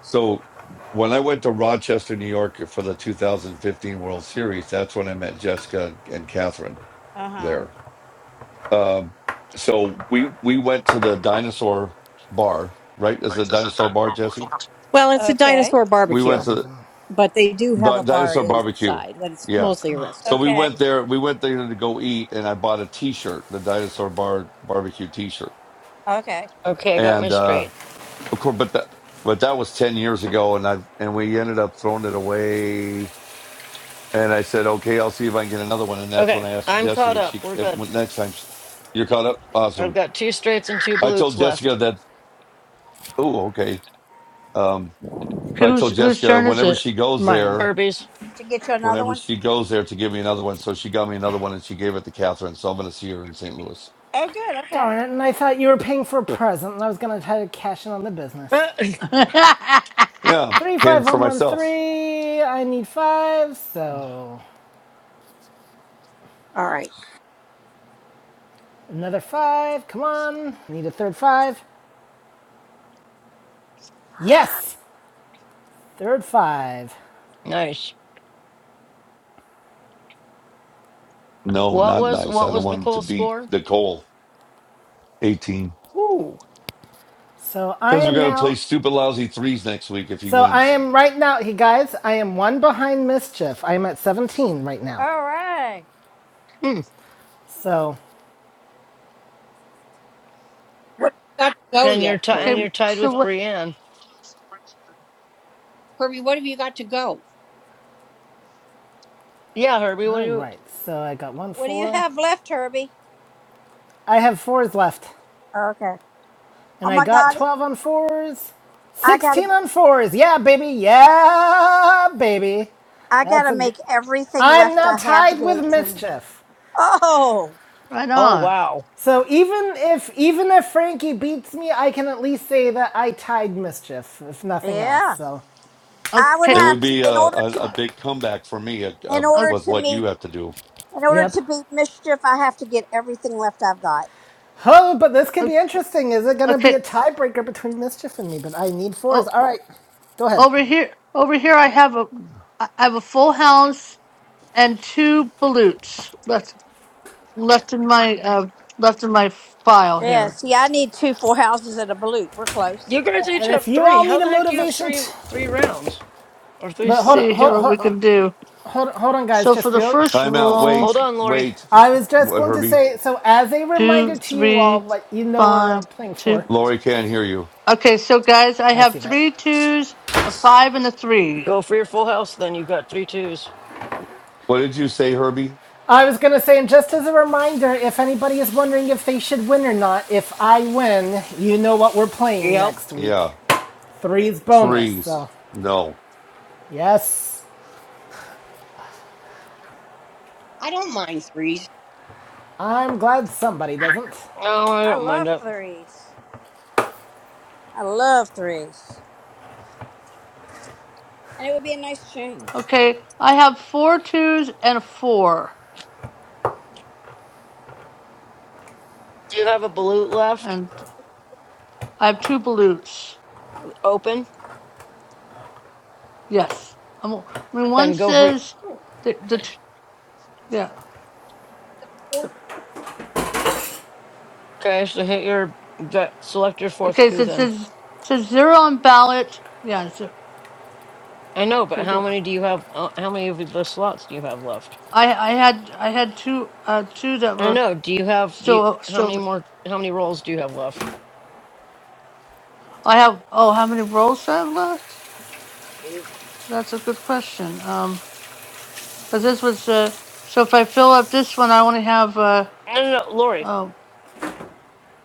So when I went to Rochester, New York for the 2015 World Series, that's when I met Jessica and Catherine Uh huh. there. Um so we we went to the dinosaur bar, right? Is it a dinosaur bar, Jesse? Well, it's a Okay. dinosaur we That's went barbecue, not to even but they do have Di- a bar Dinosaur Barbecue. inside, but it's Yeah. mostly a Ugh. So restaurant. we Okay. went there. We went there to go eat, and I bought a T-shirt, the Dinosaur Bar Barbecue T-shirt, Okay. Okay, I got my and uh, straight. of course, but that but that was ten years ago, and I and we ended up throwing it away. And I said, okay, I'll see if I can get another one. And that's when Okay, I asked I'm Jesse caught if up. she We're if, good. when- next time she, you're caught up. I've Awesome. got two straights and two I balutes told Jessica left. that. Oh, okay. Um, Okay, I whose told whose Jessica turn is whenever it? she goes mine. there. Herbies. to get you another whenever one? she goes there to give me another one. So she got me another one and she gave it to Catherine. So I'm going to see her in St. Louis. Oh, good. Okay. Darn it, and I thought you were paying for a present and I was going to try to cash in on the business. <coughs> <laughs> Yeah, Three, paying five, for one, one, myself. three. I need five, so All right. another five. Come on. Need a third five. Yes! Third five. nice. No, What not was nice. what I don't was want him to Nicole's beat score? Nicole 18. Ooh. So I Because we're am going to play now. stupid, lousy threes next week if he So I wins. am right now, you guys, I am one behind mischief. I am at 17 right now. All right. Hmm. So, What have you got to go And you're yet, ti and Kirby? okay, you're tied so with what? Brienne. Kirby, what have you got to go? Yeah, Herbie. What do all you? right. So I got one What do you four. have left, Herbie? I have fours left. Okay. Oh And I my got God, 12 on fours, I 16 gotta, on fours. Yeah, baby. Yeah, baby. I That's gotta a good. make everything I'm left now I have to tied get with eighteen. mischief. Oh, Right Oh on. wow. So even if even if Frankie beats me, I can at least say that I tied mischief, if nothing else. yeah. So, I would Okay, It would have to, be a, in order a, a to, big comeback for me uh in uh order o- with to what you meet, have to do. in order Yep. to beat mischief, I have to get everything left I've got. oh, but this could o- be interesting. Is it going to be a okay. tiebreaker between mischief and me? But I need fours. Oh, All right, go ahead. over here, over here, I have a, I have a full house and two ballots left left in my uh left in my file Yeah. here. See, I need two four houses and a balut. We're close. You guys each And have if you three. all need How a the heck do you have motivation, three t- three rounds or three but Let's hold on, see slots? here hold what we hold can do. hold, hold on, guys. So for Just the real first Timeout. roll, Hold Wait, on, Lori. wait. I was just What, going to Herbie? say, so as a two, reminder to you all, three, what you know we're uh, five, playing two. for. Lori can't hear you. Okay, so guys, I I see have that. three twos, a five, and a three. Go for your full house, then you've got three twos. What did you say, Herbie? I was going to say, and just as a reminder, if anybody is wondering if they should win or not, if I win, you know what we're playing Yep. next week. Yeah, Three's bonus, threes. so No. yes. I don't mind threes. I'm glad somebody doesn't. Oh, I I don't mind love it. threes. I love threes, and it would be a nice change. Okay, I have four twos and a four, Do you have a balut left? and I have two balutes. Open? Yes, I'm, I mean one Then go for says the the t- yeah. Four, Okay, so hit your that select your fourth Okay, two so it then. says says zero on ballot. Yeah, zero. I know, but Okay, how go. many do you have uh, how many of the slots do you have left? I I had I had two uh two that I were know. Do you have do you still how many still. more how many rolls do you have left? I have oh how many rolls do I have left? That's a good question. Um, because this was uh, so if I fill up this one, I only have uh No no no, Lori. oh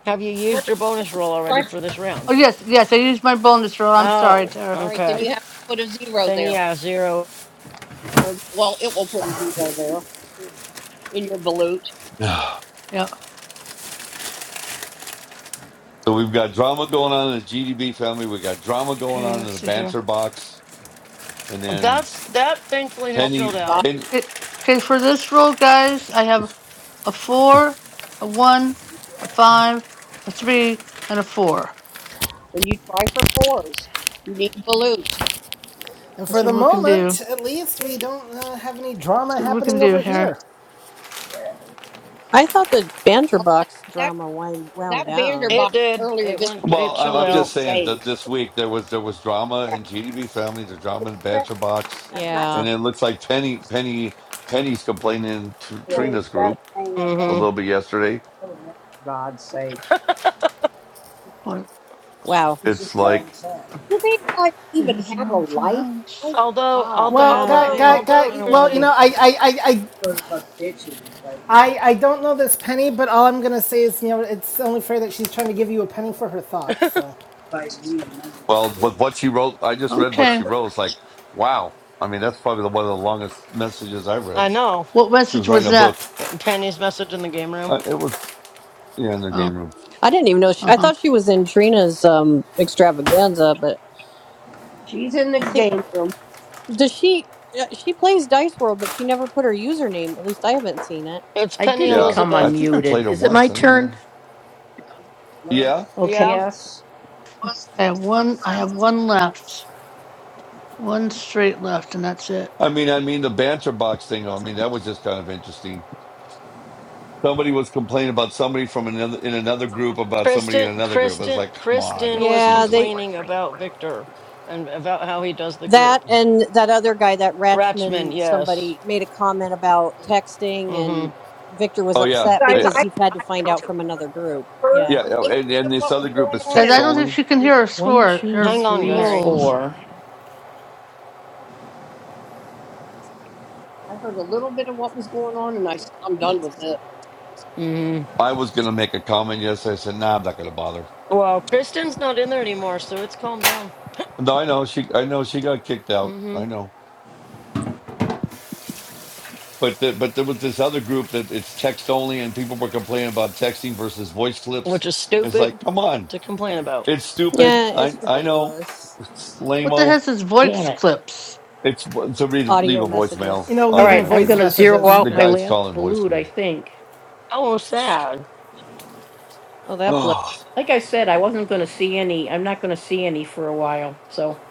Have you four used your bonus roll already for questions. this oh round? yes yes I used my bonus roll. I'm sorry, Oh, Tara. All right, then okay. I you have to put a zero Then there. yeah, zero. Or well, it will put a zero there in your balut. <sighs> yeah So we've got drama going on in the GDB family. We got drama going okay. on in Let's the see here. banter box, and then That's that thankfully Oh has Penny. chilled God. out. Penny It, okay, for this roll, guys, I have a four, a one, a five, a three, and a four. Then you try for fours. You need balut. And for Let's see the what we can moment, do. at least, we don't uh, have any Let's drama see what we can happening do over here. here. I thought the banter box Oh, drama wind wound That down. It Vanderbilt did. earlier It this went. week It well, I'm, chilled I'm in out. just saying that saved. this week there was there was drama in GDB family. There's drama in the Right. banter box, Yeah. and it looks like Penny Penny Penny's complaining in Tr- Trina's group a hmm little bit yesterday. for God's What Wow. It's like, Do they like this even is your have a own full life? My house. Although, God. although, Well, Uh, got, I although, don't. got, although, I got. don't want to Well, you Kristen, know, be. I, I, I, I I, I don't know this penny, but all I'm gonna say is, you know, it's only fair that she's trying to give you a penny for her thoughts. So, well, but what she wrote, I just read what she Okay. wrote. It's like, wow. I mean, that's probably one of the longest messages I've I read. know What She message was writing was a that? book. Penny's message in the game room. Uh, it was yeah in the Oh, game room. I didn't even know. She, uh I huh. thought she was in Trina's um extravaganza, but She's in the I think game room. does she? uh, She plays Dice World, but she never put her username. At least I haven't seen it. It's I Penny did Yeah, become I Elizabeth. think I unmuted. played her Is it my once. I don't turn? remember. Yeah, Yeah, Yes. I have one. I have one left. One straight left, and that's it. I mean, I mean the banter box thing. I mean, that was just kind of interesting. Somebody was complaining about somebody from another in another group about somebody in Kristen, another group. I was Kristen, like, come Kristen on, was Yeah, cheesy. they complaining about Victor and about how he does the that group. and that other guy, that Ratchman, Ratchman, yes. somebody made a comment about texting, hmm and Victor was Oh You yeah, upset guys, Uh, because I, he had to I find out from another group. heard Yeah, yeah. a little oh, bit And, and of this what was other group going is on Guys, and text I don't think only. she can I, hear her score, her Hang on, guys. sorry. rolls. I heard a little bit of what was going on and I said, I'm done with this. hmm I was gonna make a comment yesterday. I said, nah, I'm not gonna bother. Well, Kristen's not in there anymore, so it's calmed down. No, I know she. I know she got kicked out. hmm I know. But the, but there was this other group that it's text only, and people were complaining about texting versus voice Which clips. is It's stupid like, come on. to complain about. It's stupid. Yeah, it's I I know. ridiculous. It's What the lame-o. heck is voice clips? It's to read, leave Audio a voicemail you messages. know, All audio leaving right, I'm voice going message. Oh, to zero messages. The out okay. my guy's last calling voice balut, I clues. think. Oh, <sighs> sad. Oh, that blows. Oh Like I said, I wasn't going to see any. I'm not going to see any for a while. So,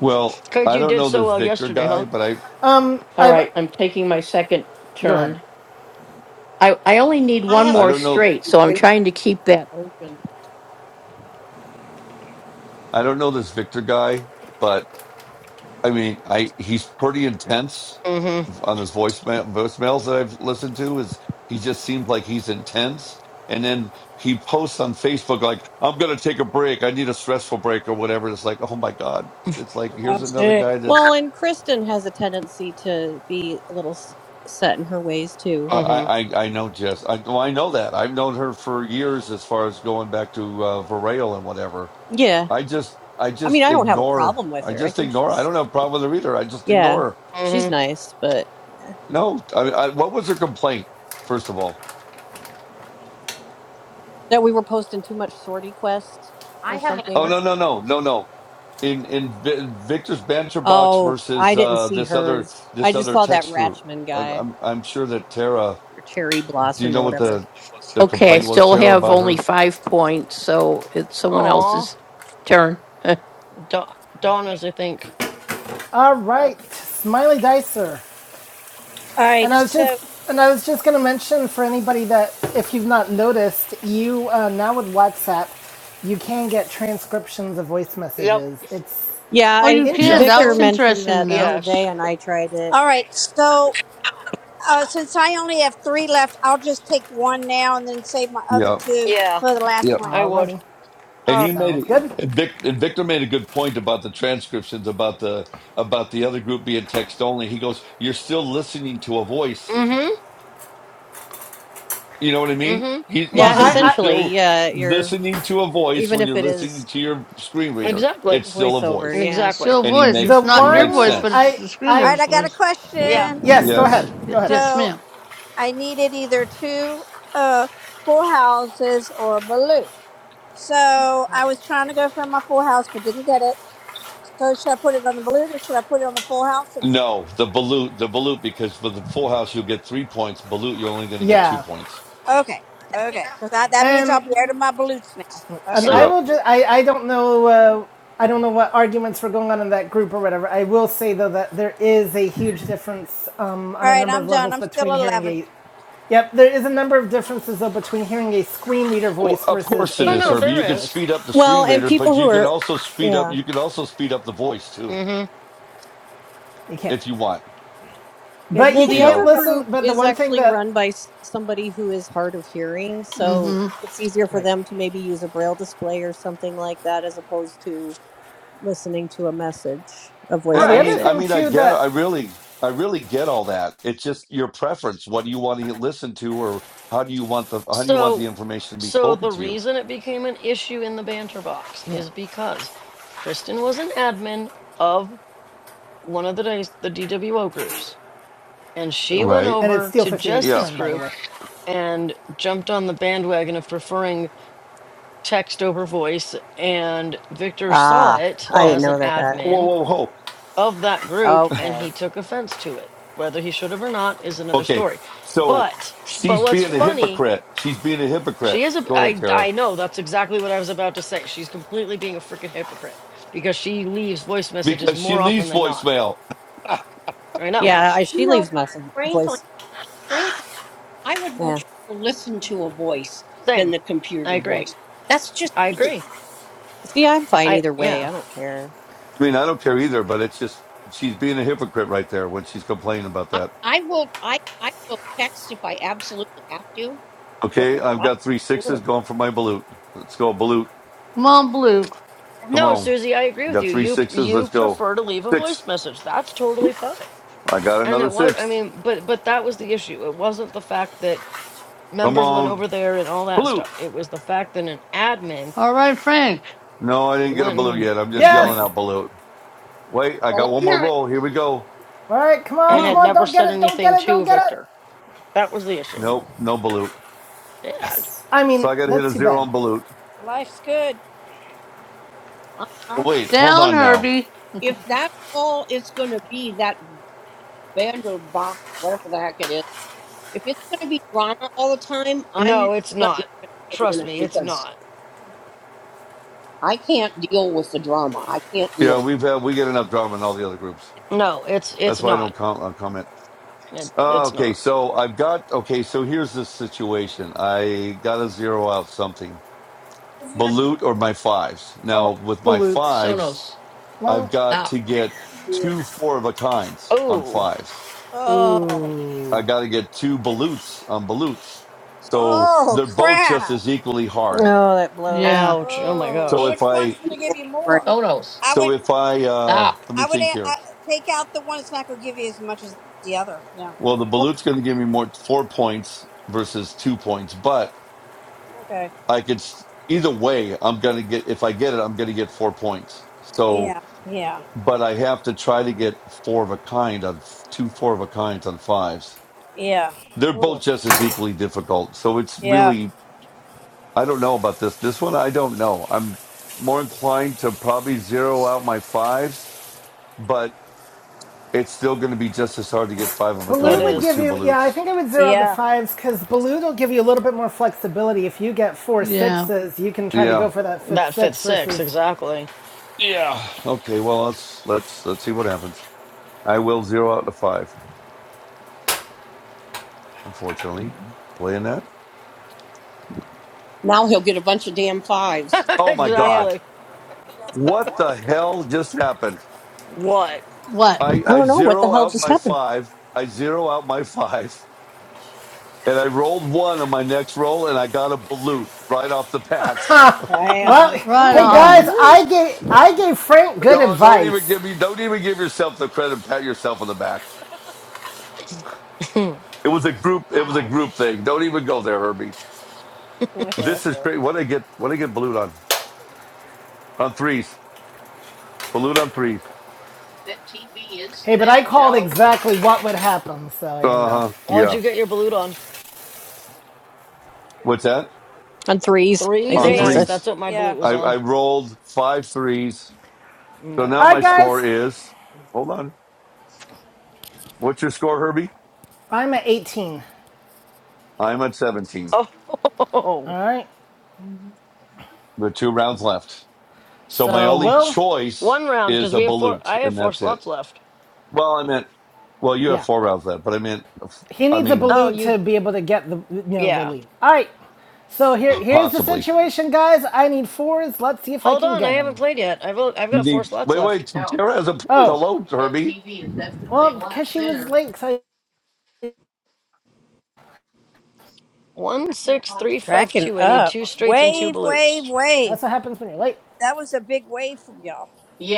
well, Cause I you don't did know so this well Victor yesterday, huh? Nope. guy, but I Um, I all have right, I'm taking my second go ahead. turn. I, I only need I one have a I more don't know straight, so I'm when trying to keep that. I don't know this Victor guy, but I mean I he's pretty intense. Mm-hmm. on his voicemail voicemails that I've listened to is he just seems like he's intense. And then he posts on Facebook like, "I'm gonna take a break. I need a stressful break or whatever." It's like, oh my god! It's like here's another Right. guy Well, that's and Kristen has a tendency to be a little s- set in her ways too. I I, Mm-hmm. I I know Jess. I well, I know that I've known her for years as far as going back to uh, Varel and whatever. Yeah. I just I I mean, just I don't have a ignore. problem with I her. I just think ignore. I she's don't have a problem with her either. I just yeah, ignore her. she's Mm-hmm. nice, but yeah. No, I, I, what was her complaint? First of all. That we were posting too much sortie quest I or have a Oh something. no question. no no no no. In in Vi- Victor's banter box Oh, versus I didn't uh, see this other hers. I this just other saw that text group. Ratchman I, guy I'm I'm sure that Tara. or Cherry Do you Blossom or know what whatever. the the Okay, I complaint was, still Tara, have about only her? five points, so it's someone Aw. else's turn. Da- Donna's, I think. All right, Smiley Dicer, All and right. I was So, just and I was just gonna mention for anybody that if you've not noticed, you uh, now with WhatsApp, you can get transcriptions of voice Yep. messages. It's Yeah, Oh, I you can. Yep That Victor was Interesting. mentioned interesting to that the other know. Yes. day and I tried it. all right. So, uh, since I only have three left, I'll just take one now and then save my other yep two Yeah, for the last yep. I round. would. Alrighty. All And right. you made Sounds it. good. And, Vic, and Victor made a good point about the transcriptions about the about the other group being text only. He goes, "You're still listening to a voice." Mm-hmm. You know what I mean? Mm-hmm. He Well, he Yeah, Mm-hmm. said you're I, I essentially, still yeah, you're listening to a voice even when if you're it listening is to your screen reader. Exactly. It's still a voiceover, voice, yeah. Exactly. Still and he voice. the It's makes he not one your makes voice, but sense. it's I the All I right. screener's I got a voice. Yeah. question. Yes, go ahead. Yes. Go Y- ahead. yes, So, ma'am. I needed either two uh, full houses or a balut. So, I was trying to go for my full house, but didn't get it. So, should I put it on the balut or should I put it on the full house? And No, the balut, the balut, because for the full house you'll get three points. Balut, you're only going to get two Yeah, points. okay, okay, because that that means I'll and be out of my balutes now. Okay. and I Yeah. So will just I I don't know uh, I don't know what arguments were going on in that group or whatever. I will say though that there is a huge difference um, All on a right. number I'm of done. levels I'm still between hearing eleven. a. Yep, there is a number of differences though between hearing a screen reader Well, voice of versus course it a oh is, no, Herbie. person's You there can voice. is. speed up the Well, screen and reader, people but who you can are, also speed up. yeah. You can also speed up the voice too, Mm-hmm. You can't, if you want. Yeah, but you Well, you can You the can't know. other listen. group But the is one thing actually that, run by s- somebody who is hard of hearing, so Mm-hmm. it's easier for right. them to maybe use a braille display or something like that as opposed to listening to a message, a I Well, voice the I other Right. mean, message. I thing mean, I too get, that, I really, I really get all that. It's just your preference. What do you want to listen to, or how do you want the, how do you want the So information to be so spoken the to you? reason it became an issue in the banter box yeah, is because Kristen was an admin of one of the days the DWO groups. And she went Right? and it's over Steel to Fifty Eight's Yeah. Jess's turn by the group way. and jumped on the bandwagon of preferring text over voice. And Victor saw Ah, it I Oh, didn't as an know that. That whoa, admin whoa, whoa. of that group and okay, he took offense to it. Whether he should have or not is another Okay. story. So But but she's what's being a yeah, funny, hypocrite. She's being a she hypocrite. is a Go ahead, I Tara, I know that's exactly what I was about to say. She's completely being a freaking hypocrite because she leaves voice messages because she more often leaves than not. voicemail. <laughs> I I know. yeah. I, you she know what, leaves message frankly, voice. frankly, I would Yeah. much rather listen to a voice than Same. the I computer agree. voice. That's just I me. agree. See, I'm fine I either way. yeah. I don't care. mean, I don't care either, but it's just she's being a hypocrite right there when she's complaining about I, that. I will I, I will text if I absolutely have to. I Okay, I've don't got three do sixes this. going for my balut. Let's go, balut. Come on, Blue. Come No, on. Susie, I agree I with got you. three You sixes. you Let's go. prefer to leave a voice Sixth. message. That's totally fine. I got And another it was, I sixth. mean, but but that was the issue. It wasn't the fact that Come members went on. over there and all that Balut. stuff. It was the fact that an admin All right, Frank. No, I didn't get a went balut and yet. I'm just No. yelling Yes. complained out balut. Wait, I Well, got one I'm more not. roll. Here we go. All right, come on, and come Balut. had on, never don't said get it, don't get anything it, don't to get Victor. it. That was the issue. Nope, no balut. Yeah. I So mean, I got to hit that's a too zero bad. on balut. Life's good. I, I, Wait, hold Down, on now. Herbie. if that's all it's going to be, that Vanderbox, whatever the heck it is, if it's going to be drama all the time, I'm No, go- it's not going not. to sit in Trust it me, it's because not. I can't deal with the drama. I can't Yeah, deal. we've had, we get enough drama in all the other groups. No, it's That's it's why I don't not. com- uh, comment. It, with Uh, it's okay, not. so I've got, okay, so here's the situation. I got to zero out something. it. Balut or my fives. Oh, Now, with my <laughs> Balut. fives, Sonos. I've Well, got Now to get two four of a kinds on Oh, fives. Oh, ooh. I got to get two balutes on balutes. So oh, they're both just crap! as equally hard. Oh, that blows. Yeah, ouch. Oh my Oh, So well, gosh. which if one's I, going to give yeah, you right. more? I so would, if I, uh, let me I would think uh, here. uh, take out the one that's not going to give you as much as the other. Yeah. Well, the balute's going to give me more four points versus two points, but Okay. I could s- either way. I'm going to get if I get it, I'm going to get four points. So, Yeah. Yeah. but I have to try to get four of a kind on f- two four of a kinds on fives. Yeah. They're both Oh. just as equally difficult. So it's Yeah. really, I don't know about this. This one, I don't know. I'm more inclined to probably zero out my fives, but it's still going to be just as hard to get five of a It Balut kind would with give is. two you, yeah, I balutes. think I would zero out the Yeah. fives because Balut will give you a little bit more flexibility. If you get four yeah. sixes, you can try to Yeah. go for that fifth That fifth six six, versus. exactly. Yeah. Okay. Well, let's let's let's see what happens. I will zero out the five. Unfortunately, playing that. Now he'll get a bunch of damn fives. <laughs> Oh my Yeah. God! exactly. What the hell just happened? What? What? I I I don't know what the zero hell out just my happened. five. I zero out my <laughs> five. and I rolled one on my next roll, and I got a balut right off the bat. <laughs> Well, Damn. Oh, Right you hey got a guys, on. balloon I gave I gave Frank good Oh, don't even advice. give me, don't even give yourself the credit. Pat yourself on the back. <clears throat> It was a group. It was a group thing. Don't even go there, Herbie. <laughs> This is great. What I get? What I get? Balut on on threes. Balut on threes. it's Hey, but I then called Joe. exactly what would happen, so you Uh know. huh. What'd Yeah. you get your balut on? What's that? on threes. I Threes? On think you Nice. said. Threes. That's threes. what my Yeah. balut I, was I on. rolled five threes. So now All Nice. right, my score guys, is. Hold on. What's your score, Herbie? I'm at 18. I'm at 17 Oh, All right, with two rounds left. So my so only Will, <laughs> choice one round is because a we have four. balut, I have and four that's slots it. left. Well, I meant, well, you have yeah. four rounds left, but I meant, he I needs a mean, Oh, Balut you? to be able to get the you know the Yeah. lead. All right, so here here's the possibly. situation, guys. I need fours. Let's see if I Hold can on. I get haven't them. played yet. I've o- I've You got four need, slots wait, left. wait, Tara hasn't played. Oh, Hello, Herbie. well, because she was late. I, One, six, three, five, Cracking two. I need up. two straights and two Wave. Wave. balutes. Wave. that's what happens when you're late. That was a big wave from y'all. Yeah,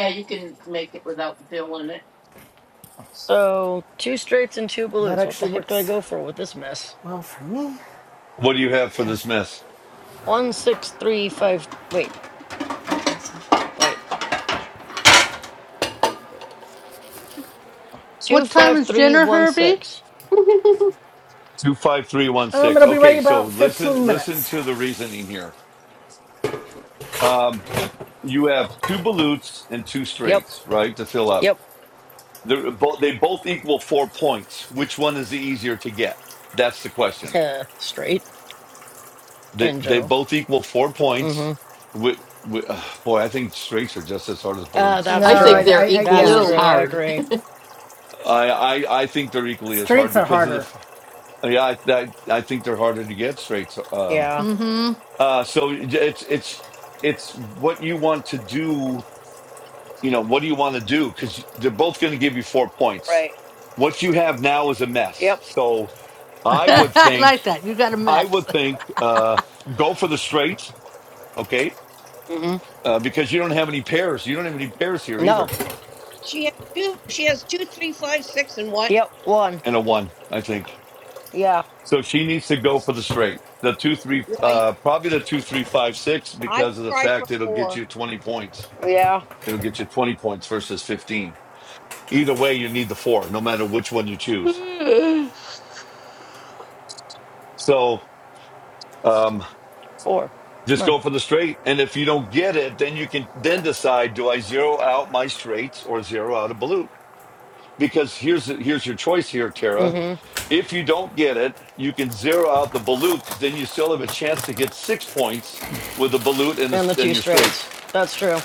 So two straights and two That balutes. What the actually heck do I works go for with this mess? well for me What do you have for this because mess? One, six, three, five. Wait, wait. Two, What time five, is three, dinner, one, Herbie? six. um, 25316. it'll be Okay, ready so about listen, 15 listen minutes. to the reasoning here. Um, you have two balutes and two Yep. straights, right, to fill up. Yep. They're both, they both equal four points. Which one is the easier to get? That's the question. uh, straight They in they general. both equal four points. Mm-hmm. Wi- wi- uh, boy, I think straights are just as hard as Uh, balutes No, in that's I this I, think true. game. I, they're I That's equally yeah, as Two. true. I hard. agree. I, I I think they're equally as hard streets are because of the. harder. f- Yeah, I I, I think they're harder to get straights. Um. Yeah. Mm-hmm. Uh. So it's it's it's what you want to do. You know what do you want to do? Because they're both going to give you four points. Right. What you have now is a mess. Yep. So <laughs> I would I think like that. You got a I mess. would think uh go for the straight. Okay, Mm-hmm. uh, because you don't have any pairs. You don't have any pairs here No. either, She has two. She has two, three, five, six, and what? Yep. One. and a one, I think. Yeah. So she needs to go for the straight, the two three, Yeah, I, uh, probably the two three five six, I would because of the try for fact it'll four. get you twenty points. Yeah. It'll get you twenty points versus fifteen. Either way, you need the four, no matter which one you choose. One So um, Four. just One. go for the straight, and if you don't get it, then you can then decide: do I zero out my straights or zero out a balut? Because here's here's your choice here, Tara. Mm-hmm. If you don't get it, you can zero out the balut because then you still have a chance to get six points with the balut and, And the the, and two your straights. straights. That's true.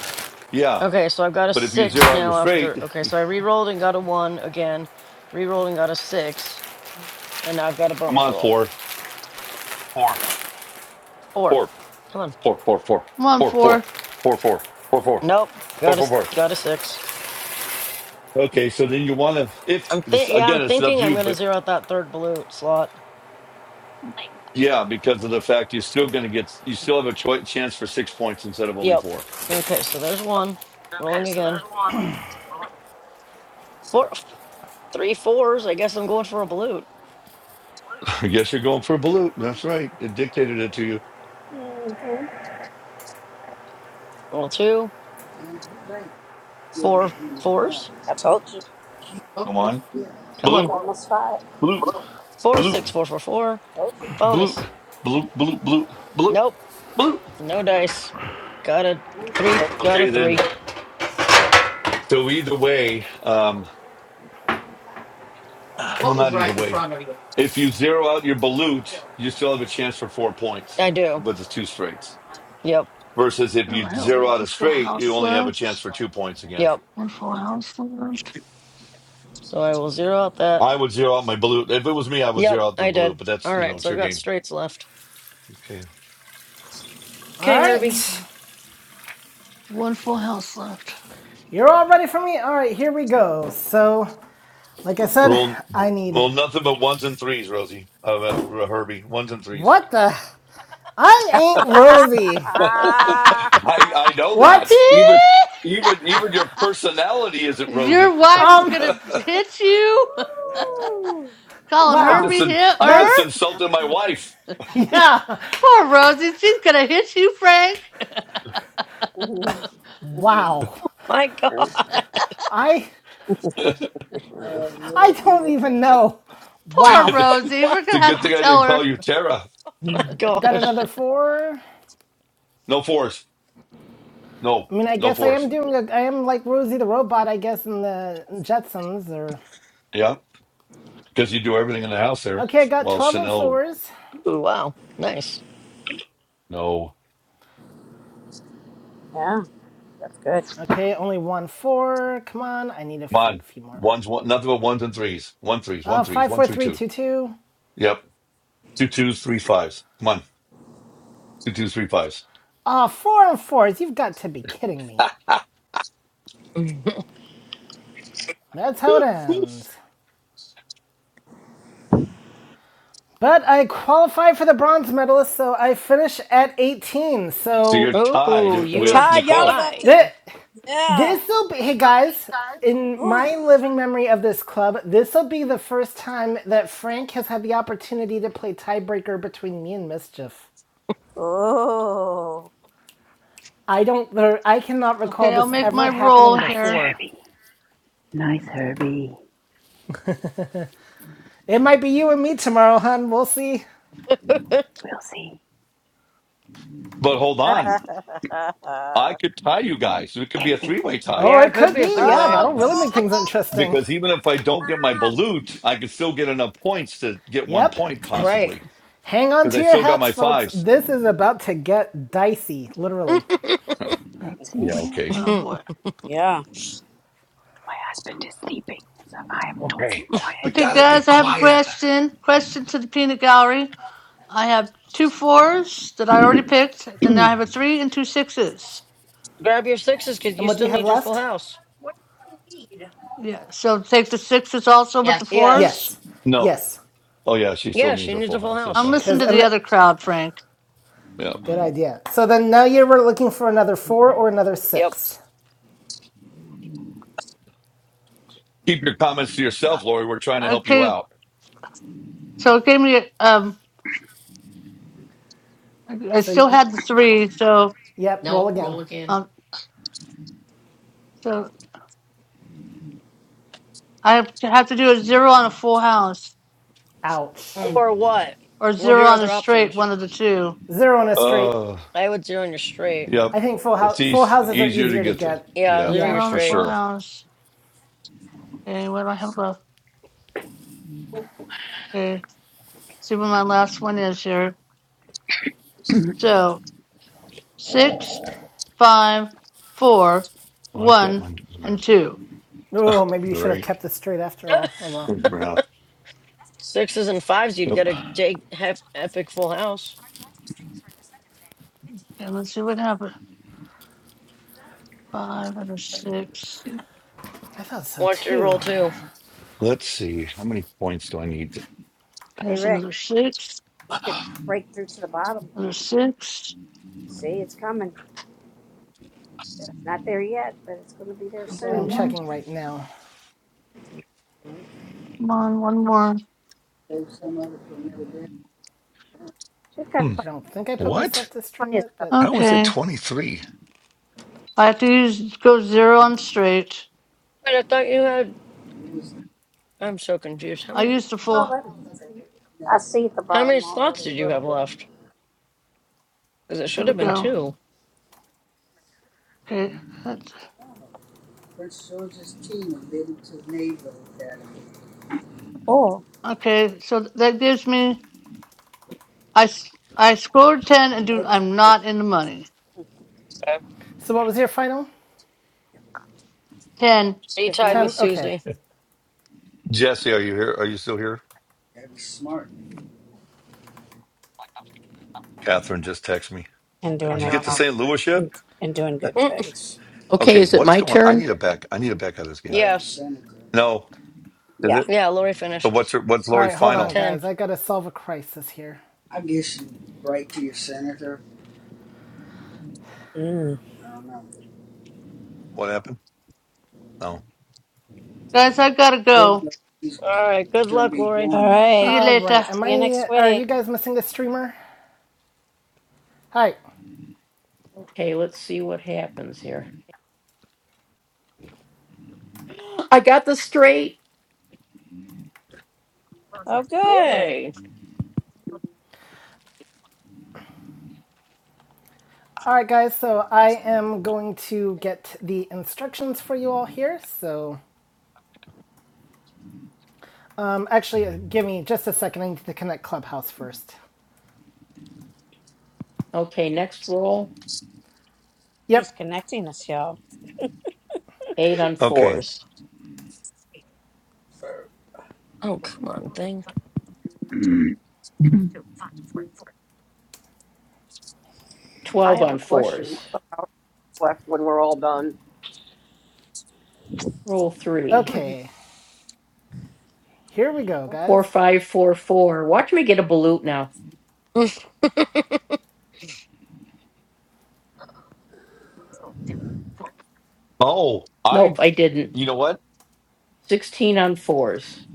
Yeah, Okay, so I've got a but if you six zero out your now straight, after. Okay, so I re-rolled and got a one again. Re-rolled and got a six, and now I've got a come bonus on, roll. four, four, Four. four, Come on. four, four, four, four, four, four, four. four, four, four, four, Nope. Got a four, s- four. got a six. Okay, so then you want to, if I'm this, think. Yeah, I'm again, it's up thinking to I'm you, gonna but zero out that third blue slot. yeah, because of the fact you're still going to get, you still have a choi- chance for six points instead of only Yep. four. Okay, so there's one. Rolling again. Four, three fours. I guess I'm going for a balut. I guess you're going for a balut. That's right. It dictated it to you. Roll two, four fours. Come on. Come on. Bloop, bloop, Four, bloop, six, four, four, four. bloop, Bonus. bloop, bloop, bloop, bloop, Nope. bloop. No dice. Got a three. Got a Okay, then. three. So either way, um, well, not either way. If you zero out your balut, you still have a chance for four points I do. with the two straights. Yep. Versus if I don't you have zero out one a full straight, you house only have a chance left. for two points again. Yep. One full house left. So I will zero out that. I would zero out my balut. If it was me, I would Yep, zero out the I balut, did. but that's, All you know, right, it's so I've your got game. straights left. Okay. All Okay, Herbie. right, and One full house left. <laughs> you're all ready for me. All right, here we go. So, like I said, Roll, I need roll nothing but ones and threes, Rosie. Uh, uh, Herbie, ones and threes. what the. I ain't Rosie. <laughs> I I know that. What? Even even even your personality isn't Your rosy. wife is Um, <laughs> gonna I hit you, <laughs> calling her wow. just be in- hit I her. just That's, insulted my <laughs> wife. <laughs> yeah. Poor Rosie, she's gonna hit you, Frank. <laughs> Ooh. Wow. My God. <laughs> I, <laughs> it's I don't even know. Poor Wow. Rosie, Wow. we're a gonna have good to thing I tell didn't her. call you Tara. My Got gosh. another four. No force. No I mean, I no guess I am force. doing, a, I am like Rosie the Robot, I guess, in the Jetsons or. Yeah, because you do everything in the house there. Okay, I got Well, 12 and Chanel, fours. Ooh, wow. Nice. no. <laughs> yeah. Good. Okay, only one four. Come on, I need a Come f- on, few more. ones one nothing but ones and threes. One threes. One Uh, threes. five, One four, three three, two. two, two. Yep. Two twos. Three fives. Come on. Two twos. Three fives. Ah, four and fours. You've got to be kidding me. <laughs> <laughs> That's how it ends. But I qualify for the bronze medalist, so I finish at 18. so So you're Oh, tied The you are with Todd, y'all are Nicole. going to tied. that <laughs> yeah. this'll be hey guys, in Ooh. my living memory of this club, this'll be the first time that Frank has had the opportunity to play tiebreaker between me and Mischief. Oh. I don't I cannot recall Okay, I'll this make ever my happening roll Nice, here. before. Herbie. Nice, Herbie. It might be you and me tomorrow, hun. We'll see. We'll see. But hold <laughs> on, I'm. I could tie you guys. It could be Can a you? three-way tie Oh, Yeah, it it could could be a be. three Yeah, way. that'll oh really make things interesting. because even if I don't get my God. balut, I could still get enough points to get one Yep. point Right. possibly Hang on because to I your still got hats, my folks. fives. This is about to get dicey, literally. <laughs> Let's see Yeah, what okay, <laughs> happens. Oh boy. Yeah. My husband is sleeping, so I am talking okay. We Okay, quietly. gotta be guys, I have a quiet. question. Question to the peanut gallery. I have two fours that I already picked. Then I have a three and two sixes. Grab your sixes because And you what do still you have need your full left? house. What do you need? Yeah, so take the sixes also with the Yes. fours. Yes, No. yes. Oh yeah, she still Yeah, needs she her needs full a full house. That's house. I'm right. listening Cause to and the the, other crowd, Frank. Yeah. good idea. So then now you were looking for another four or another Yep. six. Keep your comments to Uh, yourself, Lori. We're trying to help you Okay, out. so it gave me. Um, I I So still y- had the three, so yep, roll Nope, again. roll again. um, so I have to have to do a zero on a full house Ouch. Mm. Or what? or What are zero your on a other straight, options? one of the two. Zero on a straight. Uh. I would zero your straight. Yep. I think full It's house, full eas houses are easier to easier to get to. get. Yeah, Yeah, zero Yeah. your Zero on for a straight. full sure. house. Okay, what do I have left? Okay, see what my last one is here. So six. five, four, Well, I've got one, my and two. Oh, maybe you should have great. kept this straight after <laughs> all. Oh well. Yeah. Sixes and fives, you'd Yep. get a Jake hep- epic full house. And let's see what happens. Five and a six. I thought so What's your too. roll two? Let's see. How many points do I need? Okay, Hey, there's Rick, another six. it's To... going to <sighs> break through to the bottom. Another six. See, it's coming. It's not there yet, but it's going to be there Okay. But I'm soon. checking Come right now. on, one more. We've got Hmm, I plenty, don't think I put myself what? to stream plenty of it, stuff. but How is it Okay. 23? I have to use go zero on straight. Wait, I thought you had. I'm so confused. How I many used the full. I see at the how many bottom slots already did a you little have bit. left? Because it should Here we have It's been all go. two. Okay. That's, full. okay. So that gives me I s- I scored ten and do That's I'm not in the money. So, so what was your final? Ten so you For tied with him Ten. Okay. Susie. Jesse, are you here? Are you still here? Catherine just texted me. and Did doing you other, get to St. Louis yet? and, and doing good things. Okay, Okay, is it what's my going? I turn? need a back. I need a back out of this <laughs> game. yes. No, is Yeah. it? Yeah, Lori So finished. what's her, what's All right. Lori's Hold on, final? 10. guys. I gotta solve a crisis here. Mm. What happened? No. guys. I gotta go. All right. Good luck, Lori. All See right. you All right. later. Am See you next I? Are week. you guys missing the streamer? Hi. Okay, let's see what happens here. I got the straight. Oh, good. Yay. All right, guys. So I am going to get the instructions for you all here. So, um, actually, uh, give me just a second. I need to connect Clubhouse first. Okay, next roll. He's Yep. connecting us, y'all. Eight on four. Okay. Oh, come on, thing. I Twelve have a on fours. question left when we're all done. Roll three. Okay. Here we go, Four, guys. five, four, four. Watch me get a balut now. Mm, Oh, I, Nope, I didn't. you know what? 16 on fours.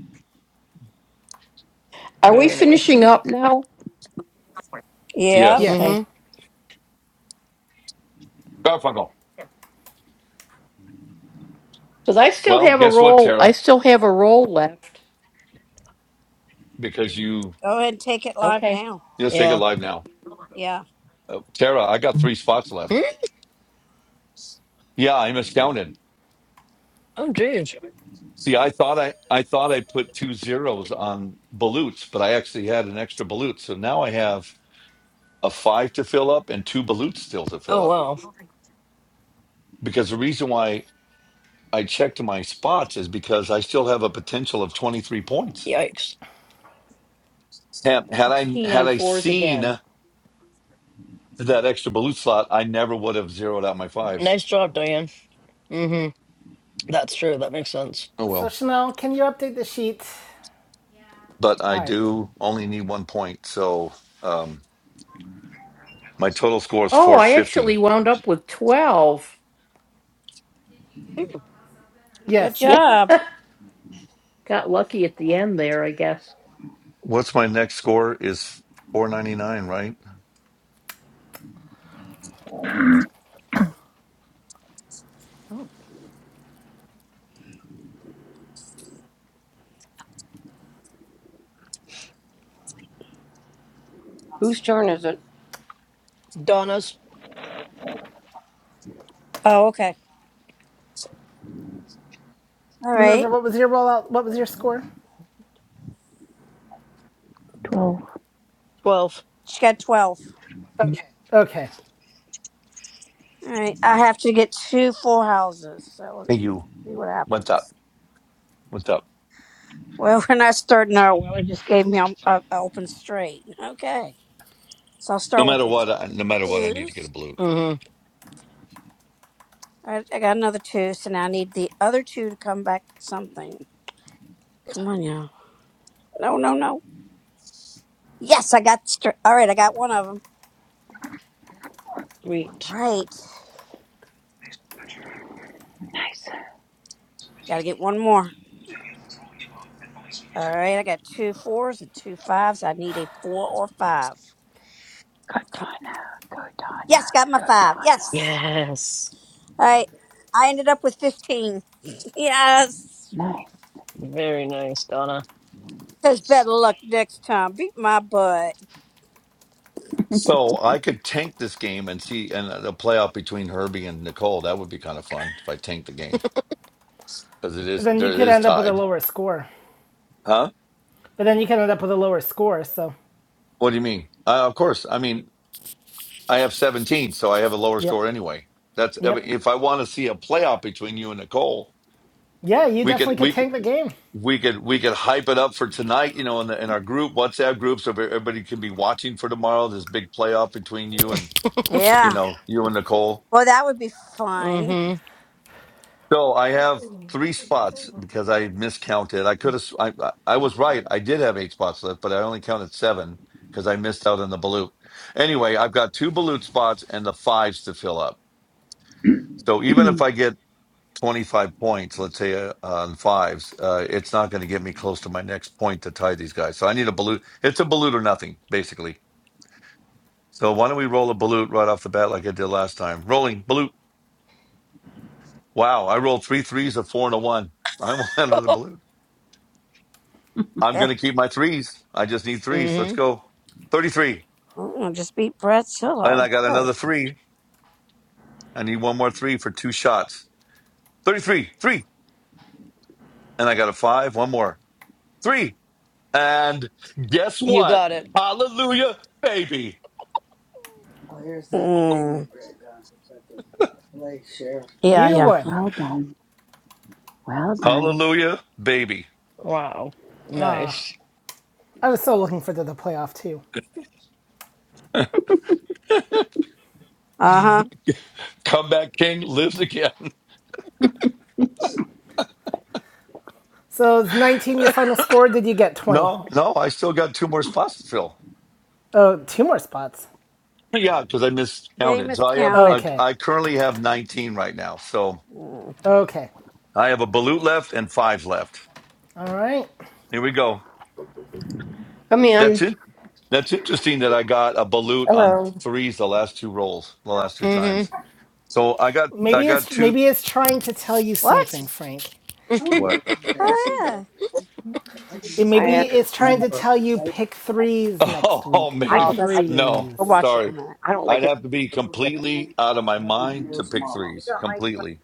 Are we Very nice. finishing up now? Yep. Yes. Mm Yes. hmm. Okay. Garfunkel. Because I still Well, have a guess what, roll. Tara? I still have a roll left. Because you, Go ahead and take it live Okay. now. let's take it Yeah. live now. Yeah. Uh, Tara, I got three spots Hmm? left. Yeah, I'm astounded. Oh, geez. See, I thought I, I thought I put two zeros on balutes, but I actually had an extra balut. So now I have a five to fill up and two balutes still to fill Oh, up. wow. Because the reason why I checked my spots is because I still have a potential of 23 points. Yikes. Had, had I 16 had on I fours seen again. that extra balut slot, I never would have zeroed out my fives. Nice job, Diane. Mm hmm. That's true. That makes sense. Oh So well. Chanel, can you update the sheet? But All I right. do only need one point, so um, my total score is Oh, I 450. actually wound up with 12. Mm. Good Yes. Yeah. job. Got lucky at the end there, I guess. What's my next score is 499, right? Whose turn is it? Donna's Oh, okay. All Minerva, right. what was your rollout? What was your score? Twelve. 12. She got 12. Okay. All right. I have to get two full houses. So let's Hey, you. see what What's up? happens. What's up? Well, <laughs> we're not starting our well. It just gave me an open straight. Okay. So I'll No start with matter those what, I, no matter what, I need to get a twos. balut. Mm hmm. All right. I got another two. So now I need the other two to come back something. Come on, y'all. No, no, no. Yes, I got straight. All right. I got one of them. Sweet. All Right. Nice. Got to get one more. All right, I got two fours and two fives. I need a four or five. Go Come. Donna. Go Yes, got my five. Yes. Yes. All right. I ended up with 15. <laughs> Yes. Nice. Very nice, Donna. Says better luck next time. Beat my butt. So I could tank this game and see and a playoff between Herbie and Nicole. That would be kind of fun if I tanked the game. because it is Then there you it could is end up with a tied. lower score. Huh? But then you can end up with a lower score. So, What do you mean? Uh, of course. I mean, I have 17, so I have a lower yep, score anyway. That's yep, if I want to see a playoff between you and Nicole, yeah, you we definitely could could we could- tank the game. we could we could hype it up for tonight. You know, in the in our group WhatsApp group, so everybody can be watching for tomorrow. This big playoff between you Mm and you Yeah. know you and Nicole. Well, that would be fun. <laughs> hmm. So I have three spots because I miscounted. I could have. I I I was right. I did have eight spots left, but I only counted seven because I missed out on the balut. Anyway, I've got two balut spots and the fives to fill up. So even if <clears throat> I get twenty five points, let's say uh, on fives, uh, it's not going to get me close to my next point to tie these guys. So I need a balut. It's a balut or nothing, basically. So why don't we roll a balut right off the bat like I did last time? Rolling balut. Wow, I rolled three threes, a four, and a one. I <laughs> want another balut. I'm Yeah. going to keep my threes. I just need <laughs> threes. mm Let's hmm. go. 33. Mm, just beat Brad And Silla. I got Right. another three. I need one more three for two shots. 33, three. And I got a five, one more. Three. And guess You what? got it. Hallelujah, baby. Oh, here's that. Mm. Yeah, You yeah. would. well done. Well done. Hallelujah, baby. Wow. Nice. I was so looking for the, the playoff too. <laughs> <laughs> Uh huh. mm Comeback King lives again. <laughs> So it's 19 your final score? Did you get 20? No, no, I still got two more spots to fill. Oh, two more spots. Yeah, because I Yeah, you miscounted. So I have, miscounted. I, Okay, I currently have 19 right now. So Mm. okay, I have a balut left and five left. all right. Here we go. Come That's in. it. That's interesting that I got a balut on Hello. threes the last two rolls, the last two hmm. times. So I got I Maybe it's got two maybe it's trying to tell you something, Frank. what? Oh, yeah. It I maybe had, it's trying to tell you pick threes <laughs> next Oh, week. I Pick Oh, don't maybe. that's. like No. We'll threes watch it in a Sorry. minute. I don't I'd like any have to be chicken. completely out of my mind to pick You threes. don't like Completely.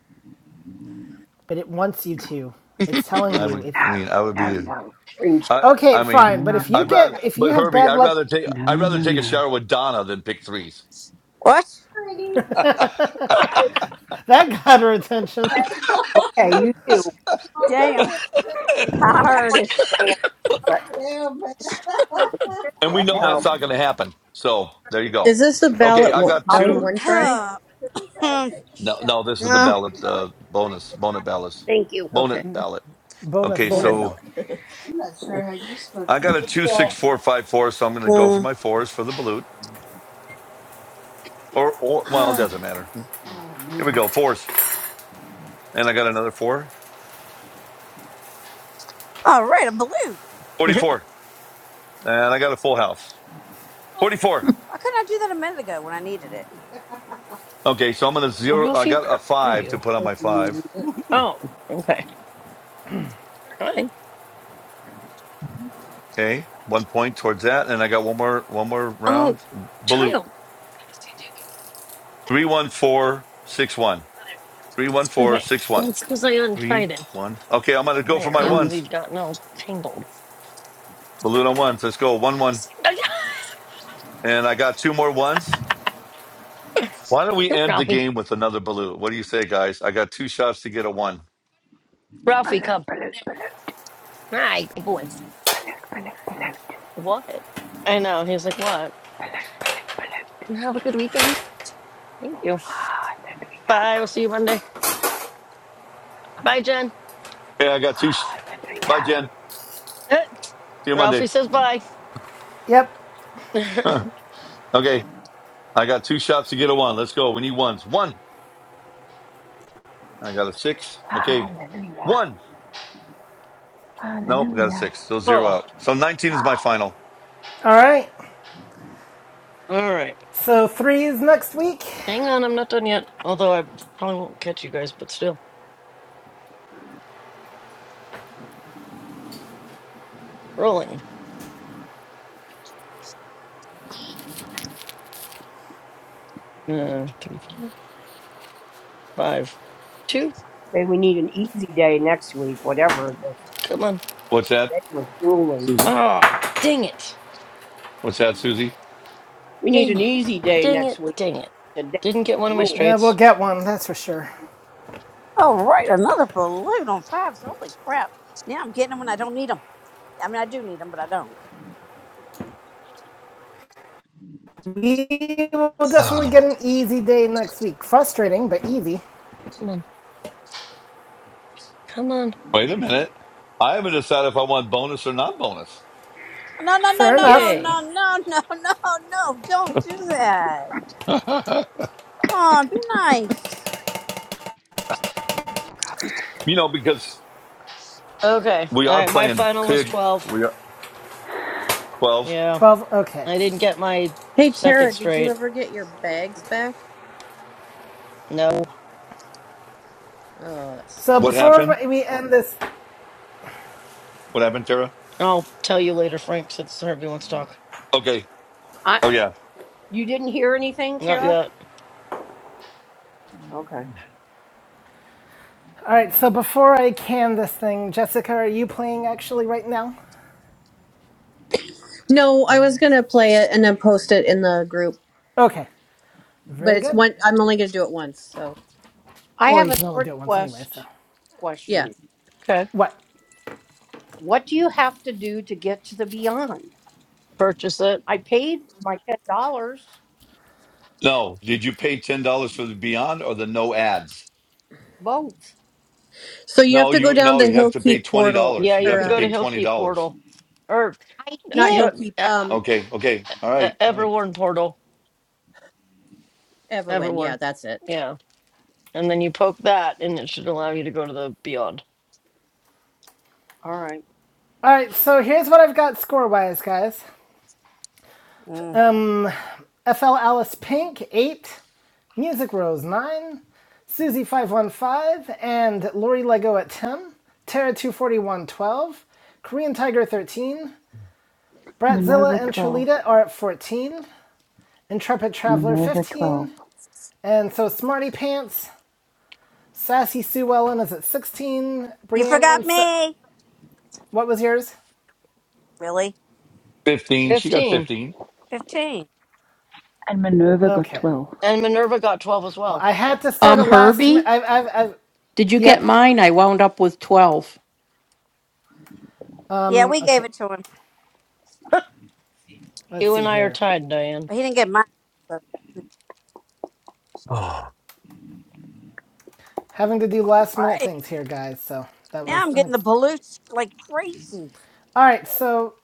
but it wants you to. It's telling I you would if I mean I would No, be no, Green I chicken. okay, I mean fine, no, but um, no, if you I'd no, rather get if you but have Herbie, bad I'd luck rather take I'd rather take a no. shower with Donna than pick threes. What? <laughs> That got her attention. Okay, you too. <laughs> oh, d- Damn. I I heard want it. banana, but and All we know no. that's not gonna happen. So there you go. Is this the Okay, ballot I one? got I'll Ballot take two one you. tray? No, no, this is the ballot uh, bonus, bonus ballot, Thank you. Okay, bonus ballot. Bonus Okay, ballot. bonnet ballot. so <laughs> I got a two six four five four, so I'm going to go for my fours for the balut, or or well, it doesn't matter. Here we go, fours, and I got another four right, a balloon. forty four, and I got a full house, forty four. Why couldn't I do that a minute ago when I needed it? Okay, so I'm going to zero. I Ralphie, got a where are five you? to put on my five. Woohoo. Oh, okay. Hi. Okay, one point towards that, and I got one more one more Oh, round. Balut child. three one four six one three one four Okay. six one. That's because I three, untied him one. Okay, I'm gonna go for my there because Once. ones. he'd gotten all tangled. Balloon on ones. Let's go. One one. Oh, yeah, And I got two more ones. Why don't we You're end the Ralphie. game with another balloon? What do you say, guys? I got two shots to get a one. Ralphie, come. Hey, good boy. Below, below, two. What? I know. He's like, what? Below, below. "No, Again, thank you. Bye. We'll see you Monday. Bye, Jen. <laughs> Okay, I got two. Sh- Bye, Jen. Eh, See you Ralphie Monday. says bye. Yep. <laughs> <laughs> oh, okay, I got two shots to get a one. Let's go. We need ones. One. I got a six. Okay, one. Nope, we got a six. So zero all out. So 19 is my final. All right. right. So three is next week. Hang on. I'm not done yet. Although I probably won't catch you guys, but still. Rolling. Uh, three, four, five, two. Say we need an easy day next week, whatever it is. Come on. What's that, Today was grueling. Susie? Oh, dang it. What's that, Susie? We need Dang an it. easy day Dang next it. week. Dang it. Today Didn't get one was of my grueling. Yeah, we'll straights. get one, that's for sure. All right, another balloon on fives. Holy crap. Now I'm getting them when I don't need them. I mean, I do need them, but I don't. We will definitely Oh. get an easy day next week. Frustrating, but easy. Come on. Come on. Wait a minute. I haven't decided if I want bonus or not bonus. No, no, no, Fair no, no, enough. Yay. no, no, no, <laughs> no, no. <laughs> Don't do that. <laughs> you Come on, be nice. know, because Okay. we All are right. My playing final was pig. 12. We are 12. Yeah. 12. Okay. I didn't get my hey second Tara, did you straight. ever get your bags back? No. Oh, that So What sucks. before happened? we end this. What happened, Tara? I'll tell you later, Frank, since Herbie wants to talk. Okay. I Oh, yeah. you didn't hear anything, Not Tara? yet. Okay. All right. So before I can this thing, Jessica, are you playing actually right now? No, I was gonna play it and then post it in the group, Okay. but Very it's good. one. I'm only gonna do it once, so I Well, have you a can only do sword it once anyway, so. quest yeah. question. Okay. What? What do you have to do to get to the beyond? Purchase it. I paid my ten dollars No. Did you pay $10 for the Beyond or the no ads? both. So you have No, to go you, down no, the you have to pay Hillkeep $20. portal Yeah. You You have have or to to go to pay um $20. Hillkeep Portal. Or, I Not did. yeah, he'll keep uh, um Okay. Okay. All uh, right. All right. Everwarn Portal. Everwin. Yeah, Everwarn. that's it. Yeah. And then you poke that, and it should allow you to go to the Beyond. All right. All right. So here's what I've got score wise, guys. Mm. FL Alice Pink, 8. Music Rose, 9. Susie515 and Lori Lego at 10. Tara two forty one twelve, Korean Tiger, 13. Bratzilla Minerva and twelve. Trelita are at 14. Intrepid Traveler, Minerva twelve. 15. And so Smarty Pants, Sassy Sue Ellen is at 16. You Brienne forgot once. me. What was yours? Really? 15. She got 15. 15. <sighs> 15. And Minerva got Okay. twelve. And Minerva got 12 as Well, well. I had to start Um, a last. Mi- Herbie, I've, I've, I've. did you get Yep. mine? I wound up with 12. Yeah, we Mm, gave Okay. it to him, <laughs> Let's You see and I are here. tied, Diane. but he didn't get mine. So, Oh, having to do last minute right. things here, guys. So that Now was I'm getting unex. the pollutes like crazy. All right, so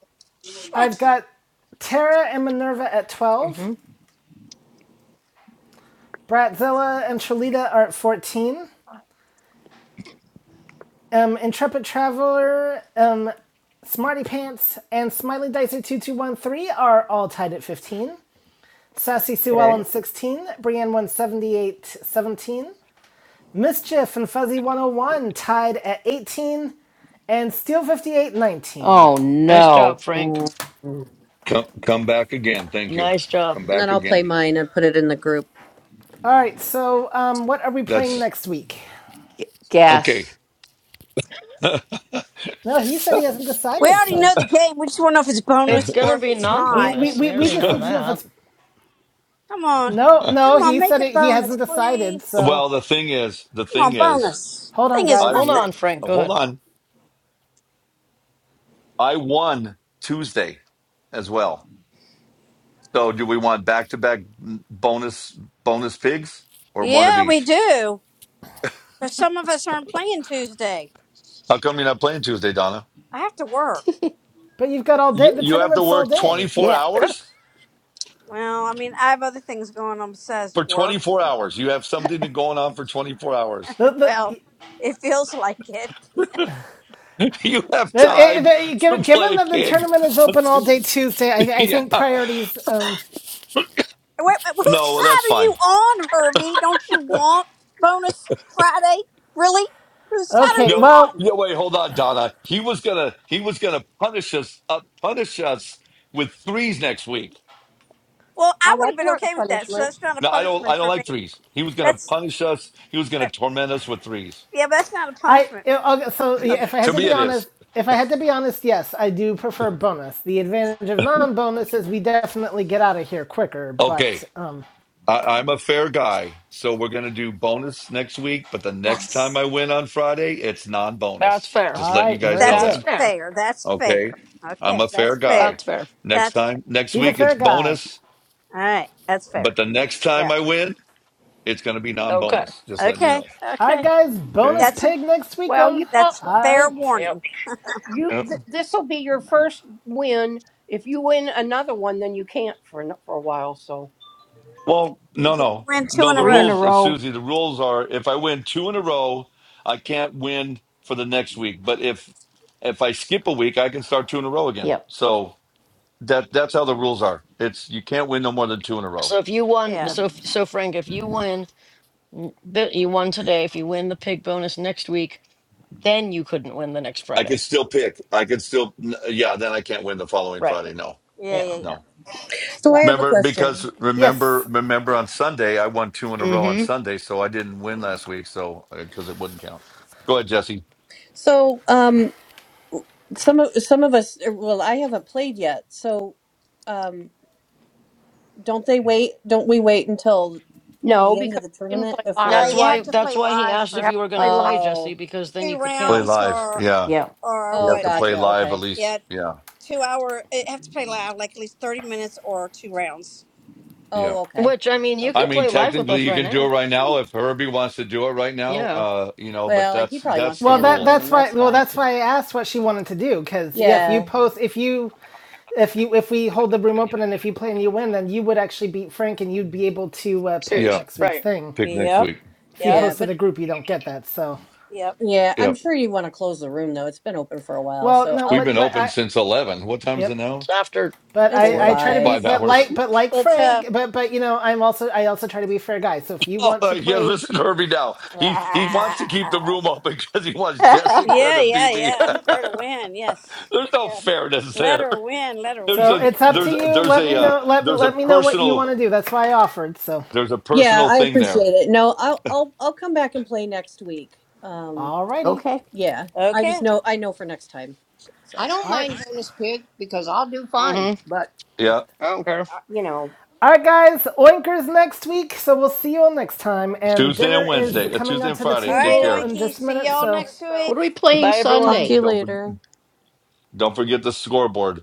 I've Shit. got Terra and Minerva at 12. hmm Bratzilla and Trelita are at 14. Um, Intrepid Traveler, um, Smarty Pants, and Smiley Dicer 2213 are all tied at 15. Sassy Sue Ellen Okay. 16, Brienne one seventy eight seventeen. Mischief and Fuzzy 101 tied at 18, and Steel 58 19. Oh, Nice job, no. Frank. Come, come back again. Thank you. Nice Come job. And then back I'll play again. mine and put it in the group. All right. So, um, what are we playing That's next week? okay. Guess. <laughs> No, he said he hasn't We decided, already so. know the game. We just want to know if it's It's bonus going or to if be it's non We not. we, bonus. We we, we already just know need to know well, if that. it's Come on. no Come no. on, He make said it it, he bonus, hasn't decided. please. So the thing is, the Come thing on, is, bonus. hold on, Thing is I guys. Hold w- nothing. on, Frank. oh, Go hold ahead. on. I won Tuesday as well. So do we want back to back bonus bonus pigs or one of Yeah, we each? do. Because some of us aren't playing Tuesday. How come you're not playing Tuesday, Donna? I have to work. But you've got all day. You The you have to tournament's all work day. 24 <laughs> hours Well, I mean, I have other things going on besides for work. <laughs> 24 hours. You have something to going on for 24 hours. The the. Well, the- it feels like it. <laughs> you have the- time the- to given given play that the pig tournament is on open all day Tuesday. Tuesday, <laughs> I, I yeah. think priorities. Um, Wait, wait, whose No, that's side are fine. you on, Herbie? Don't you want bonus Friday? Really? Whose side are okay, you No, well, on? no, wait, hold on, Donna. He was gonna, he was gonna punish us, uh, punish us with threes next week. Well, I Oh, would have that's been not a okay with that. So punishment. that's not a No, I don't, I punishment don't for me. like threes. He was gonna That's punish us. He was gonna that, torment us with threes. yeah, but that's not a punishment. I okay, so yeah, if I had To to me, be it honest, is if I had to be honest, yes, I do prefer bonus. The advantage of non-bonus is we definitely get out of here quicker. But okay. um, I, I'm a fair guy, so we're gonna do bonus next week. But the next time I Yes. win on Friday, it's That's non-bonus. fair. Just all letting you right, guys very know That's That's that. good. fair. fair. That's fair. Okay, Okay, I'm a fair that's fair. guy. That's fair. Next That's fair. time, next He's a week, Okay. it's fair guy. bonus. All right, that's But fair. the next Yeah. time I win, it's gonna be Okay. non-bonus. Just letting you Okay. know. All right, Okay. guys, Okay. bonus That's a pig next week Well, you then. won't- that's All fair right. Yep. warning. you Yep. th- this will be your first win. If you win another one, then you can't for an- for a while. So Well, You no, can no, win two no. in The a Three in row. a rules, uh, row. Susie. The rules are: if I win two in a row, I can't win for the next week. But if if I skip a week, I can start two in a row again. Yep. So that that's how the rules are. It's you can't win no more than two in a row. So if you won, Yeah. so Nope. if, so Frank, if you win, n- that you won today. If you win the pig bonus next week, then you couldn't win the next I can Friday. still pick. I can still, n- uh, yeah. Then I can't win the following Right. Friday. No, Yeah. Yeah. Yeah. Yeah. no. So I Yeah. have a Remember, because question. remember, Yes. remember on Sunday I won two in a row on Mm-hmm. Sunday, so I didn't win last week. So because it wouldn't count. Go ahead, Jesse. So um some of some of us er, well I haven't played yet. So um don't they wait don't we wait until no, the end of because the you didn't tournament play live. No, That's you before why. have to That's play why he live asked You if for have you were to going play to live. play Jesse, Oh, because then you two could Play count. rounds live. or Yeah. Yep. or You oh have what? to uh, play gotcha. live at Okay. least. Yeah, Yeah. two hour. You have to play live, like at least thirty minutes or two rounds. Yeah. Oh, okay. Which I mean, you I could Okay. mean, play live with technically us you right can do it now. right now if Herbie wants to do it right now. Yeah. Uh, you know, but Well, like, he that's probably wants that's to the Well, end the that rules. room. that's why. That's Well, fine. that's why I asked what she wanted to do. Because yeah, if you Yeah. post, if you, if you, if we hold the room open and if you play and you win, then you would actually beat Frank and you'd be able to uh, pick Yeah. Suze, next week's right. thing. Pick next Yep. week. if you Yep. Yeah, post to but the group, you don't get that. So, Yep. yeah, Yeah. I'm sure you want to close the room though. It's been open for a while. well, So no, We've I'll what, been what open I, since eleven. What time is it yep. It's now? after But it's I, 4 Yeah, I it's try for to be, 5. five but hours. like, <laughs> but like It's Frank, a. but, but you know, I'm also, I also try to be a fair guy. So if you Oh want to yeah, play, listen to Herbie now. He he wants to keep the <laughs> room open <laughs> because he wants Jessica Yeah, to beat yeah, me. yeah. Her to win. <laughs> Yes. there's no Yes. fairness Let there. her win. Let her There's so win. a it's up to there's a, you. there's Let me a uh, know, let me, there's a let me know what you personal want to do. That's why I offered. So, there's a Yeah, personal I thing there. appreciate it. No, I'll I'll I'll come back and play next week. Um alrighty, Okay. yeah, I just Okay. know I know for next time. I So, don't all right, mind bonus pig because I'll do fine. Mm-hmm. But Yeah. I don't care. uh, you know. all right, guys. Oinkers next week. So we'll see you all next time. And Tuesday dinner and is Wednesday, uh, coming Tuesday out and to the All Friday. Take right, table care. in Oinky. just a See minute. y'all So. next week. What are we playing Bye, everyone. talk to Sunday? you Don't for, later. don't forget the scoreboard.